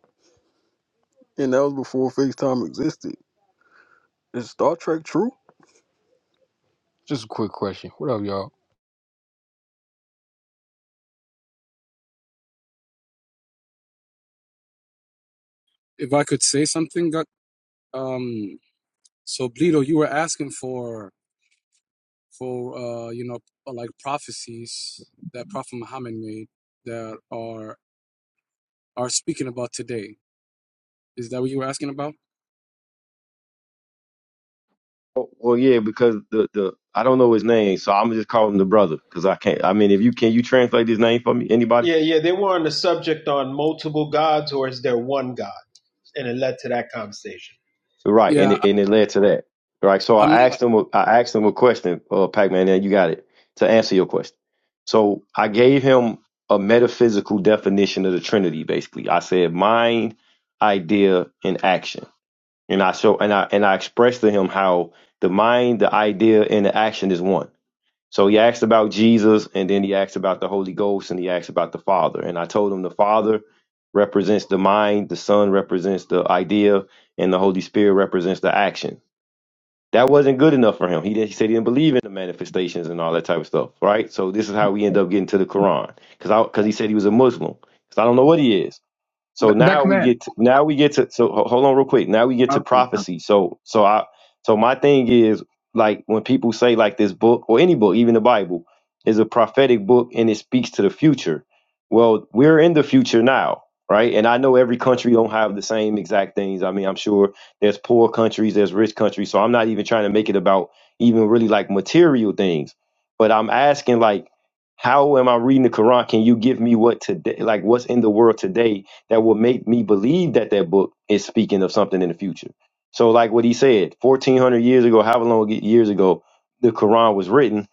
and that was before FaceTime existed. Is Star Trek true? Just a quick question. What up, y'all? if I could say something that um so Blito, you were asking for for uh you know uh, like prophecies that Prophet Muhammad made that are are speaking about today. Is that what you were asking about? Oh, well, yeah, because the the I don't know his name, so I'm just calling him the brother because I can't. I mean, if you can, you translate his name for me, anybody? Yeah, yeah, they were on the subject on multiple gods or is there one God? And it led to that conversation. Right, and Yeah, it, I- and it led to that. Right, so I'm I not. asked him. a- I asked him a question, uh, Pac-Man. Now you got it to answer your question. So I gave him a metaphysical definition of the Trinity. Basically, I said mind, idea, and action And I show and I and I expressed to him how the mind, the idea, and the action is one. So he asked about Jesus, and then he asked about the Holy Ghost, and he asked about the Father. And I told him the Father represents the mind, the Son represents the idea, and the Holy Spirit represents the action. That wasn't good enough for him. He, did, he said he didn't believe in the manifestations and all that type of stuff, right? So this is how we end up getting to the Quran, because because he said he was a Muslim. Because I don't know what he is. So Th- now that we man. get to, now we get to so ho- hold on real quick. Now we get to Okay. okay. prophecy. So so I so my thing is like when people say like this book or any book, even the Bible, is a prophetic book and it speaks to the future. Well, we're in the future now, right? And I know every country don't have the same exact things. I mean, I'm sure there's poor countries, there's rich countries. So I'm not even trying to make it about even really like material things. But I'm asking like how am I reading the Quran? Can you give me what today like what's in the world today that will make me believe that that book is speaking of something in the future. So, like what he said, 1400 years ago, however long years ago the Quran was written,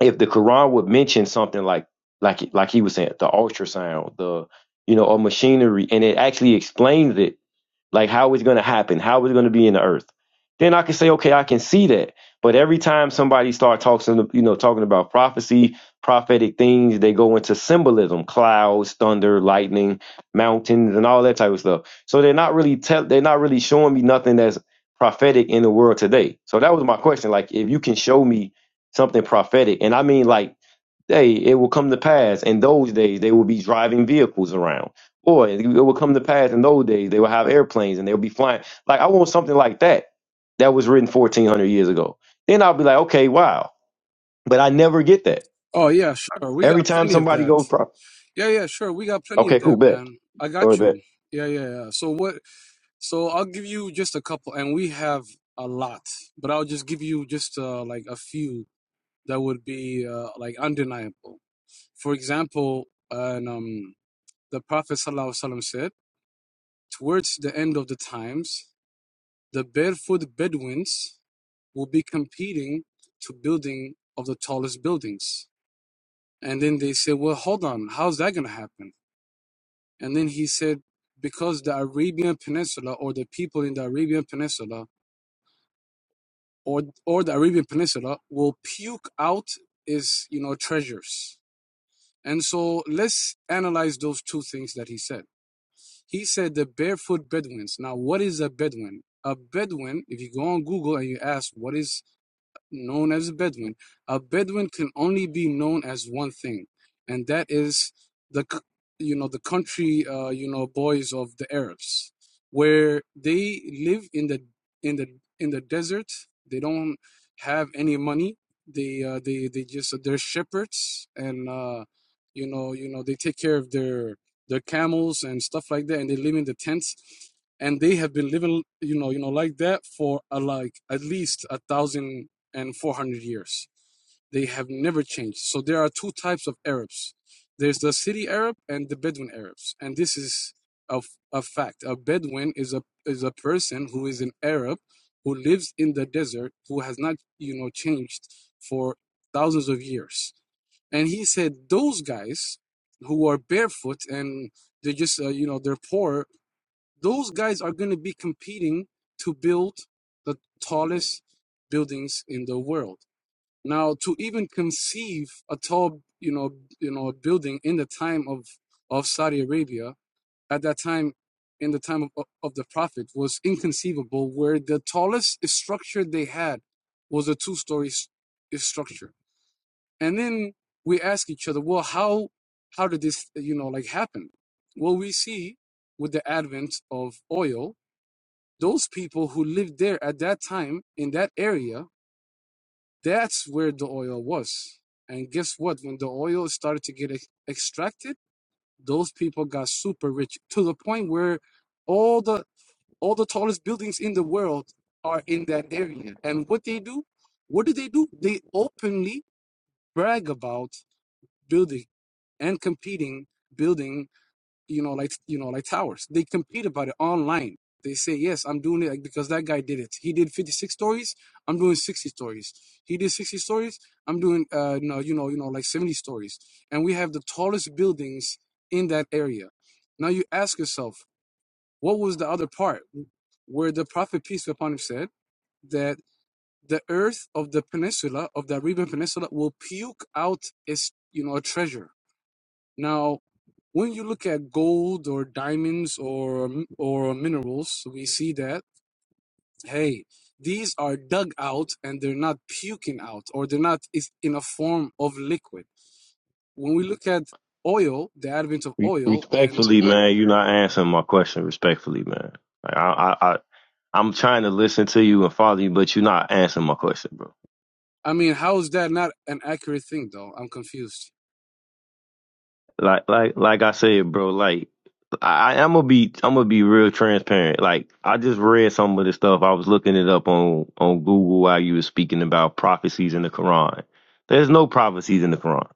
if the Quran would mention something like, like, like he was saying, the ultrasound, the, you know, or machinery, and it actually explains it like how it's going to happen, how it's going to be in the earth. Then I can say, okay, I can see that. But every time somebody starts talking, you know, talking about prophecy, prophetic things, they go into symbolism: clouds, thunder, lightning, mountains, and all that type of stuff. So they're not really tell, they're not really showing me nothing that's prophetic in the world today. So that was my question: like, if you can show me something prophetic, and I mean like day it will come to pass in those days they will be driving vehicles around or it will come to pass in those days they will have airplanes and they'll be flying like i want something like that that was written 1400 years ago then i'll be like okay wow but i never get that Oh yeah, sure. We every got time plenty of somebody that. goes pro- Yeah, yeah, sure. We got plenty of okay cool that, bet man. I got go ahead bet you. Yeah, yeah, yeah. So what? So I'll give you just a couple, and we have a lot, but I'll just give you just uh, like a few that would be uh, like undeniable. For example, and, um, the Prophet ﷺ said, towards the end of the times, the barefoot Bedouins will be competing to building of the tallest buildings. And then they said, well, hold on, how's that going to happen? And then he said, because the Arabian Peninsula or the people in the Arabian Peninsula or, or the Arabian Peninsula will puke out his, you know, treasures. And so let's analyze those two things that he said He said the barefoot Bedouins. Now, what is a Bedouin? A Bedouin, if you go on Google and you ask what is known as a Bedouin. A Bedouin can only be known as one thing, and that is the you know the country uh, you know boys of the Arabs, where they live in the in the in the desert. They don't have any money. They uh, they they just they're shepherds, and uh, you know you know they take care of their their camels and stuff like that, and they live in the tents and they have been living you know you know like that for a, like at least a thousand and 400 years. They have never changed. So there are two types of Arabs. There's the city Arab and the Bedouin Arabs, and this is a a fact. A Bedouin is a is a person who is an Arab who lives in the desert who has not you know changed for thousands of years. And he said those guys who are barefoot and they're just uh, you know they're poor. Those guys are going to be competing to build the tallest buildings in the world now, to even conceive a tall, you know, you know, building in the time of of Saudi Arabia at that time, in the time of, of the Prophet, was inconceivable. Where the tallest structure they had was a two-story structure, and then we ask each other, well, how how did this, you know, like happen? Well, we see with the advent of oil, those people who lived there at that time in that area that's where the oil was. And guess what? When the oil started to get ex- extracted, those people got super rich to the point where all the all the tallest buildings in the world are in that area. And what they do? What do they do? They openly brag about building and competing building you know, like you know, like towers. They compete about it online. They say, yes, I'm doing it like, because that guy did it. He did 56 stories. I'm doing 60 stories. He did 60 stories. I'm doing, uh, no, you know, you know, like 70 stories. And we have the tallest buildings in that area. Now you ask yourself, what was the other part where the prophet peace be upon him said that the earth of the peninsula of the Arabian Peninsula will puke out its, you know, a treasure now, when you look at gold or diamonds or or minerals, we see that hey, these are dug out and they're not puking out or they're not is- in a form of liquid. When we look at oil, the advent of Re- oil, and respectfully man you're not answering my question respectfully man like, I, I i i'm trying to listen to you and follow you but you're not answering my question bro I mean, how is that not an accurate thing though? I'm confused. like like like I said, bro, like I, I'm gonna be I'm gonna be real transparent. Like I just read some of the stuff. I was looking it up on on Google while you were speaking about prophecies in the Quran. There's no prophecies in the Quran.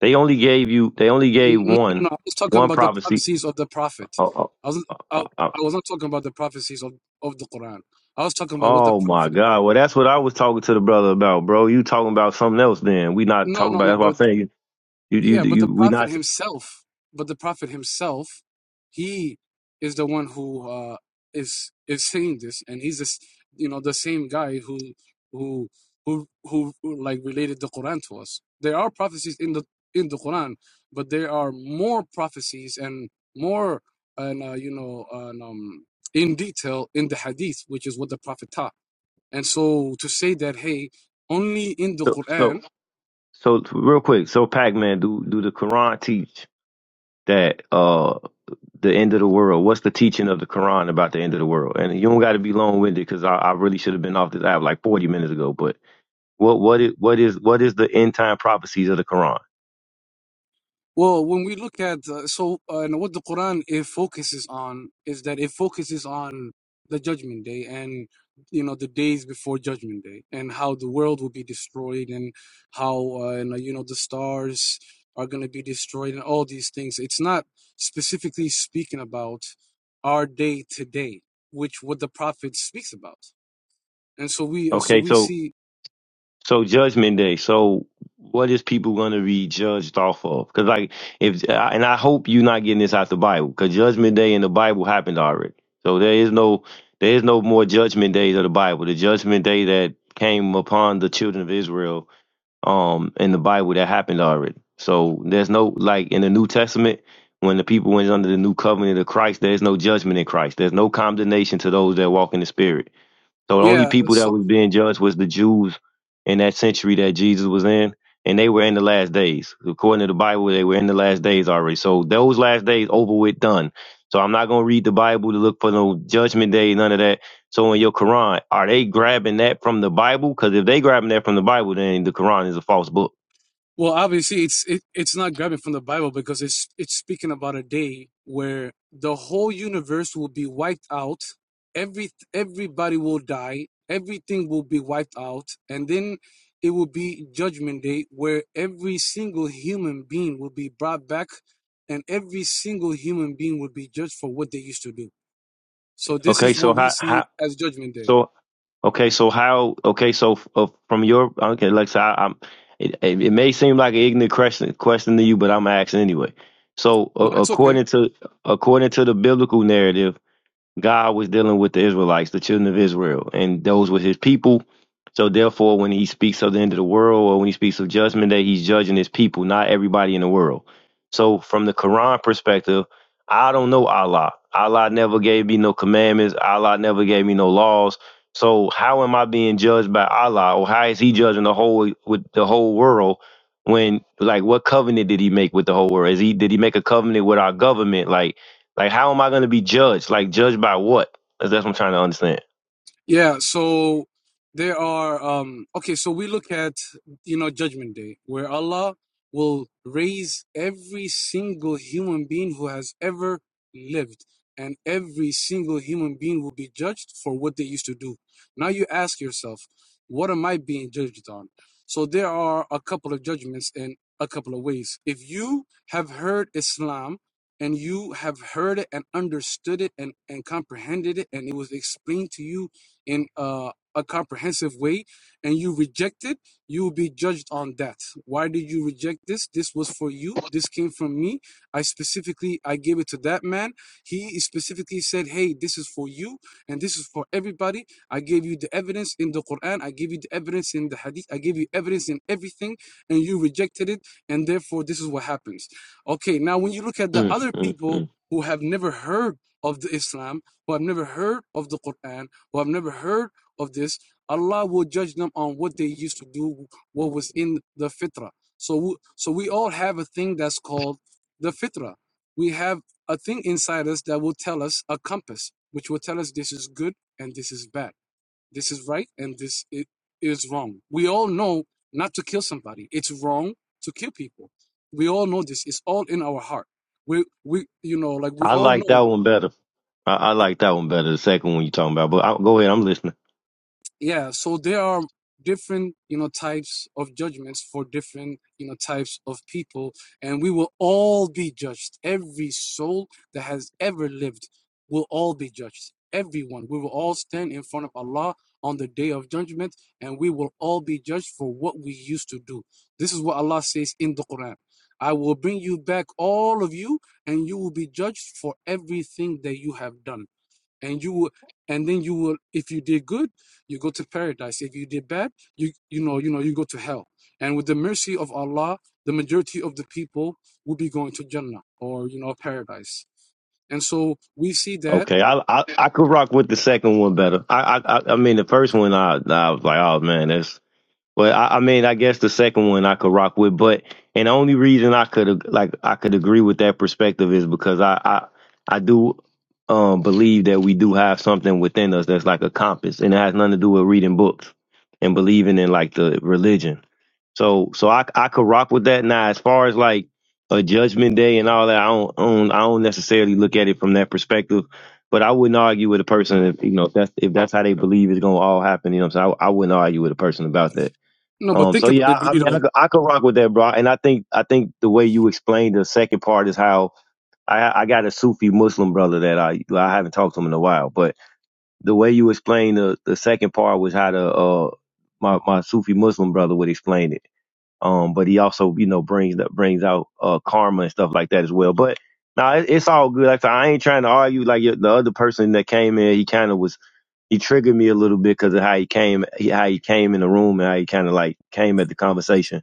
They only gave you they only N- gave No, no, no. one I was talking one about the prophecy. prophecies of the prophet. Oh, oh, I was I, oh, oh I was not talking about the prophecies of, of the Quran. I was talking about what the oh my prophet. God! Well, that's what I was talking to the brother about, bro. You talking about something else? Then we not No, talking no, about. no. That's what I'm But saying. You you Yeah, but the you we Prophet not himself, but the Prophet himself, he is the one who uh, is is saying this, and he's this, you know, the same guy who who who who like related the Quran to us. There are prophecies in the in the Quran, but there are more prophecies and more and uh, you know and, um, in detail in the Hadith, which is what the Prophet taught. And so to say that, hey, only in the so Quran so so real quick. So Pac Man, do do the Quran teach? that uh the end of the world what's the teaching of the quran about the end of the world and you don't got to be long-winded because I, I really should have been off this app like 40 minutes ago but what what is what is what is the end time prophecies of the quran Well, when we look at uh, so uh, and what the Quran it focuses on is that it focuses on the judgment day and you know the days before judgment day and how the world will be destroyed and how uh, and, uh, you know the stars are going to be destroyed and all these things. It's not specifically speaking about our day today, which what the prophet speaks about. And so we so okay we so see So Judgment Day. So what is people going to be judged off of? Because like if and I hope you're not getting this out the Bible because Judgment Day in the Bible happened already. So there is no there is no more Judgment Days of the Bible. The Judgment Day that came upon the children of Israel um in the Bible that happened already. So there's no like in the New Testament when the people went under the new covenant of Christ, there's no judgment in Christ. There's no condemnation to those that walk in the Spirit. So the only yeah, people so. that was being judged was the Jews in that century that Jesus was in, and they were in the last days. According to the Bible, they were in the last days already. So those last days over with done. So I'm not gonna read the Bible to look for no judgment day, none of that. So in your Quran, are they grabbing that from the Bible? Because if they grabbing that from the Bible, then the Quran is a false book. Well, obviously, it's it, it's not grabbing from the Bible because it's it's speaking about a day where the whole universe will be wiped out. Every everybody will die. Everything will be wiped out, and then it will be Judgment Day, where every single human being will be brought back, and every single human being will be judged for what they used to do. So this Okay, is what so we how see how as Judgment Day. so Okay, so how? Okay, so f- uh, from your okay, like so I, I'm. It, it it may seem like an ignorant question question to you, but I'm asking anyway. So uh, No, that's okay. according to according to the biblical narrative. God was dealing with the Israelites, the children of Israel, and those were his people. So therefore, when he speaks of the end of the world or when he speaks of judgment that he's judging his people, not everybody in the world. So from the Quran perspective, I don't know Allah. Allah never gave me no commandments. Allah never gave me no laws. So how am I being judged by Allah or how is he judging the whole with the whole world when like what covenant did he make with the whole world? Is he did he make a covenant with our government? Like like, how am I going to be judged? Like, judged by what? That's that's what I'm trying to understand. Yeah, so there are um okay, so we look at you know Judgment Day where Allah will raise every single human being who has ever lived and every single human being will be judged for what they used to do. Now you ask yourself, what am I being judged on? So there are a couple of judgments in a couple of ways. If you have heard Islam and you have heard it and understood it and, and comprehended it and it was explained to you in uh, a comprehensive way and you reject it, you will be judged on that. Why did you reject this? This was for you. This came from me. I specifically I gave it to that man. He specifically said, "Hey, this is for you and this is for everybody." I gave you the evidence in the Quran. I gave you the evidence in the Hadith. I gave you evidence in everything, and you rejected it, and therefore this is what happens. Okay, now when you look at the Mm, other mm, people mm. who have never heard of the Islam, who have never heard of the Quran who have never heard of this, Allah will judge them on what they used to do, what was in the fitrah. So, so we all have a thing that's called the fitrah. We have a thing inside us that will tell us a compass, which will tell us this is good and this is bad, this is right and this is wrong. We all know not to kill somebody. It's wrong to kill people. We all know this. It's all in our heart. We, we, you know, like we I all like know that one better. I, I like that one better. The second one you are talking about, but I, go ahead. I'm listening. yeah so there are different you know types of judgments for different you know types of people and we will all be judged every soul that has ever lived will all be judged everyone we will all stand in front of allah on the day of judgment and we will all be judged for what we used to do this is what allah says in the quran i will bring you back all of you and you will be judged for everything that you have done and you will and then you will if you did good you go to paradise if you did bad you you know you know you go to hell and with the mercy of allah the majority of the people will be going to jannah or you know paradise and so we see that Okay, I, I I could rock with the second one better. I I I I mean the first one I I was like, oh man, that's Well, I, I mean, I guess the second one I could rock with, but and the only reason I could ag- like I could agree with that perspective is because I I, I do um believe that we do have something within us that's like a compass, and it has nothing to do with reading books and believing in like the religion. So so I I could rock with that. Now, as far as like a judgment day and all that, I don't, I don't I don't necessarily look at it from that perspective. But I wouldn't argue with a person if you know if that's if that's how they believe it's gonna all happen. You know, what I'm saying I, I wouldn't argue with a person about that. no but Um, think so about yeah, it I, I mean, I, Valido. could- I could rock with that, bro. And I think I think the way you explained the second part is how I, I got a Sufi Muslim brother that I I haven't talked to him in a while, but the way you explained the the second part was how the uh my my Sufi Muslim brother would explain it. Um, but he also you know brings that brings out uh karma and stuff like that as well. But no, it, it's all good. Like I, said, I ain't trying to argue. Like the other person that came in, he kind of was he triggered me a little bit because of how he came, he- how he came in the room and how he kind of like came at the conversation.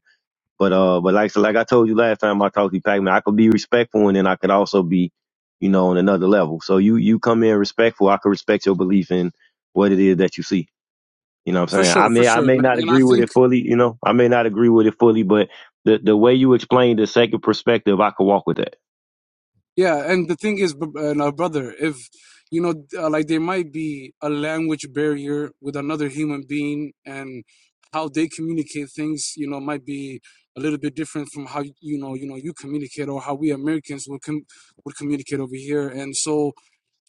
But uh, but like so like I told you last time I talked to you, Pac Man, I could be respectful and then I could also be, you know, on another level. So you you come in respectful, I could respect your belief in what it is that you see. You know what I'm for saying? I sure for may I sure may man not and i agree with think it fully, you know, I may not agree with it fully, but the the way you explain the second perspective, I could walk with that. Yeah, and the thing is, br- uh, now, brother, if you know, uh, like there might be a language barrier with another human being, and how they communicate things, you know, might be a little bit different from how you know, you know, you communicate or how we Americans would com- would communicate over here. And so,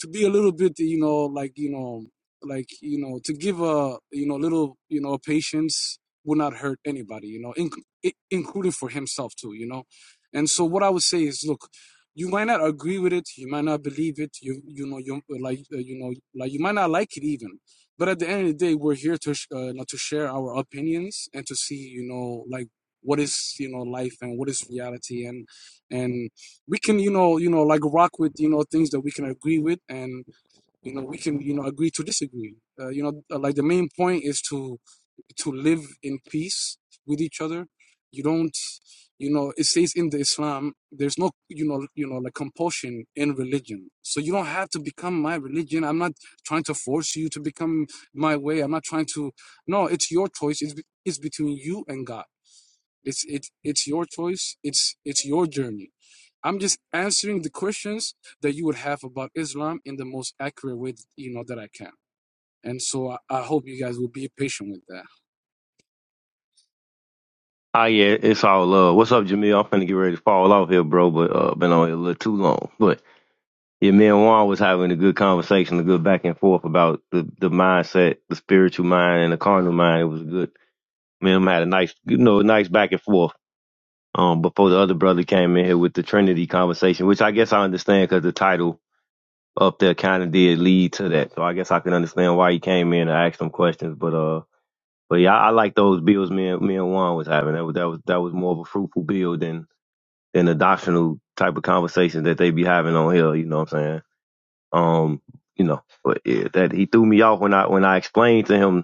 to be a little bit, you know, like you know, like you know, to give a you know little you know patience will not hurt anybody, you know, in- including for himself too, you know. And so, what I would say is, look you might not agree with it you might not believe it you you know you uh, like uh, you know like you might not like it even but at the end of the day we're here to sh- uh, to share our opinions and to see you know like what is you know life and what is reality and and we can you know you know like rock with you know things that we can agree with and you know we can you know agree to disagree uh, you know uh, like the main point is to to live in peace with each other. You don't, you know, it says in the Islam, there's no, you know, you know, like compulsion in religion. So you don't have to become my religion. I'm not trying to force you to become my way. I'm not trying to. No, it's your choice. It's it's between you and God. It's it it's your choice. It's it's your journey. I'm just answering the questions that you would have about Islam in the most accurate way, you know, that I can. And so I, I hope you guys will be patient with that. Ah, yeah, it's all love. What's up, Jamil? I'm finna get ready to fall off here, bro, but uh, been on here a little too long. But yeah, me and Juan was having a good conversation, a good back and forth about the, the mindset, the spiritual mind, and the carnal mind. It was good. Me and him had a nice, you know, a nice back and forth. Um, before the other brother came in here with the Trinity conversation, which I guess I understand because the title up there kind of did lead to that. So I guess I can understand why he came in and asked some questions. But uh, but yeah, I, I like those bills me and me and Juan was having. That was that was that was more of a fruitful bill than than the doctrinal type of conversations that they be having on here. You know what I'm saying? Um, you know, but yeah, that he threw me off when I when I explained to him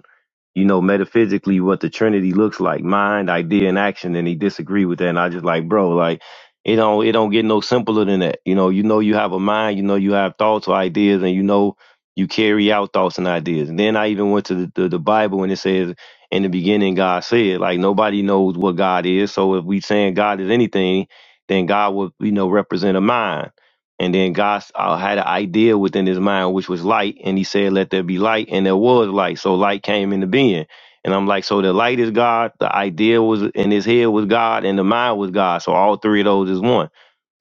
you know, metaphysically what the Trinity looks like, mind, idea, and action, and he disagreed with that. And I just like, bro, like, it don't it don't get no simpler than that. You know, you know you have a mind, you know you have thoughts or ideas, and you know you carry out thoughts and ideas. And then I even went to the, the, the Bible and it says, In the beginning God said, like nobody knows what God is. So if we saying God is anything, then God would, you know, represent a mind. And then God uh, had an idea within his mind, which was light, and he said, Let there be light, and there was light. So light came into being. And I'm like, So the light is God, the idea was in his head was God, and the mind was God. So all three of those is one.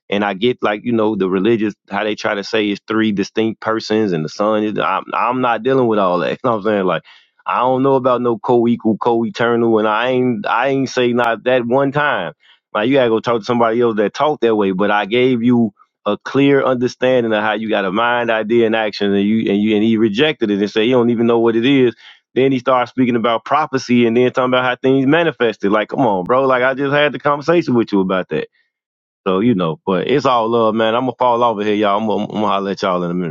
And I get like you know the religious how they try to say it's three distinct persons and the son is. I'm I'm not dealing with all that. You know what I'm saying? Like I don't know about no co-equal, co-eternal, and I ain't I ain't say not that one time. Like you gotta go talk to somebody else that talk that way. But I gave you a clear understanding of how you got a mind, idea, and action, and you and you and he rejected it and said he don't even know what it is. Then he starts speaking about prophecy and then talking about how things manifested. Like, come on, bro. Like I just had the conversation with you about that. So, you know, but it's all love, man. I'm going to fall over here, y'all. I'm going to holler at y'all in a minute.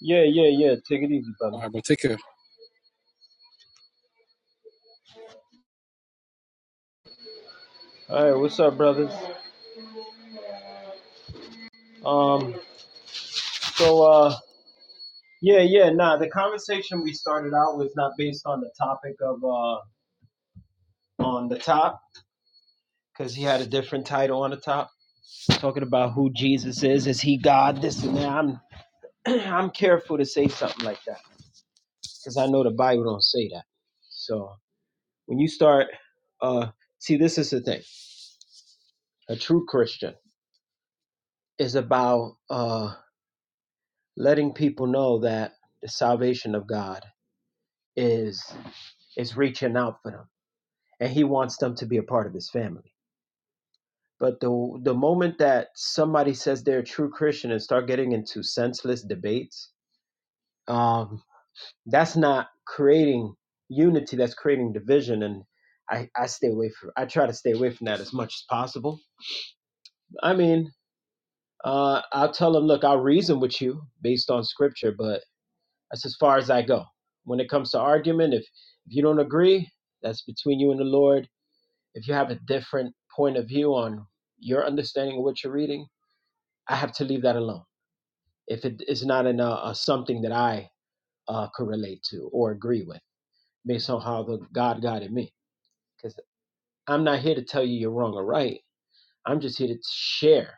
Yeah, yeah, yeah. Take it easy, brother. All right, bro. Take care. All right, what's up, brothers? Um, so uh, yeah, yeah. Nah, the conversation we started out was not based on the topic of uh on the top because he had a different title on the top talking about who Jesus is. Is he God? This and that. I'm I'm careful to say something like that because I know the Bible don't say that. So when you start, uh, see, this is the thing a true Christian is about uh, letting people know that the salvation of God is is reaching out for them, and He wants them to be a part of His family. But the the moment that somebody says they're a true Christian and start getting into senseless debates, um, that's not creating unity. That's creating division, and I, I stay away from. I try to stay away from that as much as possible. I mean, uh, I'll tell them, look, I'll reason with you based on Scripture, but That's as far as I go. When it comes to argument, if if you don't agree, that's between you and the Lord. If you have a different point of view on your understanding of what you're reading, I have to leave that alone. If it is not in a, a something that I uh, could relate to or agree with, based on how the God guided me, because I'm not here to tell you you're wrong or right. I'm just here to share,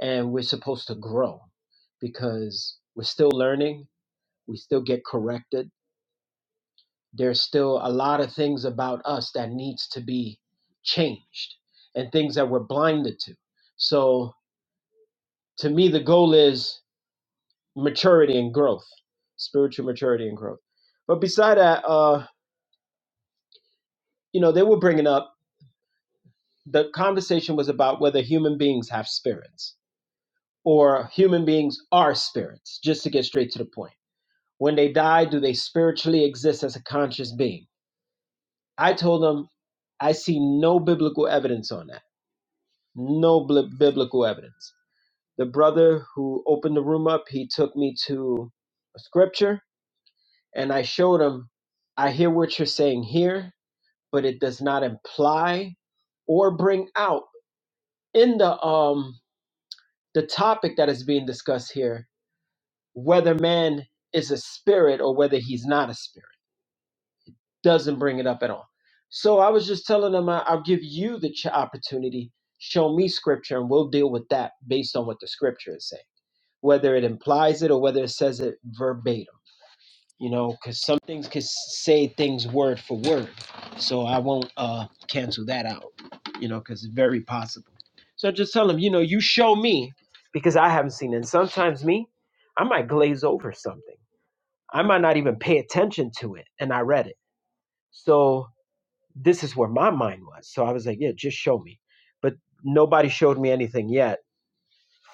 and we're supposed to grow because we're still learning. We still get corrected there's still a lot of things about us that needs to be changed and things that we're blinded to so to me the goal is maturity and growth spiritual maturity and growth but beside that uh you know they were bringing up the conversation was about whether human beings have spirits or human beings are spirits just to get straight to the point when they die do they spiritually exist as a conscious being i told them i see no biblical evidence on that no bl- biblical evidence. The brother who opened the room up, he took me to a scripture and I showed him, I hear what you're saying here, but it does not imply or bring out in the um the topic that is being discussed here whether man is a spirit or whether he's not a spirit doesn't bring it up at all. So I was just telling him I, I'll give you the ch- opportunity, show me scripture, and we'll deal with that based on what the scripture is saying whether it implies it or whether it says it verbatim you know because some things can say things word for word so i won't uh cancel that out you know because it's very possible so I just tell them you know you show me because i haven't seen it and sometimes me i might glaze over something i might not even pay attention to it and i read it so this is where my mind was so i was like yeah just show me but nobody showed me anything yet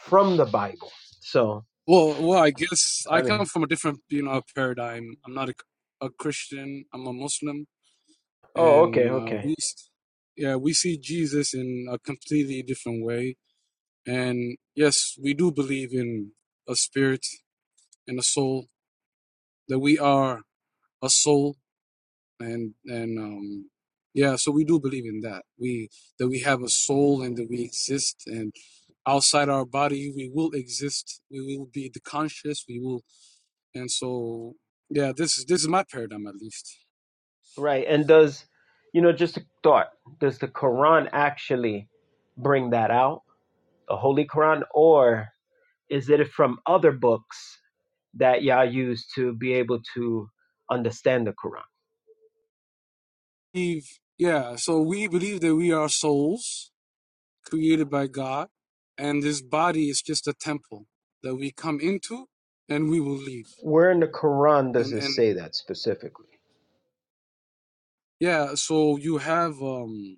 from the bible so Well, well, I guess I i come mean from a different, you know, paradigm. I'm not a, a Christian. I'm a Muslim, oh okay and uh, okay we, s- yeah, we see Jesus in a completely different way. And yes, we do believe in a spirit and a soul, that we are a soul and and um yeah so we do believe in that we that we have a soul and that we exist and outside our body we will exist we will be the conscious we will and so yeah this is this is my paradigm at least Right. And does, you know, just a thought, does the Quran actually bring that out, the Holy Quran, or is it from other books that Yah used to be able to understand the Quran? Believe- yeah so we believe that we are souls created by god and this body is just a temple that we come into and we will leave Where in the Quran does and it and say that specifically? yeah so you have um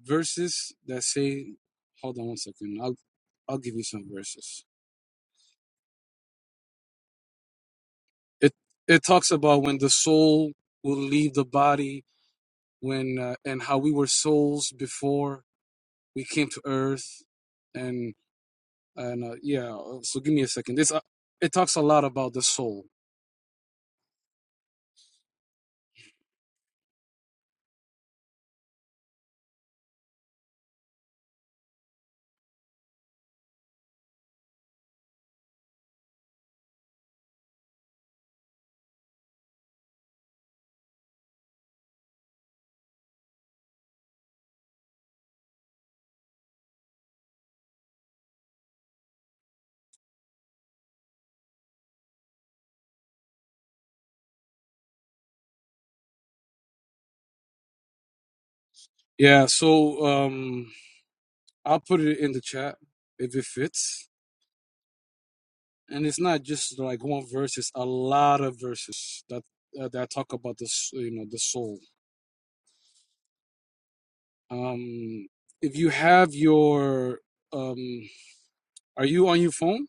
verses that say, hold on one second, I'll I'll give you some verses. It it talks about when the soul will leave the body, when uh, and how we were souls before we came to earth, and and uh, yeah. uh, So give me a second. This uh, it talks a lot about the soul. Yeah. So um, I'll put it in the chat if it fits. And it's not just like one verse; it's a lot of verses that uh, that talk about the s- you know the soul. Um, if you have your, um, are you on your phone?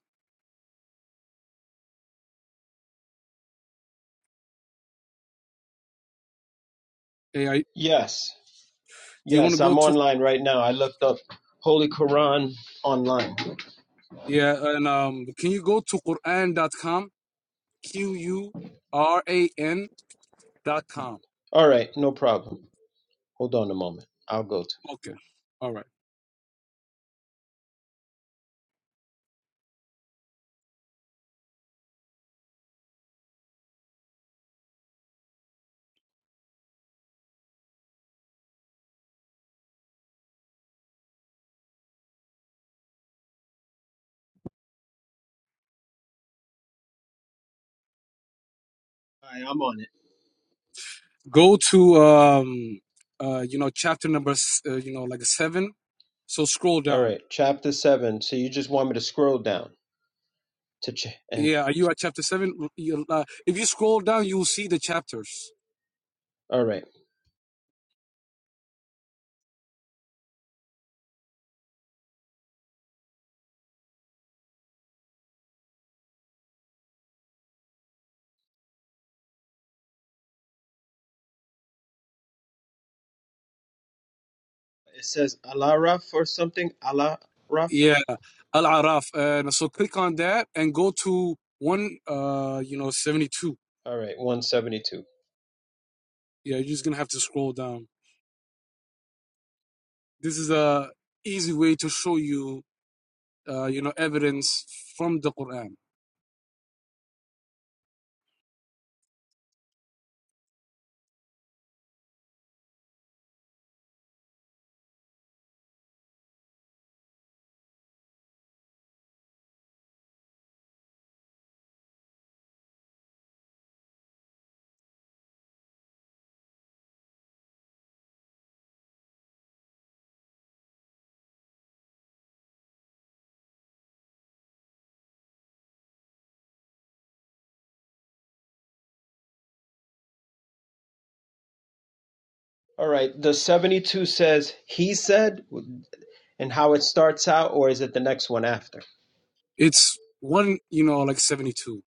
Hey, I, Yes. do you want to Yes, go I'm to, online right now. I looked up Holy Quran online. yeah, and um, can you go to Quran dot com? Q U R A N dot com. All right, no problem. Hold on a moment. I'll go to. it. Okay. All right. All right, I'm on it. Go to, um, uh, you know, chapter number, s- uh, you know, like seven. So scroll All down. right, chapter seven. So you just want me to scroll down to ch- and Yeah, are you at chapter seven? You- uh, If you scroll down, you'll see the chapters. all right. It says Alaraf or something. Alaraf. Yeah, Al Araf. And so click on that and go to one, uh, you know, 72. All right, one seventy-two. Yeah, you're just gonna have to scroll down. This is a easy way to show you, uh, you know, evidence from the Quran. All right, the seventy-two says he said, and how it starts out, or is it the next one after? It's one, you know, like 72.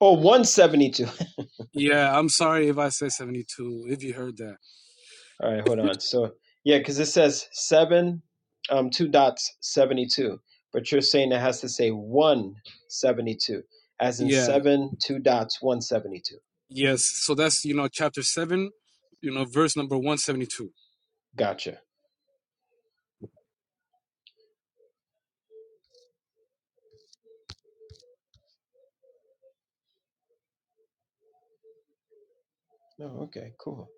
Oh, one seventy-two. Yeah, I'm sorry if I said 72, if you heard that. All right, hold on. So yeah, because it says seven, um, two dots seventy-two, but you're saying it has to say one seventy-two, as in Yeah, seven, two dots, one seventy-two. yes. So that's, you know, chapter seven, you know, verse number 172. Gotcha. Oh, okay, cool.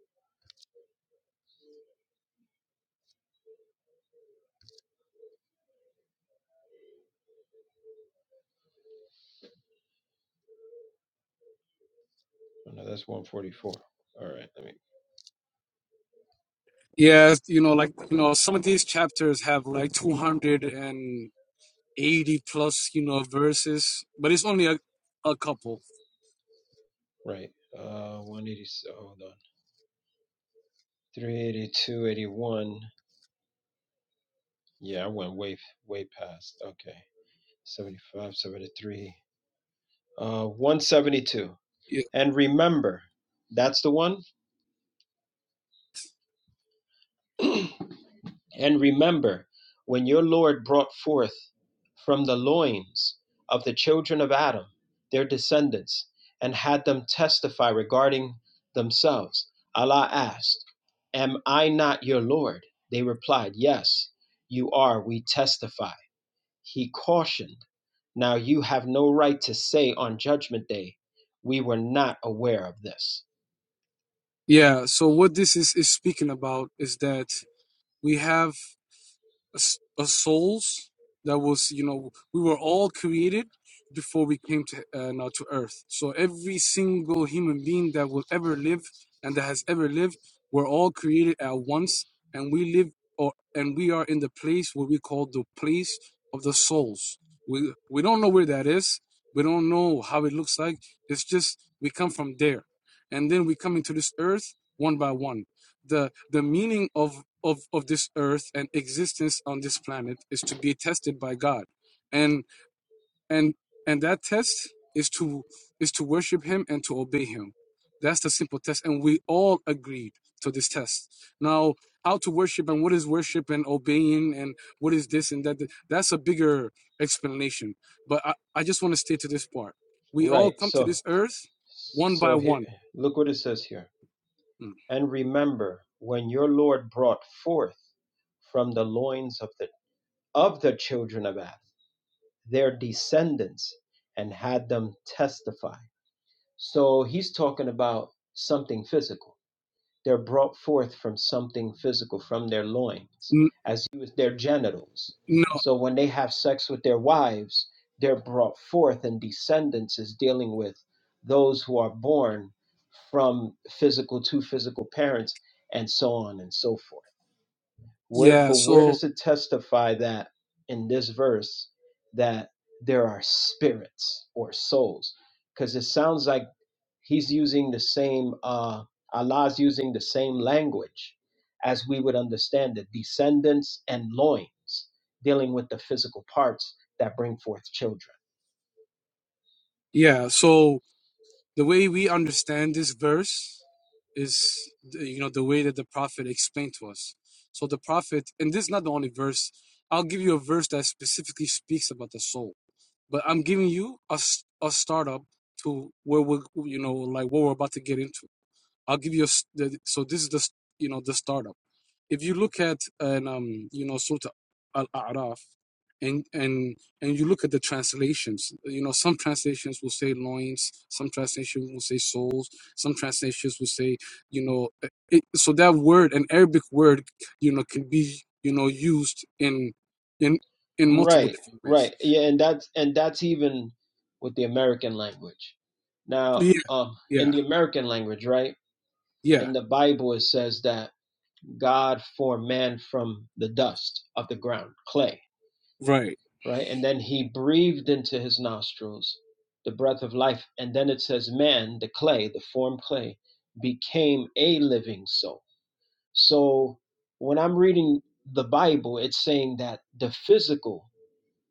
Yeah, you know, like, you know, some of these chapters have like 200 and 80 plus, you know, verses, but it's only a, a couple. Yeah, I went way, way past. Okay, 75, 73, uh, one seventy-two. Yeah. And remember, that's the one. And remember when your Lord brought forth from the loins of the children of Adam their descendants and had them testify regarding themselves. Allah asked, Am I not your Lord? They replied, Yes, you are. We testify. He cautioned, Now you have no right to say on Judgment Day, 'We were not aware of this. yeah. So what this is, is speaking about is that we have as, as souls that was you know we were all created before we came to uh, now to earth so every single human being that will ever live and that has ever lived were all created at once and we live or and we are in the place what we call the place of the souls we we don't know where that is we don't know how it looks like it's just we come from there and then we come into this earth one by one the the meaning of of of this earth and existence on this planet is to be tested by God, and and and that test is to is to worship Him and to obey Him. That's the simple test, and we all agreed to this test. Now, how to worship and what is worship and obeying and what is this and that? That's a bigger explanation. But I, I just want to stay to this part. We all Right. come to So, this earth one by so here, one look what it says here. Mm. And remember when your Lord brought forth from the loins of the of the children of Adam their descendants and had them testify. So he's talking about something physical. They're brought forth from something physical, from their loins, N- as you their genitals. No, So when they have sex with their wives, they're brought forth, and descendants is dealing with those who are born from physical to physical parents, and so on and so forth. Where yeah, but where so does it testify that in this verse that there are spirits or souls? Because it sounds like He's using the same, uh, Allah's using the same language as we would understand it descendants and loins, dealing with the physical parts that bring forth children. yeah, so the way we understand this verse is the- you know the way that the prophet explained to us. So the prophet, and this is not the only verse. I'll give you a verse that specifically speaks about the soul, but I'm giving you a s- a startup to where we are you know like what we're about to get into. I'll give you a, s- so this is the you know the startup. If you look at an um you know Surah Al-A'raf and and and you look at the translations, you know some translations will say loins, some translations will say souls, some translations will say you know uh, it, so that word an Arabic word you know can be you know used in in in multiple Right, different ways. right. Yeah, and that's and that's even with the American language. Now, Yeah, um, in yeah, the American language, right, yeah. in the Bible it says that God formed man from the dust of the ground, clay. Right. right? And then he breathed into his nostrils the breath of life. And then it says, man, the clay, the form clay, became a living soul. So when I'm reading the Bible, it's saying that the physical,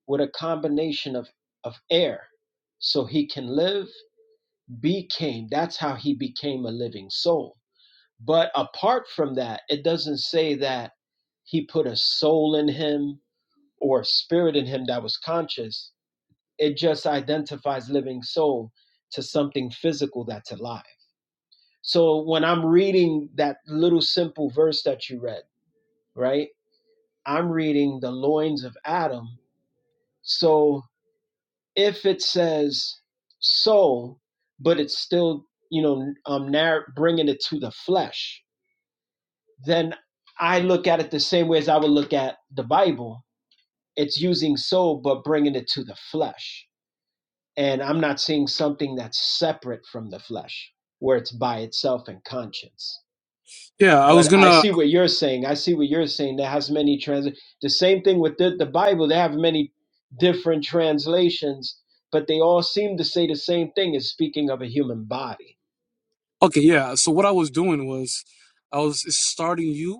with a combination of, of air, so he can live, became. That's how he became a living soul. But apart from that, it doesn't say that he put a soul in him or a spirit in him that was conscious it just identifies living soul to something physical that's alive. So when I'm reading that little simple verse that you read, right? I'm reading the loins of Adam. So if it says soul, but it's still, you know, um, narr- bringing it to the flesh, then I look at it the same way as I would look at the Bible. It's using soul, but bringing it to the flesh. and I'm not seeing something that's separate from the flesh, where it's by itself and conscience. Yeah, I was But I gonna see what you're saying. I see what you're saying. That has many trans. The same thing with the, the Bible. They have many different translations, but they all seem to say the same thing. Is speaking of a human body. Okay, yeah. So what I was doing was I was starting you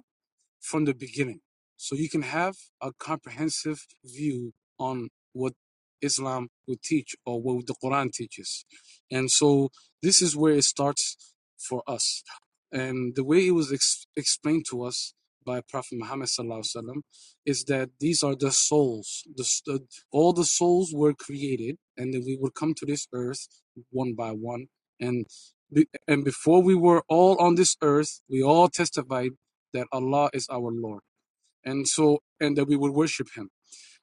from the beginning. So you can have a comprehensive view on what Islam would teach or what the Quran teaches. And so this is where it starts for us. And the way it was ex- explained to us by Prophet Muhammad sallallahu alaihi wasallam is that these are the souls. The, the, all the souls were created, and then we would come to this earth one by one. And be- and before we were all on this earth, we all testified that Allah is our Lord, and so and that we will worship Him.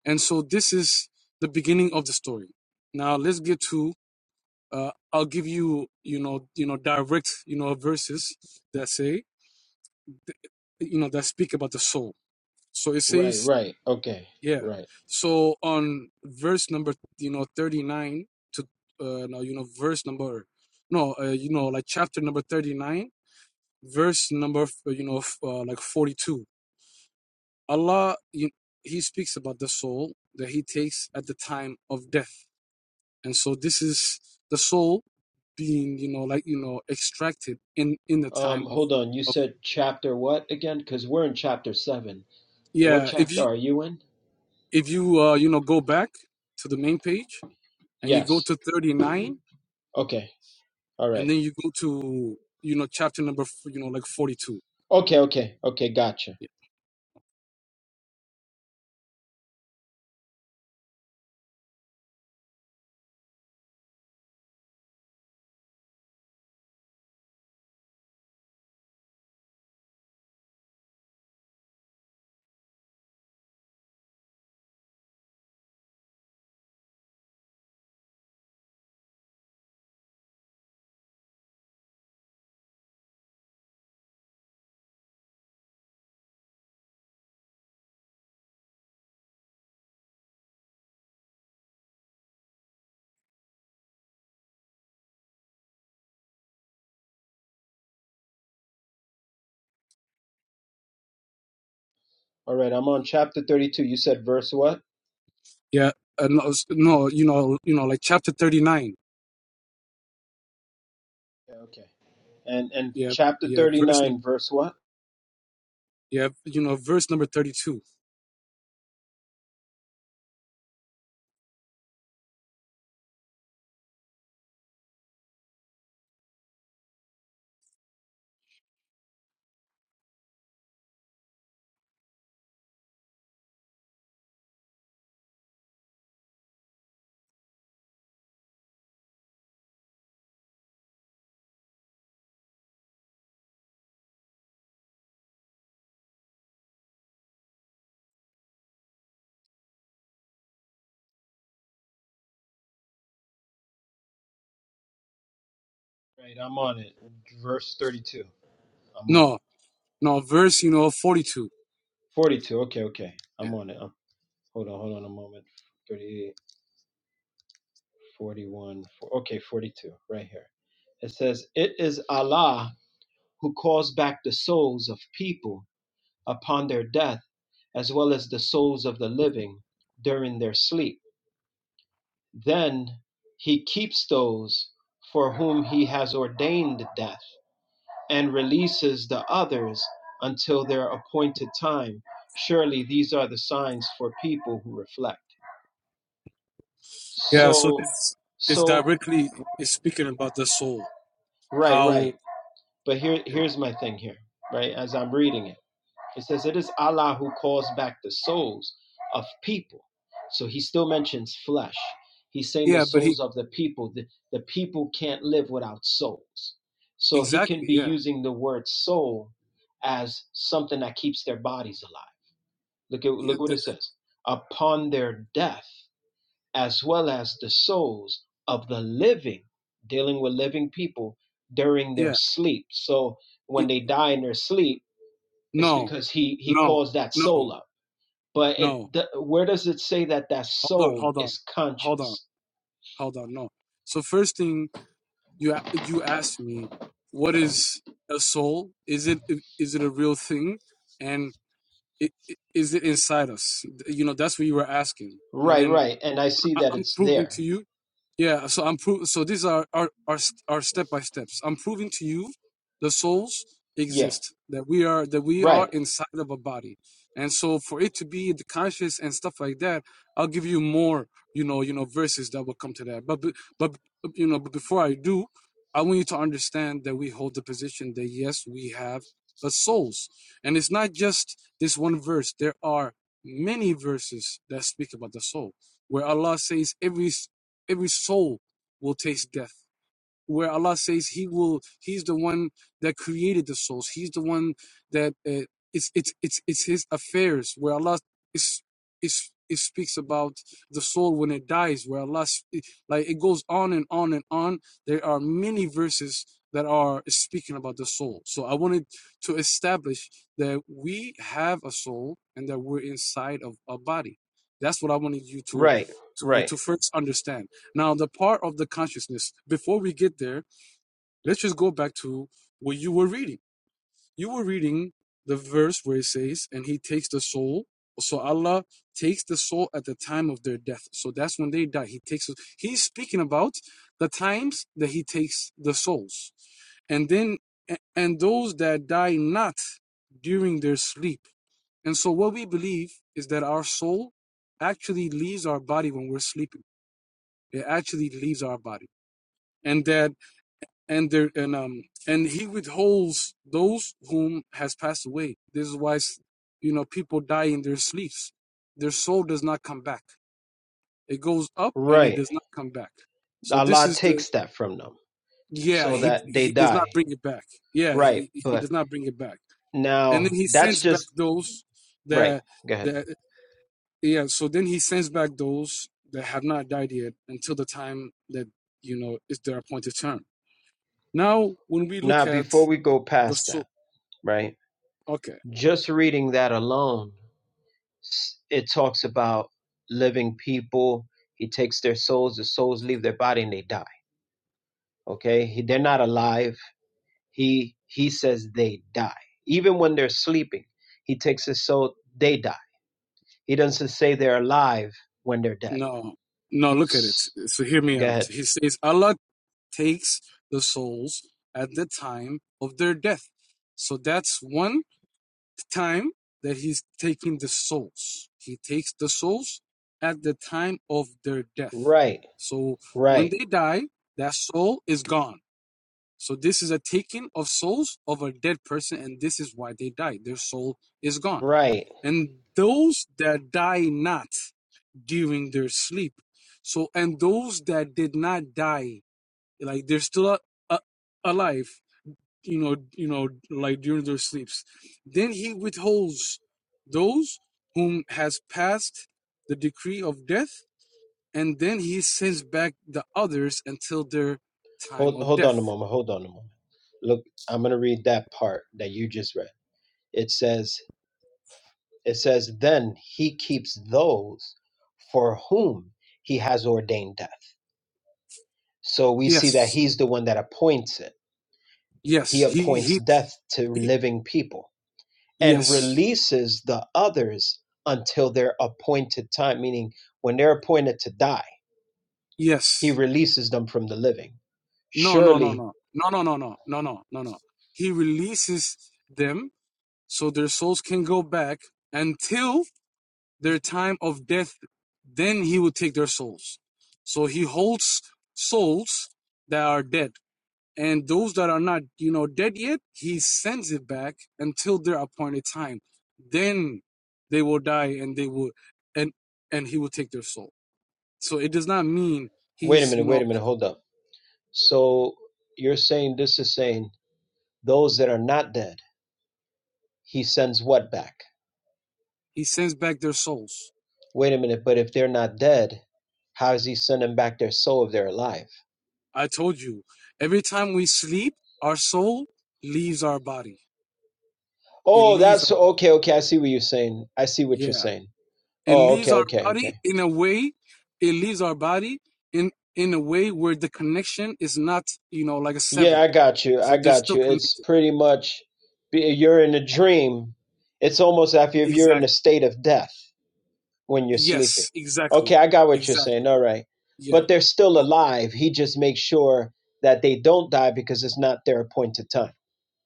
And so this is the beginning of the story. Now let's get to. Uh, I'll give you, you know, you know, direct, you know, verses that say, you know, that speak about the soul. So it says, yeah. So on verse number, you know, thirty nine to, uh, no, you know, verse number, no, uh, you know, like chapter number thirty nine, verse number, uh, you know, uh, like forty two Allah, you, He speaks about the soul that He takes at the time of death. And so this is the soul being, you know, like, you know, extracted in, in the time Um, of, hold on. You of, said chapter what again? Because we're in chapter seven. What yeah. If chapter you, are you in? if you, uh, you know, go back to the main page and you go Yes. to 39 Okay. and then you go to, you know, chapter number, f- you know, like 42. Yeah. All right. Thirty-two. You said verse what? Yeah, uh, no, s- no, you know, you know, like chapter thirty-nine. Yeah, okay. And and Yeah, chapter yeah, verse, num- 39, verse what? yeah, you know, verse number thirty-two. Right, I'm on it. Verse 32. I'm on it. No, no, verse, you know, forty-two. 42. Okay, okay. Yeah, I'm on it. Um, hold on, hold on a moment. 38, one, four. Okay, 42. Right here. It says, It is Allah who calls back the souls of people upon their death, as well as the souls of the living during their sleep. Then he keeps those for whom he has ordained death, and releases the others until their appointed time. Surely these are the signs for people who reflect. yeah. So So, it's it's so, directly it's speaking about the soul. right, How? right. But here, Yeah, here's my thing here, right, as I'm reading it. It says, It is Allah who calls back the souls of people. So he still mentions flesh. He's saying the yeah. But he souls of the people. The, the people can't live without souls. So he can exactly. be Yeah, using the word soul as something that keeps their bodies alive. Look at yeah, look what the, it says. Upon their death, as well as the souls of the living, dealing with living people during their yeah. sleep. So when It, they die in their sleep, it's no, because he he no, calls that no, soul up. But it no. the, where does it say that that Hold on, soul hold on, is hold on, conscious? hold on. No. So first thing you a- you asked me what is a soul is it is it a real thing and i- i- is it inside us you know that's what you were asking and Right, then right. And I see I- that i'm it's proving to there. you yeah, so I'm pro- so these are are are st- are step by steps. I'm proving to you the souls Yeah. exist that we are that we are Right. inside of a body. And so for it to be the conscious and stuff like that, I'll give you more, you know, you know verses that will come to that. But but but you know, but before I do, I want you to understand that we hold the position that yes, we have the souls. And it's not just this one verse. There are many verses that speak about the soul where Allah says every every soul will taste death where allah says he will he's the one that created the souls he's the one that uh, it's it's it's it's his affairs where allah is is it speaks about the soul when it dies where allah like it goes on and on and on there are many verses that are speaking about the soul so i wanted to establish that we have a soul and that we're inside of a body that's what i wanted you to Right. to Right. to first understand now, the part of the consciousness, before we get there, let's just go back to what you were reading. You were reading the verse where it says, and he takes the soul. So Allah takes the soul at the time of their death. So that's when they die. He takes it. He's speaking about the times that he takes the souls. And then, and those that die not during their sleep. And so what we believe is that our soul actually leaves our body when we're sleeping. It actually leaves our body and that and there and um and he withholds those whom has passed away this is why you know people die in their sleeps their soul does not come back it goes up and it Right. does not come back so this Allah is the takes that from them yeah so he that they he does not die. bring it back yeah Right. he, he But does not bring it back and then now he that's sends back just those right. that Go ahead. that yeah so then he sends back those that have not died yet until the time that you know is their appointed term now when we look Now at before we go The past so that, right? okay. Just reading that alone, it talks about living people. He takes their souls, the souls leave their body and they die. Okay? He, they're not alive. He he says they die. Even when they're sleeping, he takes his soul, they die. He doesn't say they're alive when they're dead. No. No, look at it. S- So hear me Go out. ahead. He says Allah takes the souls at the time of their death. So that's one time that he's taking the souls. He takes the souls at the time of their death. Right, So when right, they die, that soul is gone. So this is a taking of souls of a dead person, and this is why they die. Their soul is gone. right. And those that die not. during their sleep. So, and those that did not die, like they're still a, a, alive, you know, you know, like during their sleeps. Then he withholds those whom has passed the decree of death, and then he sends back the others until their time Hold of hold death. on a moment. Hold on a moment. Look, I'm gonna read that part that you just read. It says It says, Then he keeps those for whom he has ordained death. So we see that Yes, he's the one that appoints it. yes, He he, appoints he, death to he living people and yes, releases the others until their appointed time, meaning when they're appointed to die, he yes. releases them from the living. No, no, no, Surely, no, no, no, no, no, no, no, no, no. He releases them so their souls can go back until their time of death. Then he will take their souls. So he holds souls that are dead. And those that are not, you know, dead yet, he sends it back until their appointed time. Then they will die and they will and and he will take their soul. So it does not mean wait a he's, minute, you wait know, a minute, hold up. So you're saying this is saying those that are not dead, he sends what back? he sends back their souls. Wait a minute, but if they're not dead, how is he sending back their soul if they're alive? I told you, every time we sleep, our soul leaves our body. It Oh, leaves that's our body. okay, okay. I see what you're saying. I see what you're Yeah. saying. It Oh, leaves okay, our okay, body okay. in a way, it leaves our body in in a way where the connection is not, you know, like a Yeah, severed. I got you. So I they're got still you. It's connected. pretty much be- you're in a dream. It's almost as if you're in a Exactly. state of death when you're sleeping. Yes, Okay, exactly. I got what you're saying. Exactly. All right. Yeah. But they're still Oh, alive. He just makes sure that they don't die because it's not their appointed time.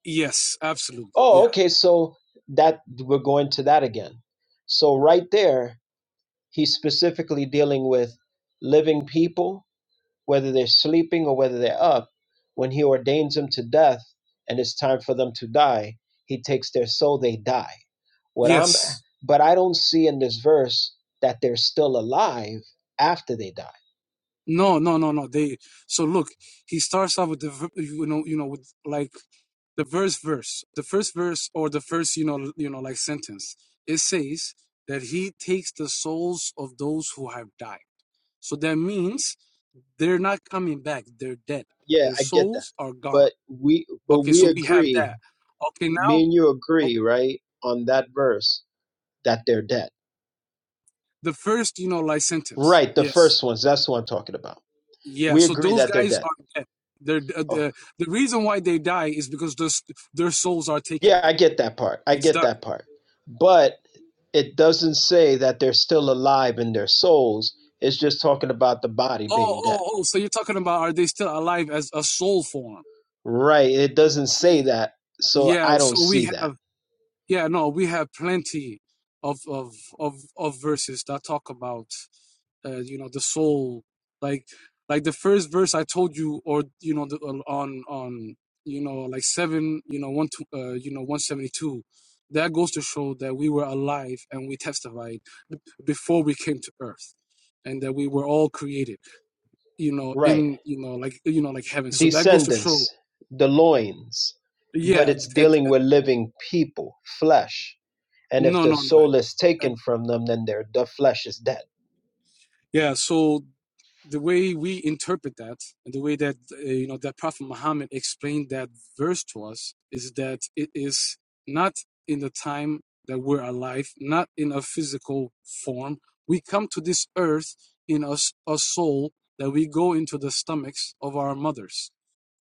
yes, absolutely. Oh, Yeah. okay. So that we're going to that again. So right there, he's specifically dealing with living people, whether they're sleeping or whether they're up. When he ordains them to death and it's time for them to die, he takes their soul, they die. What I'm Yes. but I don't see in this verse that they're still alive after they die. No, no, no, no. They so look, he starts off with the ver- you know, you know, with like the first verse, the first verse or the first, you know, you know, like sentence. It says that he takes the souls of those who have died. So that means they're not coming back. They're dead. Yeah, Their I get that. souls are gone. But we but Okay, we so we have agree, that. Okay, now me and you o- agree, right, on that verse that they're dead. the first, you know, like sentence. Right, the Yes. first ones, that's what I'm talking about. Yeah. We So agree those that they're guys dead. are dead. They're uh, Oh the the reason why they die is because their their souls are taken. yeah, I get that part. I It's get done. that part. But it doesn't say that they're still alive in their souls. It's just talking about the body Oh, being oh, dead. oh. So you're talking about are they still alive as a soul form? Right. It doesn't say that. So Yeah. I don't So see we have. that. Yeah, no, we have plenty of of of of verses that talk about uh, you know the soul, like like the first verse I told you, or you know the, uh, on on you know like seven, you know one to uh, you know one seventy two. That goes to show that we were alive and we testified before we came to earth, and that we were all created, you know, Right. in you know like you know like heaven. So that goes to show, Descendants, the loins. But yeah, th- it's th- dealing with living people, flesh. And if no, the no, no, soul is Uh, taken from them, then their the flesh is dead. yeah. So the way we interpret that and the way that uh, you know that prophet muhammad explained that verse to us is that it is not in the time that we're alive not in a physical form we come to this earth in a a soul that we go into the stomachs of our mothers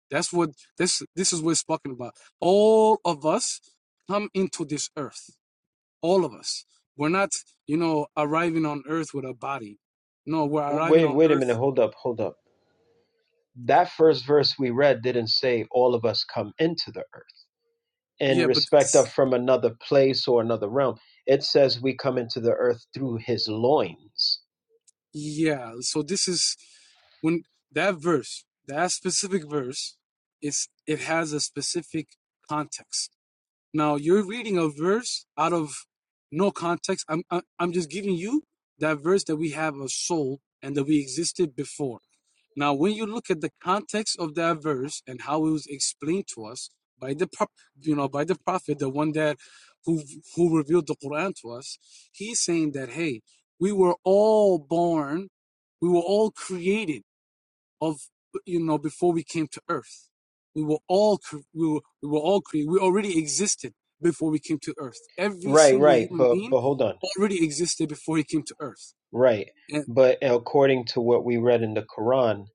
that's what this this is what it's talking about all of us come into this earth all of us we're not you know arriving on earth with a body no we're W- arriving Wait, on wait a earth minute. Hold up, hold up. That first verse we read didn't say all of us come into the earth. in Yeah, but respect of from another place or another realm. It says we come into the earth through his loins. yeah, so this is when that verse, that specific verse, it's it has a specific context. Now you're reading a verse out of no context. I'm I- I'm just giving you that verse that we have a soul and that we existed before. Now, when you look at the context of that verse and how it was explained to us by the prop- you know by the prophet, the one that who who revealed the Quran to us, he's saying that hey, we were all born, we were all created of you know before we came to earth we were all we were, we were all created we already existed before we came to earth every Right, single right, human but being but hold on. already existed before he came to earth Right. and But according to what we read in the Quran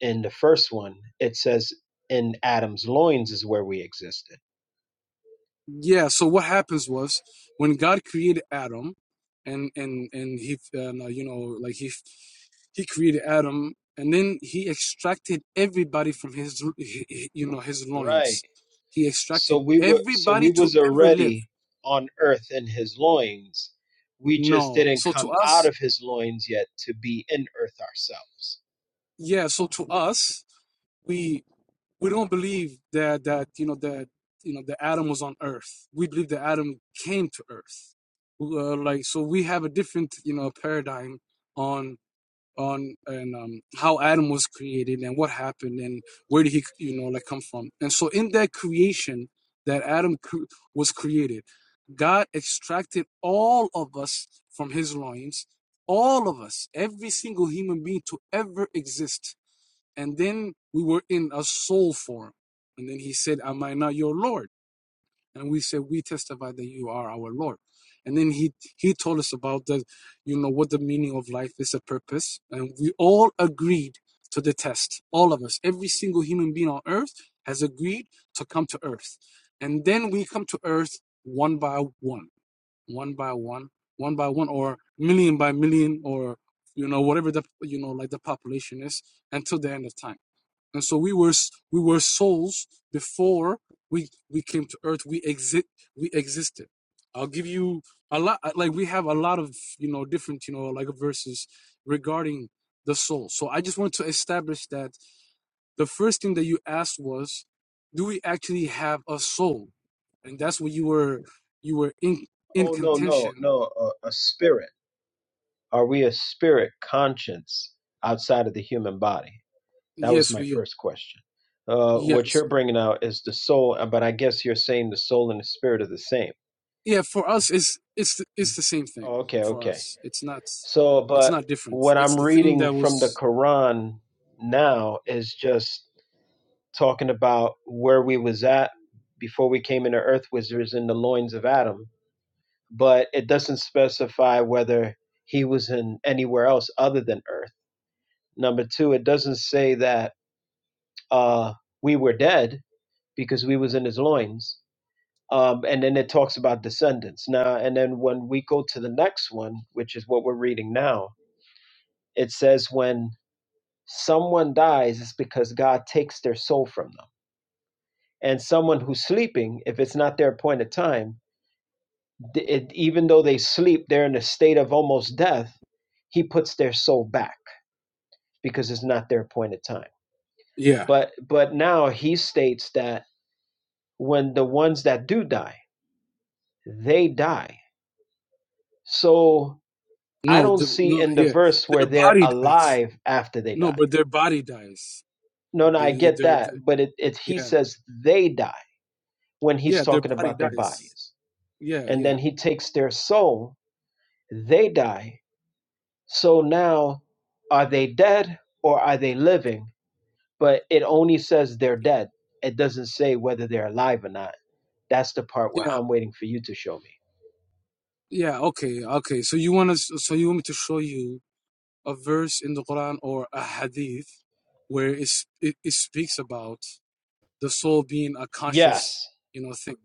in the first one, it says in Adam's loins is where we existed. yeah so what happens was when god created adam and and and he and, uh, you know like he he created adam and then he extracted everybody from his you know his Right. loins he So extracted we were so everybody we to was ever live already on earth in his loins. We just no didn't so to come us out of his loins yet to be in earth ourselves. yeah so to us we we don't believe that that you know that you know the adam was on earth we believe that adam came to earth uh, like so we have a different you know paradigm on on and um, how adam was created and what happened and where did he you know like come from and so in that creation that adam cr- was created god extracted all of us from his loins all of us every single human being to ever exist and then we were in a soul form. And then he said, Am I not your Lord? And we said, We testify that you are our Lord. And then he he told us about the, you know, what the meaning of life is, a purpose. And we all agreed to the test. All of us, every single human being on earth has agreed to come to earth. And then we come to earth one by one, one by one, one by one, or million by million, or you know, whatever the you know, like the population is until the end of time and so we were we were souls before we we came to earth. We exist we existed. I'll give you a lot uh, like we have a lot of you know different you know like verses regarding the soul. So I just want to establish that the first thing that you asked was, do we actually have a soul? And that's what you were you were in in Oh no, no, contention. no, a, a spirit Are we a spirit conscience outside of the human body? That was Yes, my we are. first question. Uh, Yes. what you're bringing out is the soul, uh, but I guess you're saying the soul and the spirit are the same. Yeah, for us, it's it's the- it's the same thing. Oh, okay, For okay. us, it's not So, it's but not different. what It's I'm the thing reading that from the was. Quran now is just talking about where we was at before we came into earth, which was in the loins of Adam, but it doesn't specify whether he was in anywhere else other than earth. Number two, it doesn't say that uh, we were dead because we was in his loins. Um, and then it talks about descendants. Now, and then when we go to the next one, which is what we're reading now, it says when someone dies, it's because God takes their soul from them. And someone who's sleeping, if it's not their appointed time, th- it, even though they sleep, they're in a state of almost death. He puts their soul back because it's not their appointed time. Yeah. But but now he states that when the ones that do die they die. So I No. don't The, see no. in the Yeah. verse where Their they're body dies. alive after they No, die. but their body dies. No, no, The, I the, get their, that, the, but it, it he yeah. says they die when he's Yeah. Their talking body about their dies. bodies. Yeah. And then Yeah. he takes their soul, they die. So now are they dead or are they living? But it only says they're dead. It doesn't say whether they're alive or not. That's the part where Yeah. I'm waiting for you to show me. Yeah. Okay. Okay. So you want to? So you want me to show you a verse in the Quran or a hadith where it's, it it speaks about the soul being a conscious, Yes. you know, thing.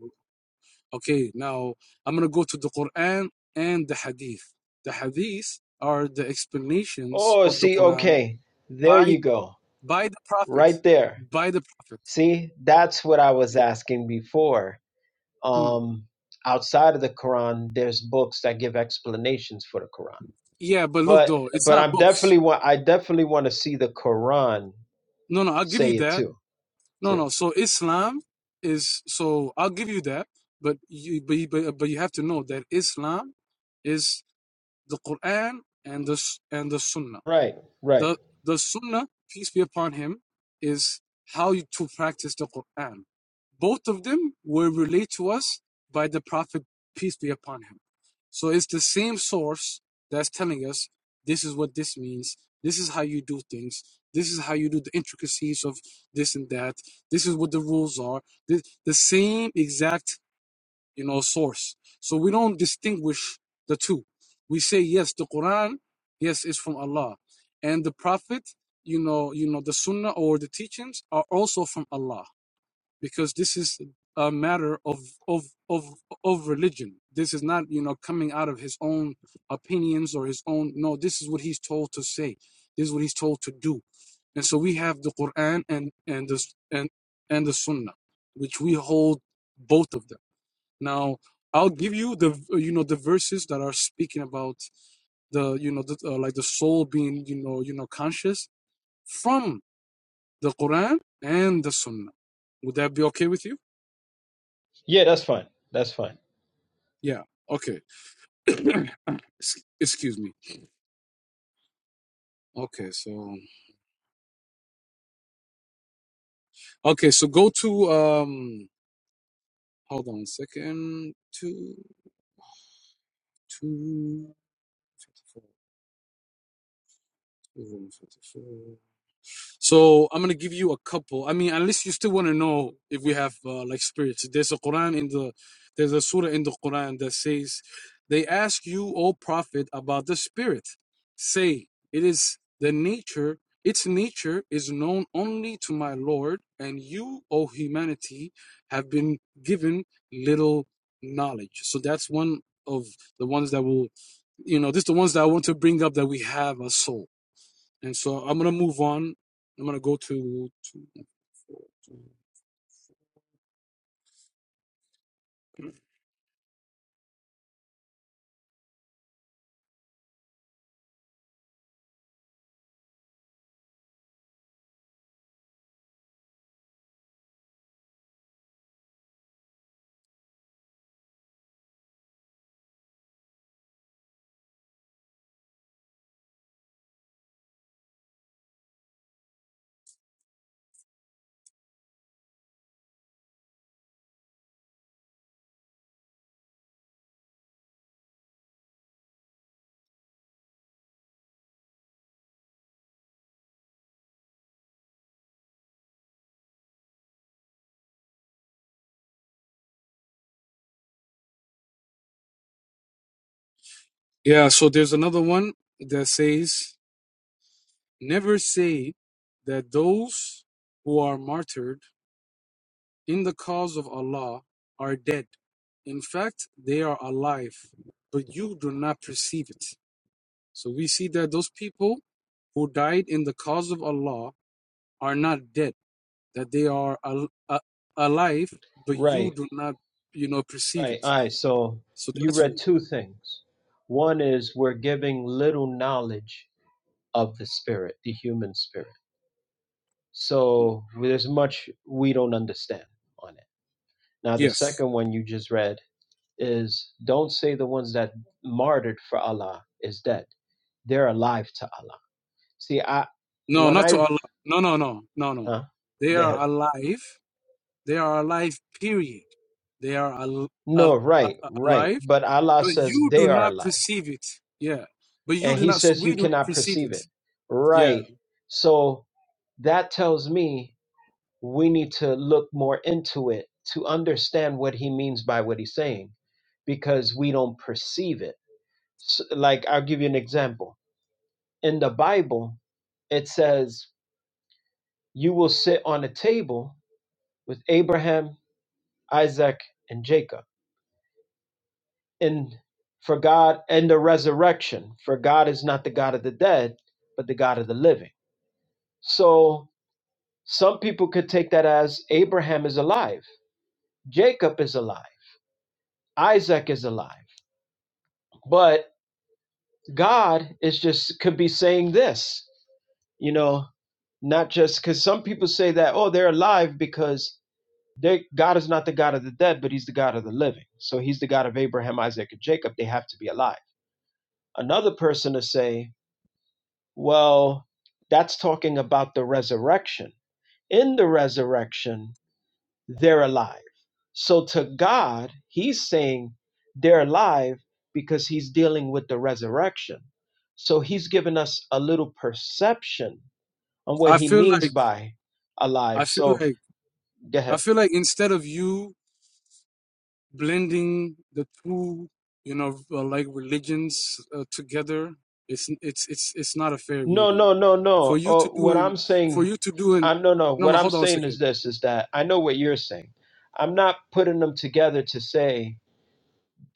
Okay, now I'm going to go to the Quran and the Hadith. The Hadith are the explanations Oh, of the see, Quran okay. There by, you go. by the Prophet. Right there By the Prophet. See, that's what I was Yeah. asking before. Mm. Um, outside of the Quran, there's books that give explanations for the Quran. yeah, but look But though, it's but not I'm books. definitely want I definitely want to see the Quran No, no, I'll give you say it that. too No, too. no. So Islam is so I'll give you that, but you but you, but, but you have to know that Islam is the Quran and the s- and the Sunnah. Right, right. The the Sunnah, peace be upon him, is how you to practice the Quran. Both of them were relayed to us by the Prophet, peace be upon him. So it's the same source that's telling us this is what this means. This is how you do things. This is how you do the intricacies of this and that. This is what the rules are. The, the same exact you know, source. So we don't distinguish the two. We say yes, the Quran, yes, is from Allah, and the Prophet, you know, you know, the Sunnah or the teachings are also from Allah because this is a matter of of of of religion. This is not you know coming out of his own opinions or his own. No, this is what he's told to say. This is what he's told to do. And so we have the Quran and and the and and the Sunnah, which we hold both of them. Now, I'll give you the uh, you know the verses that are speaking about the you know the, uh, like the soul being you know you know conscious from the Quran and the Sunnah. Would that be okay with you? Yeah, that's fine. That's fine. Yeah. Okay. Excuse me. Okay. So okay. So go to um. Hold on a second. Two two. 54, 254. So I'm gonna give you a couple. I mean, unless you still want to know if we have uh, like spirits. There's a Quran in the there's a surah in the Quran that says, "They ask you, O Prophet, about the spirit. Say, it is the nature. Its nature is known only to my Lord, and you, O humanity, have been given little knowledge." So that's one of the ones that will, you know, this is the ones that I want to bring up that we have a soul. And so I'm gonna move on. I'm gonna go to, to yeah. So there's another one that says, "Never say that those who are martyred in the cause of Allah are dead. In fact, they are alive, but you do not perceive it." So we see that those people who died in the cause of Allah are not dead; that they are al- a- alive, but you Right, do not, you know, perceive right. it. All right. So So you that's read one. two things. One is we're giving little knowledge of the spirit, the human spirit. So there's much we don't understand on it. Now, the Yes. second one you just read is don't say the ones that martyred for Allah is dead. They're alive to Allah. See, I No, when not I to Allah. No, no, no, no, no. huh? They go are ahead. alive. They are alive, period. They are al- al- No, right, a- right. alive, But Allah but says you they do are not alive, perceive it. Yeah. But you and do He not, so says we you do not cannot perceive perceive it. it. Yeah. Right. So that tells me we need to look more into it to understand what He means by what He's saying, because we don't perceive it. S like I'll give you an example in the Bible, it says, You will sit on a table with Abraham, Isaac, and Jacob. And for God and the resurrection, for God is not the God of the dead, but the God of the living. So some people could take that as Abraham is alive, Jacob is alive, Isaac is alive. But God is just could be saying this, you know, not just because some people say that, oh, they're alive because They, God is not the God of the dead, but He's the God of the living. So He's the God of Abraham, Isaac, and Jacob. They have to be alive. Another person to say, well, that's talking about the resurrection. In the resurrection, they're alive. So to God, He's saying they're alive because He's dealing with the resurrection. So He's given us a little perception on what I He feel means like, by I alive. feel So like, go I ahead. feel like instead of you blending the two, you know, uh, like religions uh, together, it's, it's, it's, it's not a fair No, reading. no, no, For no. you Uh, to do what an, I'm for saying, you to do an, I no, no. no, no, What I'm hold on a saying is second. this: is that I know what you're saying. I'm not putting them together to say,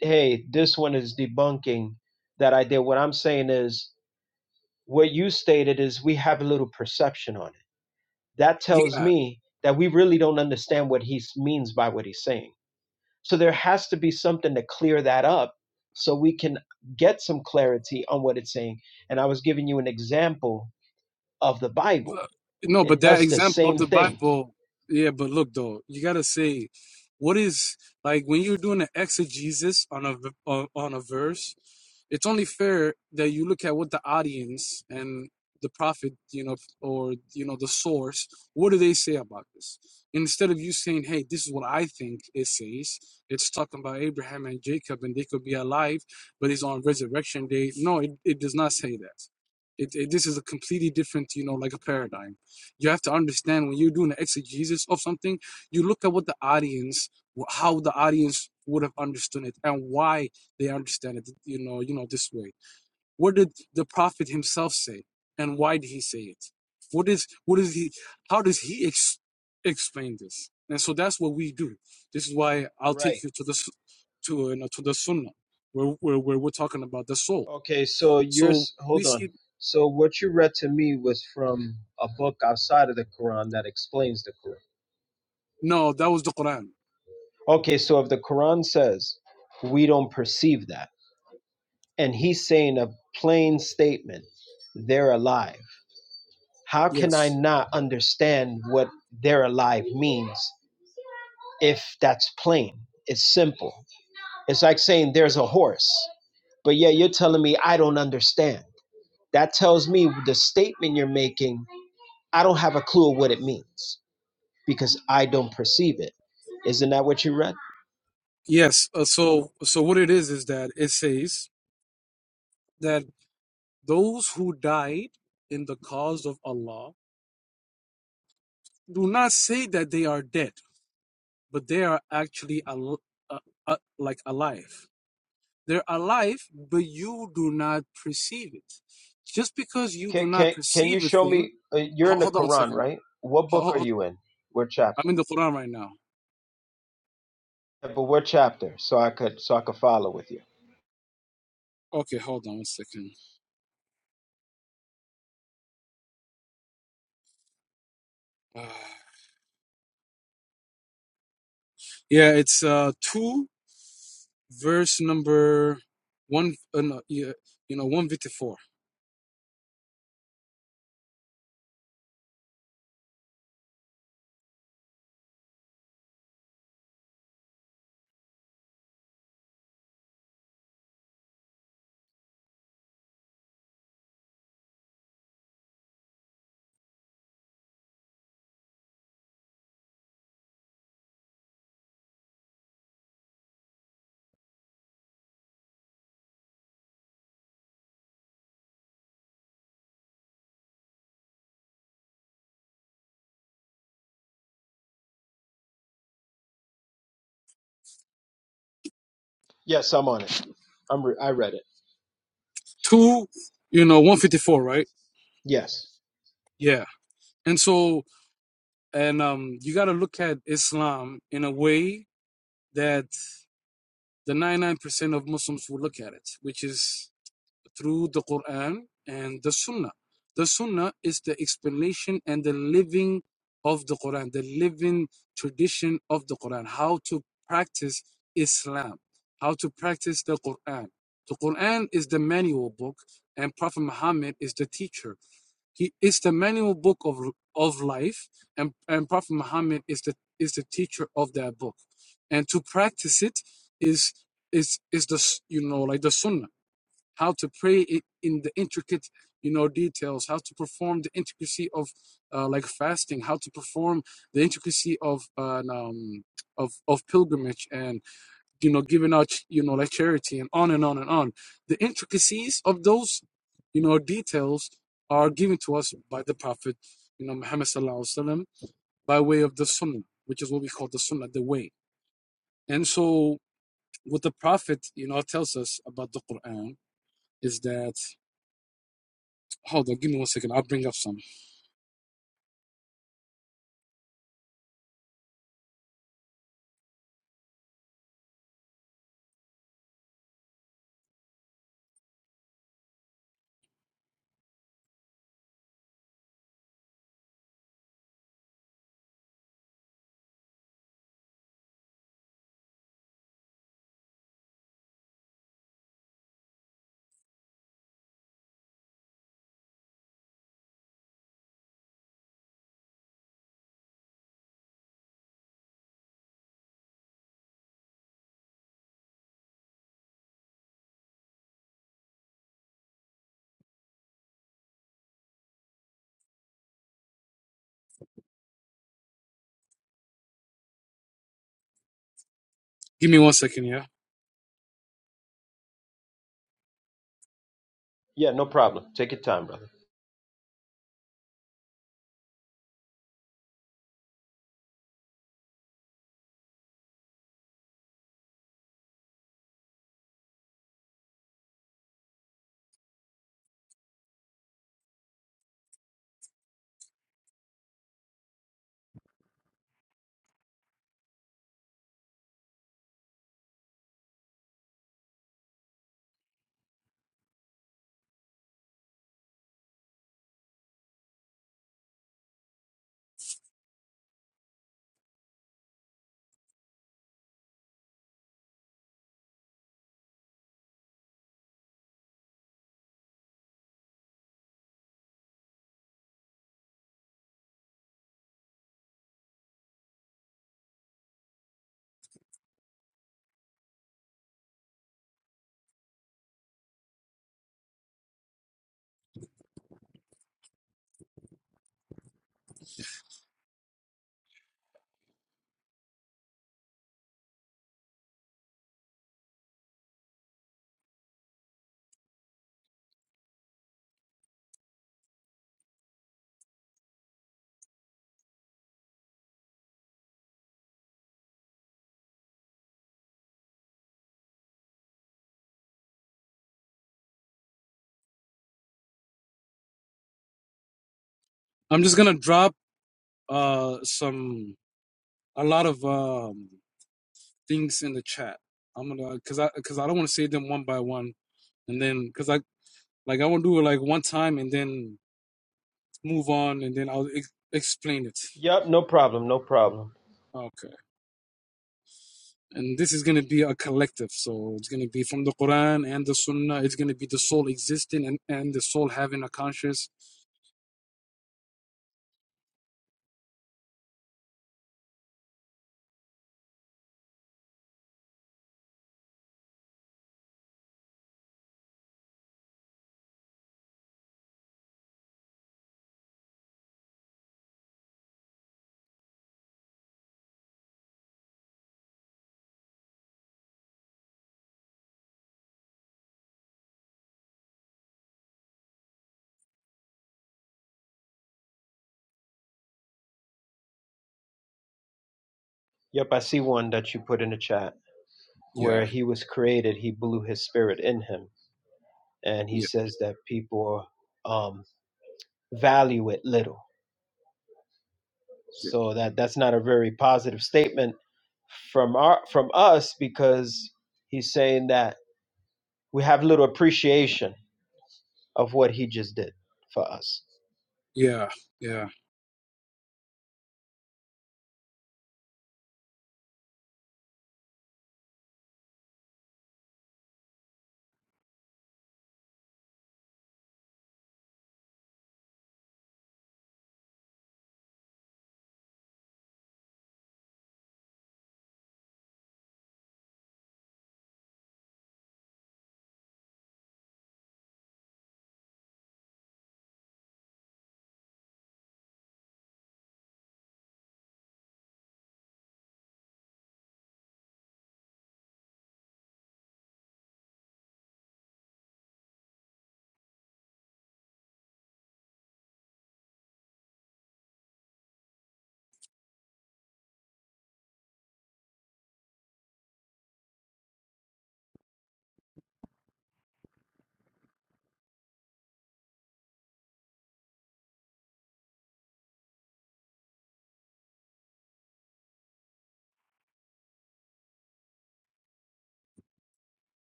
hey, this one is debunking that idea." What I'm saying is, what you stated is we have a little perception on it. That tells Yeah, me that we really don't understand what he s- means by what he's saying. So there has to be something to clear that up, so we can get some clarity on what it's saying. And I was giving you an example of the Bible Look, No, It but that does the example of same the thing. Bible, yeah, but look though, you gotta say, what is like when you're doing an exegesis on a v- on on a verse, it's only fair that you look at what the audience and the prophet, you know, or you know the source, what do they say about this? Instead of you saying, "Hey, this is what I think it says," it's talking about Abraham and Jacob, and they could be alive, but it's on resurrection day. No, it, it does not say that. It, it, this is a completely different, you know, like a paradigm. You have to understand when you're doing an exegesis of something, you look at what the audience, how the audience would have understood it, and why they understand it, you know, you know, this way. What did the prophet himself say, and why did he say it? What is, what is he? How does he ex- explain this? And so that's what we do. This is why I'll take Right. you to the, s- to you know, to the Sunnah, where where, where we're talking about the soul. Okay, so So yours we hold on. see So what you read to me was from a book outside of the Quran that explains the Quran. No, that was the Quran. Okay, so if the Quran says we don't perceive that and he's saying a plain statement, they're alive. How can I Yes. not understand what they're alive means if that's plain? It's simple. It's like saying there's a horse, but yeah, you're telling me I don't understand. That tells me the statement you're making, I don't have a clue of what it means because I don't perceive it. Isn't that what you read? Yes. Uh, so so what it is is that it says that those who died in the cause of Allah do not say that they are dead, but they are actually al- uh, uh, like alive. They're alive, but you do not perceive it. Just because you do Can, not can, can you perceive a show thing, me? Uh, you're ho- in the hold on a Quran, second. right? What Ho- book ho- are ho- you in? What I'm chapter? in the Quran right now. Yeah, but what chapter? So I could so I could follow with you. Okay, hold on a second. Uh, yeah, it's uh, two. verse number one, uh, no, yeah, you know, 154. Two, you know, 154, right? Yeah. And so, and um, you got to look at Islam in a way that the 99% of Muslims will look at it, which is through the Quran and the Sunnah. The Sunnah is the explanation and the living of the Quran, the living tradition of the Quran, how to practice Islam, how to practice the Quran. The Quran is the manual book, and Prophet Muhammad is the teacher. He is the manual book of, of life, and, and Prophet Muhammad is the is the teacher of that book. And to practice it is is is the s- you know like the Sunnah how to pray in the intricate you know details how to perform the intricacy of uh, like fasting how to perform the intricacy of an, um of of pilgrimage and you know giving out you know like charity and on and on and on the intricacies of those you know details are given to us by the prophet you know muhammad sallallahu alaihi wasallam by way of the sunnah which is what we call the sunnah the way and so what the prophet you know tells us about the quran is that Hold on, give me one second. I'll bring up some. Give me one second, yeah. Yeah, no problem. Take your time, brother. I'm just gonna drop uh some a lot of um things in the chat. I'm gonna cause I cause I don't want to say them one by one, and then cause I like I want to do it like one time and then move on, and then I'll ex- explain it. Yep, no problem, no problem. Okay, and this is gonna be a collective, so it's gonna be from the Quran and the Sunnah. It's gonna be the soul existing and and the soul having a conscious. Yep, I see one that you put in the chat Yeah, where he was created. He blew his spirit in him, and he yeah, says that people um, value it little. yeah, So that that's not a very positive statement. from our from us because he's saying that we have little appreciation of what he just did for us. yeah, yeah.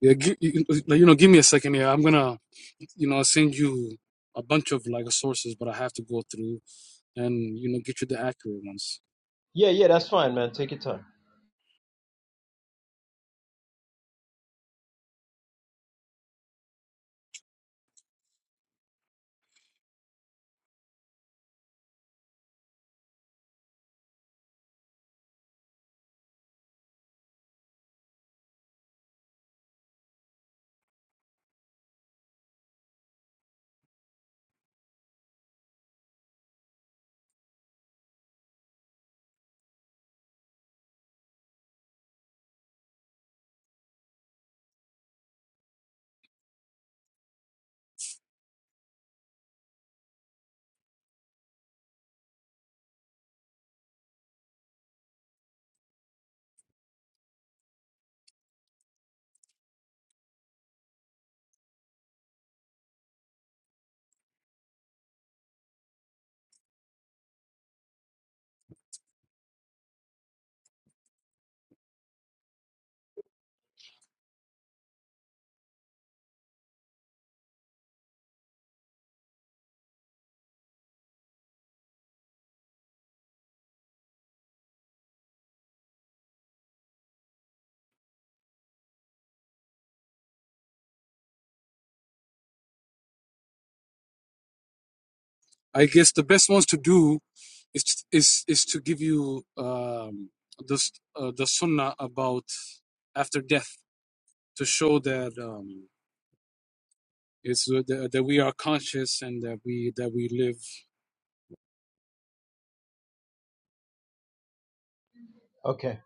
Yeah, gi- you you know, give me a second here. I'm gonna, you know, send you a bunch of like sources, but I have to go through and you know get you the accurate ones. Yeah, yeah, that's fine, man. Take your time. I guess the best ones to do is is is to give you um the s- uh, the sunnah about after death to show that um it's uh, that, that we are conscious and that we that we live. Okay.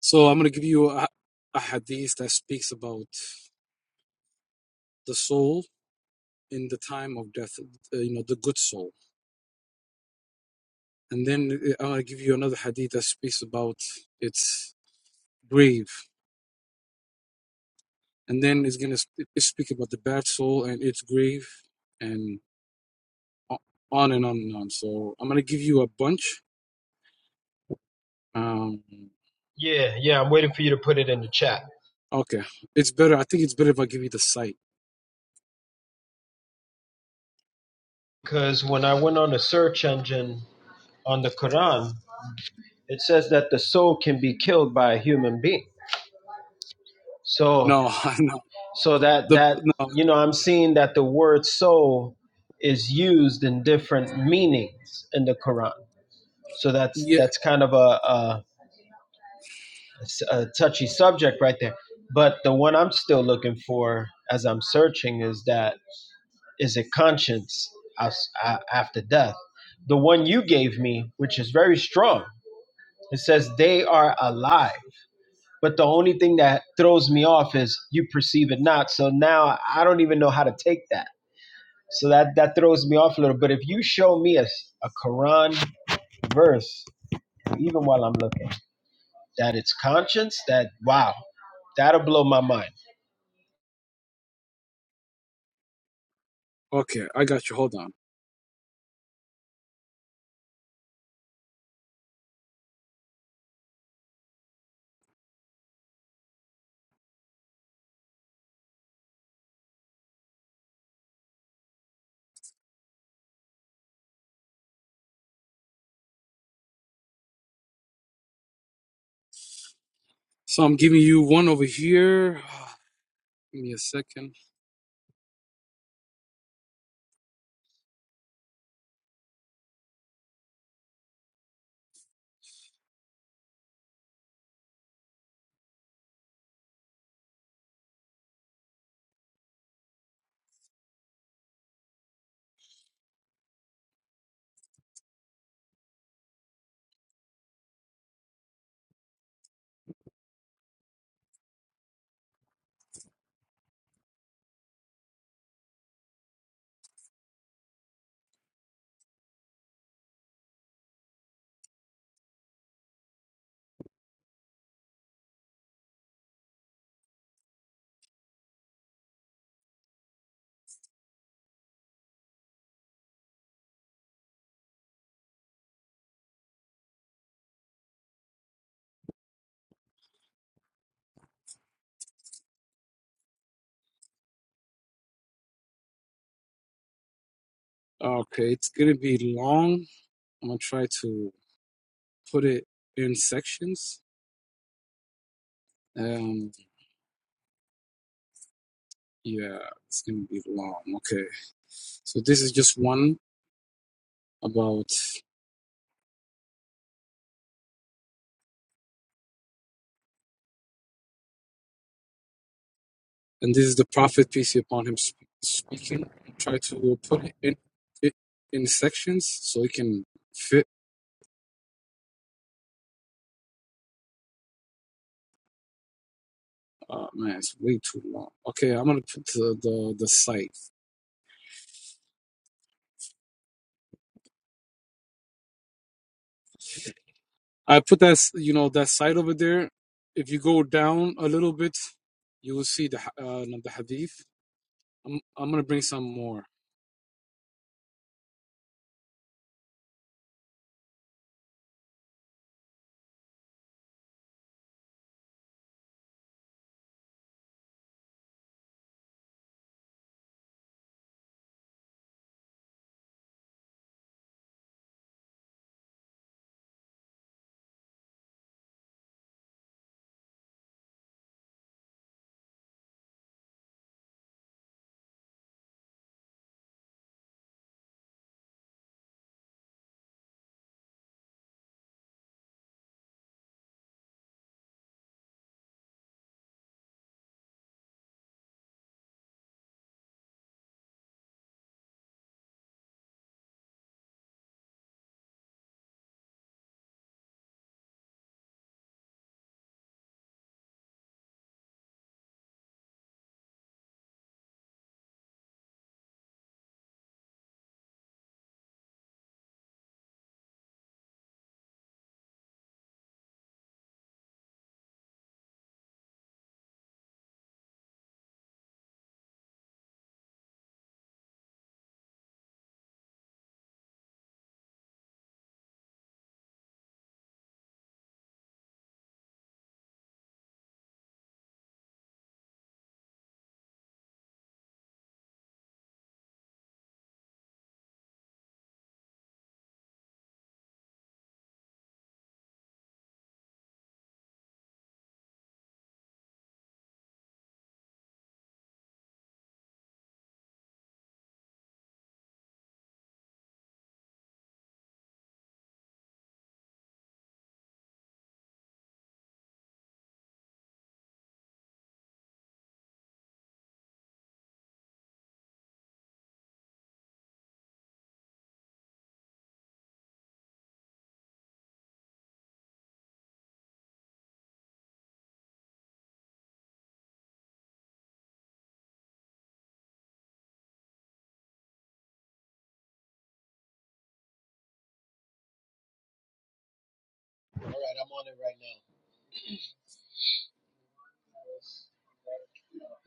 So I'm gonna give you a, a hadith that speaks about the soul in the time of death. Uh, you know, the good soul. and then uh, I'll give you another hadith that speaks about its grave, and then it's gonna speak about the bad soul and its grave, and on and on and on. So I'm gonna give you a bunch. Um, Yeah, yeah, I'm waiting for you to put it in the chat okay, it's better. I think it's better if I give you the site. because when I went on the search engine on the Quran, it says that the soul can be killed by a human being so No, no, so that the that no, you know i'm seeing that the word soul is used in different meanings in the quran so that's yeah. that's kind of a, a, a touchy subject right there but the one i'm still looking for as i'm searching is that is it conscience as- a- after death the one you gave me which is very strong it says they are alive But the only thing that throws me off is you perceive it not. So now I don't even know how to take that. So that that throws me off a little. But if you show me a a Quran verse, even while I'm looking, that it's conscience, that wow, that'll blow my mind. Okay, I got you. Hold on. So I'm giving you one over here. Give me a second. Okay, it's gonna be long. I'm gonna try to put it in sections. Um. Yeah, it's gonna be long. Okay. So this is just one about, and this is the Prophet peace be upon him sp- speaking. Try to put it in it in sections so it can fit. Oh man, it's way too long. Okay, I'm gonna put the the, the site. I put that s- you know that site over there. If you go down a little bit, you will see the ha- uh, no, the hadith. I'm I'm gonna bring some more.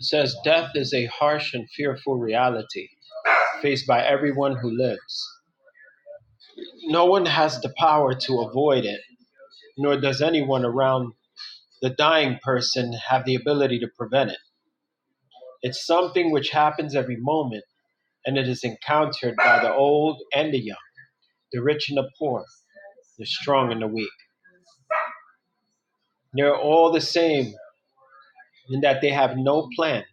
It says death is a harsh and fearful reality faced by everyone who lives. No one has the power to avoid it, nor does anyone around the dying person have the ability to prevent it. It's something which happens every moment and it is encountered by the old and the young, the rich and the poor, the strong and the weak. They're all the same in that they have no plan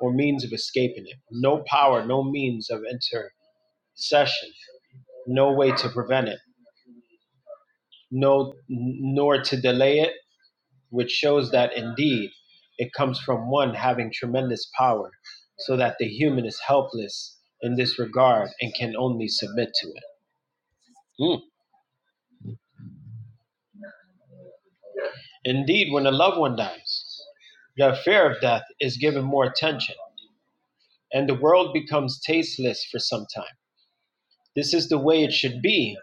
or means of escaping it, no power, no means of intercession, no way to prevent it, no nor to delay it, which shows that indeed it comes from one having tremendous power, so that the human is helpless in this regard and can only submit to it. Mm. Indeed, when a loved one dies, the fear of death is given more attention, and the world becomes tasteless for some time. This is the way it should be,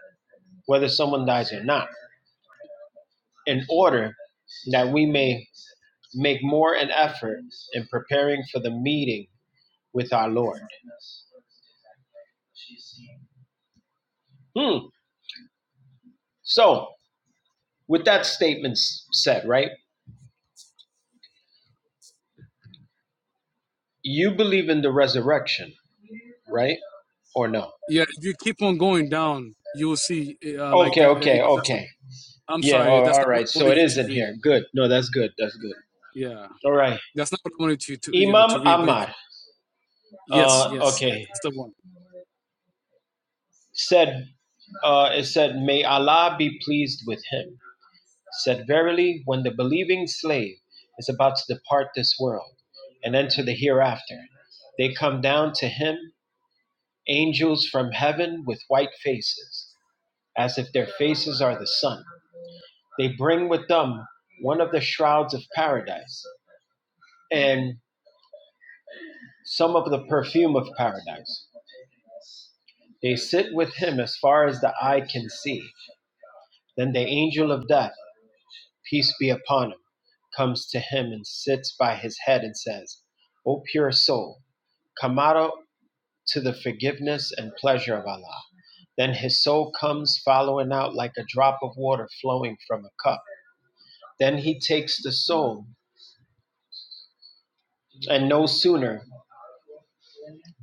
whether someone dies or not, in order that we may make more an effort in preparing for the meeting with our Lord. Hmm. So, with that statement s- said, right? You believe in the resurrection, right? Or no? Yeah, if you keep on going down, you will see uh, like Okay, that. Uh, you okay, know, that's okay. I'm Yeah, sorry, that's all not what right. I So wanted it you is to in read. here. Good. No, that's good. That's good. Yeah, All right. that's not what I wanted you to, you know, to Imam read. But Ahmad. yes, Uh, yes, yeah, okay. that's the one, Said, uh, it said, May Allah be pleased with him. Said, Verily, when the believing slave is about to depart this world and enter the hereafter, they come down to him, angels from heaven with white faces, as if their faces are the sun. They bring with them one of the shrouds of paradise and some of the perfume of paradise. They sit with him as far as the eye can see Then the angel of death, peace be upon him, comes to him and sits by his head and says, O pure soul, come out to the forgiveness and pleasure of Allah. Then his soul comes following out like a drop of water flowing from a cup. Then he takes the soul, and no sooner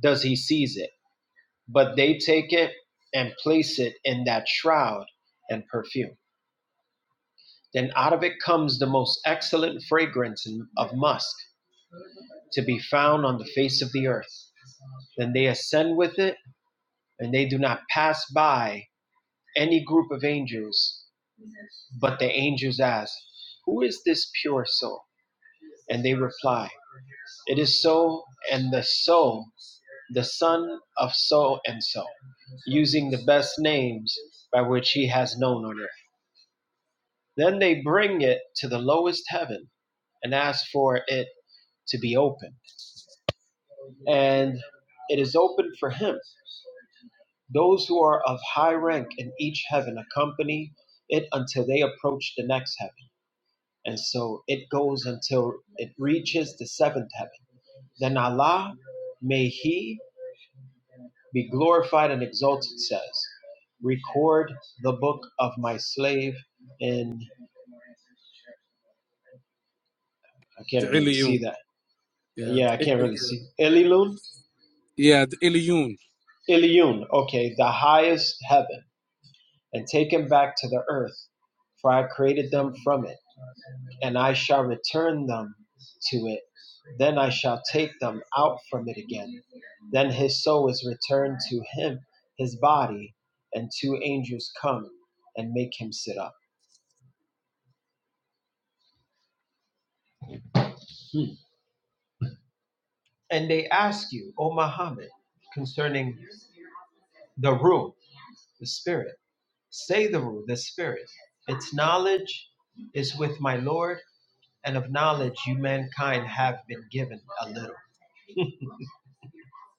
does he seize it, but they take it and place it in that shroud and perfume. Then out of it comes the most excellent fragrance of musk to be found on the face of the earth. Then they ascend with it, and they do not pass by any group of angels. But the angels ask, Who is this pure soul? And they reply, It is so and the soul, the son of so and so, using the best names by which he has known on earth. Then they bring it to the lowest heaven and ask for it to be opened. And it is opened for him Those who are of high rank in each heaven accompany it until they approach the next heaven. And so it goes until it reaches the seventh heaven. Then Allah, may He be glorified and exalted, says, Record the book of my slave in, I can't the really Ilion. see that. Yeah, Yeah, I the- eh, can't eh, really yeah, see. Ililun? yeah, the Ilion. Iliun, okay, the highest heaven, and take him back to the earth, for I created them from it and I shall return them to it. Then I shall take them out from it again. Then his soul is returned to him, his body, and two angels come and make him sit up. And they ask you, O Muhammad, concerning the rule, the spirit. Say the rule, the spirit. Its knowledge is with my Lord, and of knowledge you mankind have been given a little.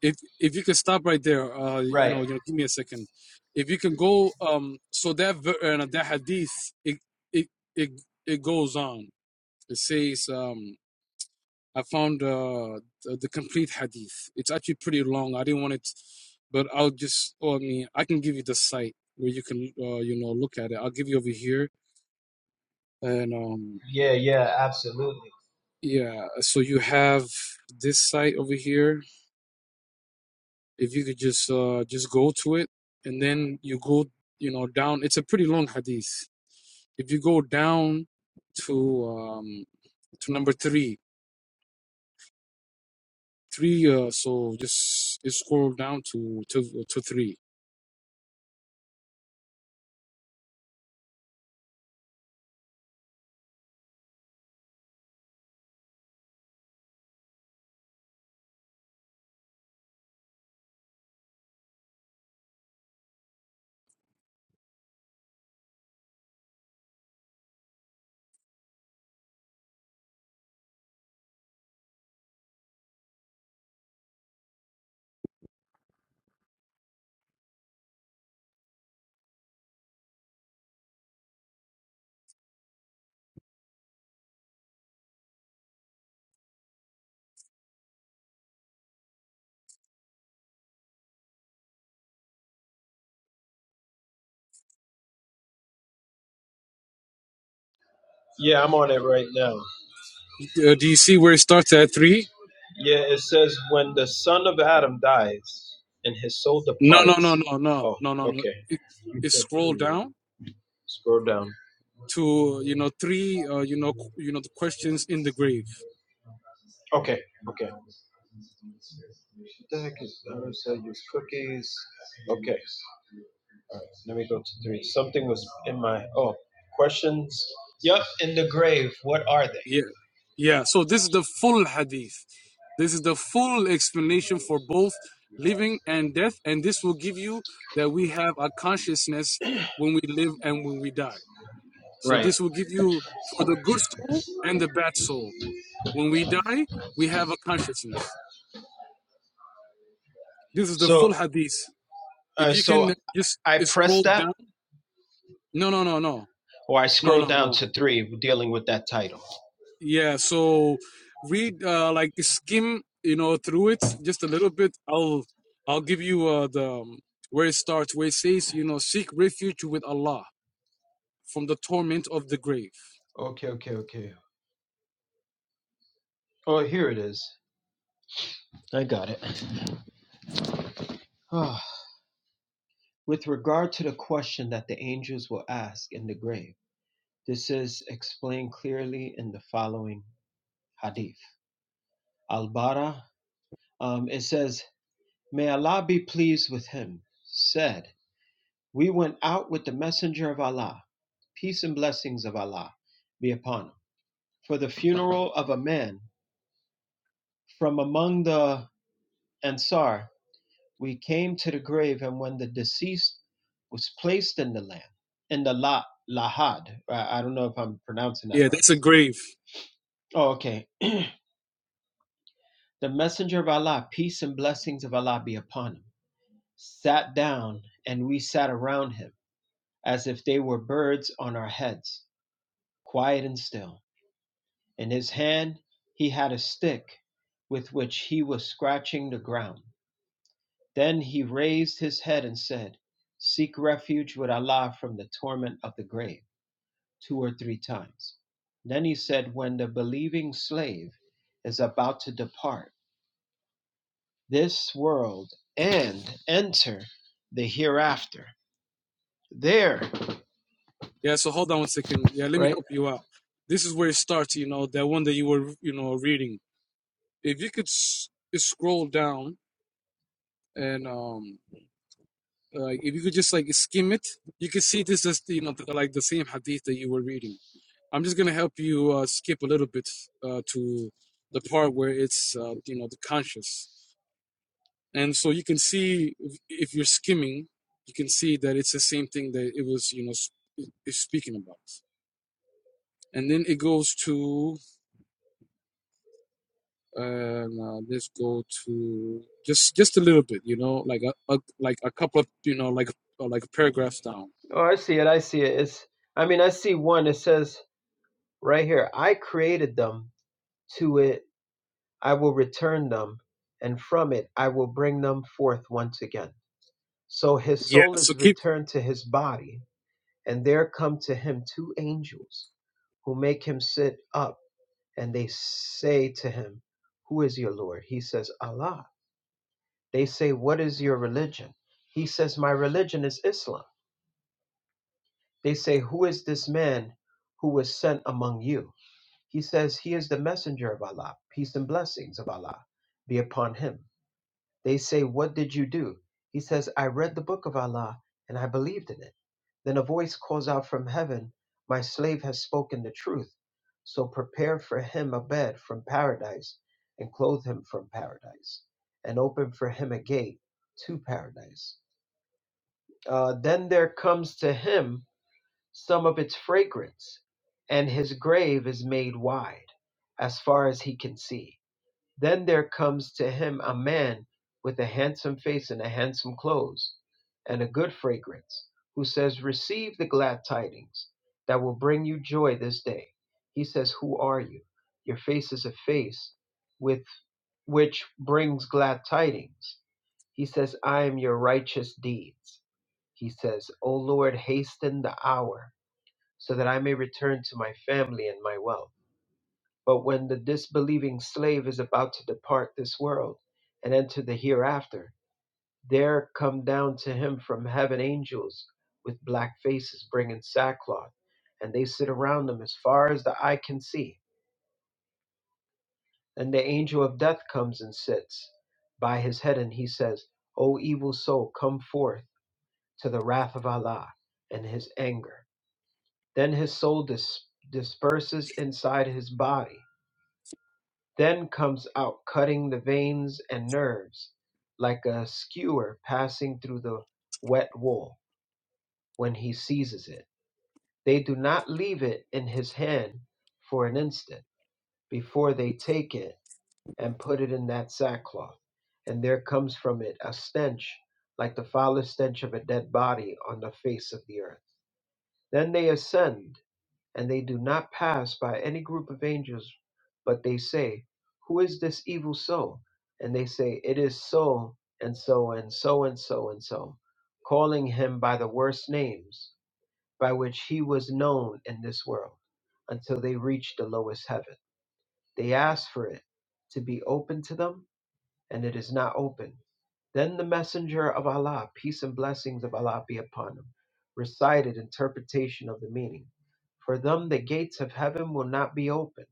If if you could stop right there, uh, you Right. know, you know, give me a second. If you can go, um, so that ver- uh, that hadith, it it it it goes on. It says, um. I found uh, the, the complete hadith. It's actually pretty long. I didn't want it, but I'll just. Oh, I mean, I can give you the site where you can, uh, you know, look at it. I'll give you over here, and um, Yeah, yeah, absolutely. yeah. So you have this site over here. If you could just, uh, just go to it, and then you go, you know, down. It's a pretty long hadith. If you go down to um to number three, three. Uh, so just, just scroll down to to to three Yeah, I'm on it right now. Uh, do you see where it starts at three? Yeah, it says when the son of Adam dies and his soul No, no, departs. no, no, no, Oh, no, no, no. okay. It, You it said scroll three, right? down Scroll down. to you know three. Uh, you know, qu- you know the questions in the grave. Okay, okay. So use cookies. Okay. All right, let me go to three. Something was in my oh questions. Yep, in the grave. What are they? Yeah, yeah. So this is the full hadith. This is the full explanation for both living and death, and this will give you that we have a consciousness when we live and when we die. So Right. this will give you for the good soul and the bad soul. When we die, we have a consciousness. This is the full So, hadith. if uh, you can so just I press scroll that, down no no no no or I no scroll no down no to three, dealing with that title. yeah so read uh, like skim you know through it just a little bit i'll i'll give you uh, the um, where it starts where it says you know seek refuge with allah from the torment of the grave Okay. Oh, here it is. I got it. Oh, With regard to the question that the angels will ask in the grave, this is explained clearly in the following hadith. Al Bara, um, it says, May Allah be pleased with him, said, We went out with the messenger of Allah, peace and blessings of Allah be upon him, for the funeral of a man from among the Ansar We came to the grave, and when the deceased was placed in the land, in the la, lahad, I don't know if I'm pronouncing that yeah right. that's a grave Oh, okay. The messenger of Allah, peace and blessings of Allah be upon him, sat down, and we sat around him as if they were birds on our heads, quiet and still. In his hand, he had a stick with which he was scratching the ground. Then he raised his head and said, Seek refuge with Allah from the torment of the grave. two or three times. Then he said, When the believing slave is about to depart this world and enter the hereafter, there, yeah so hold on one second yeah let me right? help you out this is where it starts you know that one that you were you know reading if you could s- scroll down and um Like if you could just like skim it, you could see this is you know like the same hadith that you were reading. I'm just gonna help you uh, skip a little bit uh, to the part where it's uh, you know the conscious, and so you can see if if you're skimming, you can see that it's the same thing that it was you know sp- is speaking about. And then it goes to uh, now let's go to just just a little bit, you know, like a, a like a couple of you know like uh, like paragraphs down. Oh, I see it. I see it. It's, I mean, I see one. It says right here, I created them. To it, I will return them. And from it, I will bring them forth once again. So his Yeah. soul So is keep returned to his body, and there come to him two angels who make him sit up and they say to him, Who is your Lord? He says, Allah. They say, What is your religion? He says, My religion is Islam. They say, Who is this man who was sent among you? He says, He is the messenger of Allah. Peace and blessings of Allah be upon him. They say, What did you do? He says, I read the book of Allah and I believed in it. Then a voice calls out from heaven, My slave has spoken the truth. So prepare for him a bed from paradise and clothe him from paradise and open for him a gate to paradise. Uh, then there comes to him some of its fragrance, and his grave is made wide as far as he can see then there comes to him a man with a handsome face and a handsome clothes and a good fragrance, who says, Receive the glad tidings that will bring you joy this day. He says, Who are you? Your face is a face with which brings glad tidings. He says, I am your righteous deeds. He says, O Lord, hasten the hour so that I may return to my family and my wealth. But when the disbelieving slave is about to depart this world and enter the hereafter, there come down to him from heaven angels with black faces bringing sackcloth, and they sit around him as far as the eye can see. Then the angel of death comes and sits by his head, and he says, O evil soul, come forth to the wrath of Allah and his anger. Then his soul dis- disperses inside his body then comes out cutting the veins and nerves like a skewer passing through the wet wool when he seizes it. They do not leave it in his hand for an instant before they take it and put it in that sackcloth, and there comes from it a stench like the foulest stench of a dead body on the face of the earth. Then they ascend and they do not pass by any group of angels, but they say, Who is this evil soul? And they say, It is so and so and so and so and so, calling him by the worst names by which he was known in this world, until they reach the lowest heaven. They ask for it to be open to them and it is not open. Then the messenger of Allah, peace and blessings of Allah be upon him, recited interpretation of the meaning. For them the gates of heaven will not be open,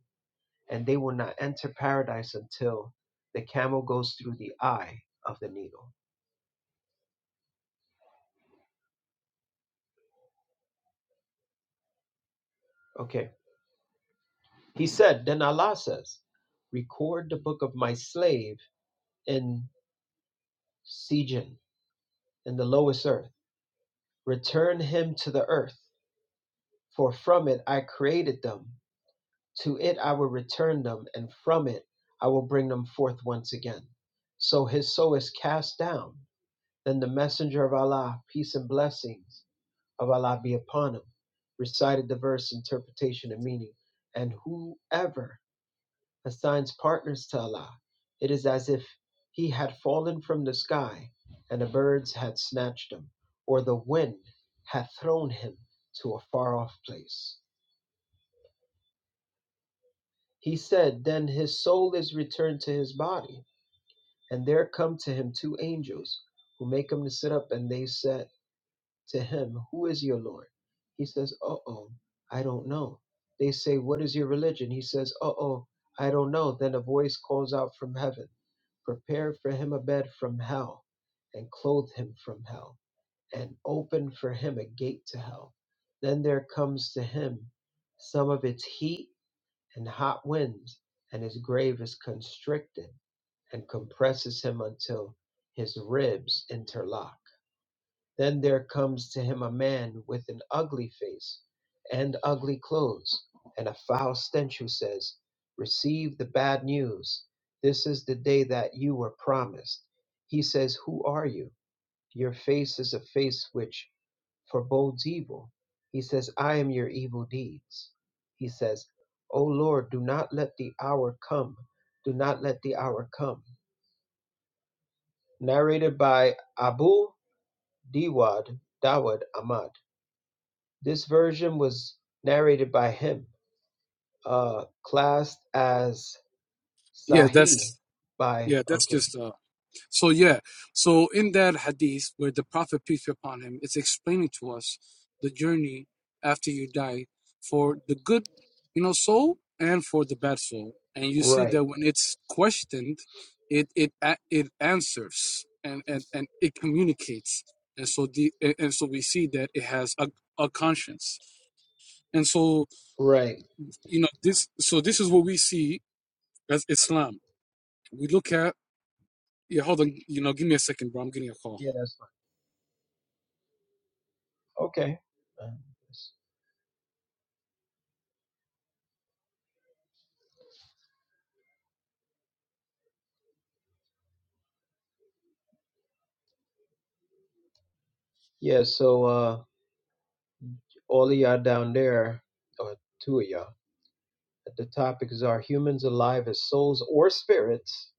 and they will not enter paradise until the camel goes through the eye of the needle. Okay. He said, then Allah says, record the book of my slave in Sijin, in the lowest earth. Return him to the earth, for from it I created them To it I will return them, and from it I will bring them forth once again. So his soul is cast down. Then the messenger of Allah, peace and blessings of Allah be upon him, recited the verse interpretation and meaning. And whoever assigns partners to Allah, it is as if he had fallen from the sky and the birds had snatched him, or the wind had thrown him to a far off place. He said, Then his soul is returned to his body. And there come to him two angels who make him to sit up. And they said to him, Who is your Lord? He says, Uh oh, I don't know. They say, What is your religion? He says, Uh oh, I don't know. Then a voice calls out from heaven, Prepare for him a bed from hell, and clothe him from hell, and open for him a gate to hell. Then there comes to him some of its heat and hot winds, and his grave is constricted and compresses him until his ribs interlock. Then there comes to him a man with an ugly face and ugly clothes, and a foul stench who says, Receive the bad news. This is the day that you were promised. He says, Who are you? Your face is a face which forebodes evil. He says, I am your evil deeds. He says, O Lord, do not let the hour come. Do not let the hour come. Narrated by Abu Diwad Dawud Ahmad. This version was narrated by him, uh, classed as yeah Sahih that's by, Yeah, that's okay. just uh so yeah. So in that hadith where the Prophet peace be upon him is explaining to us the journey after you die for the good, you know, soul and for the bad soul. And you see that when it's questioned, it it a- it answers and and and it communicates. And so the and and so we see that it has a a conscience. And so, you know, this so this is what we see as Islam. We look at Yeah, hold on. You know, give me a second, bro. I'm getting a call. Yeah, okay. Uh, Yeah, so uh, all of y'all down there, or two of y'all. The topics are humans alive as souls or spirits,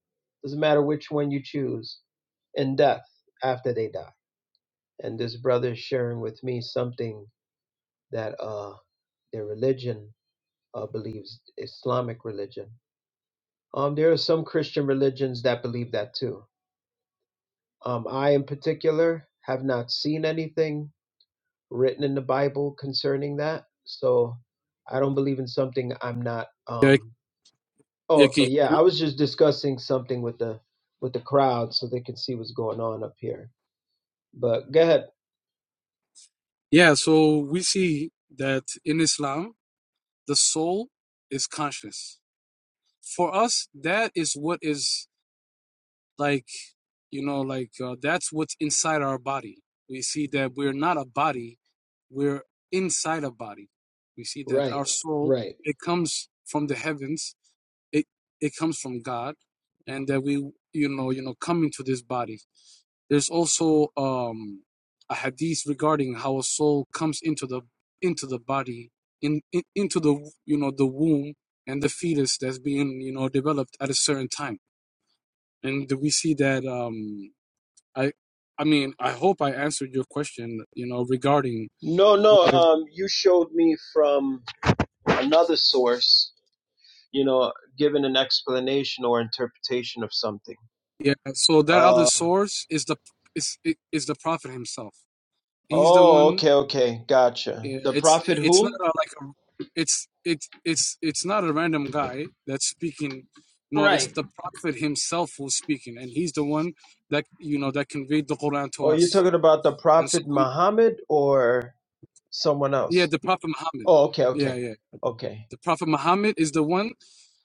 doesn't matter which one you choose, and death after they die. And this brother is sharing with me something that uh, their religion uh, believes, Islamic religion. Um, there are some Christian religions that believe that too. Um, I, in particular, have not seen anything written in the Bible concerning that. So I don't believe in something I'm not. Yeah, um, Oh, yeah, can okay, you yeah, hear me now? I was just discussing something with the with the crowd so they can see what's going on up here. But go ahead. Yeah, so we see that in Islam, the soul is conscious. For us, that is what is like, you know, like uh, that's what's inside our body. We see that we're not a body, we're inside a body. We see that Right, our soul, right. it comes from the heavens it it comes from God, and that we you know you know come into this body. There's also um, a hadith regarding how a soul comes into the into the body in, in into the you know the womb and the fetus that's being you know developed at a certain time, and we see that um, I I mean I hope I answered your question you know regarding No, no. whether Um, you showed me from another source. You know, given an explanation or interpretation of something. yeah so that other Uh source is the is is the prophet himself. He's the oh, one okay, okay, gotcha. Yeah, The it's prophet it's not who? a, like a, it's it's it's it's not a random guy that's speaking. No, it's Right. the prophet himself who's speaking, and he's the one that you know that conveyed the Quran to Oh, you're us. talking about the And so prophet we, Muhammad or someone yeah, else? the prophet Muhammad. Oh, okay, yeah, okay, yeah. okay. The Prophet Muhammad is the one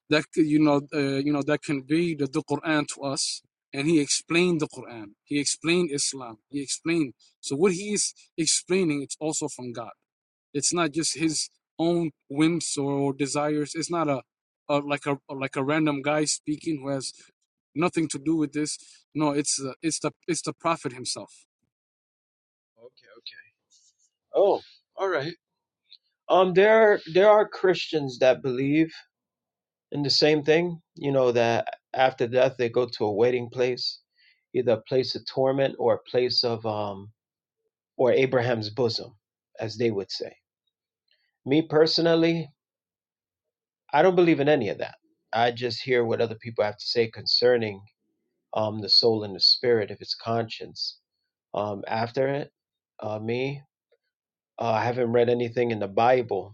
that you know uh, you know that conveyed the, the Quran to us, and he explained the Quran. He explained Islam. He explained. So what he is explaining, it's also from God. It's not just his own whims or desires. It's not a, a like a like a random guy speaking who has nothing to do with this. No, it's uh, it's the it's the prophet himself. Oh, all right. Um, there there are Christians that believe in the same thing. You know that after death they go to a waiting place, either a place of torment or a place of um or Abraham's bosom, as they would say. Me personally, I don't believe in any of that. I just hear what other people have to say concerning um the soul and the spirit, if it's conscience. Um, after it, uh, me, uh, I haven't read anything in the Bible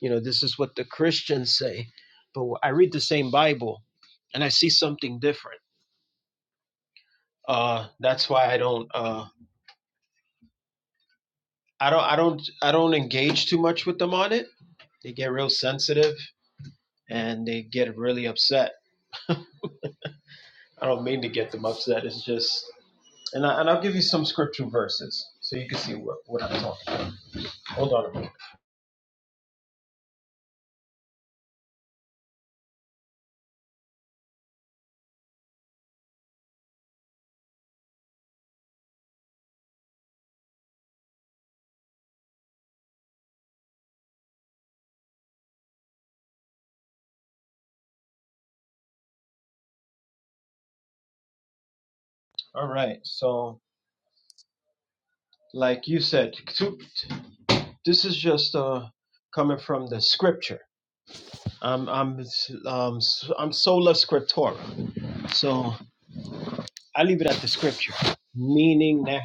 You know, this is what the Christians say. But I read the same Bible and I see something different. Uh, that's why I don't. Uh, I don't. I don't. I don't engage too much with them on it. They get real sensitive and they get really upset. I don't mean to get them upset. It's just. And, I, and I'll give you some scripture verses so you can see what, what I'm talking. about. Hold on a minute. All right. So, like you said, this is just uh, coming from the scripture I'm I'm s- um s- I'm sola scriptura. So I leave it at the scripture, meaning that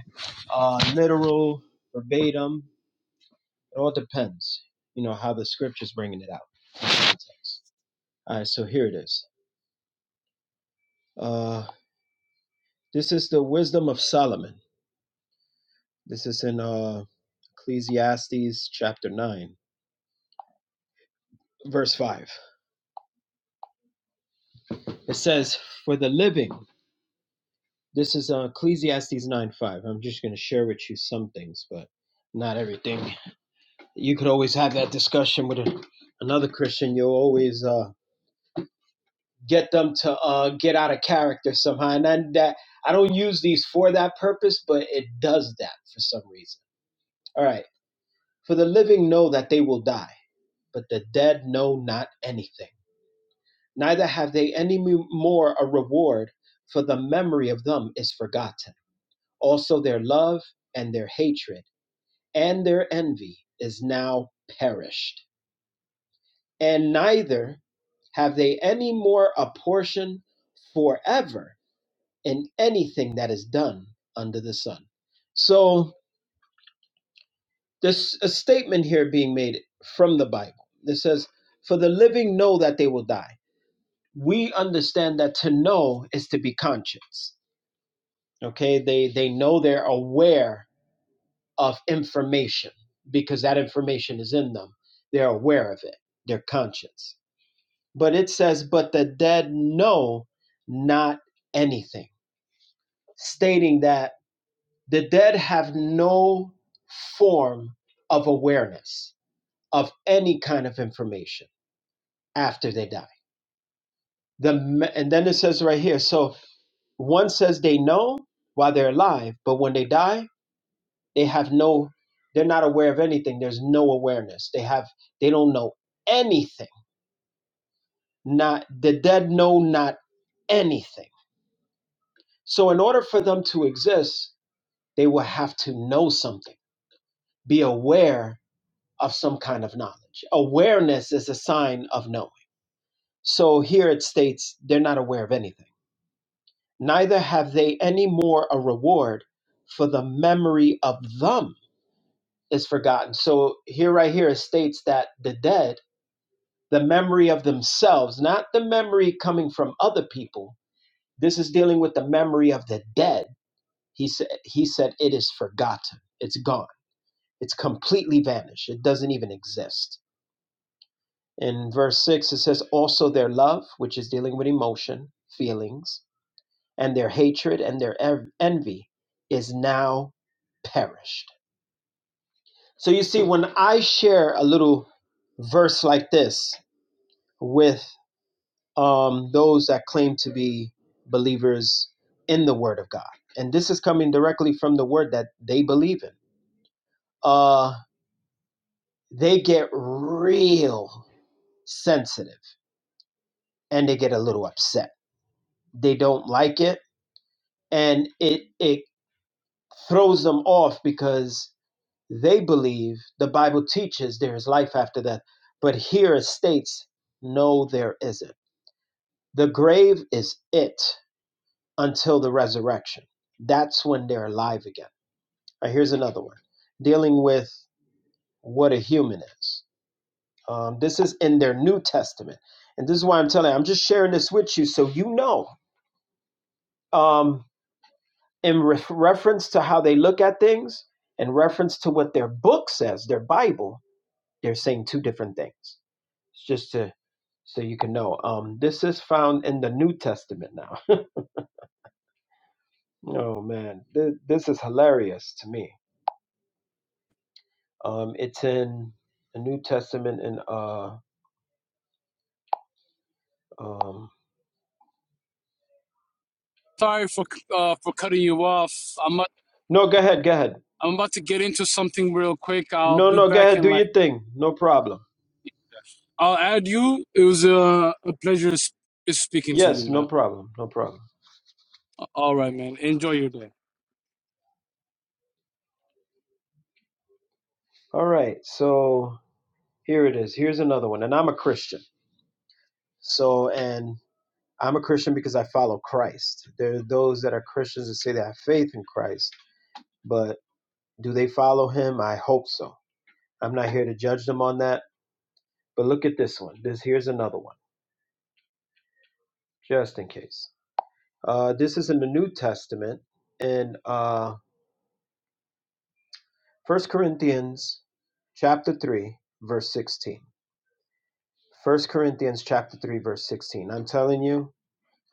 uh, literal, verbatim. It all depends, you know, how the scripture's bringing it out. Context. All right, so here it is. Uh, this is the wisdom of Solomon. This is in uh, Ecclesiastes chapter nine, verse five. It says, "For the living." This is uh, Ecclesiastes nine five. I'm just going to share with you some things, but not everything. you could always have that discussion with a, another Christian. You'll always uh, get them to uh, get out of character somehow. And then that I don't use these for that purpose, but it does that for some reason. All right. For the living know that they will die, but the dead know not anything. Neither have they any more a reward, for the memory of them is forgotten. Also, their love and their hatred and their envy is now perished and neither have they any more a portion forever in anything that is done under the sun. So there's a statement here being made from the Bible that says, For the living know that they will die. We understand that to know is to be conscious. Okay, they they know they're aware of information because that information is in them. They're aware of it. They're conscious. But it says, but the dead know not anything, stating that the dead have no form of awareness of any kind of information after they die. The, and then it says right here, so one says they know while they're alive, but when they die, they have no, they're not aware of anything. There's no awareness. They have, they don't know anything. Not, the dead know not anything. So in order for them to exist, they will have to know something, be aware of some kind of knowledge. Awareness is a sign of knowing. So here it states they're not aware of anything. Neither have they any more a reward, for the memory of them is forgotten. So here, right here, it states that the dead, the memory of themselves, not the memory coming from other people. This is dealing with the memory of the dead. He said, he said, it is forgotten. It's gone It's completely vanished. It doesn't even exist. In verse 6, it says, Also their love, which is dealing with emotion, feelings, and their hatred and their ev- envy is now perished. So you see, when I share a little verse like this with um, those that claim to be believers in the Word of God, and this is coming directly from the Word that they believe in, uh, they get real sensitive and they get a little upset. They don't like it, and it it throws them off because they believe the Bible teaches there is life after death, but here it states no, there isn't. The grave is it until the resurrection. That's when they're alive again. All right, here's another one dealing with what a human is. Um, this is in their New Testament, and this is why I'm telling. you, I'm just sharing this with you so you know. Um, in re- reference to how they look at things, in reference to what their book says, their Bible, they're saying two different things. It's just to so you can know. Um, this is found in the New Testament now. oh man, Th- this is hilarious to me. Um, it's in the New Testament and uh, um, Sorry for uh, for cutting you off. I'm i no, go ahead, go ahead. I'm about to get into something real quick. I'll No, be no, go back ahead, in do like. your thing. No problem. I'll add you. It was a, a pleasure s- speaking to Yes, you, no man. problem, no problem. All right, man. Enjoy your day. All right, so here it is. Here's another one, and I'm a Christian. So and I'm a Christian because I follow Christ. There are those that are Christians that say they have faith in Christ, but do they follow him? I hope so. I'm not here to judge them on that. But look at this one. This here's another one, just in case. Uh, this is in the New Testament in uh, 1 Corinthians chapter 3, verse 16. First Corinthians chapter 3, verse 16. I'm telling you,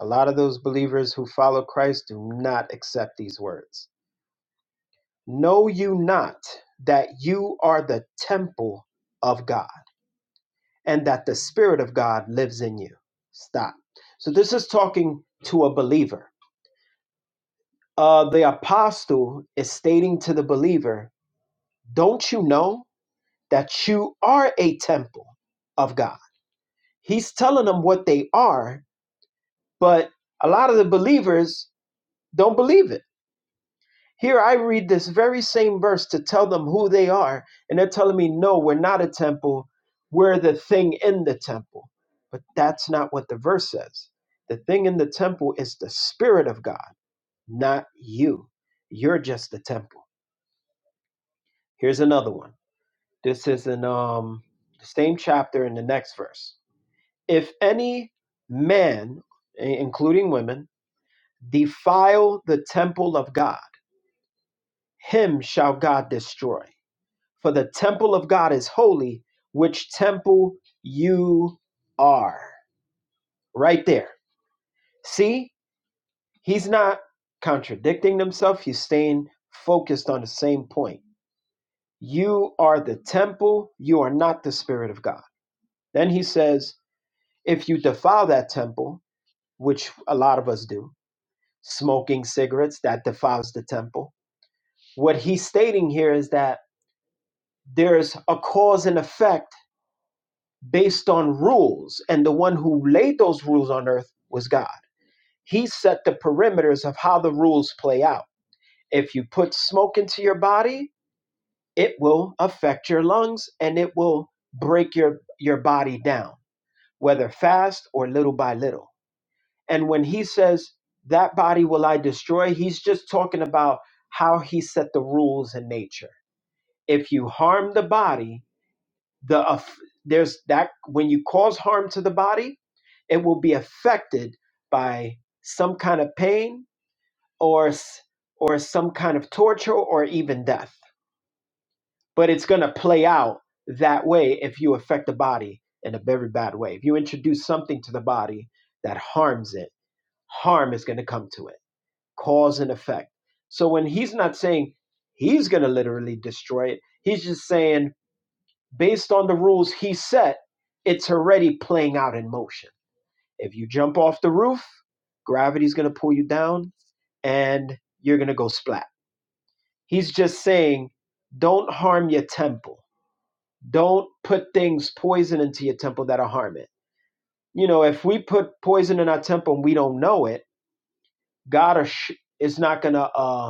a lot of those believers who follow Christ do not accept these words. Know you not that you are the temple of God and that the Spirit of God lives in you? Stop. So, this is talking to a believer. Uh, the apostle is stating to the believer, Don't you know that you are a temple of God? He's telling them what they are, but a lot of the believers don't believe it Here I read this very same verse to tell them who they are, and they're telling me, no, we're not a temple, we're the thing in the temple. But that's not what the verse says. The thing in the temple is the Spirit of God, not you. You're just the temple. Here's another one. This is in um, the same chapter in the next verse. If any man, i- including women, defile the temple of God, him shall God destroy For the temple of God is holy, which temple you are. Right there. See, he's not contradicting himself, he's staying focused on the same point. You are the temple, you are not the Spirit of God. Then he says, if you defile that temple, which a lot of us do, smoking cigarettes, that defiles the temple. What he's stating here is that there's a cause and effect based on rules, and the one who laid those rules on earth was God. He set the perimeters of how the rules play out. If you put smoke into your body, it will affect your lungs and it will break your, your body down, whether fast or little by little. And when he says, That body will I destroy, he's just talking about how he set the rules in nature. If you harm the body, the aff- there's that when you cause harm to the body it will be affected by some kind of pain or s- or some kind of torture or even death but it's going to play out that way if you affect the body in a very bad way if you introduce something to the body that harms it harm is going to come to it cause and effect so when he's not saying he's going to literally destroy it he's just saying based on the rules he set, it's already playing out in motion. If you jump off the roof, gravity's going to pull you down and you're going to go splat. He's just saying, don't harm your temple. Don't put things, poison into your temple that'll harm it. You know, if we put poison in our temple and we don't know it, God is not going to. uh,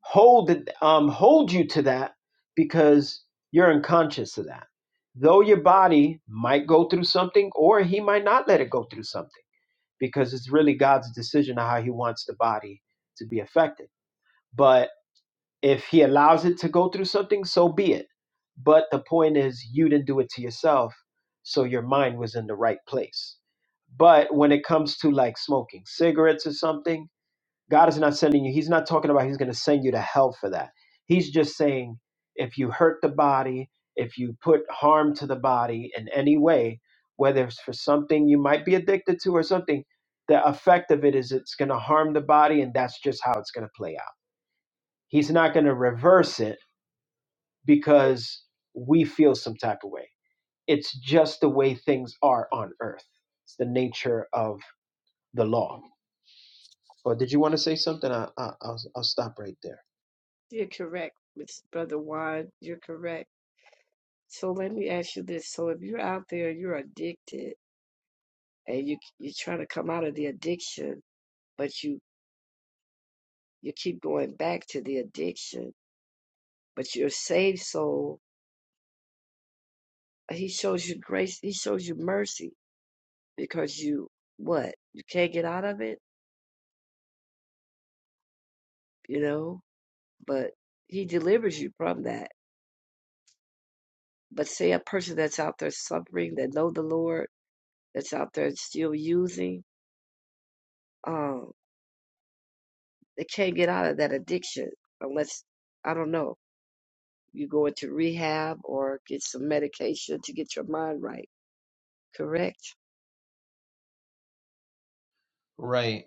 hold it, um, hold you to that because you're unconscious of that. Though your body might go through something, or he might not let it go through something, because it's really God's decision of how he wants the body to be affected. But if he allows it to go through something, so be it. But the point is, you didn't do it to yourself, so your mind was in the right place. But when it comes to like smoking cigarettes or something, God is not sending you. He's not talking about he's going to send you to hell for that. He's just saying if you hurt the body, if you put harm to the body in any way, whether it's for something you might be addicted to or something, the effect of it is it's going to harm the body, and that's just how it's going to play out. He's not going to reverse it because we feel some type of way. It's just the way things are on earth. It's the nature of the law. Or did you want to say something? I, I, I'll, I'll stop right there. You're correct, Miss Brother Juan. You're correct. So let me ask you this: So if you're out there, you're addicted, and you you're trying to come out of the addiction, but you you keep going back to the addiction, but your saved soul, He shows you grace. He shows you mercy because you what you can't get out of it, you know. But He delivers you from that. But say a person that's out there suffering, that know the Lord, that's out there still using. um. They can't get out of that addiction unless, I don't know, you go into rehab or get some medication to get your mind right. Correct? Right.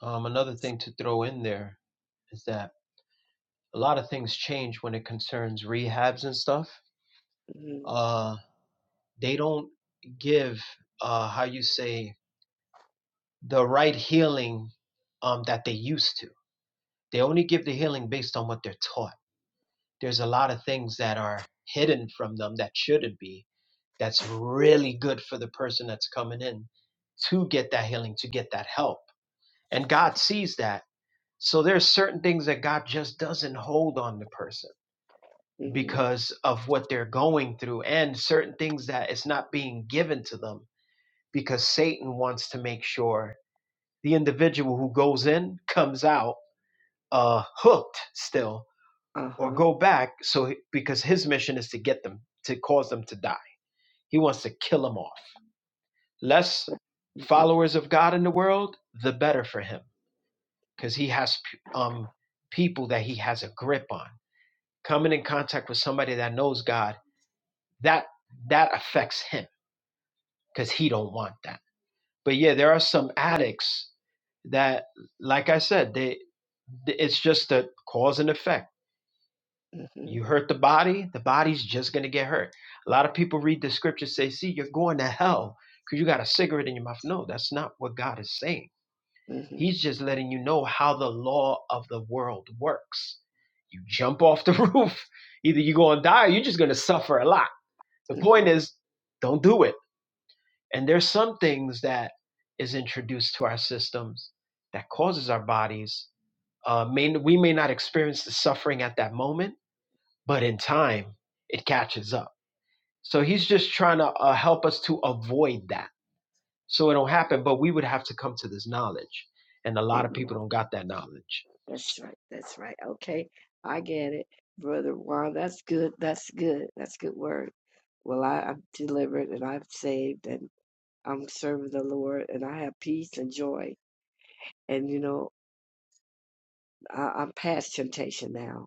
Um, another thing to throw in there is that a lot of things change when it concerns rehabs and stuff. Mm-hmm. Uh, they don't give, uh, how you say, the right healing um, that they used to. They only give the healing based on what they're taught. There's a lot of things that are hidden from them that shouldn't be, that's really good for the person that's coming in to get that healing, to get that help. And God sees that. So there's certain things that God just doesn't hold on the person Mm-hmm. because of what they're going through and certain things that it's not being given to them because Satan wants to make sure the individual who goes in comes out uh, hooked still Uh or huh. go back so because his mission is to get them to cause them to die. He wants to kill them off. Less Mm-hmm. followers of God in the world, the better for him because he has um, people that he has a grip on. Coming in contact with somebody that knows God, that that affects him because he don't want that. But yeah, there are some addicts that, like I said, they it's just a cause and effect. You Mm-hmm. hurt the body, the body's just gonna get hurt. A lot of people read the scripture say, "See, you're going to hell because you got a cigarette in your mouth." No, that's not what God is saying. Mm-hmm. He's just letting you know how the law of the world works. You jump off the roof, either you're gonna die or you're just gonna suffer a lot. The point Mm-hmm. is, don't do it And there's some things that is introduced to our systems that causes our bodies. Uh, may, we may not experience the suffering at that moment, but in time, it catches up. So he's just trying to uh, help us to avoid that, so it don't happen. But we would have to come to this knowledge, and a lot of Amen. people don't got that knowledge. That's right. That's right. Okay. I get it. Brother Juan, that's good. That's good. That's good word. Well, I, I'm delivered and I'm saved and I'm serving the Lord and I have peace and joy. And, you know, I, I'm past temptation now.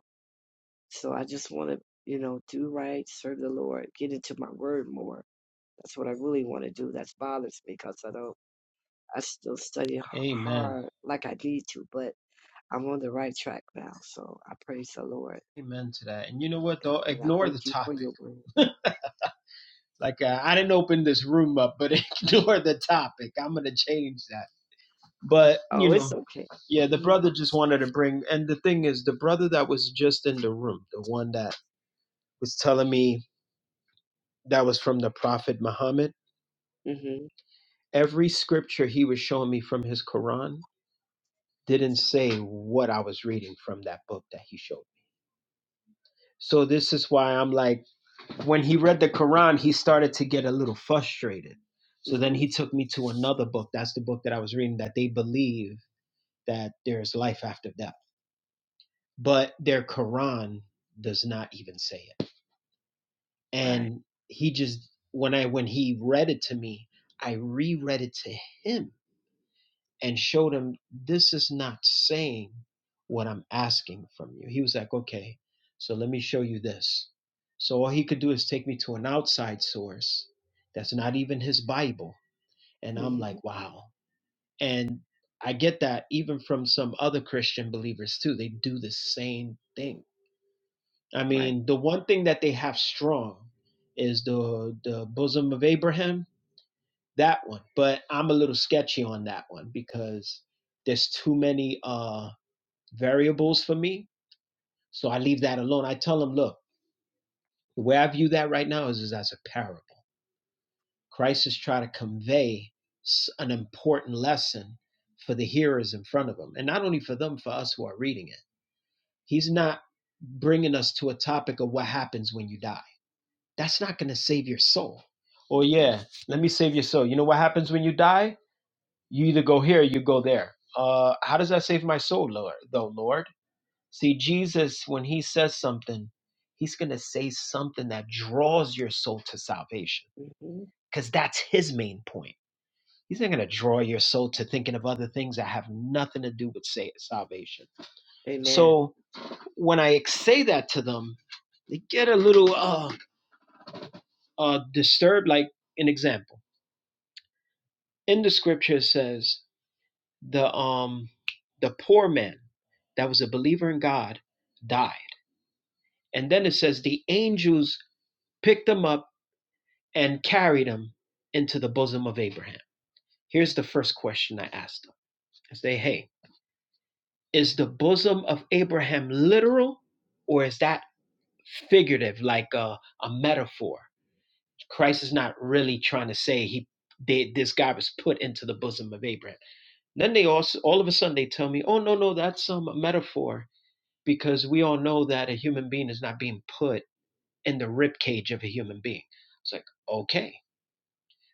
So I just want to, you know, do right, serve the Lord, get into my word more. That's what I really want to do. That bothers me because I don't, I still study h- Amen. hard like I need to, but I'm on the right track now. So I praise the Lord Amen to that. And you know what though? and I Ignore the thank you for topic. your word. Like uh, I didn't open this room up, but ignore the topic. I'm gonna change that. But you Oh, it's know, okay. yeah, the Mm-hmm. brother just wanted to bring. And the thing is, the brother that was just in the room, the one that was telling me that was from the Prophet Muhammad. Mm-hmm. Every scripture he was showing me from his Quran didn't say what I was reading from that book that he showed. me. So this is why I'm like when he read the Quran, he started to get a little frustrated. So then Mm-hmm. he took me to another book. That's the book that I was reading that they believe that there's life after death. But their Quran does not even say it. Right. And he just when I when he read it to me, I reread it to him and showed him this is not saying what I'm asking from you. He was like, okay, so let me show you this. So all he could do is take me to an outside source that's not even his Bible. And I'm Mm-hmm. like, wow. And I get that even from some other Christian believers too. They do the same thing. I Right. mean, the one thing that they have strong is the the bosom of Abraham that one. But I'm a little sketchy on that one because there's too many uh, variables for me. So I leave that alone. I tell them, look, the way I view that right now is, is as a parable. Christ is trying to convey an important lesson for the hearers in front of him, and not only for them, for us who are reading it. He's not bringing us to a topic of what happens when you die. That's not going to save your soul. Oh, Mm-hmm. yeah, let me save your soul. You know what happens when you die? you either go here or you go there. Uh, how does that save my soul, Lord? Though, Lord, see Jesus when He says something, He's gonna say something that draws your soul to salvation, Mm-hmm. because that's His main point. He's not gonna draw your soul to thinking of other things that have nothing to do with say, salvation. Amen. So when I say that to them, they get a little uh, uh, disturbed. Like an example in the Scripture says. the um the poor man that was a believer in God died. And then it says the angels picked him up and carried him into the bosom of Abraham. Here's the first question I asked them. I say, hey, is the bosom of Abraham literal or is that figurative, like a, a metaphor? Christ is not really trying to say he they, this guy was put into the bosom of Abraham. Then they also all of a sudden they tell me, oh no, no, that's um, a metaphor because we all know that a human being is not being put in the ribcage of a human being. It's like, okay.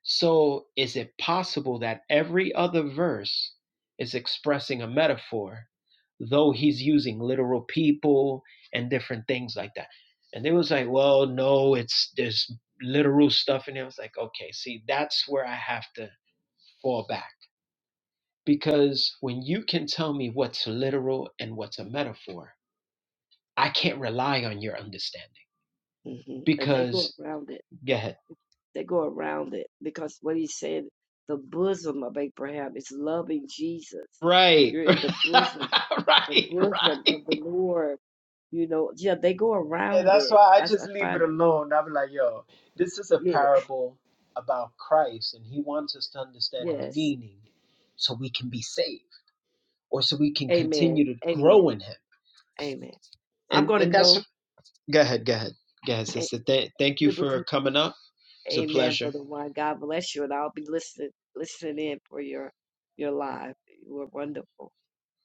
So is it possible that every other verse is expressing a metaphor, though he's using literal people and different things like that? And they was like, well, no, it's there's literal stuff in there. I was like, okay, see, that's where I have to fall back. Because when you can tell me what's literal and what's a metaphor, I can't rely on your understanding Mm-hmm. And they go because around it. go ahead. They go around it because what he said, the bosom of Abraham is loving Jesus. Right. You're in right, the bosom, the bosom right. of the Lord. You know, yeah, they go Yeah, around that's it. why I I, s- just I leave it find it. alone. I'm like, yo, this is a Yeah, parable about Christ, and he wants us to understand the yes. meaning so we can be saved or so we can Amen. continue to Amen. grow in him. Amen. I'm And going and to that's go. go ahead, go ahead. Go ahead, A- sister. Th- thank you It was, for coming up. It was a amen, pleasure. Brother Juan. God bless you. And I'll be listening, listening in for your, your live. You are wonderful.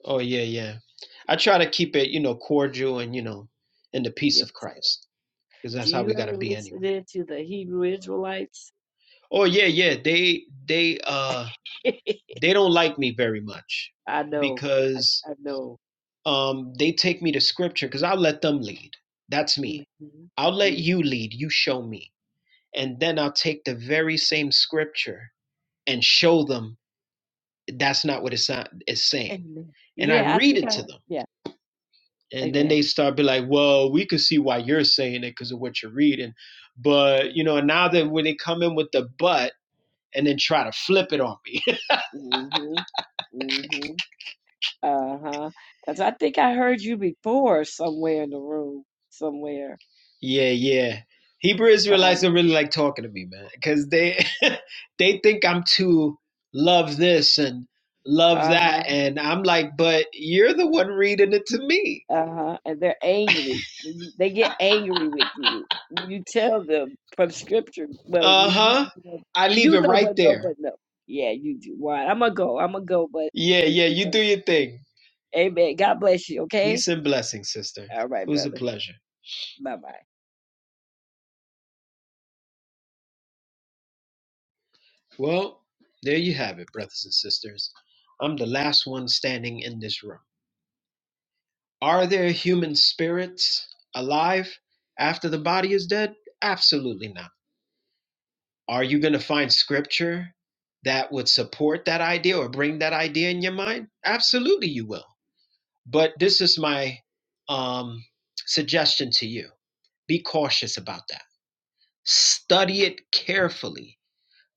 Oh yeah, yeah. I try to keep it, you know, cordial and you know, in the peace Yes. of Christ. Because that's Do how you we gotta ever be listen anyway. in to the Hebrew Israelites? Oh yeah, yeah. They they uh they don't like me very much I know. I, because I know. um they take me to scripture because I'll let them lead. That's me. Mm-hmm. I'll let you Mm-hmm. lead, you show me. And then I'll take the very same scripture and show them that's not what it's not it's saying. Amen. And I Yeah, I read think it I. to them. Yeah. And then Amen. they start be like, well, we could see why you're saying it because of what you're reading. But Mm, you know, now that when they come in with the but and then try to flip it on me. Mm-hmm. Mm-hmm. Uh huh. Because I think I heard you before somewhere in the room, somewhere Yeah, yeah. Hebrew Israelites don't probably. really like talking to me, man, because they they think I'm too love this and love Uh that, huh. and I'm like, but you're the one reading it to me. Uh huh. And they're angry. When you- They get angry with you when you tell them from scripture. Well, Uh when you huh. you know, I leave you it know right but no, there. but no. Yeah, you do. Why? I'm gonna go. I'm gonna go. But Yeah, yeah. You do your thing. amen. God bless you. Okay. Peace and blessings, sister. All It right, was a brother. pleasure. Bye bye. Well, there you have it, brothers and sisters. I'm the last one standing in this room. Are there human spirits alive after the body is dead? Absolutely not. Are you going to find scripture that would support that idea or bring that idea in your mind? Absolutely, you will. But this is my um, suggestion to you be cautious about that. Study it carefully.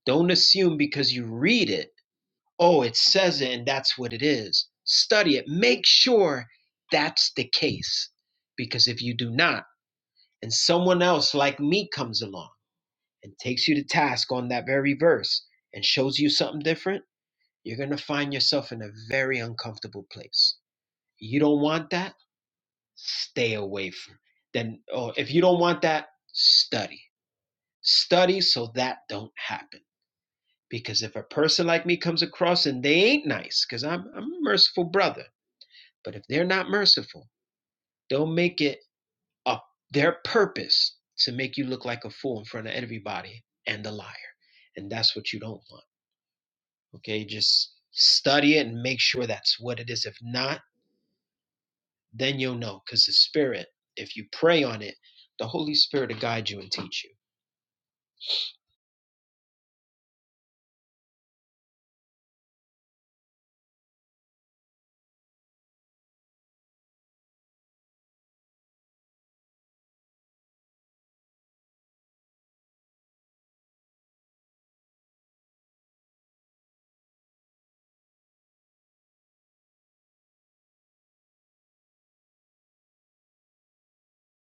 Don't assume because you read it, oh, it says it and that's what it is. Study it. Make sure that's the case. Because if you do not, and someone else like me comes along, and takes you to task on that very verse and shows you something different, you're going to find yourself in a very uncomfortable place. You don't want that? Stay away from. it. Then or if you don't want that, study. Study so that don't happen. Because if a person like me comes across and they ain't nice, because I'm, I'm a merciful brother, but if they're not merciful, they'll make it a, their purpose to make you look like a fool in front of everybody and a liar. And that's what you don't want. Okay, just study it and make sure that's what it is. If not, then you'll know because the Spirit, if you pray on it, the Holy Spirit will guide you and teach you.